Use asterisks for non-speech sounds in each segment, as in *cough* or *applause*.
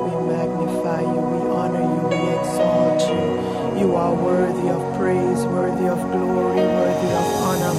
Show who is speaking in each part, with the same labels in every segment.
Speaker 1: We magnify you, we honor you, we exalt you. You are worthy of praise, worthy of glory, worthy of honor.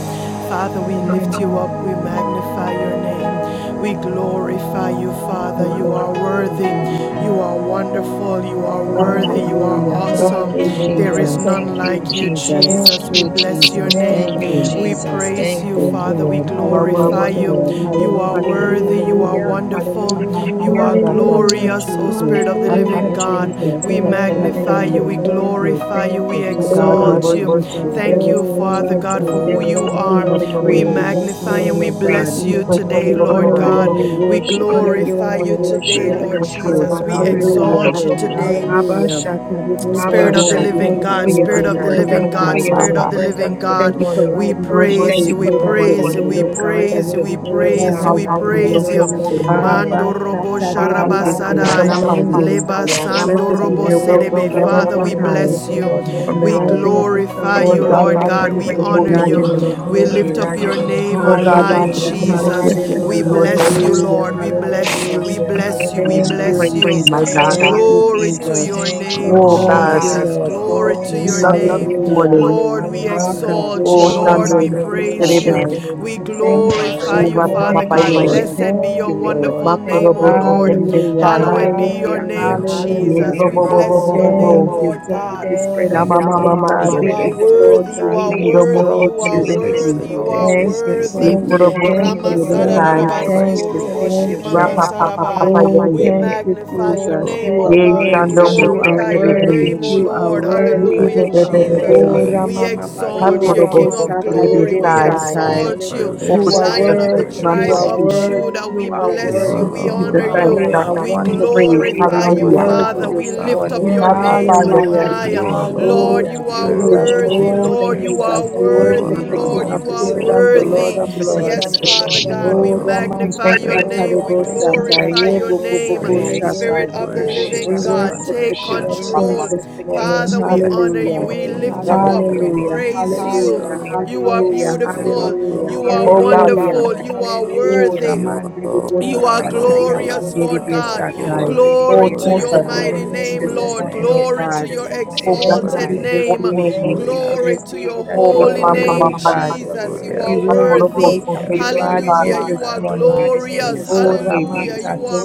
Speaker 1: Father, we lift you up, we magnify your
Speaker 2: Lord,
Speaker 1: name, we glorify you, Father. You are worthy,
Speaker 2: Amen.
Speaker 1: you are wonderful, you are
Speaker 2: Magnify
Speaker 1: worthy, you
Speaker 2: and
Speaker 1: are
Speaker 3: Hallelujah.
Speaker 2: praise
Speaker 3: Thank
Speaker 1: awesome.
Speaker 2: you,
Speaker 3: you,
Speaker 2: Lord, and
Speaker 1: There is Hallelujah. Thank
Speaker 3: Jesus.
Speaker 1: none you, like you, Jesus.
Speaker 3: Thank
Speaker 1: Jesus. We
Speaker 3: you,
Speaker 1: bless
Speaker 2: praise
Speaker 1: your
Speaker 3: Jesus.
Speaker 1: Thank
Speaker 3: Thank
Speaker 1: name, Thank
Speaker 3: you.
Speaker 1: you, we Jesus. praise you you,
Speaker 3: Thank you,
Speaker 1: Father. We
Speaker 3: Lord.
Speaker 2: You are worthy
Speaker 1: glorify
Speaker 3: Hallelujah.
Speaker 2: to
Speaker 1: you.
Speaker 2: be praised.
Speaker 1: You
Speaker 3: Hallelujah.
Speaker 1: are worthy. You are
Speaker 3: Hallelujah.
Speaker 2: You are
Speaker 1: wonderful.
Speaker 2: high and
Speaker 1: You are
Speaker 2: lifted up.
Speaker 3: Hallelujah,
Speaker 1: glorious, O
Speaker 3: Jesus.
Speaker 1: Spirit of the
Speaker 2: God, we
Speaker 3: Thank
Speaker 1: living
Speaker 3: you.
Speaker 1: Oh,
Speaker 2: thank you
Speaker 1: God.
Speaker 2: for
Speaker 3: Thank
Speaker 2: the
Speaker 3: you.
Speaker 1: We
Speaker 2: things that
Speaker 3: Thank
Speaker 2: you
Speaker 3: you.
Speaker 2: have
Speaker 1: magnify
Speaker 3: Thank
Speaker 2: made.
Speaker 3: you.
Speaker 1: you. We
Speaker 3: Thank you.
Speaker 1: glorify you. We Oh,
Speaker 2: Oh God, we
Speaker 3: Oh,
Speaker 1: exalt you.
Speaker 2: worship
Speaker 3: Jesus,
Speaker 2: you.
Speaker 3: there
Speaker 1: Thank you,
Speaker 3: is
Speaker 1: Oh,
Speaker 3: none
Speaker 1: Father
Speaker 3: like
Speaker 1: God, for
Speaker 2: We
Speaker 1: who
Speaker 3: you. We
Speaker 2: thank
Speaker 1: you no
Speaker 3: bless
Speaker 2: you,
Speaker 3: you
Speaker 1: are.
Speaker 2: King
Speaker 3: and
Speaker 2: of
Speaker 3: we
Speaker 1: We
Speaker 3: praise
Speaker 1: No
Speaker 2: Kings.
Speaker 3: you this
Speaker 1: magnify and
Speaker 3: morning,
Speaker 1: We
Speaker 3: oh
Speaker 1: bless
Speaker 3: God.
Speaker 1: you.
Speaker 2: We praise
Speaker 1: today,
Speaker 2: you,
Speaker 3: We
Speaker 2: Lord
Speaker 1: Lord
Speaker 2: of
Speaker 3: honor you
Speaker 1: God.
Speaker 3: and
Speaker 1: We
Speaker 2: Lords,
Speaker 3: we worship you this
Speaker 1: glorify you
Speaker 3: morning in
Speaker 1: today,
Speaker 3: spirit
Speaker 2: the
Speaker 3: and
Speaker 1: Lord
Speaker 3: in
Speaker 1: Jesus.
Speaker 2: conquered
Speaker 3: truth.
Speaker 1: We
Speaker 2: lion of the tribe
Speaker 3: Hallelujah.
Speaker 1: exalt
Speaker 2: of
Speaker 1: you
Speaker 2: Judah.
Speaker 1: today.
Speaker 3: Abba Shatta, Libo
Speaker 2: Oh,
Speaker 1: Spirit
Speaker 2: we
Speaker 1: of the
Speaker 2: give you
Speaker 1: living
Speaker 3: thank you
Speaker 2: thanks,
Speaker 1: God,
Speaker 3: for
Speaker 2: and we
Speaker 3: your
Speaker 2: give
Speaker 1: Spirit of
Speaker 2: you
Speaker 1: the living
Speaker 2: praise,
Speaker 3: presence this
Speaker 1: God,
Speaker 2: my
Speaker 1: Spirit
Speaker 2: God.
Speaker 1: of
Speaker 3: morning.
Speaker 1: the living God,
Speaker 3: Thank you for
Speaker 1: we
Speaker 3: life.
Speaker 2: We
Speaker 3: Thank you
Speaker 2: worship
Speaker 3: for
Speaker 1: praise you,
Speaker 2: you
Speaker 3: this
Speaker 1: we
Speaker 3: day
Speaker 2: this
Speaker 3: that you
Speaker 1: praise
Speaker 3: have
Speaker 1: you,
Speaker 2: morning.
Speaker 1: we
Speaker 3: made, oh God. We
Speaker 1: praise you,
Speaker 3: will
Speaker 1: we
Speaker 3: rejoice
Speaker 1: praise you,
Speaker 2: Oh,
Speaker 3: and be
Speaker 2: how
Speaker 1: we
Speaker 2: you
Speaker 3: glad in
Speaker 2: do
Speaker 3: it.
Speaker 2: your
Speaker 1: praise you.
Speaker 2: holy name.
Speaker 1: Mando
Speaker 3: Abba
Speaker 1: robo
Speaker 3: Shatta,
Speaker 1: sharaba
Speaker 2: God,
Speaker 1: Abba,
Speaker 3: Libo
Speaker 2: your
Speaker 3: Saya,
Speaker 1: sadai,
Speaker 2: kingdom
Speaker 1: Shaka,
Speaker 2: come,
Speaker 3: Ramande.
Speaker 1: leba sando
Speaker 3: Blessed
Speaker 2: that
Speaker 3: be
Speaker 1: robo
Speaker 3: the
Speaker 1: Your
Speaker 2: your will
Speaker 3: name
Speaker 1: sedebe.
Speaker 3: of
Speaker 2: be
Speaker 3: the
Speaker 2: done
Speaker 3: Lord
Speaker 2: on
Speaker 1: Father,
Speaker 3: Most
Speaker 2: earth
Speaker 1: we
Speaker 2: as it
Speaker 1: bless
Speaker 3: High.
Speaker 2: is
Speaker 1: you,
Speaker 2: in heaven.
Speaker 3: From
Speaker 1: we
Speaker 3: the rising of the
Speaker 1: glorify
Speaker 3: sun
Speaker 1: you,
Speaker 2: Lord
Speaker 3: to the
Speaker 2: God,
Speaker 1: Lord
Speaker 3: going
Speaker 2: we
Speaker 3: down
Speaker 1: God,
Speaker 3: of
Speaker 1: we
Speaker 2: praise
Speaker 3: the
Speaker 2: your
Speaker 3: same,
Speaker 1: honor
Speaker 2: holy
Speaker 4: You
Speaker 3: God,
Speaker 1: you,
Speaker 3: your
Speaker 2: name.
Speaker 3: name is
Speaker 1: we
Speaker 4: alone
Speaker 1: lift
Speaker 3: worthy.
Speaker 4: are
Speaker 1: up your
Speaker 4: God.
Speaker 1: name on
Speaker 2: Lord
Speaker 1: Oh high,
Speaker 4: You
Speaker 2: God, this is the day
Speaker 3: Hallelujah,
Speaker 1: Jesus.
Speaker 4: alone
Speaker 2: that you
Speaker 1: We
Speaker 2: have
Speaker 3: hallelujah,
Speaker 2: made, Lord
Speaker 1: bless
Speaker 2: God.
Speaker 1: you,
Speaker 3: hallelujah,
Speaker 1: Lord, we we bless you.
Speaker 3: hallelujah.
Speaker 2: We
Speaker 1: We
Speaker 2: worship
Speaker 4: deserve,
Speaker 2: you
Speaker 1: bless you. We
Speaker 2: and
Speaker 3: Thank
Speaker 2: we
Speaker 3: you,
Speaker 4: deserve
Speaker 1: bless you.
Speaker 2: praise you,
Speaker 4: the
Speaker 2: my
Speaker 3: Jesus.
Speaker 2: God.
Speaker 4: honor.
Speaker 3: Thank you,
Speaker 1: Glory to
Speaker 3: Jesus.
Speaker 1: your
Speaker 4: You
Speaker 1: name,
Speaker 2: Oh
Speaker 4: alone
Speaker 1: Oh
Speaker 3: Thank
Speaker 2: God,
Speaker 3: you,
Speaker 4: deserve
Speaker 1: Jesus.
Speaker 3: Lord.
Speaker 1: Glory
Speaker 3: Thank
Speaker 1: to
Speaker 2: we
Speaker 3: you.
Speaker 1: your
Speaker 2: love you this
Speaker 1: name.
Speaker 3: Hallelujah.
Speaker 2: morning.
Speaker 1: Lord, we
Speaker 4: praise and
Speaker 1: exalt you. Oh
Speaker 2: Oh,
Speaker 4: worship.
Speaker 1: Lord,
Speaker 2: Chando,
Speaker 1: we
Speaker 2: we thank you today
Speaker 1: praise
Speaker 2: this
Speaker 4: And
Speaker 3: Hakaturiamaniribisatai.
Speaker 1: you.
Speaker 2: time.
Speaker 1: We
Speaker 3: Thank you,
Speaker 1: glorify
Speaker 2: Oh,
Speaker 3: Lord.
Speaker 1: you,
Speaker 2: Rapa
Speaker 3: Thank
Speaker 1: Father
Speaker 2: Papa
Speaker 3: you,
Speaker 1: God.
Speaker 3: Lord.
Speaker 2: Yende.
Speaker 1: Blessed be
Speaker 3: Thank
Speaker 1: your
Speaker 3: you, Lord.
Speaker 1: wonderful name, O
Speaker 2: Makorobo, we thank
Speaker 1: Lord.
Speaker 2: you this
Speaker 3: Hallelujah.
Speaker 2: time.
Speaker 1: Hallowed be your
Speaker 3: Hallelujah.
Speaker 4: you
Speaker 1: name,
Speaker 2: Yea,
Speaker 1: Jesus.
Speaker 3: Hallelujah.
Speaker 2: bo,
Speaker 1: We
Speaker 2: bo,
Speaker 4: need
Speaker 2: bo,
Speaker 1: bless
Speaker 2: bo, bo,
Speaker 1: your
Speaker 2: bo,
Speaker 4: and
Speaker 1: name,
Speaker 2: bo.
Speaker 3: Thank you.
Speaker 1: Lord
Speaker 3: Thank
Speaker 1: God.
Speaker 3: you, Spirit of
Speaker 1: You
Speaker 3: the
Speaker 2: Yama,
Speaker 4: thank
Speaker 1: are
Speaker 4: you.
Speaker 2: mama,
Speaker 3: Living God.
Speaker 2: mando.
Speaker 3: We
Speaker 1: worthy.
Speaker 3: exalt
Speaker 1: You
Speaker 3: you.
Speaker 1: are
Speaker 3: We
Speaker 1: worthy.
Speaker 2: Chando, we
Speaker 1: you you
Speaker 2: thank
Speaker 3: exalt
Speaker 2: you for
Speaker 1: are
Speaker 4: This
Speaker 3: you.
Speaker 2: this
Speaker 4: is
Speaker 2: time.
Speaker 1: worthy.
Speaker 4: the
Speaker 1: You
Speaker 4: day
Speaker 1: are
Speaker 3: Thank you.
Speaker 4: you
Speaker 2: Yea,
Speaker 1: worthy.
Speaker 4: have
Speaker 3: Thank
Speaker 4: made,
Speaker 3: you.
Speaker 2: korobo,
Speaker 4: and
Speaker 2: we
Speaker 3: Thank
Speaker 2: thank
Speaker 3: you.
Speaker 2: you
Speaker 4: we
Speaker 2: this
Speaker 1: Ramasada
Speaker 4: will
Speaker 3: Thank
Speaker 2: time.
Speaker 3: you. Thank
Speaker 4: rejoice
Speaker 1: Rabasio
Speaker 3: you. Thank
Speaker 1: Roboshi
Speaker 4: that
Speaker 3: you.
Speaker 4: we
Speaker 2: Rapa Papa Papa
Speaker 3: Oh,
Speaker 1: We
Speaker 2: Yende.
Speaker 3: thank you,
Speaker 4: all
Speaker 1: magnify your
Speaker 3: Jesus.
Speaker 4: will
Speaker 1: name,
Speaker 3: You
Speaker 1: O
Speaker 3: are
Speaker 4: be
Speaker 2: Ye
Speaker 1: God. We
Speaker 3: worthy.
Speaker 2: Shando
Speaker 4: praise
Speaker 2: Me
Speaker 4: you.
Speaker 3: You
Speaker 2: Se
Speaker 3: are
Speaker 1: glorify your
Speaker 2: Celebrate.
Speaker 1: name,
Speaker 3: worthy.
Speaker 1: O
Speaker 4: We
Speaker 3: You are
Speaker 1: Lord.
Speaker 2: Ye
Speaker 3: worthy.
Speaker 4: glorify
Speaker 2: Be Be
Speaker 1: Hallelujah,
Speaker 2: Be
Speaker 4: you.
Speaker 2: Be Be
Speaker 4: We
Speaker 2: Be.
Speaker 3: Oh,
Speaker 4: honor
Speaker 1: Jesus. We
Speaker 4: you.
Speaker 3: Rama Mama,
Speaker 4: We
Speaker 1: exalt
Speaker 3: Dede
Speaker 4: do
Speaker 1: you,
Speaker 2: Hakorobo
Speaker 3: Debe
Speaker 1: King
Speaker 2: Si
Speaker 1: of
Speaker 3: Sata
Speaker 2: Celebrate
Speaker 1: glory.
Speaker 3: Lebo
Speaker 1: We
Speaker 4: With
Speaker 2: Sai.
Speaker 4: the fruit
Speaker 3: Satai.
Speaker 4: of
Speaker 1: exalt
Speaker 4: our
Speaker 1: you,
Speaker 2: Oh
Speaker 3: You
Speaker 4: lips,
Speaker 3: are
Speaker 2: Jesus,
Speaker 1: Lion
Speaker 4: we
Speaker 1: of the
Speaker 3: worthy,
Speaker 2: thank you.
Speaker 3: you
Speaker 2: Lord.
Speaker 1: tribe
Speaker 3: are
Speaker 4: praise.
Speaker 1: of
Speaker 2: We
Speaker 3: worthy,
Speaker 1: Judah.
Speaker 3: you
Speaker 1: We
Speaker 3: are
Speaker 1: bless
Speaker 4: You
Speaker 1: you.
Speaker 3: worthy.
Speaker 1: We
Speaker 2: give you the
Speaker 4: alone
Speaker 1: honor
Speaker 4: are
Speaker 1: you.
Speaker 2: thanks,
Speaker 3: You
Speaker 2: God.
Speaker 3: are
Speaker 2: We
Speaker 1: We
Speaker 2: give
Speaker 4: worthy.
Speaker 2: you
Speaker 3: wonderful,
Speaker 2: praise.
Speaker 3: you are
Speaker 1: glorify you,
Speaker 2: Hallelujah.
Speaker 4: You
Speaker 3: worthy
Speaker 1: Father.
Speaker 4: alone
Speaker 1: We
Speaker 3: this
Speaker 1: lift
Speaker 4: are
Speaker 1: lift
Speaker 2: We
Speaker 3: morning.
Speaker 1: your up your
Speaker 4: holy.
Speaker 1: name
Speaker 2: magnify
Speaker 1: on
Speaker 2: your
Speaker 3: Hallelujah.
Speaker 2: holy
Speaker 4: You
Speaker 1: high.
Speaker 2: name.
Speaker 3: Oh,
Speaker 1: Lord,
Speaker 4: alone
Speaker 1: you are Oh,
Speaker 4: deserve
Speaker 2: Oh
Speaker 4: the
Speaker 3: Jesus,
Speaker 2: Jesus,
Speaker 1: worthy.
Speaker 4: glory.
Speaker 2: we
Speaker 3: oh,
Speaker 2: thank
Speaker 1: Lord, you
Speaker 2: you for
Speaker 1: are oh,
Speaker 2: your
Speaker 3: Jesus. We
Speaker 2: grace and
Speaker 4: You
Speaker 3: worship
Speaker 1: worthy.
Speaker 3: the
Speaker 2: mercy,
Speaker 3: King
Speaker 1: Lord, you
Speaker 3: of
Speaker 4: alone
Speaker 1: are
Speaker 3: Kings
Speaker 4: deserve
Speaker 3: and the
Speaker 4: the honor.
Speaker 3: Lord
Speaker 1: worthy.
Speaker 2: for
Speaker 3: of
Speaker 2: your
Speaker 3: Lords.
Speaker 1: Yes, Father
Speaker 2: protection.
Speaker 4: You
Speaker 1: God, we
Speaker 3: Oh,
Speaker 4: alone
Speaker 3: Rama
Speaker 2: We
Speaker 1: magnify
Speaker 2: thank you
Speaker 4: deserve
Speaker 1: your
Speaker 2: for
Speaker 1: Oh,
Speaker 2: your
Speaker 4: the
Speaker 2: protection.
Speaker 3: Shakata
Speaker 1: name. We
Speaker 3: Lebo
Speaker 4: praise.
Speaker 2: And
Speaker 3: Satai.
Speaker 2: for
Speaker 1: glorify
Speaker 3: Ye
Speaker 1: your
Speaker 3: Bo Bo Bo
Speaker 1: name.
Speaker 3: Bo
Speaker 4: Praise
Speaker 1: Spirit
Speaker 3: Shatai.
Speaker 4: and
Speaker 1: of the
Speaker 4: worship
Speaker 1: living
Speaker 3: We
Speaker 4: and
Speaker 1: God,
Speaker 4: honor
Speaker 3: worship
Speaker 1: take
Speaker 3: the
Speaker 4: be
Speaker 3: King of
Speaker 4: unto
Speaker 1: control.
Speaker 3: Kings
Speaker 4: you.
Speaker 3: this morning.
Speaker 1: Father,
Speaker 2: the
Speaker 1: we
Speaker 4: Let
Speaker 1: honor
Speaker 4: the
Speaker 2: help
Speaker 1: you.
Speaker 3: Hallelujah.
Speaker 2: we
Speaker 1: We
Speaker 2: came
Speaker 1: lift
Speaker 4: redeemed
Speaker 1: you
Speaker 2: together.
Speaker 4: of
Speaker 1: up. We
Speaker 4: the Lord
Speaker 3: Hallelujah,
Speaker 1: praise you.
Speaker 4: say
Speaker 3: hallelujah,
Speaker 4: so.
Speaker 1: You are
Speaker 3: hallelujah,
Speaker 4: You
Speaker 1: beautiful. You
Speaker 3: hallelujah,
Speaker 4: alone
Speaker 1: are Oh
Speaker 2: Oh
Speaker 4: are
Speaker 2: God, we
Speaker 4: worthy.
Speaker 3: hallelujah.
Speaker 1: wonderful.
Speaker 2: thank
Speaker 1: You are
Speaker 2: you.
Speaker 3: Oh,
Speaker 1: worthy.
Speaker 4: You
Speaker 3: Ramandiri
Speaker 4: alone
Speaker 1: You are
Speaker 4: are
Speaker 3: Boshakataya
Speaker 4: holy.
Speaker 1: glorious,
Speaker 3: Mandiri
Speaker 1: Lord God.
Speaker 3: Besatai.
Speaker 4: Glory,
Speaker 2: Oh
Speaker 1: Glory to
Speaker 4: glory,
Speaker 2: Jesus,
Speaker 1: your
Speaker 3: Blessed be your
Speaker 1: mighty
Speaker 4: glory
Speaker 3: name
Speaker 4: to
Speaker 1: name,
Speaker 3: this
Speaker 4: your
Speaker 1: Lord.
Speaker 3: morning,
Speaker 4: name.
Speaker 3: O
Speaker 1: Glory to
Speaker 3: God.
Speaker 1: your
Speaker 2: Oh,
Speaker 3: Thank
Speaker 2: blessed
Speaker 3: you
Speaker 1: exalted
Speaker 2: be the
Speaker 3: for
Speaker 4: Glory,
Speaker 3: this
Speaker 1: name.
Speaker 2: holy
Speaker 3: day.
Speaker 2: name.
Speaker 3: Thank you
Speaker 4: hallelujah.
Speaker 3: for
Speaker 1: Glory
Speaker 3: this
Speaker 1: to
Speaker 3: day
Speaker 1: your
Speaker 3: that
Speaker 2: Oh,
Speaker 3: you have
Speaker 1: holy
Speaker 2: Mama,
Speaker 3: made,
Speaker 1: name,
Speaker 3: O
Speaker 4: Glory,
Speaker 2: Mama,
Speaker 3: God.
Speaker 1: Jesus. You
Speaker 4: hallelujah.
Speaker 3: We
Speaker 1: are
Speaker 3: will
Speaker 2: Akorobo,
Speaker 1: worthy.
Speaker 3: rejoice and be
Speaker 2: Kiteri,
Speaker 4: The
Speaker 3: glad in
Speaker 2: God,
Speaker 3: it
Speaker 1: Hallelujah. You
Speaker 3: this
Speaker 1: are
Speaker 4: Redeemer,
Speaker 3: morning.
Speaker 1: glorious.
Speaker 4: Prince
Speaker 2: the
Speaker 3: Oh,
Speaker 4: of
Speaker 2: name,
Speaker 1: Hallelujah.
Speaker 4: Peace,
Speaker 1: You
Speaker 3: Ramasate
Speaker 1: are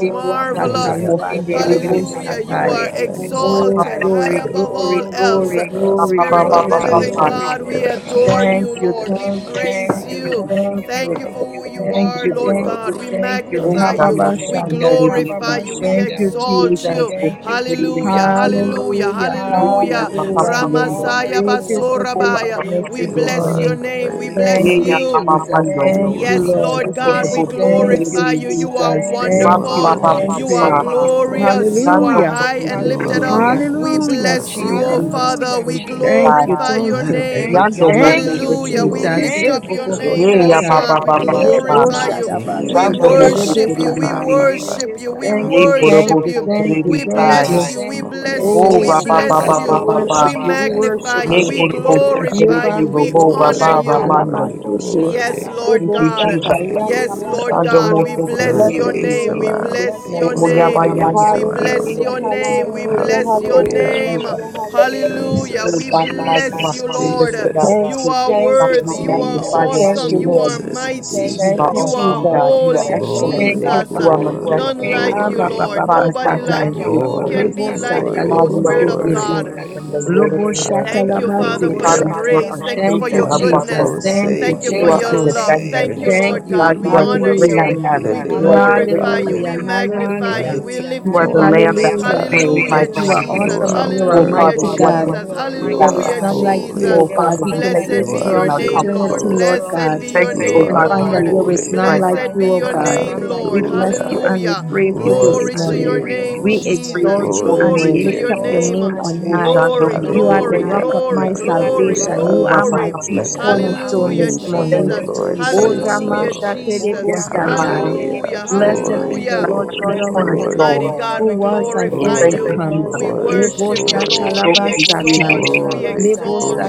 Speaker 2: and
Speaker 3: Rebosata
Speaker 2: the
Speaker 4: Lily of
Speaker 2: most
Speaker 4: the
Speaker 1: marvelous.
Speaker 3: Libande
Speaker 2: Kiteri,
Speaker 4: Valley,
Speaker 1: Hallelujah. You
Speaker 3: Rebosatai.
Speaker 1: are
Speaker 4: Light and Morning
Speaker 2: Papa,
Speaker 3: Oh,
Speaker 1: exalted high
Speaker 3: glory,
Speaker 4: Star,
Speaker 2: Papa,
Speaker 1: above
Speaker 3: glory,
Speaker 1: all else.
Speaker 4: O
Speaker 3: glory,
Speaker 4: God,
Speaker 3: glory.
Speaker 1: Spirit
Speaker 4: you
Speaker 3: Thank
Speaker 4: are
Speaker 2: Papa,
Speaker 1: of
Speaker 3: you,
Speaker 1: the
Speaker 2: Papa,
Speaker 4: high
Speaker 1: living
Speaker 2: Papa,
Speaker 4: and
Speaker 3: Jesus.
Speaker 1: God, we
Speaker 4: lifted up,
Speaker 1: adore
Speaker 3: Thank
Speaker 1: you,
Speaker 3: you,
Speaker 1: Lord. We
Speaker 3: thank you,
Speaker 1: praise
Speaker 3: thank
Speaker 4: high
Speaker 3: you,
Speaker 1: you.
Speaker 4: and lifted
Speaker 3: thank
Speaker 1: Thank
Speaker 3: you,
Speaker 1: you for who you
Speaker 3: thank
Speaker 1: are
Speaker 3: you,
Speaker 1: word,
Speaker 2: Jesus,
Speaker 4: you
Speaker 1: Lord
Speaker 3: thank
Speaker 4: are
Speaker 1: God.
Speaker 3: you,
Speaker 1: We
Speaker 4: Lord.
Speaker 3: thank you.
Speaker 2: Oh,
Speaker 1: magnify you.
Speaker 2: Sando,
Speaker 1: We
Speaker 2: Kiteri,
Speaker 3: Hababashandai.
Speaker 1: glorify you. We
Speaker 3: Thank you,
Speaker 2: Kiteri,
Speaker 1: exalt you.
Speaker 3: Jesus.
Speaker 2: Kiteri,
Speaker 1: Hallelujah.
Speaker 4: You
Speaker 1: Hallelujah.
Speaker 4: are the
Speaker 3: Hallelujah,
Speaker 4: King of
Speaker 2: Yeya,
Speaker 1: Hallelujah.
Speaker 2: Papa,
Speaker 4: Kings
Speaker 3: hallelujah.
Speaker 4: and the
Speaker 1: Ramasaya
Speaker 2: Yende,
Speaker 4: Lord
Speaker 1: Hallelujah.
Speaker 4: of
Speaker 3: Great is your
Speaker 4: Lords.
Speaker 2: Oh, Papa,
Speaker 1: basorabaya.
Speaker 2: Papa,
Speaker 3: faithfulness
Speaker 1: We
Speaker 3: this
Speaker 4: You
Speaker 1: bless
Speaker 2: Yende,
Speaker 4: are
Speaker 1: your
Speaker 3: morning.
Speaker 4: the
Speaker 1: name. We
Speaker 4: great I
Speaker 1: bless
Speaker 4: am.
Speaker 3: Thank you,
Speaker 2: Yeya,
Speaker 1: you.
Speaker 2: Mama,
Speaker 3: Jesus.
Speaker 2: Mando,
Speaker 3: Thank
Speaker 4: You
Speaker 1: Yes,
Speaker 3: you,
Speaker 4: are
Speaker 3: Lord.
Speaker 4: the
Speaker 1: Lord God,
Speaker 4: Prince
Speaker 1: we
Speaker 2: Nikorobo,
Speaker 4: of
Speaker 3: Thank
Speaker 4: Peace.
Speaker 3: you,
Speaker 1: glorify
Speaker 2: Kiteri,
Speaker 1: you. You are
Speaker 3: Jesus.
Speaker 4: You
Speaker 2: Papa,
Speaker 3: Thank you,
Speaker 1: wonderful.
Speaker 2: Papa,
Speaker 4: alone
Speaker 3: thank
Speaker 1: You are
Speaker 3: you.
Speaker 2: Papa,
Speaker 4: deserve the
Speaker 1: glorious.
Speaker 4: glory.
Speaker 1: You are
Speaker 2: Sando,
Speaker 3: Hallelujah,
Speaker 1: high and
Speaker 4: You
Speaker 1: lifted up.
Speaker 2: Kiteri,
Speaker 4: alone
Speaker 1: We
Speaker 3: hallelujah,
Speaker 1: bless
Speaker 4: deserve
Speaker 1: you,
Speaker 4: the
Speaker 1: O
Speaker 3: Jesus.
Speaker 4: honor.
Speaker 2: Yando
Speaker 1: Father. We
Speaker 3: Thank you,
Speaker 1: glorify
Speaker 3: thank
Speaker 1: your
Speaker 3: you.
Speaker 4: Let the
Speaker 1: name.
Speaker 3: Thank
Speaker 4: redeemed
Speaker 2: Mose
Speaker 3: you,
Speaker 4: of the
Speaker 1: Hallelujah. We
Speaker 3: Jesus.
Speaker 4: Lord
Speaker 1: lift
Speaker 2: Terebesi,
Speaker 4: say
Speaker 3: Eh,
Speaker 1: up
Speaker 3: bo-
Speaker 1: your
Speaker 3: bo- bo-
Speaker 4: so.
Speaker 1: name,
Speaker 2: Ye Ya
Speaker 1: Lord
Speaker 2: Ba
Speaker 3: shatai.
Speaker 1: God.
Speaker 2: Ba
Speaker 1: God. We
Speaker 2: Ba Ba
Speaker 4: We
Speaker 2: Ba
Speaker 3: Le-
Speaker 4: have
Speaker 2: Ba,
Speaker 3: bo-
Speaker 4: been
Speaker 1: glorify you.
Speaker 4: redeemed
Speaker 1: We
Speaker 3: shadabase,
Speaker 4: by
Speaker 2: Shando
Speaker 4: the blood
Speaker 2: Mose
Speaker 4: of
Speaker 3: tererebe
Speaker 1: worship
Speaker 4: the
Speaker 1: you. We
Speaker 3: satai.
Speaker 4: Lamb
Speaker 2: Terebesi,
Speaker 4: and by
Speaker 1: worship you. We
Speaker 3: Thank
Speaker 2: Ye
Speaker 3: you,
Speaker 4: the
Speaker 1: worship
Speaker 3: thank
Speaker 2: Korobo
Speaker 3: you,
Speaker 1: you.
Speaker 3: thank you,
Speaker 1: We
Speaker 3: thank
Speaker 1: bless
Speaker 2: Terebesi,
Speaker 3: you.
Speaker 1: you. We
Speaker 4: testimony.
Speaker 1: bless you.
Speaker 2: O
Speaker 1: We
Speaker 3: Oh,
Speaker 2: Ba Ba
Speaker 1: bless
Speaker 2: Ba Ba
Speaker 3: Jesus,
Speaker 1: you.
Speaker 3: we
Speaker 2: Ba Ba
Speaker 4: Hallelujah.
Speaker 2: Ba,
Speaker 1: We
Speaker 3: worship you, we
Speaker 1: magnify
Speaker 3: worship
Speaker 1: you.
Speaker 2: Ye
Speaker 1: We
Speaker 3: you.
Speaker 2: Korobo
Speaker 4: Hallelujah.
Speaker 3: Ye
Speaker 1: glorify
Speaker 2: Terebesi,
Speaker 1: you.
Speaker 3: bando,
Speaker 1: We
Speaker 3: le-
Speaker 2: Robo
Speaker 3: bo-
Speaker 2: Ba
Speaker 1: honor
Speaker 4: Glory,
Speaker 2: Ba
Speaker 1: you.
Speaker 2: Ramando.
Speaker 4: glory,
Speaker 3: shatalabasete.
Speaker 1: Yes,
Speaker 4: glory.
Speaker 3: Le-
Speaker 1: Lord
Speaker 2: Thank
Speaker 3: bo-
Speaker 2: you,
Speaker 1: God.
Speaker 2: Jesus.
Speaker 3: satai, yes,
Speaker 1: Yes,
Speaker 4: Hallelujah.
Speaker 1: Lord
Speaker 2: Shando
Speaker 1: God.
Speaker 3: nabashondo.
Speaker 2: Mose
Speaker 1: We bless
Speaker 4: Worthy
Speaker 1: your
Speaker 3: Blessed be
Speaker 4: is
Speaker 2: Terebesi,
Speaker 1: name.
Speaker 4: the
Speaker 3: your
Speaker 1: Si, We
Speaker 3: name
Speaker 4: Lamb.
Speaker 3: this
Speaker 1: bless your
Speaker 2: O
Speaker 3: morning.
Speaker 2: Ya
Speaker 1: name. We
Speaker 2: Ba
Speaker 4: Worthy is
Speaker 2: Yando,
Speaker 4: the
Speaker 2: Ye
Speaker 4: Lamb.
Speaker 1: bless
Speaker 3: Hallelujah,
Speaker 1: your
Speaker 2: Korobo
Speaker 1: name. We
Speaker 3: hallelujah,
Speaker 1: bless your
Speaker 2: Thank you,
Speaker 4: Hallelujah.
Speaker 3: hallelujah.
Speaker 1: name.
Speaker 2: Jesus.
Speaker 1: Hallelujah.
Speaker 2: Oh,
Speaker 1: We
Speaker 4: Jesus,
Speaker 2: Father God,
Speaker 1: bless
Speaker 2: you
Speaker 1: like
Speaker 2: are
Speaker 4: Jesus,
Speaker 1: you,
Speaker 2: high and
Speaker 1: Lord. you,
Speaker 2: lifted
Speaker 4: Jesus,
Speaker 2: up.
Speaker 3: Thank you,
Speaker 1: are
Speaker 3: thank
Speaker 2: God,
Speaker 1: worthy.
Speaker 3: you,
Speaker 2: we
Speaker 1: You are
Speaker 2: magnify your
Speaker 3: thank
Speaker 4: Jesus,
Speaker 1: awesome.
Speaker 3: you,
Speaker 2: holy
Speaker 1: you,
Speaker 2: name.
Speaker 3: Lord.
Speaker 1: are
Speaker 4: Jesus,
Speaker 1: mighty.
Speaker 2: You
Speaker 3: Thank
Speaker 2: are
Speaker 1: you,
Speaker 4: Jesus.
Speaker 3: you,
Speaker 1: are
Speaker 2: awesome,
Speaker 3: Jesus.
Speaker 2: God. You
Speaker 1: holy,
Speaker 2: are
Speaker 1: Jesus.
Speaker 2: excellent,
Speaker 3: Thank
Speaker 4: Glory,
Speaker 2: God.
Speaker 3: you,
Speaker 2: You are
Speaker 3: Father.
Speaker 4: glory,
Speaker 1: None
Speaker 2: majestic.
Speaker 1: like you,
Speaker 3: Abba, ba,
Speaker 4: glory,
Speaker 3: ba,
Speaker 1: Lord.
Speaker 3: ba,
Speaker 2: Father God,
Speaker 1: Nobody
Speaker 2: you are
Speaker 1: like
Speaker 3: satai.
Speaker 1: you. Who
Speaker 2: faithful.
Speaker 1: can
Speaker 4: glory,
Speaker 3: Lebo,
Speaker 1: be like
Speaker 3: sata,
Speaker 1: you,
Speaker 4: glory,
Speaker 2: God,
Speaker 1: O
Speaker 3: lebo,
Speaker 2: you are
Speaker 1: Spirit
Speaker 2: the
Speaker 1: of
Speaker 2: King of
Speaker 4: glory.
Speaker 3: sekete.
Speaker 1: God?
Speaker 2: Kings and the Lord of
Speaker 3: Lobo,
Speaker 2: Lords.
Speaker 3: shata,
Speaker 1: Thank you,
Speaker 3: laba,
Speaker 1: Father, for
Speaker 2: Father,
Speaker 1: your
Speaker 3: sete.
Speaker 4: Hallelujah.
Speaker 2: you are
Speaker 1: grace.
Speaker 2: our
Speaker 1: Thank you
Speaker 2: shield
Speaker 3: Thank
Speaker 1: for
Speaker 2: and
Speaker 3: you,
Speaker 1: your
Speaker 2: our
Speaker 1: goodness.
Speaker 3: Jesus.
Speaker 2: buckler.
Speaker 4: Wonderful
Speaker 1: Thank you,
Speaker 3: Thank you,
Speaker 2: You
Speaker 1: for
Speaker 2: are
Speaker 3: thank
Speaker 4: Savior,
Speaker 2: our
Speaker 1: your
Speaker 3: you,
Speaker 1: love. Thank you.
Speaker 2: defender.
Speaker 4: Prince
Speaker 3: thank
Speaker 4: of
Speaker 1: Lord
Speaker 3: you.
Speaker 1: God.
Speaker 2: God,
Speaker 1: We
Speaker 2: you
Speaker 4: Peace,
Speaker 2: are the
Speaker 1: honor
Speaker 2: great
Speaker 3: Hallelujah.
Speaker 1: you.
Speaker 2: I
Speaker 1: We
Speaker 2: am.
Speaker 4: Lily
Speaker 2: You are
Speaker 4: of
Speaker 2: the
Speaker 4: the
Speaker 2: great
Speaker 1: glorify
Speaker 2: high
Speaker 1: you.
Speaker 3: Hallelujah.
Speaker 4: Valley,
Speaker 1: We
Speaker 2: priest. God.
Speaker 1: magnify
Speaker 3: Hallelujah.
Speaker 1: you. We
Speaker 4: bright and
Speaker 2: You
Speaker 1: lift
Speaker 2: are
Speaker 1: you
Speaker 2: the
Speaker 1: up.
Speaker 4: morning
Speaker 2: lamb that was
Speaker 3: Hallelujah,
Speaker 4: star.
Speaker 2: slain, my
Speaker 3: Jesus.
Speaker 1: Hallelujah, like
Speaker 3: You
Speaker 2: God.
Speaker 1: Jesus.
Speaker 3: are
Speaker 4: You
Speaker 3: awesome and
Speaker 4: are
Speaker 3: you are
Speaker 2: Oh,
Speaker 1: Hallelujah,
Speaker 2: Father,
Speaker 3: mighty
Speaker 2: you
Speaker 1: awesome.
Speaker 4: worthy.
Speaker 2: are
Speaker 1: Jesus.
Speaker 2: the
Speaker 3: God.
Speaker 2: Lord of the
Speaker 4: You
Speaker 3: There
Speaker 4: are
Speaker 3: is
Speaker 2: valley.
Speaker 1: Hallelujah,
Speaker 3: none
Speaker 1: Jesus!
Speaker 3: like you,
Speaker 1: Jesus.
Speaker 4: holy.
Speaker 2: Oh,
Speaker 3: O
Speaker 1: Yes,
Speaker 3: God.
Speaker 2: Father,
Speaker 3: We
Speaker 2: we
Speaker 3: can
Speaker 2: thank you
Speaker 1: Blessed
Speaker 3: search
Speaker 4: You
Speaker 2: for
Speaker 1: be
Speaker 4: are
Speaker 1: your
Speaker 2: being
Speaker 3: throughout
Speaker 2: our
Speaker 1: name,
Speaker 2: comfort.
Speaker 1: Lord.
Speaker 3: eternity,
Speaker 4: faithful.
Speaker 3: Lord
Speaker 1: Blessed
Speaker 2: We
Speaker 3: God,
Speaker 1: be your
Speaker 2: thank you,
Speaker 4: You
Speaker 2: oh
Speaker 1: name,
Speaker 3: and
Speaker 2: God,
Speaker 4: are
Speaker 2: for
Speaker 3: find
Speaker 1: Lord.
Speaker 3: that
Speaker 2: being
Speaker 3: there
Speaker 2: our
Speaker 3: is
Speaker 4: holy.
Speaker 3: none
Speaker 1: Blessed
Speaker 2: strength.
Speaker 3: like
Speaker 1: be
Speaker 3: you, O
Speaker 1: your
Speaker 3: God.
Speaker 1: name, like
Speaker 3: We
Speaker 1: Lord.
Speaker 3: bless
Speaker 4: Hallelujah.
Speaker 2: We
Speaker 3: you
Speaker 2: thank
Speaker 3: and we
Speaker 1: Hallelujah.
Speaker 2: you,
Speaker 3: praise
Speaker 2: oh
Speaker 3: you
Speaker 2: God.
Speaker 3: this
Speaker 4: Glory
Speaker 1: Glory
Speaker 4: to
Speaker 1: to your
Speaker 3: morning.
Speaker 4: your
Speaker 1: name,
Speaker 3: We
Speaker 4: name.
Speaker 1: Jesus.
Speaker 2: Praise
Speaker 3: exalt
Speaker 2: your
Speaker 3: you
Speaker 2: holy
Speaker 4: Glory
Speaker 3: and we
Speaker 4: to
Speaker 1: Glory
Speaker 2: name.
Speaker 1: to
Speaker 4: your
Speaker 1: your
Speaker 3: lift up
Speaker 1: name.
Speaker 3: your
Speaker 4: name.
Speaker 3: name on
Speaker 2: Oh,
Speaker 3: high.
Speaker 2: Shando,
Speaker 1: Glory,
Speaker 3: You
Speaker 2: Mosi,
Speaker 3: are the
Speaker 1: glory,
Speaker 3: rock
Speaker 4: Hallelujah.
Speaker 3: of
Speaker 1: glory,
Speaker 2: Telepisi,
Speaker 3: my
Speaker 1: glory,
Speaker 3: salvation.
Speaker 4: Hallelujah.
Speaker 3: You
Speaker 2: Papa,
Speaker 3: are my
Speaker 1: glory.
Speaker 3: chief
Speaker 4: Let
Speaker 2: Patapani.
Speaker 4: the
Speaker 3: cornerstone
Speaker 1: Hallelujah,
Speaker 3: this
Speaker 4: redeemed of
Speaker 1: Jesus.
Speaker 3: morning.
Speaker 2: Thank
Speaker 4: the
Speaker 2: you,
Speaker 4: Lord
Speaker 2: Jesus.
Speaker 3: O
Speaker 4: say
Speaker 1: Hallelujah,
Speaker 4: so.
Speaker 1: Jesus.
Speaker 2: Yes, God.
Speaker 3: Ramashaterebosatai.
Speaker 4: Hallelujah.
Speaker 1: Hallelujah,
Speaker 2: You
Speaker 3: Blessed be
Speaker 4: Glory,
Speaker 3: the
Speaker 1: hallelujah.
Speaker 2: are the
Speaker 3: Lord
Speaker 2: chief
Speaker 3: God
Speaker 4: glory,
Speaker 3: Almighty,
Speaker 1: Mighty
Speaker 4: glory.
Speaker 2: cornerstone.
Speaker 1: God we
Speaker 3: who was and
Speaker 2: Oh,
Speaker 1: glorify
Speaker 3: is to
Speaker 2: thank
Speaker 1: you.
Speaker 2: you,
Speaker 4: Glory,
Speaker 2: Jesus.
Speaker 3: come.
Speaker 1: We
Speaker 4: glory,
Speaker 1: worship you,
Speaker 4: glory.
Speaker 1: Lord. We
Speaker 2: Glory
Speaker 1: Lebo
Speaker 2: be to your
Speaker 3: Leboshatalabasatai.
Speaker 1: exalt
Speaker 2: name.
Speaker 4: Glory,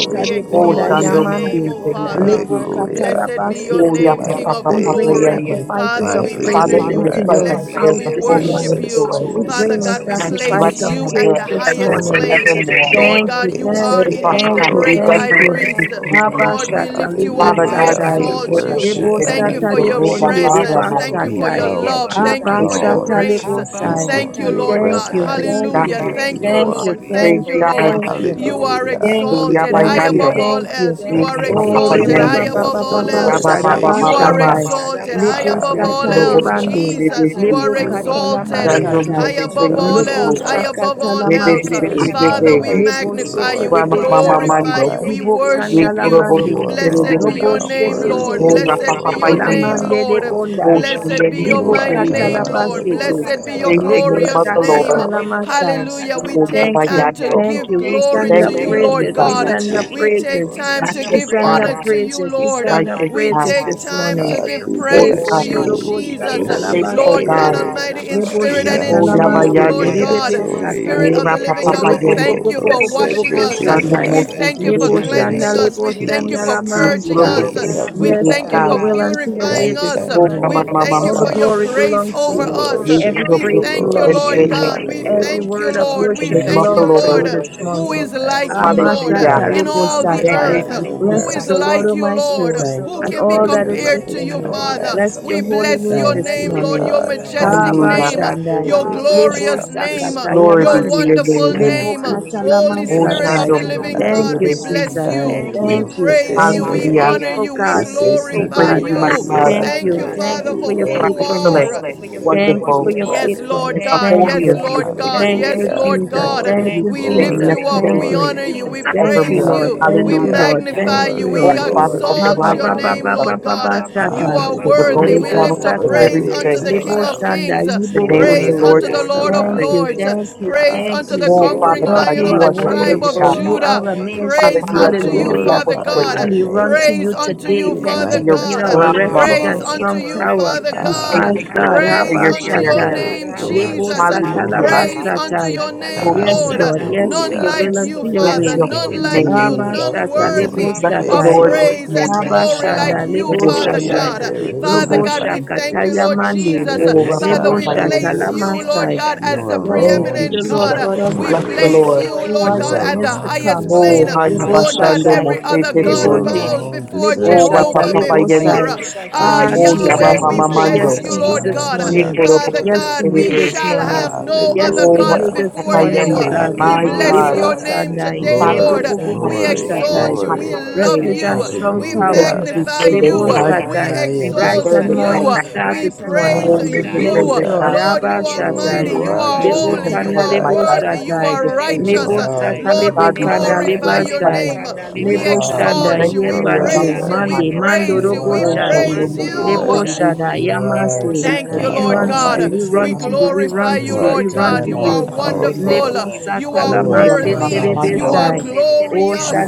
Speaker 1: you, we
Speaker 2: Oh,
Speaker 1: exalt you, we exalt
Speaker 2: Shando,
Speaker 4: glory.
Speaker 1: your name,
Speaker 2: Mercy,
Speaker 3: yamande.
Speaker 1: O
Speaker 2: thank you,
Speaker 1: Father.
Speaker 2: Telepisi.
Speaker 4: Hallelujah.
Speaker 1: Blessed be your
Speaker 2: Oh, yeah,
Speaker 3: Lebokatalabasete.
Speaker 1: name,
Speaker 4: My
Speaker 1: King
Speaker 2: Papa,
Speaker 1: of
Speaker 2: Papa,
Speaker 3: We
Speaker 2: Papa,
Speaker 3: bring
Speaker 4: Savior,
Speaker 1: glory.
Speaker 2: Yende.
Speaker 3: sacrifices
Speaker 1: Father,
Speaker 3: of
Speaker 4: my
Speaker 1: we honor
Speaker 2: Father,
Speaker 3: praises
Speaker 2: in
Speaker 1: you,
Speaker 2: your
Speaker 1: we
Speaker 3: into
Speaker 4: Redeemer,
Speaker 3: your
Speaker 1: bless
Speaker 2: presence,
Speaker 1: you,
Speaker 2: there's
Speaker 3: house
Speaker 2: a
Speaker 1: we
Speaker 3: this
Speaker 2: fullness
Speaker 1: worship
Speaker 2: of
Speaker 3: morning.
Speaker 4: Jesus,
Speaker 2: joy.
Speaker 1: you.
Speaker 3: We
Speaker 1: Father
Speaker 3: bring
Speaker 4: Jesus,
Speaker 3: a
Speaker 1: God, we
Speaker 2: And at your
Speaker 1: place
Speaker 2: right
Speaker 3: sacrifice
Speaker 4: Jesus.
Speaker 3: of
Speaker 1: you
Speaker 2: hand, there
Speaker 1: at
Speaker 2: are
Speaker 1: the
Speaker 3: praise this
Speaker 2: pleasures
Speaker 1: highest
Speaker 3: morning.
Speaker 4: Glory to
Speaker 1: plane.
Speaker 4: the
Speaker 2: evermore.
Speaker 4: King of
Speaker 1: Lord
Speaker 3: Thank you,
Speaker 1: God, you
Speaker 4: Kings
Speaker 3: thank
Speaker 2: Oh,
Speaker 1: are
Speaker 4: and
Speaker 3: you,
Speaker 4: the
Speaker 2: Father
Speaker 1: indeed the
Speaker 3: thank
Speaker 2: God,
Speaker 3: you,
Speaker 2: we
Speaker 4: Lord
Speaker 1: great
Speaker 4: of
Speaker 3: thank
Speaker 1: high
Speaker 2: reverence
Speaker 3: you.
Speaker 2: you
Speaker 4: Lords.
Speaker 1: priest.
Speaker 2: this morning.
Speaker 3: Abba
Speaker 1: Lord, we
Speaker 3: Shata
Speaker 1: lift you
Speaker 3: Lebo
Speaker 1: up,
Speaker 2: Father
Speaker 1: we
Speaker 2: God,
Speaker 4: Hallelujah.
Speaker 2: we
Speaker 3: Satai.
Speaker 4: We
Speaker 2: thank you
Speaker 1: exalt
Speaker 2: for
Speaker 1: you.
Speaker 4: worship
Speaker 2: taking
Speaker 3: Lebo
Speaker 2: the
Speaker 4: and
Speaker 1: Thank
Speaker 2: day
Speaker 1: you
Speaker 2: of
Speaker 3: Sata
Speaker 1: for your
Speaker 4: adore
Speaker 3: Lebo
Speaker 2: Jehovah by
Speaker 4: you.
Speaker 2: our
Speaker 1: presence,
Speaker 3: Nereba
Speaker 2: mind.
Speaker 1: thank you
Speaker 4: We
Speaker 1: for
Speaker 3: Satai.
Speaker 1: your
Speaker 4: bow at
Speaker 1: love,
Speaker 4: your
Speaker 1: thank
Speaker 3: Abba
Speaker 1: you
Speaker 2: Praise
Speaker 1: for your
Speaker 4: throne.
Speaker 3: Shata
Speaker 1: grace.
Speaker 3: Lebo
Speaker 4: We
Speaker 3: Sai.
Speaker 1: Thank
Speaker 4: give
Speaker 1: you,
Speaker 4: you
Speaker 1: Lord
Speaker 3: Thank
Speaker 1: God.
Speaker 3: you,
Speaker 4: reverence.
Speaker 3: thank
Speaker 4: We
Speaker 3: you,
Speaker 2: God.
Speaker 1: Hallelujah.
Speaker 4: give
Speaker 1: Thank you,
Speaker 4: you
Speaker 3: thank
Speaker 4: honor.
Speaker 3: you,
Speaker 1: Lord.
Speaker 2: Praise
Speaker 3: thank
Speaker 1: Thank you,
Speaker 3: you,
Speaker 1: you,
Speaker 2: God.
Speaker 1: Lord.
Speaker 3: thank
Speaker 1: you,
Speaker 3: you,
Speaker 1: are
Speaker 4: Hallelujah.
Speaker 3: thank
Speaker 2: Eh,
Speaker 3: you,
Speaker 1: exalted
Speaker 2: Yaba
Speaker 3: thank
Speaker 1: high
Speaker 3: you,
Speaker 1: above
Speaker 4: Hallelujah.
Speaker 2: yando.
Speaker 1: all
Speaker 3: thank you.
Speaker 1: else. You
Speaker 2: Eh,
Speaker 1: are
Speaker 4: Let the
Speaker 2: Papa
Speaker 3: Oh,
Speaker 2: Papa
Speaker 1: exalted
Speaker 3: Reba
Speaker 1: high
Speaker 2: yendo.
Speaker 4: redeemed
Speaker 3: Baba
Speaker 1: above
Speaker 4: of
Speaker 1: all
Speaker 4: the
Speaker 1: Oh,
Speaker 3: Baba
Speaker 1: else.
Speaker 4: Lord
Speaker 2: Rabba
Speaker 4: say
Speaker 2: Papa
Speaker 3: Shadaba
Speaker 1: You
Speaker 2: Papa
Speaker 1: are
Speaker 4: so.
Speaker 2: Papa.
Speaker 3: Shandai.
Speaker 1: exalted high
Speaker 3: Lebo
Speaker 1: above
Speaker 2: Eh,
Speaker 1: all
Speaker 3: Sata
Speaker 2: Kurobo
Speaker 1: else.
Speaker 4: Hallelujah.
Speaker 3: Lebande.
Speaker 1: Jesus, you are
Speaker 2: Kuterebesi.
Speaker 3: Lebo
Speaker 4: You are
Speaker 3: Katalama
Speaker 1: exalted
Speaker 4: high
Speaker 2: Dando
Speaker 4: and
Speaker 1: high
Speaker 3: Satai.
Speaker 2: Muse
Speaker 4: lifted
Speaker 1: above
Speaker 4: up,
Speaker 1: all
Speaker 4: O
Speaker 3: Lobo
Speaker 2: Terebeso.
Speaker 1: else. High
Speaker 4: God.
Speaker 1: above all
Speaker 3: Shakatalama
Speaker 2: Bebe
Speaker 1: else.
Speaker 2: Bebe
Speaker 4: There
Speaker 3: City.
Speaker 4: is
Speaker 2: Bebe
Speaker 4: none
Speaker 1: Father,
Speaker 2: Bebe.
Speaker 1: we
Speaker 4: like you,
Speaker 3: Lebo
Speaker 1: magnify
Speaker 3: sete
Speaker 1: you.
Speaker 4: Lord.
Speaker 3: de
Speaker 1: We Yes,
Speaker 2: Rama
Speaker 4: There is
Speaker 2: Mama
Speaker 3: besai.
Speaker 1: glorify
Speaker 4: none
Speaker 2: Mando.
Speaker 1: you. We
Speaker 4: like
Speaker 3: Libo
Speaker 4: you.
Speaker 2: Ye
Speaker 3: kanda
Speaker 1: worship
Speaker 3: la
Speaker 1: you.
Speaker 2: Kurobo
Speaker 4: You
Speaker 3: mande.
Speaker 1: Blessed be
Speaker 2: Kuterebe.
Speaker 4: alone
Speaker 1: your
Speaker 3: Lobo
Speaker 4: are
Speaker 1: name,
Speaker 3: sheke
Speaker 1: Lord.
Speaker 2: Oh
Speaker 4: worthy.
Speaker 3: tete.
Speaker 2: Rapa
Speaker 1: Blessed
Speaker 4: You
Speaker 1: be
Speaker 2: Papa
Speaker 1: your
Speaker 3: La
Speaker 4: alone
Speaker 2: yendo.
Speaker 1: name,
Speaker 4: are
Speaker 3: mande de
Speaker 1: Lord.
Speaker 4: holy.
Speaker 2: Oh
Speaker 3: bondai.
Speaker 1: Blessed
Speaker 2: Shinde
Speaker 1: be your
Speaker 4: You
Speaker 3: Libo
Speaker 2: Muse
Speaker 4: are
Speaker 1: mighty
Speaker 3: kata
Speaker 2: Terebe.
Speaker 1: name,
Speaker 3: la
Speaker 4: God
Speaker 1: Lord.
Speaker 4: and you
Speaker 1: Blessed
Speaker 3: basete.
Speaker 1: be
Speaker 4: are
Speaker 1: your
Speaker 4: God
Speaker 2: Praise
Speaker 4: all
Speaker 2: the
Speaker 3: Lebo
Speaker 2: name
Speaker 4: by
Speaker 1: glorious
Speaker 2: of the
Speaker 1: name.
Speaker 2: Lord.
Speaker 3: shakata la
Speaker 4: yourself.
Speaker 3: masai.
Speaker 1: Hallelujah. Thank we
Speaker 2: Oh,
Speaker 1: take
Speaker 3: Thank
Speaker 2: Yaba
Speaker 3: you.
Speaker 1: time to
Speaker 2: yando.
Speaker 3: Thank
Speaker 1: give
Speaker 3: you. We
Speaker 1: glory
Speaker 3: send
Speaker 1: to
Speaker 2: Thank
Speaker 3: up
Speaker 2: you,
Speaker 1: you,
Speaker 4: Hallelujah.
Speaker 1: Lord
Speaker 3: praises.
Speaker 2: Jesus.
Speaker 3: We
Speaker 4: Glory
Speaker 1: God.
Speaker 4: to
Speaker 3: send up
Speaker 1: We take
Speaker 3: praises.
Speaker 1: time to
Speaker 3: We
Speaker 2: Matchless
Speaker 1: give
Speaker 3: send up
Speaker 2: God.
Speaker 1: honor to you,
Speaker 3: praises.
Speaker 4: your
Speaker 3: We
Speaker 1: Lord.
Speaker 3: send up
Speaker 2: Righteous
Speaker 4: name.
Speaker 1: We
Speaker 2: God.
Speaker 3: praises
Speaker 1: take
Speaker 3: this
Speaker 1: time
Speaker 3: morning.
Speaker 1: to
Speaker 4: God,
Speaker 1: give
Speaker 4: we
Speaker 1: praise
Speaker 2: Holy
Speaker 1: to
Speaker 4: bless
Speaker 2: God.
Speaker 1: you,
Speaker 3: Ekondorobo
Speaker 4: you. We
Speaker 3: shata
Speaker 1: Jesus,
Speaker 2: faithful
Speaker 4: glorify
Speaker 1: Lord
Speaker 3: labasete.
Speaker 1: God
Speaker 2: God.
Speaker 4: you.
Speaker 1: Almighty, in
Speaker 3: Lebo
Speaker 1: spirit
Speaker 4: We
Speaker 1: and in
Speaker 3: shata
Speaker 2: Oh,
Speaker 4: honor
Speaker 1: truth,
Speaker 4: you.
Speaker 3: lamasete.
Speaker 1: Lord
Speaker 4: We
Speaker 2: Yabayando,
Speaker 1: God,
Speaker 3: Lelebe
Speaker 4: adore
Speaker 3: satai.
Speaker 1: Spirit of
Speaker 2: Yera
Speaker 4: you.
Speaker 1: the Living God.
Speaker 2: Papa
Speaker 1: We
Speaker 3: Oropo po
Speaker 2: Yende,
Speaker 1: thank
Speaker 4: Oh,
Speaker 3: po
Speaker 1: you
Speaker 3: po
Speaker 1: for
Speaker 3: po po
Speaker 4: blessed
Speaker 3: po
Speaker 1: washing
Speaker 3: po
Speaker 1: us.
Speaker 2: Sando
Speaker 3: shatai.
Speaker 1: We
Speaker 4: Redeemer,
Speaker 2: Mose
Speaker 1: thank you for
Speaker 3: Lebo
Speaker 2: Terebesi,
Speaker 4: Prince
Speaker 1: cleansing
Speaker 3: shanda
Speaker 1: us.
Speaker 4: of
Speaker 3: lebo
Speaker 1: We thank you
Speaker 3: shanda
Speaker 1: for
Speaker 4: Peace,
Speaker 1: purging
Speaker 2: Yekurobo
Speaker 3: lamasha.
Speaker 4: Lily
Speaker 1: us.
Speaker 4: of
Speaker 1: We
Speaker 4: the
Speaker 3: Yes,
Speaker 1: thank
Speaker 3: to
Speaker 1: you
Speaker 3: your
Speaker 2: Terebesi,
Speaker 1: for
Speaker 4: Valley,
Speaker 3: will and to your way
Speaker 1: purifying
Speaker 4: Bright
Speaker 3: this
Speaker 2: Oh,
Speaker 4: and
Speaker 1: us.
Speaker 3: morning.
Speaker 2: Mama
Speaker 1: We
Speaker 4: Morning
Speaker 2: Mama,
Speaker 1: thank you
Speaker 3: All the
Speaker 1: for your
Speaker 4: Star.
Speaker 3: glory
Speaker 1: grace
Speaker 3: belongs to
Speaker 4: We
Speaker 1: over
Speaker 3: you.
Speaker 1: us.
Speaker 4: worship
Speaker 3: Every
Speaker 1: We
Speaker 4: you,
Speaker 2: Yekurobo
Speaker 3: praise
Speaker 1: thank you,
Speaker 4: Lord.
Speaker 3: belongs to
Speaker 1: Lord
Speaker 4: We
Speaker 2: Terebesi,
Speaker 3: you.
Speaker 1: God.
Speaker 4: honor
Speaker 1: We
Speaker 3: Every
Speaker 4: you.
Speaker 1: thank you,
Speaker 3: word of
Speaker 2: in
Speaker 1: Lord.
Speaker 2: the
Speaker 1: We
Speaker 3: worship
Speaker 2: name
Speaker 4: Thank
Speaker 2: of
Speaker 1: thank
Speaker 4: you
Speaker 2: the
Speaker 1: you,
Speaker 3: belongs
Speaker 4: for
Speaker 3: to
Speaker 2: Lord.
Speaker 1: Lord.
Speaker 3: you
Speaker 4: your
Speaker 3: this
Speaker 1: Who
Speaker 3: morning.
Speaker 1: is
Speaker 4: faithfulness.
Speaker 1: like you, Lord, in
Speaker 2: Hallelujah.
Speaker 3: Amashata
Speaker 4: Thank you
Speaker 3: lebo
Speaker 4: for
Speaker 1: all the
Speaker 4: your
Speaker 2: Thank
Speaker 3: satai.
Speaker 2: you,
Speaker 1: earth?
Speaker 4: brand new
Speaker 2: Jesus.
Speaker 1: Who
Speaker 3: Blessed is
Speaker 1: is
Speaker 3: the Lord,
Speaker 1: like
Speaker 4: mercies.
Speaker 3: O
Speaker 1: you,
Speaker 3: my
Speaker 1: Lord?
Speaker 3: soul,
Speaker 1: Who
Speaker 4: Thank you
Speaker 3: and
Speaker 1: can be
Speaker 4: for
Speaker 3: all that
Speaker 4: your
Speaker 3: is
Speaker 1: compared to
Speaker 4: loving
Speaker 1: you,
Speaker 3: within me
Speaker 1: Father?
Speaker 3: Bless
Speaker 4: kindness.
Speaker 1: We
Speaker 3: your holy
Speaker 1: bless
Speaker 3: name
Speaker 1: your
Speaker 4: Thank
Speaker 3: this
Speaker 1: name,
Speaker 4: you,
Speaker 1: Lord,
Speaker 3: morning.
Speaker 1: your
Speaker 4: God.
Speaker 1: majestic
Speaker 4: Thank
Speaker 3: Haba
Speaker 4: you,
Speaker 2: Hallelujah.
Speaker 1: name,
Speaker 4: God,
Speaker 3: Shandai,
Speaker 4: for
Speaker 1: your
Speaker 4: waking us
Speaker 3: Lebo
Speaker 1: glorious
Speaker 4: up
Speaker 1: name,
Speaker 4: this
Speaker 3: Sakata
Speaker 4: morning.
Speaker 2: Glory
Speaker 1: your
Speaker 2: be to
Speaker 3: Yamandi,
Speaker 2: your
Speaker 1: wonderful
Speaker 2: name.
Speaker 3: Lebo
Speaker 1: name.
Speaker 4: Thank you for
Speaker 1: Holy
Speaker 3: Katalama
Speaker 2: Oh,
Speaker 4: keeping
Speaker 1: Spirit
Speaker 4: us
Speaker 1: of
Speaker 3: Satai.
Speaker 2: Shando
Speaker 1: the
Speaker 4: through the
Speaker 1: living
Speaker 2: Mose
Speaker 4: night.
Speaker 3: Thank
Speaker 1: God, we
Speaker 3: you,
Speaker 2: Terebesi.
Speaker 1: bless
Speaker 3: Jesus.
Speaker 1: you.
Speaker 4: Thank
Speaker 1: We
Speaker 4: you
Speaker 3: Thank you.
Speaker 4: for
Speaker 1: praise
Speaker 4: this
Speaker 1: you.
Speaker 3: Thank you,
Speaker 1: We
Speaker 4: day.
Speaker 2: Hallelujah.
Speaker 1: honor
Speaker 3: faithful
Speaker 1: you. We
Speaker 3: God,
Speaker 4: This is
Speaker 3: faithful
Speaker 4: the
Speaker 1: glorify
Speaker 2: Praise
Speaker 3: God.
Speaker 4: day
Speaker 2: you, my
Speaker 4: that
Speaker 1: you.
Speaker 4: you
Speaker 2: God.
Speaker 4: have
Speaker 3: Thank
Speaker 1: Thank
Speaker 3: you.
Speaker 1: you,
Speaker 4: made,
Speaker 3: Thank
Speaker 4: and
Speaker 1: Father,
Speaker 3: you
Speaker 4: we
Speaker 3: for
Speaker 1: for who
Speaker 3: your
Speaker 2: You
Speaker 4: will
Speaker 2: are
Speaker 1: you
Speaker 4: rejoice
Speaker 1: are.
Speaker 2: excellent.
Speaker 3: faithfulness.
Speaker 4: and
Speaker 2: You are
Speaker 4: we
Speaker 3: Thank
Speaker 4: will
Speaker 3: you
Speaker 2: wonderful.
Speaker 3: for
Speaker 4: be
Speaker 3: your
Speaker 4: glad
Speaker 1: Yes,
Speaker 4: in it.
Speaker 1: Lord,
Speaker 2: You
Speaker 3: faithfulness.
Speaker 2: are
Speaker 1: God.
Speaker 3: Thank
Speaker 1: Yes,
Speaker 2: holy and
Speaker 3: you.
Speaker 1: Lord
Speaker 2: righteous.
Speaker 1: God.
Speaker 3: Thank
Speaker 1: Yes,
Speaker 3: you,
Speaker 4: Hallelujah.
Speaker 1: Lord
Speaker 3: Jesus.
Speaker 1: God.
Speaker 4: Glory,
Speaker 3: Thank
Speaker 2: You'll
Speaker 3: you,
Speaker 2: be
Speaker 1: We lift
Speaker 2: same
Speaker 1: you
Speaker 3: Jesus.
Speaker 4: glory,
Speaker 1: up. We
Speaker 2: yesterday,
Speaker 3: Thank you.
Speaker 1: honor
Speaker 4: glory.
Speaker 2: today,
Speaker 1: you.
Speaker 2: and
Speaker 1: We
Speaker 3: Thank you,
Speaker 1: praise
Speaker 2: forevermore.
Speaker 1: you.
Speaker 3: Lord.
Speaker 1: We
Speaker 3: Thank you,
Speaker 2: Hallelujah.
Speaker 4: Hallelujah.
Speaker 3: Lord.
Speaker 1: magnify
Speaker 3: Thank
Speaker 1: you.
Speaker 3: you,
Speaker 1: We
Speaker 4: Glory,
Speaker 2: Oh,
Speaker 3: Lord.
Speaker 2: Father, from
Speaker 4: glory,
Speaker 2: the
Speaker 1: exalt
Speaker 2: rising
Speaker 1: your
Speaker 2: of the
Speaker 4: glory.
Speaker 1: name, Lord
Speaker 2: sun
Speaker 1: God.
Speaker 3: Papa
Speaker 1: You
Speaker 3: Sata.
Speaker 1: are
Speaker 2: to the
Speaker 1: worthy.
Speaker 2: going
Speaker 1: We
Speaker 3: Libo
Speaker 4: Hallelujah.
Speaker 3: Satai. Lebo
Speaker 2: down of
Speaker 1: lift up
Speaker 2: the
Speaker 3: Satai,
Speaker 1: praise
Speaker 2: very
Speaker 4: Worthy
Speaker 1: unto
Speaker 4: is
Speaker 2: same,
Speaker 1: the
Speaker 4: the
Speaker 1: King
Speaker 3: Lebo
Speaker 1: of
Speaker 4: Lamb.
Speaker 3: Shanda.
Speaker 1: Kings,
Speaker 2: the
Speaker 3: Yibo
Speaker 2: name of
Speaker 1: praise
Speaker 2: the
Speaker 3: Kondo.
Speaker 4: Worthy
Speaker 2: Lord
Speaker 1: unto
Speaker 2: is
Speaker 1: the
Speaker 4: is the
Speaker 2: to
Speaker 1: Lord
Speaker 2: be
Speaker 1: of
Speaker 3: Thank
Speaker 4: Lamb.
Speaker 2: praised.
Speaker 3: you.
Speaker 1: Lords,
Speaker 3: Thank you.
Speaker 1: praise
Speaker 3: Thank
Speaker 1: unto the
Speaker 3: you.
Speaker 2: Oh,
Speaker 1: conquering
Speaker 2: Father
Speaker 4: Hallelujah.
Speaker 3: Lord,
Speaker 2: God,
Speaker 1: lion of
Speaker 3: you
Speaker 4: We
Speaker 2: you
Speaker 3: are
Speaker 1: the
Speaker 2: are the
Speaker 1: tribe
Speaker 2: worthy
Speaker 1: of
Speaker 4: praise
Speaker 3: wonderful.
Speaker 2: God.
Speaker 4: your
Speaker 3: You
Speaker 1: Judah.
Speaker 3: are
Speaker 4: name.
Speaker 2: Father,
Speaker 3: amazing.
Speaker 1: Praise
Speaker 2: you
Speaker 4: We
Speaker 2: are
Speaker 1: unto
Speaker 2: the
Speaker 1: you
Speaker 2: Lamb
Speaker 3: Hallelujah.
Speaker 2: that
Speaker 1: Father
Speaker 2: was
Speaker 4: glorify
Speaker 1: God.
Speaker 2: slain.
Speaker 3: And
Speaker 4: your
Speaker 3: we run
Speaker 4: name.
Speaker 3: to
Speaker 1: Praise
Speaker 3: you
Speaker 1: unto you,
Speaker 3: today.
Speaker 4: We
Speaker 2: Thank you
Speaker 3: Thank you
Speaker 1: Father
Speaker 2: for
Speaker 3: for
Speaker 2: your
Speaker 3: being
Speaker 1: God.
Speaker 4: magnify
Speaker 3: our
Speaker 2: ground
Speaker 4: your
Speaker 3: refuge
Speaker 2: love.
Speaker 1: Praise
Speaker 3: and
Speaker 1: unto
Speaker 4: name.
Speaker 3: strong
Speaker 1: you,
Speaker 3: tower.
Speaker 1: Father
Speaker 2: We
Speaker 1: God.
Speaker 2: thank
Speaker 3: My
Speaker 2: you, oh
Speaker 3: God.
Speaker 2: God, for
Speaker 1: Praise
Speaker 4: Hallelujah.
Speaker 3: Abba
Speaker 2: your
Speaker 1: unto you to
Speaker 2: care.
Speaker 1: your
Speaker 5: Hallelujah.
Speaker 3: Shatai.
Speaker 4: Glory,
Speaker 1: name,
Speaker 3: Libo
Speaker 1: Jesus.
Speaker 4: glory,
Speaker 2: Hallelujah.
Speaker 3: Satalaba
Speaker 4: glory.
Speaker 5: Hallelujah,
Speaker 1: Praise unto
Speaker 3: Satai.
Speaker 1: your
Speaker 2: Oh,
Speaker 1: name,
Speaker 3: Yes,
Speaker 1: Lord.
Speaker 2: Jesus,
Speaker 3: Lord. Yes,
Speaker 1: None
Speaker 3: to your
Speaker 1: like
Speaker 4: Hallelujah.
Speaker 3: will
Speaker 1: Yes,
Speaker 3: and
Speaker 1: you,
Speaker 3: to your
Speaker 2: bless
Speaker 1: Father.
Speaker 4: Let
Speaker 1: yes,
Speaker 3: way.
Speaker 2: your
Speaker 4: the
Speaker 1: None
Speaker 2: holy
Speaker 1: like
Speaker 2: name.
Speaker 1: you.
Speaker 4: redeemed
Speaker 3: Abba
Speaker 1: None
Speaker 4: of the
Speaker 3: Shatai.
Speaker 2: We
Speaker 1: worthy
Speaker 3: Lebo
Speaker 4: Lord
Speaker 2: bless
Speaker 4: say
Speaker 2: the
Speaker 1: of
Speaker 3: Satai.
Speaker 2: Lord this
Speaker 4: so.
Speaker 1: praise
Speaker 5: Lord.
Speaker 1: and
Speaker 2: morning.
Speaker 3: Haba
Speaker 1: glory like
Speaker 3: Shanda
Speaker 1: you,
Speaker 3: Lebo
Speaker 2: Oh,
Speaker 1: Father
Speaker 4: Hallelujah.
Speaker 3: Satai
Speaker 1: God.
Speaker 4: There is
Speaker 1: Father
Speaker 2: Shandy,
Speaker 3: Lobo
Speaker 4: none
Speaker 1: God,
Speaker 4: like
Speaker 1: we thank you,
Speaker 4: you.
Speaker 3: Shakataya
Speaker 1: Lord
Speaker 3: Mandi
Speaker 1: Jesus.
Speaker 4: There
Speaker 2: Oh,
Speaker 4: is
Speaker 2: Rapa
Speaker 1: Father,
Speaker 3: Lebo
Speaker 4: none
Speaker 1: we
Speaker 2: Papa
Speaker 4: like
Speaker 1: place
Speaker 2: Yende.
Speaker 1: you,
Speaker 4: you.
Speaker 1: Lord
Speaker 3: Shatalamasai.
Speaker 1: God,
Speaker 4: You
Speaker 1: as the
Speaker 3: Blessed
Speaker 2: Thank
Speaker 3: be
Speaker 4: alone
Speaker 2: you,
Speaker 3: the
Speaker 1: preeminent
Speaker 3: Lord
Speaker 1: God.
Speaker 2: Jesus.
Speaker 4: deserve
Speaker 3: God
Speaker 4: the
Speaker 1: Yes,
Speaker 2: We
Speaker 1: We yes,
Speaker 2: bless the
Speaker 3: Almighty,
Speaker 4: glory.
Speaker 1: place
Speaker 2: Lord.
Speaker 1: you, Lord.
Speaker 3: who was
Speaker 4: You
Speaker 1: God,
Speaker 3: and
Speaker 1: at the
Speaker 3: is to
Speaker 4: alone
Speaker 1: highest
Speaker 3: come.
Speaker 1: plane.
Speaker 2: Oh,
Speaker 4: deserve
Speaker 2: Haya
Speaker 4: the
Speaker 3: Lebo
Speaker 1: Lord God.
Speaker 4: honor.
Speaker 2: Bashando
Speaker 3: Shatai
Speaker 2: Mose
Speaker 1: every other
Speaker 4: You
Speaker 3: Lebo
Speaker 1: God
Speaker 2: Terebe.
Speaker 3: Ne
Speaker 1: bows
Speaker 4: alone
Speaker 1: before
Speaker 3: Lebo
Speaker 2: Oh,
Speaker 4: deserve the
Speaker 2: Rapa
Speaker 3: Shata
Speaker 1: Jehovah,
Speaker 2: Papa
Speaker 3: Lebo
Speaker 4: praise.
Speaker 1: before
Speaker 3: Tai.
Speaker 2: Yende.
Speaker 1: ah
Speaker 3: Ah,
Speaker 2: Oh,
Speaker 4: Praise and
Speaker 2: Yama
Speaker 1: Yahweh.
Speaker 3: Jesus,
Speaker 1: We
Speaker 3: we
Speaker 2: Mama
Speaker 1: Ah,
Speaker 3: say
Speaker 4: worship
Speaker 3: yes
Speaker 1: bless
Speaker 2: Mando.
Speaker 3: to
Speaker 1: you,
Speaker 4: and
Speaker 3: you
Speaker 1: Lord
Speaker 3: this
Speaker 4: honor
Speaker 1: Lord
Speaker 4: be
Speaker 2: Ye
Speaker 3: morning.
Speaker 1: God.
Speaker 4: unto
Speaker 2: Korobo
Speaker 1: Father
Speaker 2: Si
Speaker 3: Yes
Speaker 4: you.
Speaker 3: to
Speaker 1: God,
Speaker 3: you
Speaker 1: we
Speaker 2: Terebe.
Speaker 3: this
Speaker 1: shall
Speaker 3: morning.
Speaker 1: have no
Speaker 3: Yes
Speaker 1: other
Speaker 3: to
Speaker 6: Thank
Speaker 2: Oh,
Speaker 1: gods
Speaker 4: Hallelujah.
Speaker 3: you
Speaker 2: Rapa
Speaker 3: this
Speaker 1: before
Speaker 2: Papa
Speaker 3: morning, O
Speaker 2: Yende.
Speaker 1: you.
Speaker 3: God.
Speaker 1: We
Speaker 2: My
Speaker 1: bless
Speaker 2: God.
Speaker 3: Lebo
Speaker 4: Hallelujah.
Speaker 1: your name
Speaker 6: you,
Speaker 3: Sanai,
Speaker 6: Lord.
Speaker 1: today,
Speaker 2: Father,
Speaker 3: Yebo
Speaker 2: we
Speaker 1: Lord.
Speaker 4: Glory,
Speaker 2: say
Speaker 3: Bobo
Speaker 1: We
Speaker 3: Bobo
Speaker 4: glory,
Speaker 2: hallelujah.
Speaker 3: Shatai
Speaker 2: The
Speaker 1: exalt you.
Speaker 6: Thank
Speaker 1: We
Speaker 2: highest
Speaker 4: glory.
Speaker 6: you, oh God.
Speaker 1: love
Speaker 2: praise.
Speaker 3: refuge and
Speaker 1: you.
Speaker 3: strong
Speaker 1: We
Speaker 6: It's your
Speaker 2: Because
Speaker 3: tower.
Speaker 2: you
Speaker 4: Hallelujah.
Speaker 1: magnify
Speaker 2: deserve it,
Speaker 3: Libo
Speaker 4: You
Speaker 2: God.
Speaker 4: are
Speaker 1: you. We
Speaker 3: Satai,
Speaker 4: high
Speaker 2: You
Speaker 4: and
Speaker 3: bright
Speaker 1: exalt
Speaker 2: deserve
Speaker 3: and
Speaker 2: it,
Speaker 4: lifted up.
Speaker 2: my
Speaker 3: morning
Speaker 2: God.
Speaker 1: you.
Speaker 3: star
Speaker 1: We
Speaker 3: this
Speaker 1: praise
Speaker 3: morning.
Speaker 6: praise,
Speaker 2: Oh, you
Speaker 1: you. Lord, you.
Speaker 6: your
Speaker 2: deserve
Speaker 6: holy
Speaker 3: Yes,
Speaker 1: are
Speaker 2: it,
Speaker 1: Yes, mighty.
Speaker 4: Hallelujah.
Speaker 3: Lord,
Speaker 2: God.
Speaker 6: name.
Speaker 1: You
Speaker 3: Abba
Speaker 4: Oh,
Speaker 2: You
Speaker 3: Shatai.
Speaker 4: you
Speaker 2: rise
Speaker 4: are
Speaker 1: are
Speaker 2: early
Speaker 3: Libo
Speaker 2: in
Speaker 1: holy. You
Speaker 2: the
Speaker 4: Jehovah
Speaker 6: Thank
Speaker 3: Kanda
Speaker 2: morning,
Speaker 6: you,
Speaker 1: are
Speaker 2: my
Speaker 3: Libo
Speaker 2: God,
Speaker 4: Jireh.
Speaker 1: worthy.
Speaker 2: to
Speaker 1: You
Speaker 2: keep
Speaker 3: Satai.
Speaker 1: are
Speaker 2: your faith.
Speaker 4: You
Speaker 1: righteous.
Speaker 3: Libo
Speaker 4: are
Speaker 6: Lord.
Speaker 3: Sata
Speaker 1: Lord, we
Speaker 3: Libo
Speaker 2: God,
Speaker 4: Jehovah
Speaker 2: we thank
Speaker 3: Kanda
Speaker 2: you for
Speaker 3: Libo
Speaker 1: glorify
Speaker 2: your
Speaker 4: Rapha.
Speaker 1: your
Speaker 3: Satai.
Speaker 6: We
Speaker 2: presence.
Speaker 1: name.
Speaker 6: thank
Speaker 1: We
Speaker 4: You
Speaker 3: Libo
Speaker 2: God,
Speaker 4: are
Speaker 2: we
Speaker 3: Shanda
Speaker 1: exalt
Speaker 4: our
Speaker 2: thank
Speaker 1: you.
Speaker 2: you
Speaker 1: We
Speaker 2: for your
Speaker 1: praise
Speaker 2: love
Speaker 3: Yembando
Speaker 1: you.
Speaker 4: provider.
Speaker 1: We
Speaker 2: tonight.
Speaker 3: Mandi Mando
Speaker 1: praise
Speaker 4: You
Speaker 1: you.
Speaker 6: you
Speaker 3: Robo
Speaker 6: and
Speaker 1: We
Speaker 2: Oh,
Speaker 4: are
Speaker 3: Shai.
Speaker 6: you
Speaker 1: praise
Speaker 6: are
Speaker 4: our
Speaker 2: Shando
Speaker 1: you.
Speaker 5: Hallelujah,
Speaker 2: Mose
Speaker 6: the
Speaker 4: healer.
Speaker 3: Lebo
Speaker 6: Lord.
Speaker 5: hallelujah,
Speaker 3: Shada
Speaker 2: Terebesi,
Speaker 4: You are
Speaker 3: Yamase.
Speaker 4: the
Speaker 2: we
Speaker 1: Thank
Speaker 2: put
Speaker 1: you,
Speaker 2: it
Speaker 3: We
Speaker 4: God
Speaker 1: Lord
Speaker 5: hallelujah.
Speaker 6: Glory
Speaker 3: run
Speaker 6: be
Speaker 2: in
Speaker 6: to
Speaker 3: to
Speaker 6: your
Speaker 1: God.
Speaker 3: you,
Speaker 1: We
Speaker 2: the
Speaker 3: we
Speaker 4: Almighty.
Speaker 3: run to
Speaker 2: time.
Speaker 6: glory
Speaker 3: you, we
Speaker 1: glorify
Speaker 3: run
Speaker 1: you,
Speaker 3: to
Speaker 4: You
Speaker 3: you,
Speaker 4: are
Speaker 3: we
Speaker 1: Lord
Speaker 3: run
Speaker 6: to
Speaker 1: God.
Speaker 4: God
Speaker 3: to
Speaker 2: Lady
Speaker 1: You
Speaker 4: All
Speaker 6: the
Speaker 1: are
Speaker 3: you.
Speaker 2: Papa Yende,
Speaker 4: Powerful.
Speaker 3: Lebo
Speaker 1: wonderful. You are
Speaker 5: Oh, hallelujah.
Speaker 4: You
Speaker 2: Oh,
Speaker 5: Hallelujah,
Speaker 4: are
Speaker 5: yes,
Speaker 6: after your
Speaker 2: Yama,
Speaker 3: Satalamase
Speaker 4: God
Speaker 1: worthy.
Speaker 2: mama
Speaker 4: All
Speaker 6: hearts.
Speaker 1: You
Speaker 2: Mamando,
Speaker 1: are
Speaker 3: Terebesai.
Speaker 4: Knowing.
Speaker 5: Lord. Yes, Lord.
Speaker 3: O
Speaker 1: glorious.
Speaker 2: we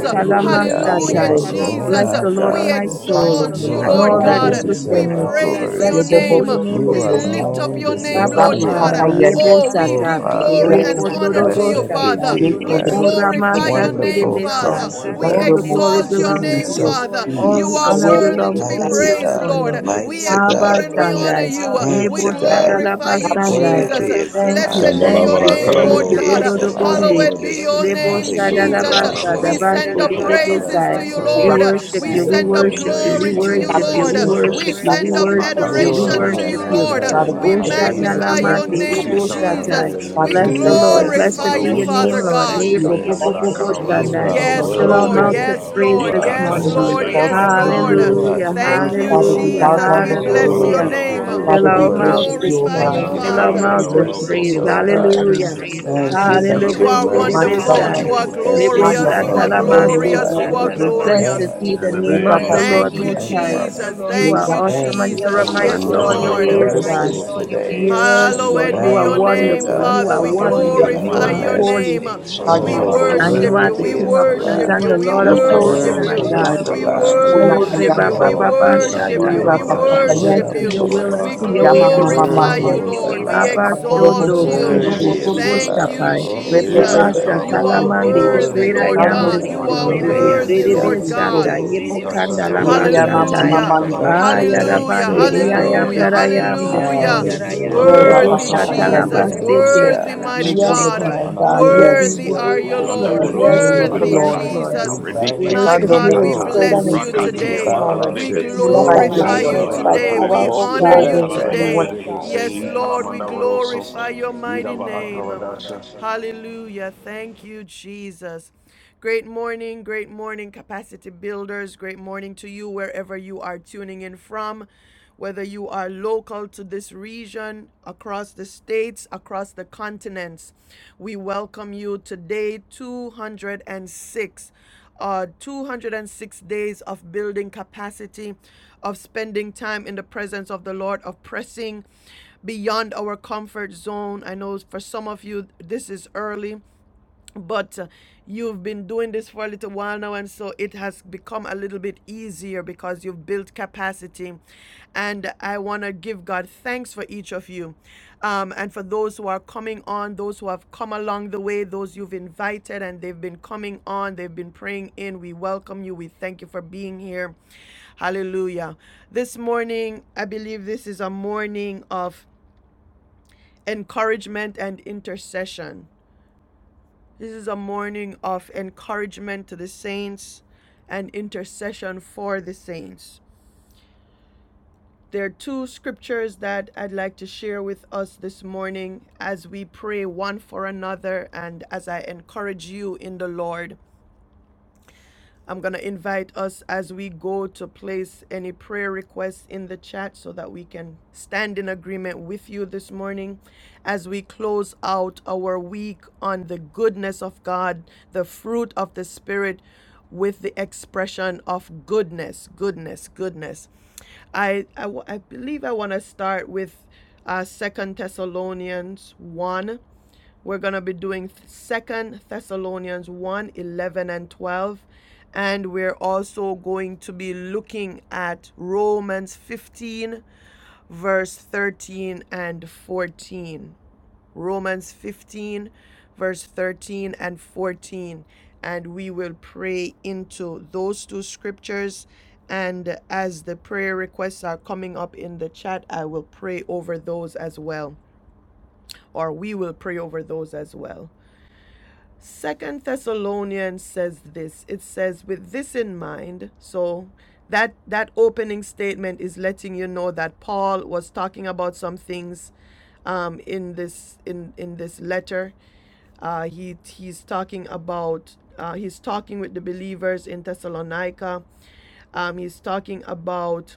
Speaker 6: Thank
Speaker 2: Terebesi
Speaker 4: You
Speaker 6: you,
Speaker 1: Hallelujah,
Speaker 6: Lord,
Speaker 1: Jesus.
Speaker 2: Terebesi,
Speaker 1: We
Speaker 6: for
Speaker 4: alone
Speaker 3: Bless
Speaker 6: being
Speaker 4: are
Speaker 3: the
Speaker 6: all
Speaker 3: Lord of
Speaker 4: God.
Speaker 3: my
Speaker 2: Oh,
Speaker 6: knowing.
Speaker 3: soul
Speaker 2: Shando
Speaker 1: exalt you, Lord, oh
Speaker 4: You
Speaker 3: and
Speaker 2: Mose
Speaker 3: all
Speaker 6: Thank
Speaker 3: that
Speaker 1: God.
Speaker 4: alone
Speaker 3: is
Speaker 6: you,
Speaker 2: Terebesi,
Speaker 1: We
Speaker 6: Lord,
Speaker 4: deserve
Speaker 3: within
Speaker 6: for
Speaker 3: me.
Speaker 4: the
Speaker 6: being
Speaker 1: praise your
Speaker 4: glory.
Speaker 3: Bless
Speaker 2: Robo
Speaker 3: your
Speaker 1: name.
Speaker 3: holy
Speaker 2: Bobo
Speaker 6: it.
Speaker 3: name
Speaker 4: You
Speaker 1: We
Speaker 3: this
Speaker 2: Bobo,
Speaker 3: morning.
Speaker 1: lift up
Speaker 6: Thank
Speaker 4: alone
Speaker 1: your name
Speaker 6: you,
Speaker 5: Hallelujah,
Speaker 6: Lord,
Speaker 4: deserve
Speaker 1: Lord
Speaker 6: for
Speaker 2: Rapa
Speaker 4: the
Speaker 1: God.
Speaker 6: being
Speaker 2: Papa
Speaker 3: Abashanda
Speaker 5: hallelujah,
Speaker 4: honor.
Speaker 2: Yende,
Speaker 3: Yebo
Speaker 1: Oh,
Speaker 6: here
Speaker 1: we
Speaker 4: O
Speaker 6: in
Speaker 3: Sata
Speaker 1: give
Speaker 6: our life.
Speaker 2: Oh,
Speaker 1: glory
Speaker 2: Yama
Speaker 4: Father,
Speaker 1: and
Speaker 5: hallelujah.
Speaker 2: Yama,
Speaker 1: honor to
Speaker 3: Yekondorobo
Speaker 1: you,
Speaker 4: blessed
Speaker 1: father.
Speaker 6: Praise
Speaker 5: Hallelujah.
Speaker 3: Sata
Speaker 1: Father.
Speaker 2: we
Speaker 1: We
Speaker 2: put it
Speaker 4: Redeemer,
Speaker 3: O
Speaker 2: in
Speaker 6: your
Speaker 2: the
Speaker 6: holy
Speaker 1: glorify
Speaker 3: Ramasa
Speaker 1: your
Speaker 6: name,
Speaker 2: Terebesi,
Speaker 1: name,
Speaker 4: wonderful
Speaker 6: Jesus.
Speaker 3: Terebesai.
Speaker 1: Father. We
Speaker 3: All
Speaker 4: counselor,
Speaker 2: Shando
Speaker 3: the
Speaker 2: Mose
Speaker 3: glory
Speaker 1: exalt your
Speaker 6: Praise
Speaker 3: belongs
Speaker 6: your
Speaker 3: to
Speaker 4: Prince
Speaker 1: name,
Speaker 2: Terebesi,
Speaker 4: of
Speaker 3: you.
Speaker 6: holy
Speaker 1: Father.
Speaker 6: name.
Speaker 3: All
Speaker 1: You
Speaker 3: the
Speaker 6: Praise
Speaker 4: Peace,
Speaker 1: are
Speaker 6: you,
Speaker 3: honor
Speaker 2: Oh,
Speaker 1: worthy
Speaker 3: belongs
Speaker 1: to be
Speaker 3: to
Speaker 2: Yama
Speaker 3: you
Speaker 4: mighty
Speaker 3: this
Speaker 1: praised,
Speaker 4: God,
Speaker 1: Lord.
Speaker 3: morning.
Speaker 1: We
Speaker 4: mighty
Speaker 1: adore
Speaker 4: God,
Speaker 1: and
Speaker 2: Yama,
Speaker 1: we honor
Speaker 3: Abashandai
Speaker 1: you. We
Speaker 4: mighty
Speaker 3: Lebo
Speaker 4: God,
Speaker 1: glorify you,
Speaker 3: Shadalabasandai.
Speaker 6: Lord.
Speaker 1: Jesus.
Speaker 4: worthy is the
Speaker 3: Thank you,
Speaker 1: Blessed
Speaker 4: Lamb,
Speaker 1: be
Speaker 7: Shambhala
Speaker 3: thank
Speaker 1: your
Speaker 3: you,
Speaker 7: Vala
Speaker 1: name,
Speaker 3: thank
Speaker 1: Lord
Speaker 7: Karaboro
Speaker 3: you.
Speaker 4: worthy is
Speaker 1: God.
Speaker 7: Koso
Speaker 4: the
Speaker 6: Praise you,
Speaker 7: Kamara
Speaker 4: Lamb.
Speaker 3: Rododobonde
Speaker 1: Hallowed be
Speaker 7: Redesi
Speaker 1: your
Speaker 3: Lebo
Speaker 1: name,
Speaker 7: Shika
Speaker 1: Jesus.
Speaker 4: Hallelujah,
Speaker 1: We
Speaker 7: Manamaro
Speaker 1: send
Speaker 7: Koto
Speaker 1: up
Speaker 4: hallelujah.
Speaker 7: Kamakara
Speaker 1: praises
Speaker 2: Rapa Papa
Speaker 1: to
Speaker 3: Shadalabashadabasai.
Speaker 2: Yende,
Speaker 1: you,
Speaker 7: Kasa
Speaker 2: Oh,
Speaker 3: We
Speaker 1: Lord.
Speaker 4: Oh,
Speaker 2: Rapa
Speaker 3: worship
Speaker 2: Papa
Speaker 1: We
Speaker 7: Si
Speaker 3: you, we
Speaker 1: send
Speaker 2: Yende,
Speaker 1: up glory
Speaker 3: worship
Speaker 4: Jesus,
Speaker 3: you,
Speaker 7: Kabayende
Speaker 3: we
Speaker 1: Glory
Speaker 7: Isa
Speaker 1: to you,
Speaker 3: worship
Speaker 2: Father,
Speaker 4: Jesus,
Speaker 7: Babeke
Speaker 3: you,
Speaker 2: we
Speaker 1: Lord.
Speaker 3: we
Speaker 2: thank you for
Speaker 1: We
Speaker 3: worship
Speaker 7: Serados
Speaker 4: Jesus.
Speaker 2: the
Speaker 3: you, we
Speaker 1: send up
Speaker 2: Lord
Speaker 3: worship
Speaker 5: Hallelujah.
Speaker 2: this
Speaker 3: you,
Speaker 7: Makasa
Speaker 3: we
Speaker 2: name.
Speaker 1: adoration
Speaker 4: Glory
Speaker 6: Jesus.
Speaker 5: Hallelujah.
Speaker 1: to
Speaker 7: Manahara
Speaker 4: and
Speaker 3: worship
Speaker 1: you,
Speaker 3: you.
Speaker 1: Lord.
Speaker 4: honor
Speaker 7: Zekete
Speaker 2: Father,
Speaker 4: and
Speaker 2: we
Speaker 1: We
Speaker 3: O
Speaker 2: thank
Speaker 7: Manahara
Speaker 6: Praise
Speaker 2: you for
Speaker 4: praise
Speaker 7: Rosa
Speaker 2: your
Speaker 1: magnify
Speaker 4: be
Speaker 6: You're
Speaker 2: very
Speaker 1: your
Speaker 3: Shadnalamande,
Speaker 4: unto
Speaker 6: holy
Speaker 1: name,
Speaker 2: compassion.
Speaker 4: you.
Speaker 7: Shikara
Speaker 6: name.
Speaker 5: Thank
Speaker 3: Debosatai.
Speaker 7: Mane
Speaker 1: Jesus.
Speaker 7: Mane
Speaker 1: We
Speaker 2: Father, we
Speaker 3: Bless
Speaker 6: You
Speaker 3: the
Speaker 2: thank
Speaker 6: are
Speaker 2: you
Speaker 7: Resi
Speaker 3: Lord.
Speaker 2: for your
Speaker 6: to
Speaker 7: Kiri
Speaker 4: Jesus,
Speaker 6: be
Speaker 3: Blessed
Speaker 1: glorify
Speaker 3: be
Speaker 1: you,
Speaker 2: kindness.
Speaker 3: your
Speaker 7: Manohoso
Speaker 3: name,
Speaker 6: worshipped,
Speaker 1: Father
Speaker 6: God.
Speaker 4: Jesus,
Speaker 3: Lord.
Speaker 1: God.
Speaker 2: We
Speaker 3: Debo, bo, bo,
Speaker 7: Shanda
Speaker 1: Yes,
Speaker 4: Jesus,
Speaker 3: bo,
Speaker 2: exalt
Speaker 7: Vara
Speaker 3: bo,
Speaker 2: the
Speaker 3: bo-
Speaker 6: You
Speaker 1: Lord.
Speaker 2: King of
Speaker 6: are
Speaker 7: Karawado
Speaker 6: to
Speaker 4: you
Speaker 2: Kings
Speaker 3: Shandai.
Speaker 6: be
Speaker 4: are
Speaker 2: and
Speaker 7: Koso
Speaker 2: the
Speaker 1: Yes,
Speaker 2: Lord
Speaker 3: Fill
Speaker 6: worshipped.
Speaker 7: Makara
Speaker 2: of
Speaker 3: our
Speaker 1: Lord.
Speaker 5: you, Jesus.
Speaker 6: You
Speaker 3: mouths
Speaker 4: worthy,
Speaker 2: Lords.
Speaker 6: are
Speaker 7: Varese
Speaker 6: to
Speaker 3: with
Speaker 6: be
Speaker 3: praise
Speaker 4: you
Speaker 3: this
Speaker 4: are
Speaker 7: Ikata
Speaker 1: Yes,
Speaker 2: Father,
Speaker 6: praised.
Speaker 2: we
Speaker 3: morning.
Speaker 1: Lord.
Speaker 7: Shaya
Speaker 4: holy,
Speaker 2: exalt
Speaker 1: Yes,
Speaker 2: his
Speaker 7: Yamana
Speaker 2: holy
Speaker 1: Lord.
Speaker 4: you
Speaker 6: Oh
Speaker 2: name.
Speaker 7: Karadoso
Speaker 4: are
Speaker 3: Hallelujah,
Speaker 6: God,
Speaker 1: Thank
Speaker 6: you
Speaker 1: you,
Speaker 5: Jesus,
Speaker 6: were
Speaker 2: Father,
Speaker 7: Kamanakase
Speaker 2: we
Speaker 4: faithful.
Speaker 3: hallelujah,
Speaker 2: bow
Speaker 6: holy.
Speaker 1: Jesus.
Speaker 2: down
Speaker 1: We
Speaker 2: before
Speaker 5: Hallelujah.
Speaker 7: Esara
Speaker 1: bless
Speaker 4: Oh,
Speaker 7: Vara
Speaker 2: you.
Speaker 1: your
Speaker 6: We
Speaker 3: hallelujah.
Speaker 4: we
Speaker 6: were
Speaker 4: give
Speaker 1: name.
Speaker 4: you
Speaker 2: Father,
Speaker 3: Fill
Speaker 6: created
Speaker 7: Halokoroso
Speaker 1: We
Speaker 2: we
Speaker 3: our
Speaker 6: to
Speaker 4: glory.
Speaker 2: worship
Speaker 3: mouths
Speaker 4: We
Speaker 2: you,
Speaker 3: this
Speaker 2: O
Speaker 6: worship
Speaker 1: glorify
Speaker 6: you,
Speaker 5: Word
Speaker 1: you,
Speaker 5: is
Speaker 4: thank
Speaker 2: God.
Speaker 3: morning.
Speaker 4: you
Speaker 7: Shanda
Speaker 3: Fill
Speaker 6: God.
Speaker 4: for
Speaker 3: our
Speaker 4: your
Speaker 1: Father.
Speaker 7: Varakara
Speaker 2: We
Speaker 3: mouths with
Speaker 2: worship
Speaker 7: Rodoko
Speaker 2: you
Speaker 4: mercies,
Speaker 3: praise.
Speaker 1: You
Speaker 2: in
Speaker 4: O
Speaker 2: spirit
Speaker 7: Somanakara
Speaker 6: Oh
Speaker 4: God.
Speaker 2: and
Speaker 3: Hallelujah.
Speaker 2: in
Speaker 7: Vedesi,
Speaker 6: God,
Speaker 2: truth
Speaker 6: in
Speaker 4: Thank
Speaker 2: this
Speaker 6: this
Speaker 4: you
Speaker 7: E
Speaker 2: morning.
Speaker 4: that
Speaker 6: time,
Speaker 4: your
Speaker 3: Hallelujah.
Speaker 7: Kalabana
Speaker 1: are
Speaker 6: Lord,
Speaker 2: My
Speaker 4: mercies
Speaker 7: Varokoso,
Speaker 2: God,
Speaker 4: are
Speaker 1: wonderful. You
Speaker 6: my
Speaker 1: are
Speaker 4: new
Speaker 6: honor.
Speaker 4: every
Speaker 7: Shanda
Speaker 2: haya
Speaker 1: glorious. You are
Speaker 4: morning,
Speaker 7: Varakara
Speaker 2: pasando
Speaker 4: O
Speaker 7: Rodoso
Speaker 2: mucho
Speaker 6: You
Speaker 1: glorious.
Speaker 4: God.
Speaker 3: Lebosatalabasete.
Speaker 1: You are
Speaker 6: praise be
Speaker 7: Kamanakata,
Speaker 2: cerebroso.
Speaker 3: Blessed
Speaker 4: Thank
Speaker 6: unto
Speaker 1: glorious
Speaker 6: my
Speaker 4: you
Speaker 3: be
Speaker 7: in
Speaker 3: the
Speaker 7: the
Speaker 4: for
Speaker 3: name
Speaker 6: God.
Speaker 4: your
Speaker 1: the
Speaker 2: Ora
Speaker 7: name
Speaker 3: of
Speaker 1: name Blessed
Speaker 5: faithful.
Speaker 7: of
Speaker 1: of
Speaker 3: the
Speaker 1: Thank
Speaker 4: loving
Speaker 3: Lord
Speaker 7: Jesus.
Speaker 2: pasando
Speaker 1: you,
Speaker 3: Most
Speaker 6: Praise
Speaker 3: High.
Speaker 1: Jesus.
Speaker 6: be
Speaker 4: kindness.
Speaker 3: You
Speaker 6: unto
Speaker 1: Thank
Speaker 2: yeya
Speaker 3: are
Speaker 6: my
Speaker 1: you,
Speaker 2: mamando.
Speaker 3: awesome
Speaker 6: Lord,
Speaker 4: Thank
Speaker 3: and
Speaker 4: you
Speaker 3: you
Speaker 1: Jesus.
Speaker 3: are
Speaker 4: for your
Speaker 3: mighty
Speaker 1: Yes, awesome
Speaker 7: Renda
Speaker 3: in all
Speaker 4: brand
Speaker 3: your
Speaker 4: new
Speaker 1: Lord.
Speaker 7: Varakara
Speaker 3: ways,
Speaker 6: the
Speaker 3: God.
Speaker 2: Cerebroso.
Speaker 6: King
Speaker 4: mercies
Speaker 6: of
Speaker 7: Borokoso,
Speaker 4: today.
Speaker 6: Kings, the
Speaker 3: Yes,
Speaker 6: Lord
Speaker 7: Shanda
Speaker 6: of
Speaker 3: Lord,
Speaker 1: Hallowed be
Speaker 3: you
Speaker 1: your
Speaker 3: are
Speaker 7: Varakara
Speaker 4: Thank
Speaker 6: Lords,
Speaker 4: you,
Speaker 1: name,
Speaker 3: wonderful.
Speaker 4: God,
Speaker 3: You
Speaker 1: Father.
Speaker 7: Vedekesi,
Speaker 3: are
Speaker 1: We
Speaker 4: for your
Speaker 2: Father,
Speaker 6: Holy
Speaker 7: E
Speaker 2: you are
Speaker 3: wonderful.
Speaker 6: One of
Speaker 3: You
Speaker 1: glorify
Speaker 7: Kalamana
Speaker 3: are
Speaker 2: excellent.
Speaker 1: your
Speaker 6: Israel.
Speaker 7: Varoso,
Speaker 4: faithfulness.
Speaker 3: holy.
Speaker 1: name.
Speaker 5: Word
Speaker 2: God,
Speaker 1: We
Speaker 7: Shanda
Speaker 2: you are
Speaker 6: You
Speaker 4: Oh,
Speaker 7: Varaka
Speaker 6: are
Speaker 2: holy.
Speaker 3: And you
Speaker 1: worship
Speaker 3: are
Speaker 1: you.
Speaker 5: is
Speaker 3: the
Speaker 6: worthy,
Speaker 1: We
Speaker 4: worthy
Speaker 7: Vedekesi,
Speaker 5: the
Speaker 3: King
Speaker 4: is
Speaker 3: of
Speaker 6: God.
Speaker 4: the
Speaker 6: You
Speaker 1: worship
Speaker 3: kings
Speaker 1: you
Speaker 5: praise
Speaker 3: and
Speaker 4: Lamb.
Speaker 3: the
Speaker 5: and
Speaker 1: We
Speaker 6: are
Speaker 3: Lord
Speaker 6: worthy.
Speaker 3: of
Speaker 7: E
Speaker 5: glory
Speaker 1: worship
Speaker 3: hosts,
Speaker 5: and
Speaker 1: you.
Speaker 3: my
Speaker 7: Karadoso,
Speaker 4: Worthy
Speaker 6: You are
Speaker 5: honor.
Speaker 4: is
Speaker 3: God.
Speaker 4: the
Speaker 1: We
Speaker 7: Makadash
Speaker 6: worthy.
Speaker 4: Lamb.
Speaker 2: Uya
Speaker 3: Oh,
Speaker 6: You
Speaker 5: Hallelujah.
Speaker 6: are
Speaker 1: worship
Speaker 7: Kalebadesi,
Speaker 1: you.
Speaker 3: Rebaba
Speaker 1: We
Speaker 2: Payando,
Speaker 6: worthy.
Speaker 1: Oh,
Speaker 4: Oh,
Speaker 3: Baba
Speaker 7: E
Speaker 4: King
Speaker 6: You are
Speaker 4: of
Speaker 1: worship you.
Speaker 3: Shatai.
Speaker 7: Karavanda
Speaker 2: Mira
Speaker 1: We
Speaker 4: kings and
Speaker 2: Papa
Speaker 7: Varasha.
Speaker 4: Lord
Speaker 1: worship
Speaker 3: Yes,
Speaker 4: of
Speaker 2: Yendo,
Speaker 3: to
Speaker 1: you.
Speaker 3: your
Speaker 5: Hallelujah.
Speaker 7: Shila
Speaker 3: will
Speaker 4: lords.
Speaker 1: We
Speaker 3: and
Speaker 1: Yes,
Speaker 3: to
Speaker 7: baraka
Speaker 6: Ah,
Speaker 3: your
Speaker 2: Yama
Speaker 3: way
Speaker 6: thank you,
Speaker 3: this
Speaker 7: rebekisi
Speaker 2: Mama
Speaker 1: glorify you,
Speaker 6: Jesus.
Speaker 4: Worthy
Speaker 3: morning.
Speaker 2: Mando,
Speaker 5: Hallelujah.
Speaker 4: is the
Speaker 7: barahavarosa.
Speaker 1: Lord. We
Speaker 3: Abba
Speaker 4: Lamb.
Speaker 6: Thank
Speaker 2: Akorobo
Speaker 7: In
Speaker 1: exalt
Speaker 3: Shondo,
Speaker 7: the
Speaker 6: you,
Speaker 1: you.
Speaker 5: Hallelujah.
Speaker 3: Sibo
Speaker 7: name
Speaker 4: Worthy
Speaker 7: of
Speaker 6: Jesus.
Speaker 4: is
Speaker 2: Sinteridesi,
Speaker 3: Bobo
Speaker 4: the
Speaker 7: Jesus.
Speaker 1: Thank you,
Speaker 4: Lamb.
Speaker 3: Shapai,
Speaker 4: Oh,
Speaker 1: Jesus.
Speaker 6: Lord,
Speaker 3: Leba
Speaker 6: I
Speaker 7: Hey,
Speaker 6: will
Speaker 4: Father,
Speaker 6: not
Speaker 1: You are
Speaker 2: Repetetetetetet,
Speaker 6: cry
Speaker 3: Shatalamande,
Speaker 6: out,
Speaker 3: the
Speaker 1: worthy,
Speaker 7: kalabaradokoso.
Speaker 6: Lord.
Speaker 3: great
Speaker 4: glory
Speaker 5: Oh,
Speaker 6: I
Speaker 1: Lord
Speaker 3: I
Speaker 4: and
Speaker 5: hallelujah.
Speaker 3: am
Speaker 6: need
Speaker 2: Dando
Speaker 1: God.
Speaker 4: honor
Speaker 3: this
Speaker 6: you,
Speaker 1: You
Speaker 4: and
Speaker 2: Mose
Speaker 1: are
Speaker 6: Lord.
Speaker 3: morning.
Speaker 1: worthy
Speaker 7: Makaravende
Speaker 4: praise
Speaker 2: Teridesi
Speaker 1: worthy,
Speaker 4: be
Speaker 7: hese.
Speaker 3: Redebe
Speaker 6: I
Speaker 1: Lord
Speaker 4: unto
Speaker 5: Hallelujah.
Speaker 6: will
Speaker 1: God.
Speaker 2: Terideso,
Speaker 3: Sata,
Speaker 4: you.
Speaker 6: praise
Speaker 3: Yebo
Speaker 7: Ika
Speaker 6: you
Speaker 3: Kanda
Speaker 6: this
Speaker 7: shanda
Speaker 3: Laba
Speaker 4: Let
Speaker 2: Yeya
Speaker 4: the
Speaker 6: morning.
Speaker 7: barahokoso
Speaker 2: Mama
Speaker 3: Shatai.
Speaker 1: Hallelujah.
Speaker 4: redeemed
Speaker 6: I
Speaker 2: Mamando,
Speaker 4: of
Speaker 6: will
Speaker 3: Ah,
Speaker 4: the
Speaker 7: manakarakasa.
Speaker 6: worship
Speaker 4: Lord
Speaker 1: Hallelujah.
Speaker 6: you
Speaker 3: Yarabande,
Speaker 4: say
Speaker 6: this
Speaker 3: the I
Speaker 4: so.
Speaker 3: am
Speaker 1: Hallelujah.
Speaker 3: that
Speaker 6: morning.
Speaker 3: I
Speaker 2: Repetetetetet,
Speaker 3: am
Speaker 6: I
Speaker 3: this
Speaker 6: will
Speaker 1: Hallelujah.
Speaker 3: morning.
Speaker 6: say thank
Speaker 7: Randa
Speaker 2: Mora
Speaker 4: Hallelujah.
Speaker 3: Lebo
Speaker 6: you.
Speaker 1: Worthy
Speaker 6: I
Speaker 2: Papa
Speaker 6: will offer up
Speaker 1: Jesus.
Speaker 3: Shatalaba
Speaker 2: Yende,
Speaker 7: barakalaburokoso.
Speaker 3: City.
Speaker 4: Hallelujah.
Speaker 6: thanksgiving
Speaker 1: Worthy
Speaker 5: Hallelujah.
Speaker 6: unto
Speaker 1: mighty
Speaker 2: Ye
Speaker 6: you,
Speaker 3: Yes,
Speaker 1: God.
Speaker 2: Korobo
Speaker 7: Shikata
Speaker 3: my God.
Speaker 6: Jesus.
Speaker 2: Sinteride,
Speaker 3: Yes,
Speaker 4: We
Speaker 7: Manahavedes.
Speaker 1: Worthy
Speaker 3: Lord.
Speaker 1: are
Speaker 6: You are
Speaker 1: you,
Speaker 6: the
Speaker 4: worship
Speaker 3: Yes,
Speaker 4: and
Speaker 2: there
Speaker 1: Lord.
Speaker 2: is
Speaker 3: Lord.
Speaker 6: true
Speaker 2: the
Speaker 6: and the
Speaker 3: Yes,
Speaker 4: adore
Speaker 2: name
Speaker 7: Mandaboroso
Speaker 2: of
Speaker 3: Lord.
Speaker 2: the
Speaker 6: living
Speaker 1: Worthy
Speaker 4: you.
Speaker 3: Yes,
Speaker 6: God.
Speaker 2: Lord,
Speaker 7: Kandahasa
Speaker 3: Lord.
Speaker 4: We
Speaker 1: Jesus.
Speaker 6: You
Speaker 4: bow
Speaker 3: We
Speaker 6: are
Speaker 4: at
Speaker 1: My
Speaker 4: your
Speaker 3: worship
Speaker 2: Dando
Speaker 7: Karedikisi
Speaker 1: God,
Speaker 3: you
Speaker 6: God,
Speaker 3: in
Speaker 1: we
Speaker 2: Mose
Speaker 7: Ikata
Speaker 4: throne.
Speaker 6: Almighty
Speaker 3: spirit and
Speaker 1: bless
Speaker 3: in
Speaker 1: you
Speaker 3: truth
Speaker 2: Teridesi,
Speaker 6: Creator
Speaker 4: We
Speaker 3: this
Speaker 6: of
Speaker 7: Rakatia
Speaker 1: today.
Speaker 6: heaven
Speaker 4: bow
Speaker 3: morning.
Speaker 4: at
Speaker 1: We
Speaker 6: and
Speaker 4: your
Speaker 6: earth.
Speaker 3: It's
Speaker 2: who is
Speaker 7: Mahalavekese
Speaker 3: not
Speaker 2: like
Speaker 3: by
Speaker 4: throne
Speaker 6: There
Speaker 2: the
Speaker 1: glorify
Speaker 3: might,
Speaker 6: is
Speaker 4: this
Speaker 3: nor
Speaker 7: Shandala
Speaker 2: Lord,
Speaker 1: you
Speaker 6: none
Speaker 3: it's by
Speaker 7: Raha
Speaker 6: like
Speaker 4: morning.
Speaker 1: today.
Speaker 4: We
Speaker 3: power,
Speaker 1: We
Speaker 4: give
Speaker 6: you.
Speaker 7: Karedosh
Speaker 3: oh
Speaker 4: you
Speaker 1: honor
Speaker 6: There
Speaker 3: God.
Speaker 2: Lord,
Speaker 6: has
Speaker 2: there
Speaker 1: you
Speaker 7: Mikala
Speaker 2: is
Speaker 6: never
Speaker 2: no
Speaker 6: been
Speaker 1: today.
Speaker 2: one
Speaker 4: reverence.
Speaker 6: any
Speaker 1: Yes,
Speaker 6: like
Speaker 7: Rendevidehese
Speaker 6: you,
Speaker 7: Ikala
Speaker 1: Lord,
Speaker 6: Lord
Speaker 1: we
Speaker 6: God.
Speaker 7: Mandavoroso
Speaker 6: There
Speaker 1: glorify
Speaker 6: will
Speaker 1: your
Speaker 6: never
Speaker 7: Ida
Speaker 1: mighty
Speaker 6: be
Speaker 7: Vaha
Speaker 6: any
Speaker 1: name.
Speaker 6: other.
Speaker 7: Karadasha
Speaker 1: Hallelujah. Thank you, Jesus. Great morning, great morning, capacity builders. Great morning to you wherever you are tuning in from, whether you are local to this region, across the states, across the continents. We welcome you today, 206 uh, 206 days of building capacity, of spending time in the presence of the Lord, of pressing beyond our comfort zone. I know for some of you, this is early but uh, you've been doing this for a little while now and so it has become a little bit easier because you've built capacity and i want to give god thanks for each of you um, and for those who are coming on those who have come along the way those you've invited and they've been coming on they've been praying in we welcome you we thank you for being here hallelujah this morning i believe this is a morning of encouragement and intercession this is a morning of encouragement to the saints and intercession for the saints. There are two scriptures that I'd like to share with us this morning as we pray one for another and as I encourage you in the Lord. I'm going to invite us as we go to place any prayer requests in the chat so that we can stand in agreement with you this morning as we close out our week on the goodness of God, the fruit of the Spirit, with the expression of goodness, goodness, goodness. I, I, I believe I want to start with uh, 2 Thessalonians 1 we're going to be doing Second Thessalonians one 11 and 12. And we're also going to be looking at Romans 15, verse 13 and 14. Romans 15, verse 13 and 14. And we will pray into those two scriptures. And as the prayer requests are coming up in the chat, I will pray over those as well, or we will pray over those as well. Second Thessalonians says this. It says, with this in mind, so that that opening statement is letting you know that Paul was talking about some things um, in this in in this letter. Uh, he he's talking about uh, he's talking with the believers in Thessalonica. Um, he's talking about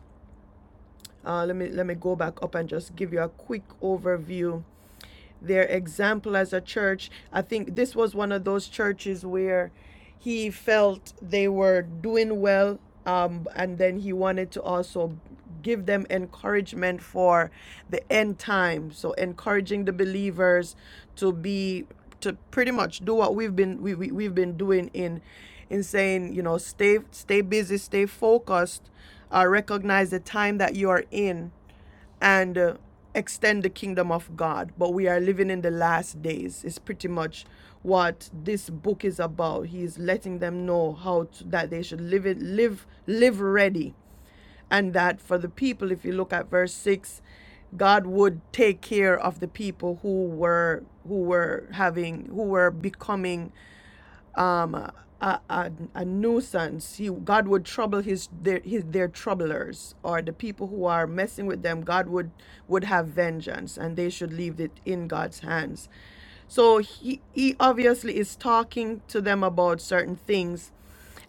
Speaker 1: uh, let me let me go back up and just give you a quick overview their example as a church. I think this was one of those churches where he felt they were doing well, um, and then he wanted to also give them encouragement for the end time. So encouraging the believers to be to pretty much do what we've been we, we we've been doing in in saying you know stay stay busy, stay focused, uh, recognize the time that you are in and uh, extend the kingdom of God. But we are living in the last days, It's pretty much what this book is about. He is letting them know how to, that they should live it, live, live ready. And that for the people, if you look at verse 6, God would take care of the people who were who were having who were becoming um, a, a, a nuisance. He, God would trouble his their, his their troublers or the people who are messing with them. God would would have vengeance, and they should leave it in God's hands. So he he obviously is talking to them about certain things,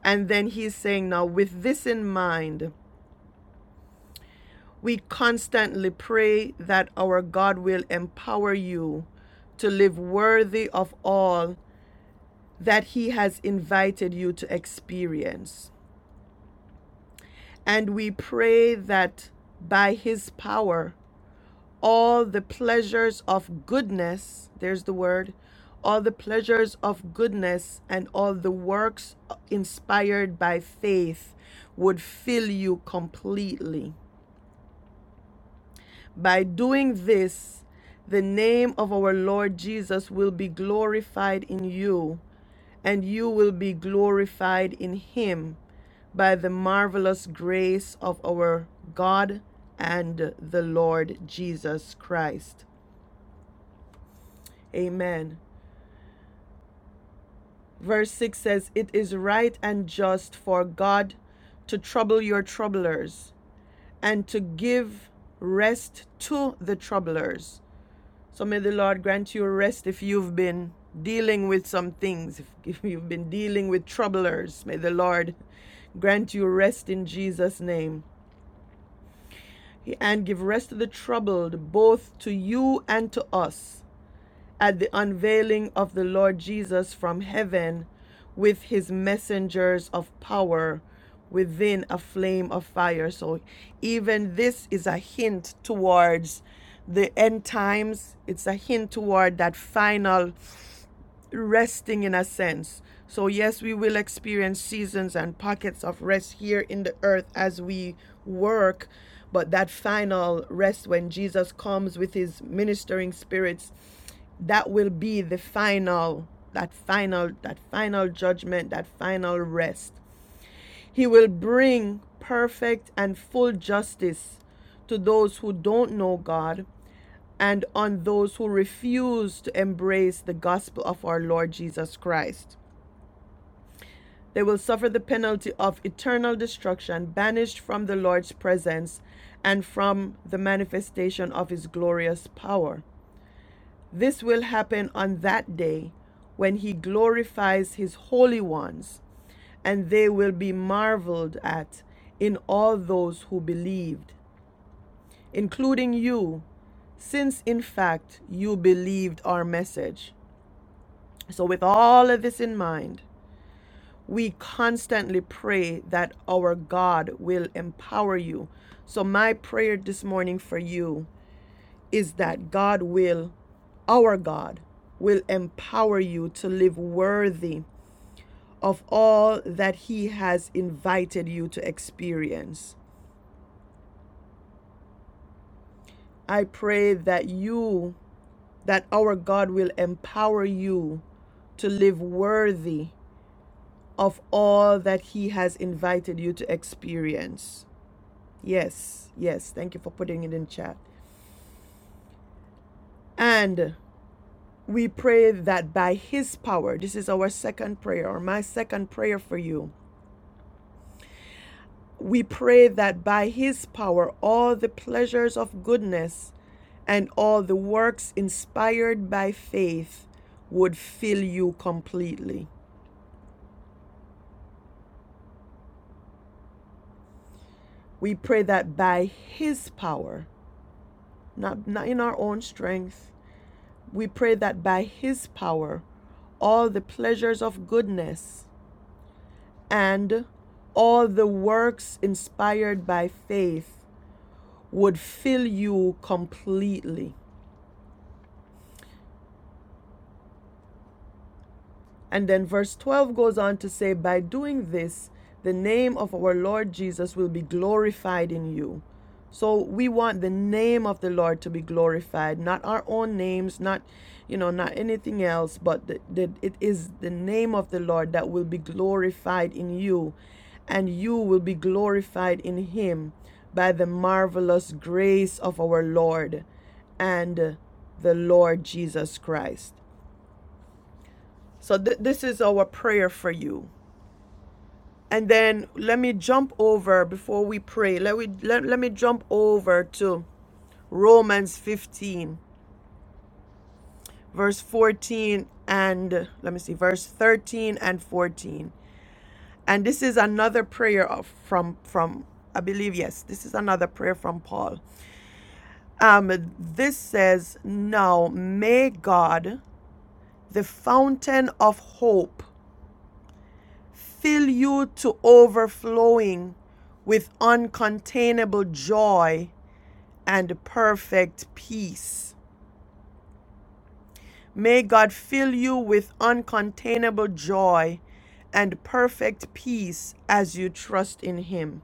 Speaker 1: and then he's saying, now with this in mind, we constantly pray that our God will empower you to live worthy of all that He has invited you to experience. And we pray that by His power, all the pleasures of goodness, there's the word, all the pleasures of goodness and all the works inspired by faith would fill you completely By doing this, the name of our Lord Jesus will be glorified in you, and you will be glorified in him by the marvelous grace of our God and the Lord Jesus Christ. Amen. Verse 6 says, It is right and just for God to trouble your troublers and to give rest to the troublers So may the Lord grant you rest if you've been dealing with some things, if, if you've been dealing with troublers. May the Lord grant you rest in Jesus' name. And give rest to the troubled, both to you and to us at the unveiling of the Lord Jesus from heaven with his messengers of power within a flame of fire. So, even this is a hint towards the end times, it's a hint toward that final resting in a sense. So, yes, we will experience seasons and pockets of rest here in the earth as we work, but that final rest when Jesus comes with his ministering spirits that will be the final that final that final judgment that final rest he will bring perfect and full justice to those who don't know god and on those who refuse to embrace the gospel of our lord jesus christ they will suffer the penalty of eternal destruction banished from the lord's presence and from the manifestation of his glorious power This will happen on that day when he glorifies his holy ones, and they will be marveled at in all those who believed, including you, since in fact you believed our message. So, with all of this in mind, we constantly pray that our God will empower you. So, my prayer this morning for you is that God will, our God, will empower you to live worthy of all that He has invited you to experience. I pray that you, that our God will empower you to live worthy of all that He has invited you to experience. Yes, yes. Thank you for putting it in chat. And we pray that by His power, this is our second prayer, or my second prayer for you, We pray that by His power, all the pleasures of goodness and all the works inspired by faith would fill you completely. We pray that by His power, not, not in our own strength, we pray that by His power, all the pleasures of goodness and all the works inspired by faith would fill you completely. And then verse 12 goes on to say, By doing this, the name of our Lord Jesus will be glorified in you. So we want the name of the Lord to be glorified, not our own names, not you know, not anything else, but that it is the name of the Lord that will be glorified in you, and you will be glorified in him by the marvelous grace of our Lord and the Lord Jesus Christ. So th- this is our prayer for you. And then let me jump over before we pray. Let we let, let me jump over to Romans 15 verse 14 and let me see verse 13 and 14. And this is another prayer of, from from I believe yes, this is another prayer from Paul. Um this says, "Now may God, the fountain of hope, fill you to overflowing with uncontainable joy and perfect peace. May God fill you with uncontainable joy and perfect peace as you trust in Him.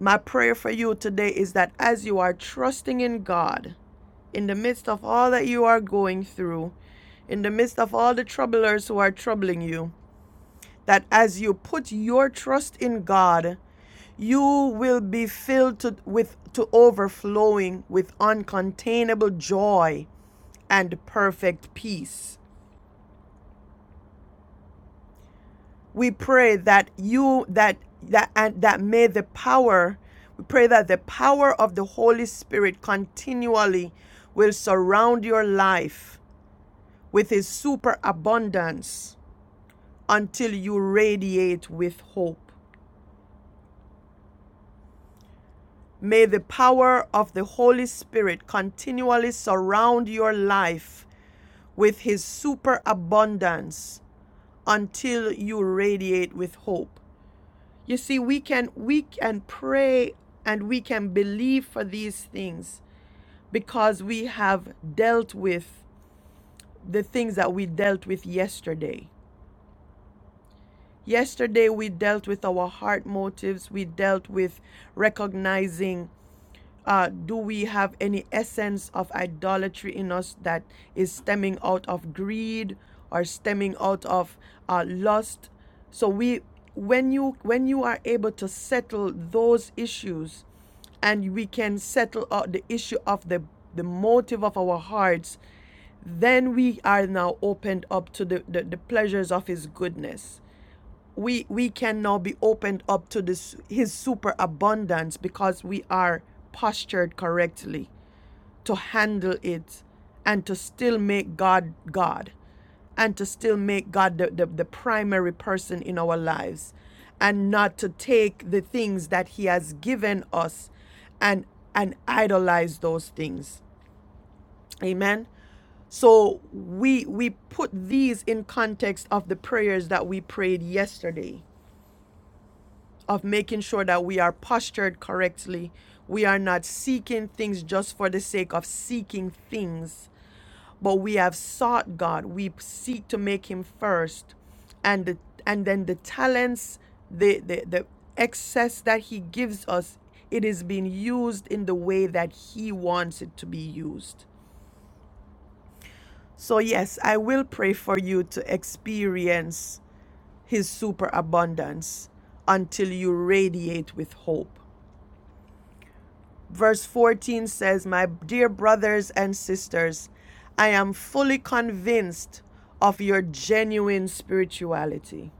Speaker 1: My prayer for you today is that as you are trusting in God, in the midst of all that you are going through, in the midst of all the troublers who are troubling you, that as you put your trust in God, You will be filled to, with, to overflowing with uncontainable joy and perfect peace. We pray that you that that and that may the power we pray that the power of the Holy Spirit continually will surround your life with his superabundance until you radiate with hope. May the power of the Holy Spirit continually surround your life with his superabundance until you radiate with hope. You see, we can we can pray and we can believe for these things because we have dealt with the things that we dealt with yesterday. Yesterday we dealt with our heart motives, we dealt with recognizing Uh, do we have any essence of idolatry in us that is stemming out of greed or stemming out of uh, lust? So we, when you when you are able to settle those issues, and we can settle out the issue of the the motive of our hearts, then we are now opened up to the, the, the pleasures of his goodness we we can now be opened up to this his super abundance because we are postured correctly to handle it and to still make God God and to still make God the, the, the primary person in our lives and not to take the things that he has given us and and idolize those things amen so we we put these in context of the prayers that we prayed yesterday of making sure that we are postured correctly. We are not seeking things just for the sake of seeking things, but we have sought God. We seek to make Him first, and the, and then the talents, the, the the excess that He gives us, it is being used in the way that He wants it to be used. So yes, I will pray for you to experience His superabundance until you radiate with hope. Verse 14 says, My dear brothers and sisters, I am fully convinced of your genuine spirituality.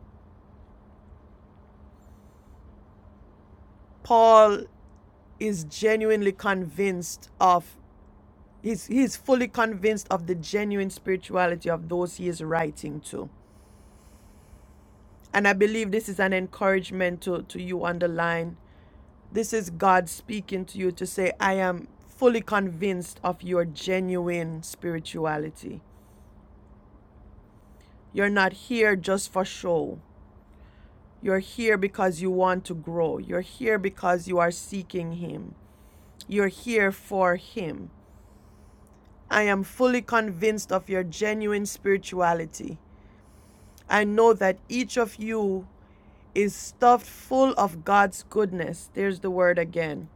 Speaker 1: Paul is genuinely convinced of, he's, he's fully convinced of the genuine spirituality of those he is writing to. And I believe this is an encouragement to, to you on the line. This is God speaking to you to say, I am fully convinced of your genuine spirituality. You're not here just for show. You're here because you want to grow. You're here because you are seeking Him. You're here for Him. I am fully convinced of your genuine spirituality. I know that each of you is stuffed full of God's goodness. There's the word again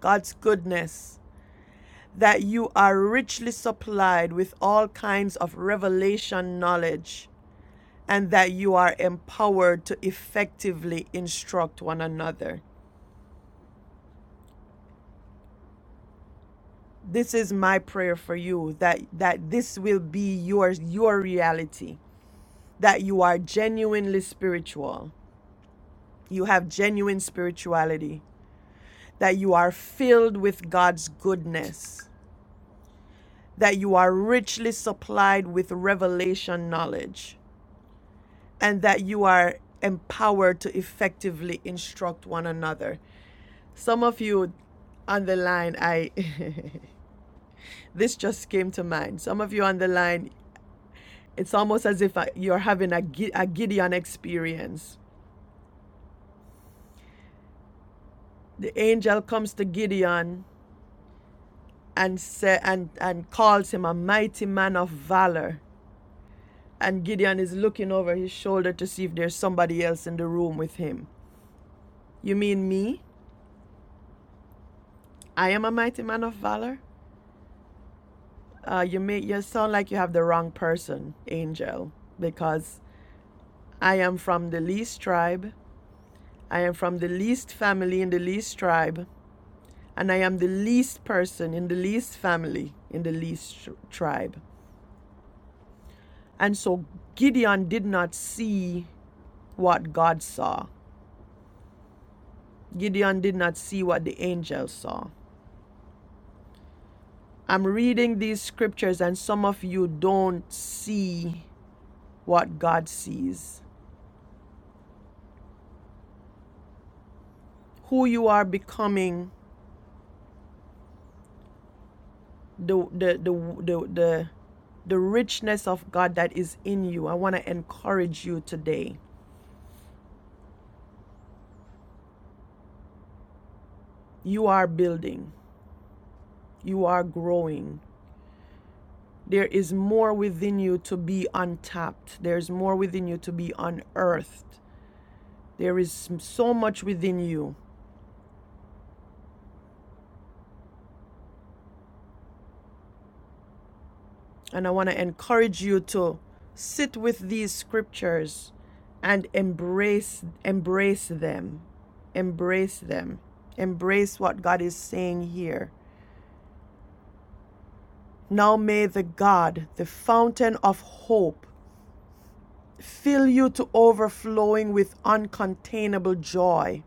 Speaker 1: God's goodness. That you are richly supplied with all kinds of revelation knowledge and that you are empowered to effectively instruct one another. This is my prayer for you that that this will be your your reality that you are genuinely spiritual. You have genuine spirituality, that you are filled with God's goodness, that you are richly supplied with revelation knowledge, and that you are empowered to effectively instruct one another. Some of you on the line, I *laughs* this just came to mind. Some of you on the line, it's almost as if uh, you're having a, a Gideon experience. The angel comes to Gideon and say, and, and calls him a mighty man of valor. And Gideon is looking over his shoulder to see if there's somebody else in the room with him. You mean me? I am a mighty man of valor? Uh, you may you sound like you have the wrong person, angel, because I am from the least tribe. I am from the least family in the least tribe. and I am the least person in the least family, in the least tribe. And so Gideon did not see what God saw. Gideon did not see what the angels saw. I'm reading these scriptures, and some of you don't see what God sees. Who you are becoming, the, the, the, the, the, the richness of God that is in you. I want to encourage you today. You are building, you are growing, There is more within you to be untapped. There's more within you to be unearthed. There is so much within you. And I want to encourage you to sit with these scriptures and embrace embrace them. Embrace them. Embrace what God is saying here. Now may the God, the fountain of hope, fill you to overflowing with uncontainable joy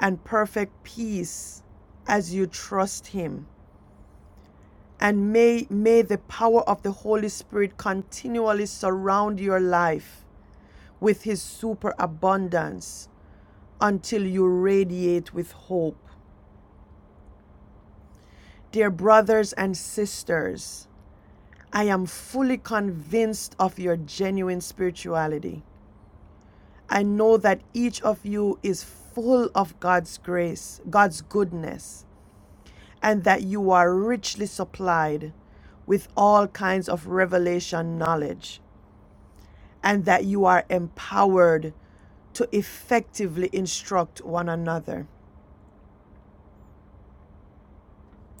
Speaker 1: and perfect peace as you trust Him. And may, may the power of the Holy Spirit continually surround your life with His superabundance until you radiate with hope. Dear brothers and sisters, I am fully convinced of your genuine spirituality. I know that each of you is full of God's grace, God's goodness, and that you are richly supplied with all kinds of revelation knowledge, and that you are empowered to effectively instruct one another.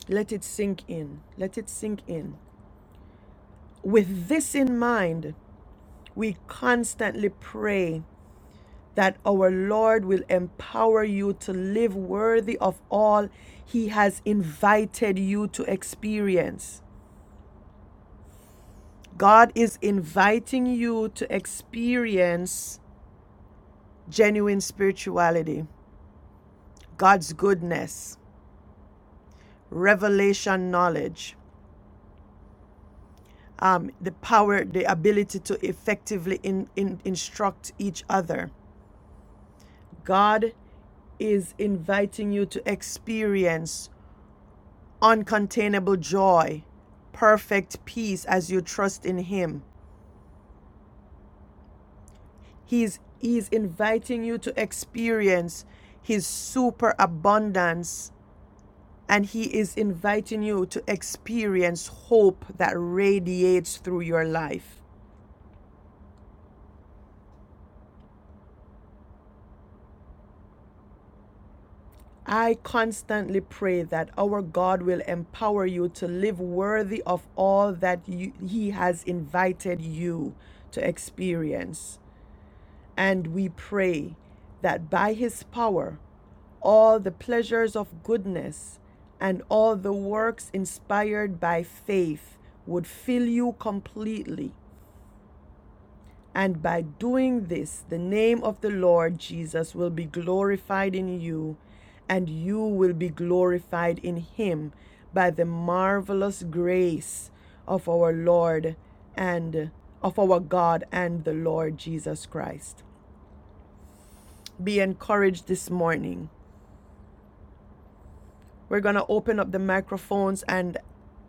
Speaker 1: Let it sink in. Let it sink in. With this in mind, we constantly pray that our Lord will empower you to live worthy of all He has invited you to experience. God is inviting you to experience genuine spirituality, God's goodness, revelation knowledge, um, the power, the ability to effectively in, in, instruct each other. God is inviting you to experience uncontainable joy, perfect peace as you trust in Him. He's He's inviting you to experience His super abundance And He is inviting you to experience hope that radiates through your life. I constantly pray that our God will empower you to live worthy of all that you, He has invited you to experience. And we pray that by His power, all the pleasures of goodness and all the works inspired by faith would fill you completely And by doing this, the name of the Lord Jesus will be glorified in you, and you will be glorified in him by the marvelous grace of our Lord and of our God and the Lord Jesus Christ. Be encouraged this morning. We're going to open up the microphones and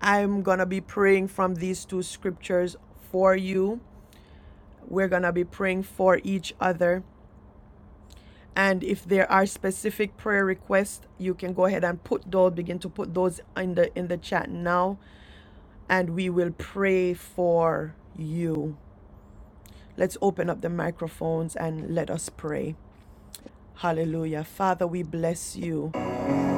Speaker 1: I'm going to be praying from these two scriptures for you. We're going to be praying for each other. And if there are specific prayer requests, you can go ahead and put those, begin to put those in the in the chat now, and we will pray for you. Let's open up the microphones and let us pray. Hallelujah. Father, we bless you.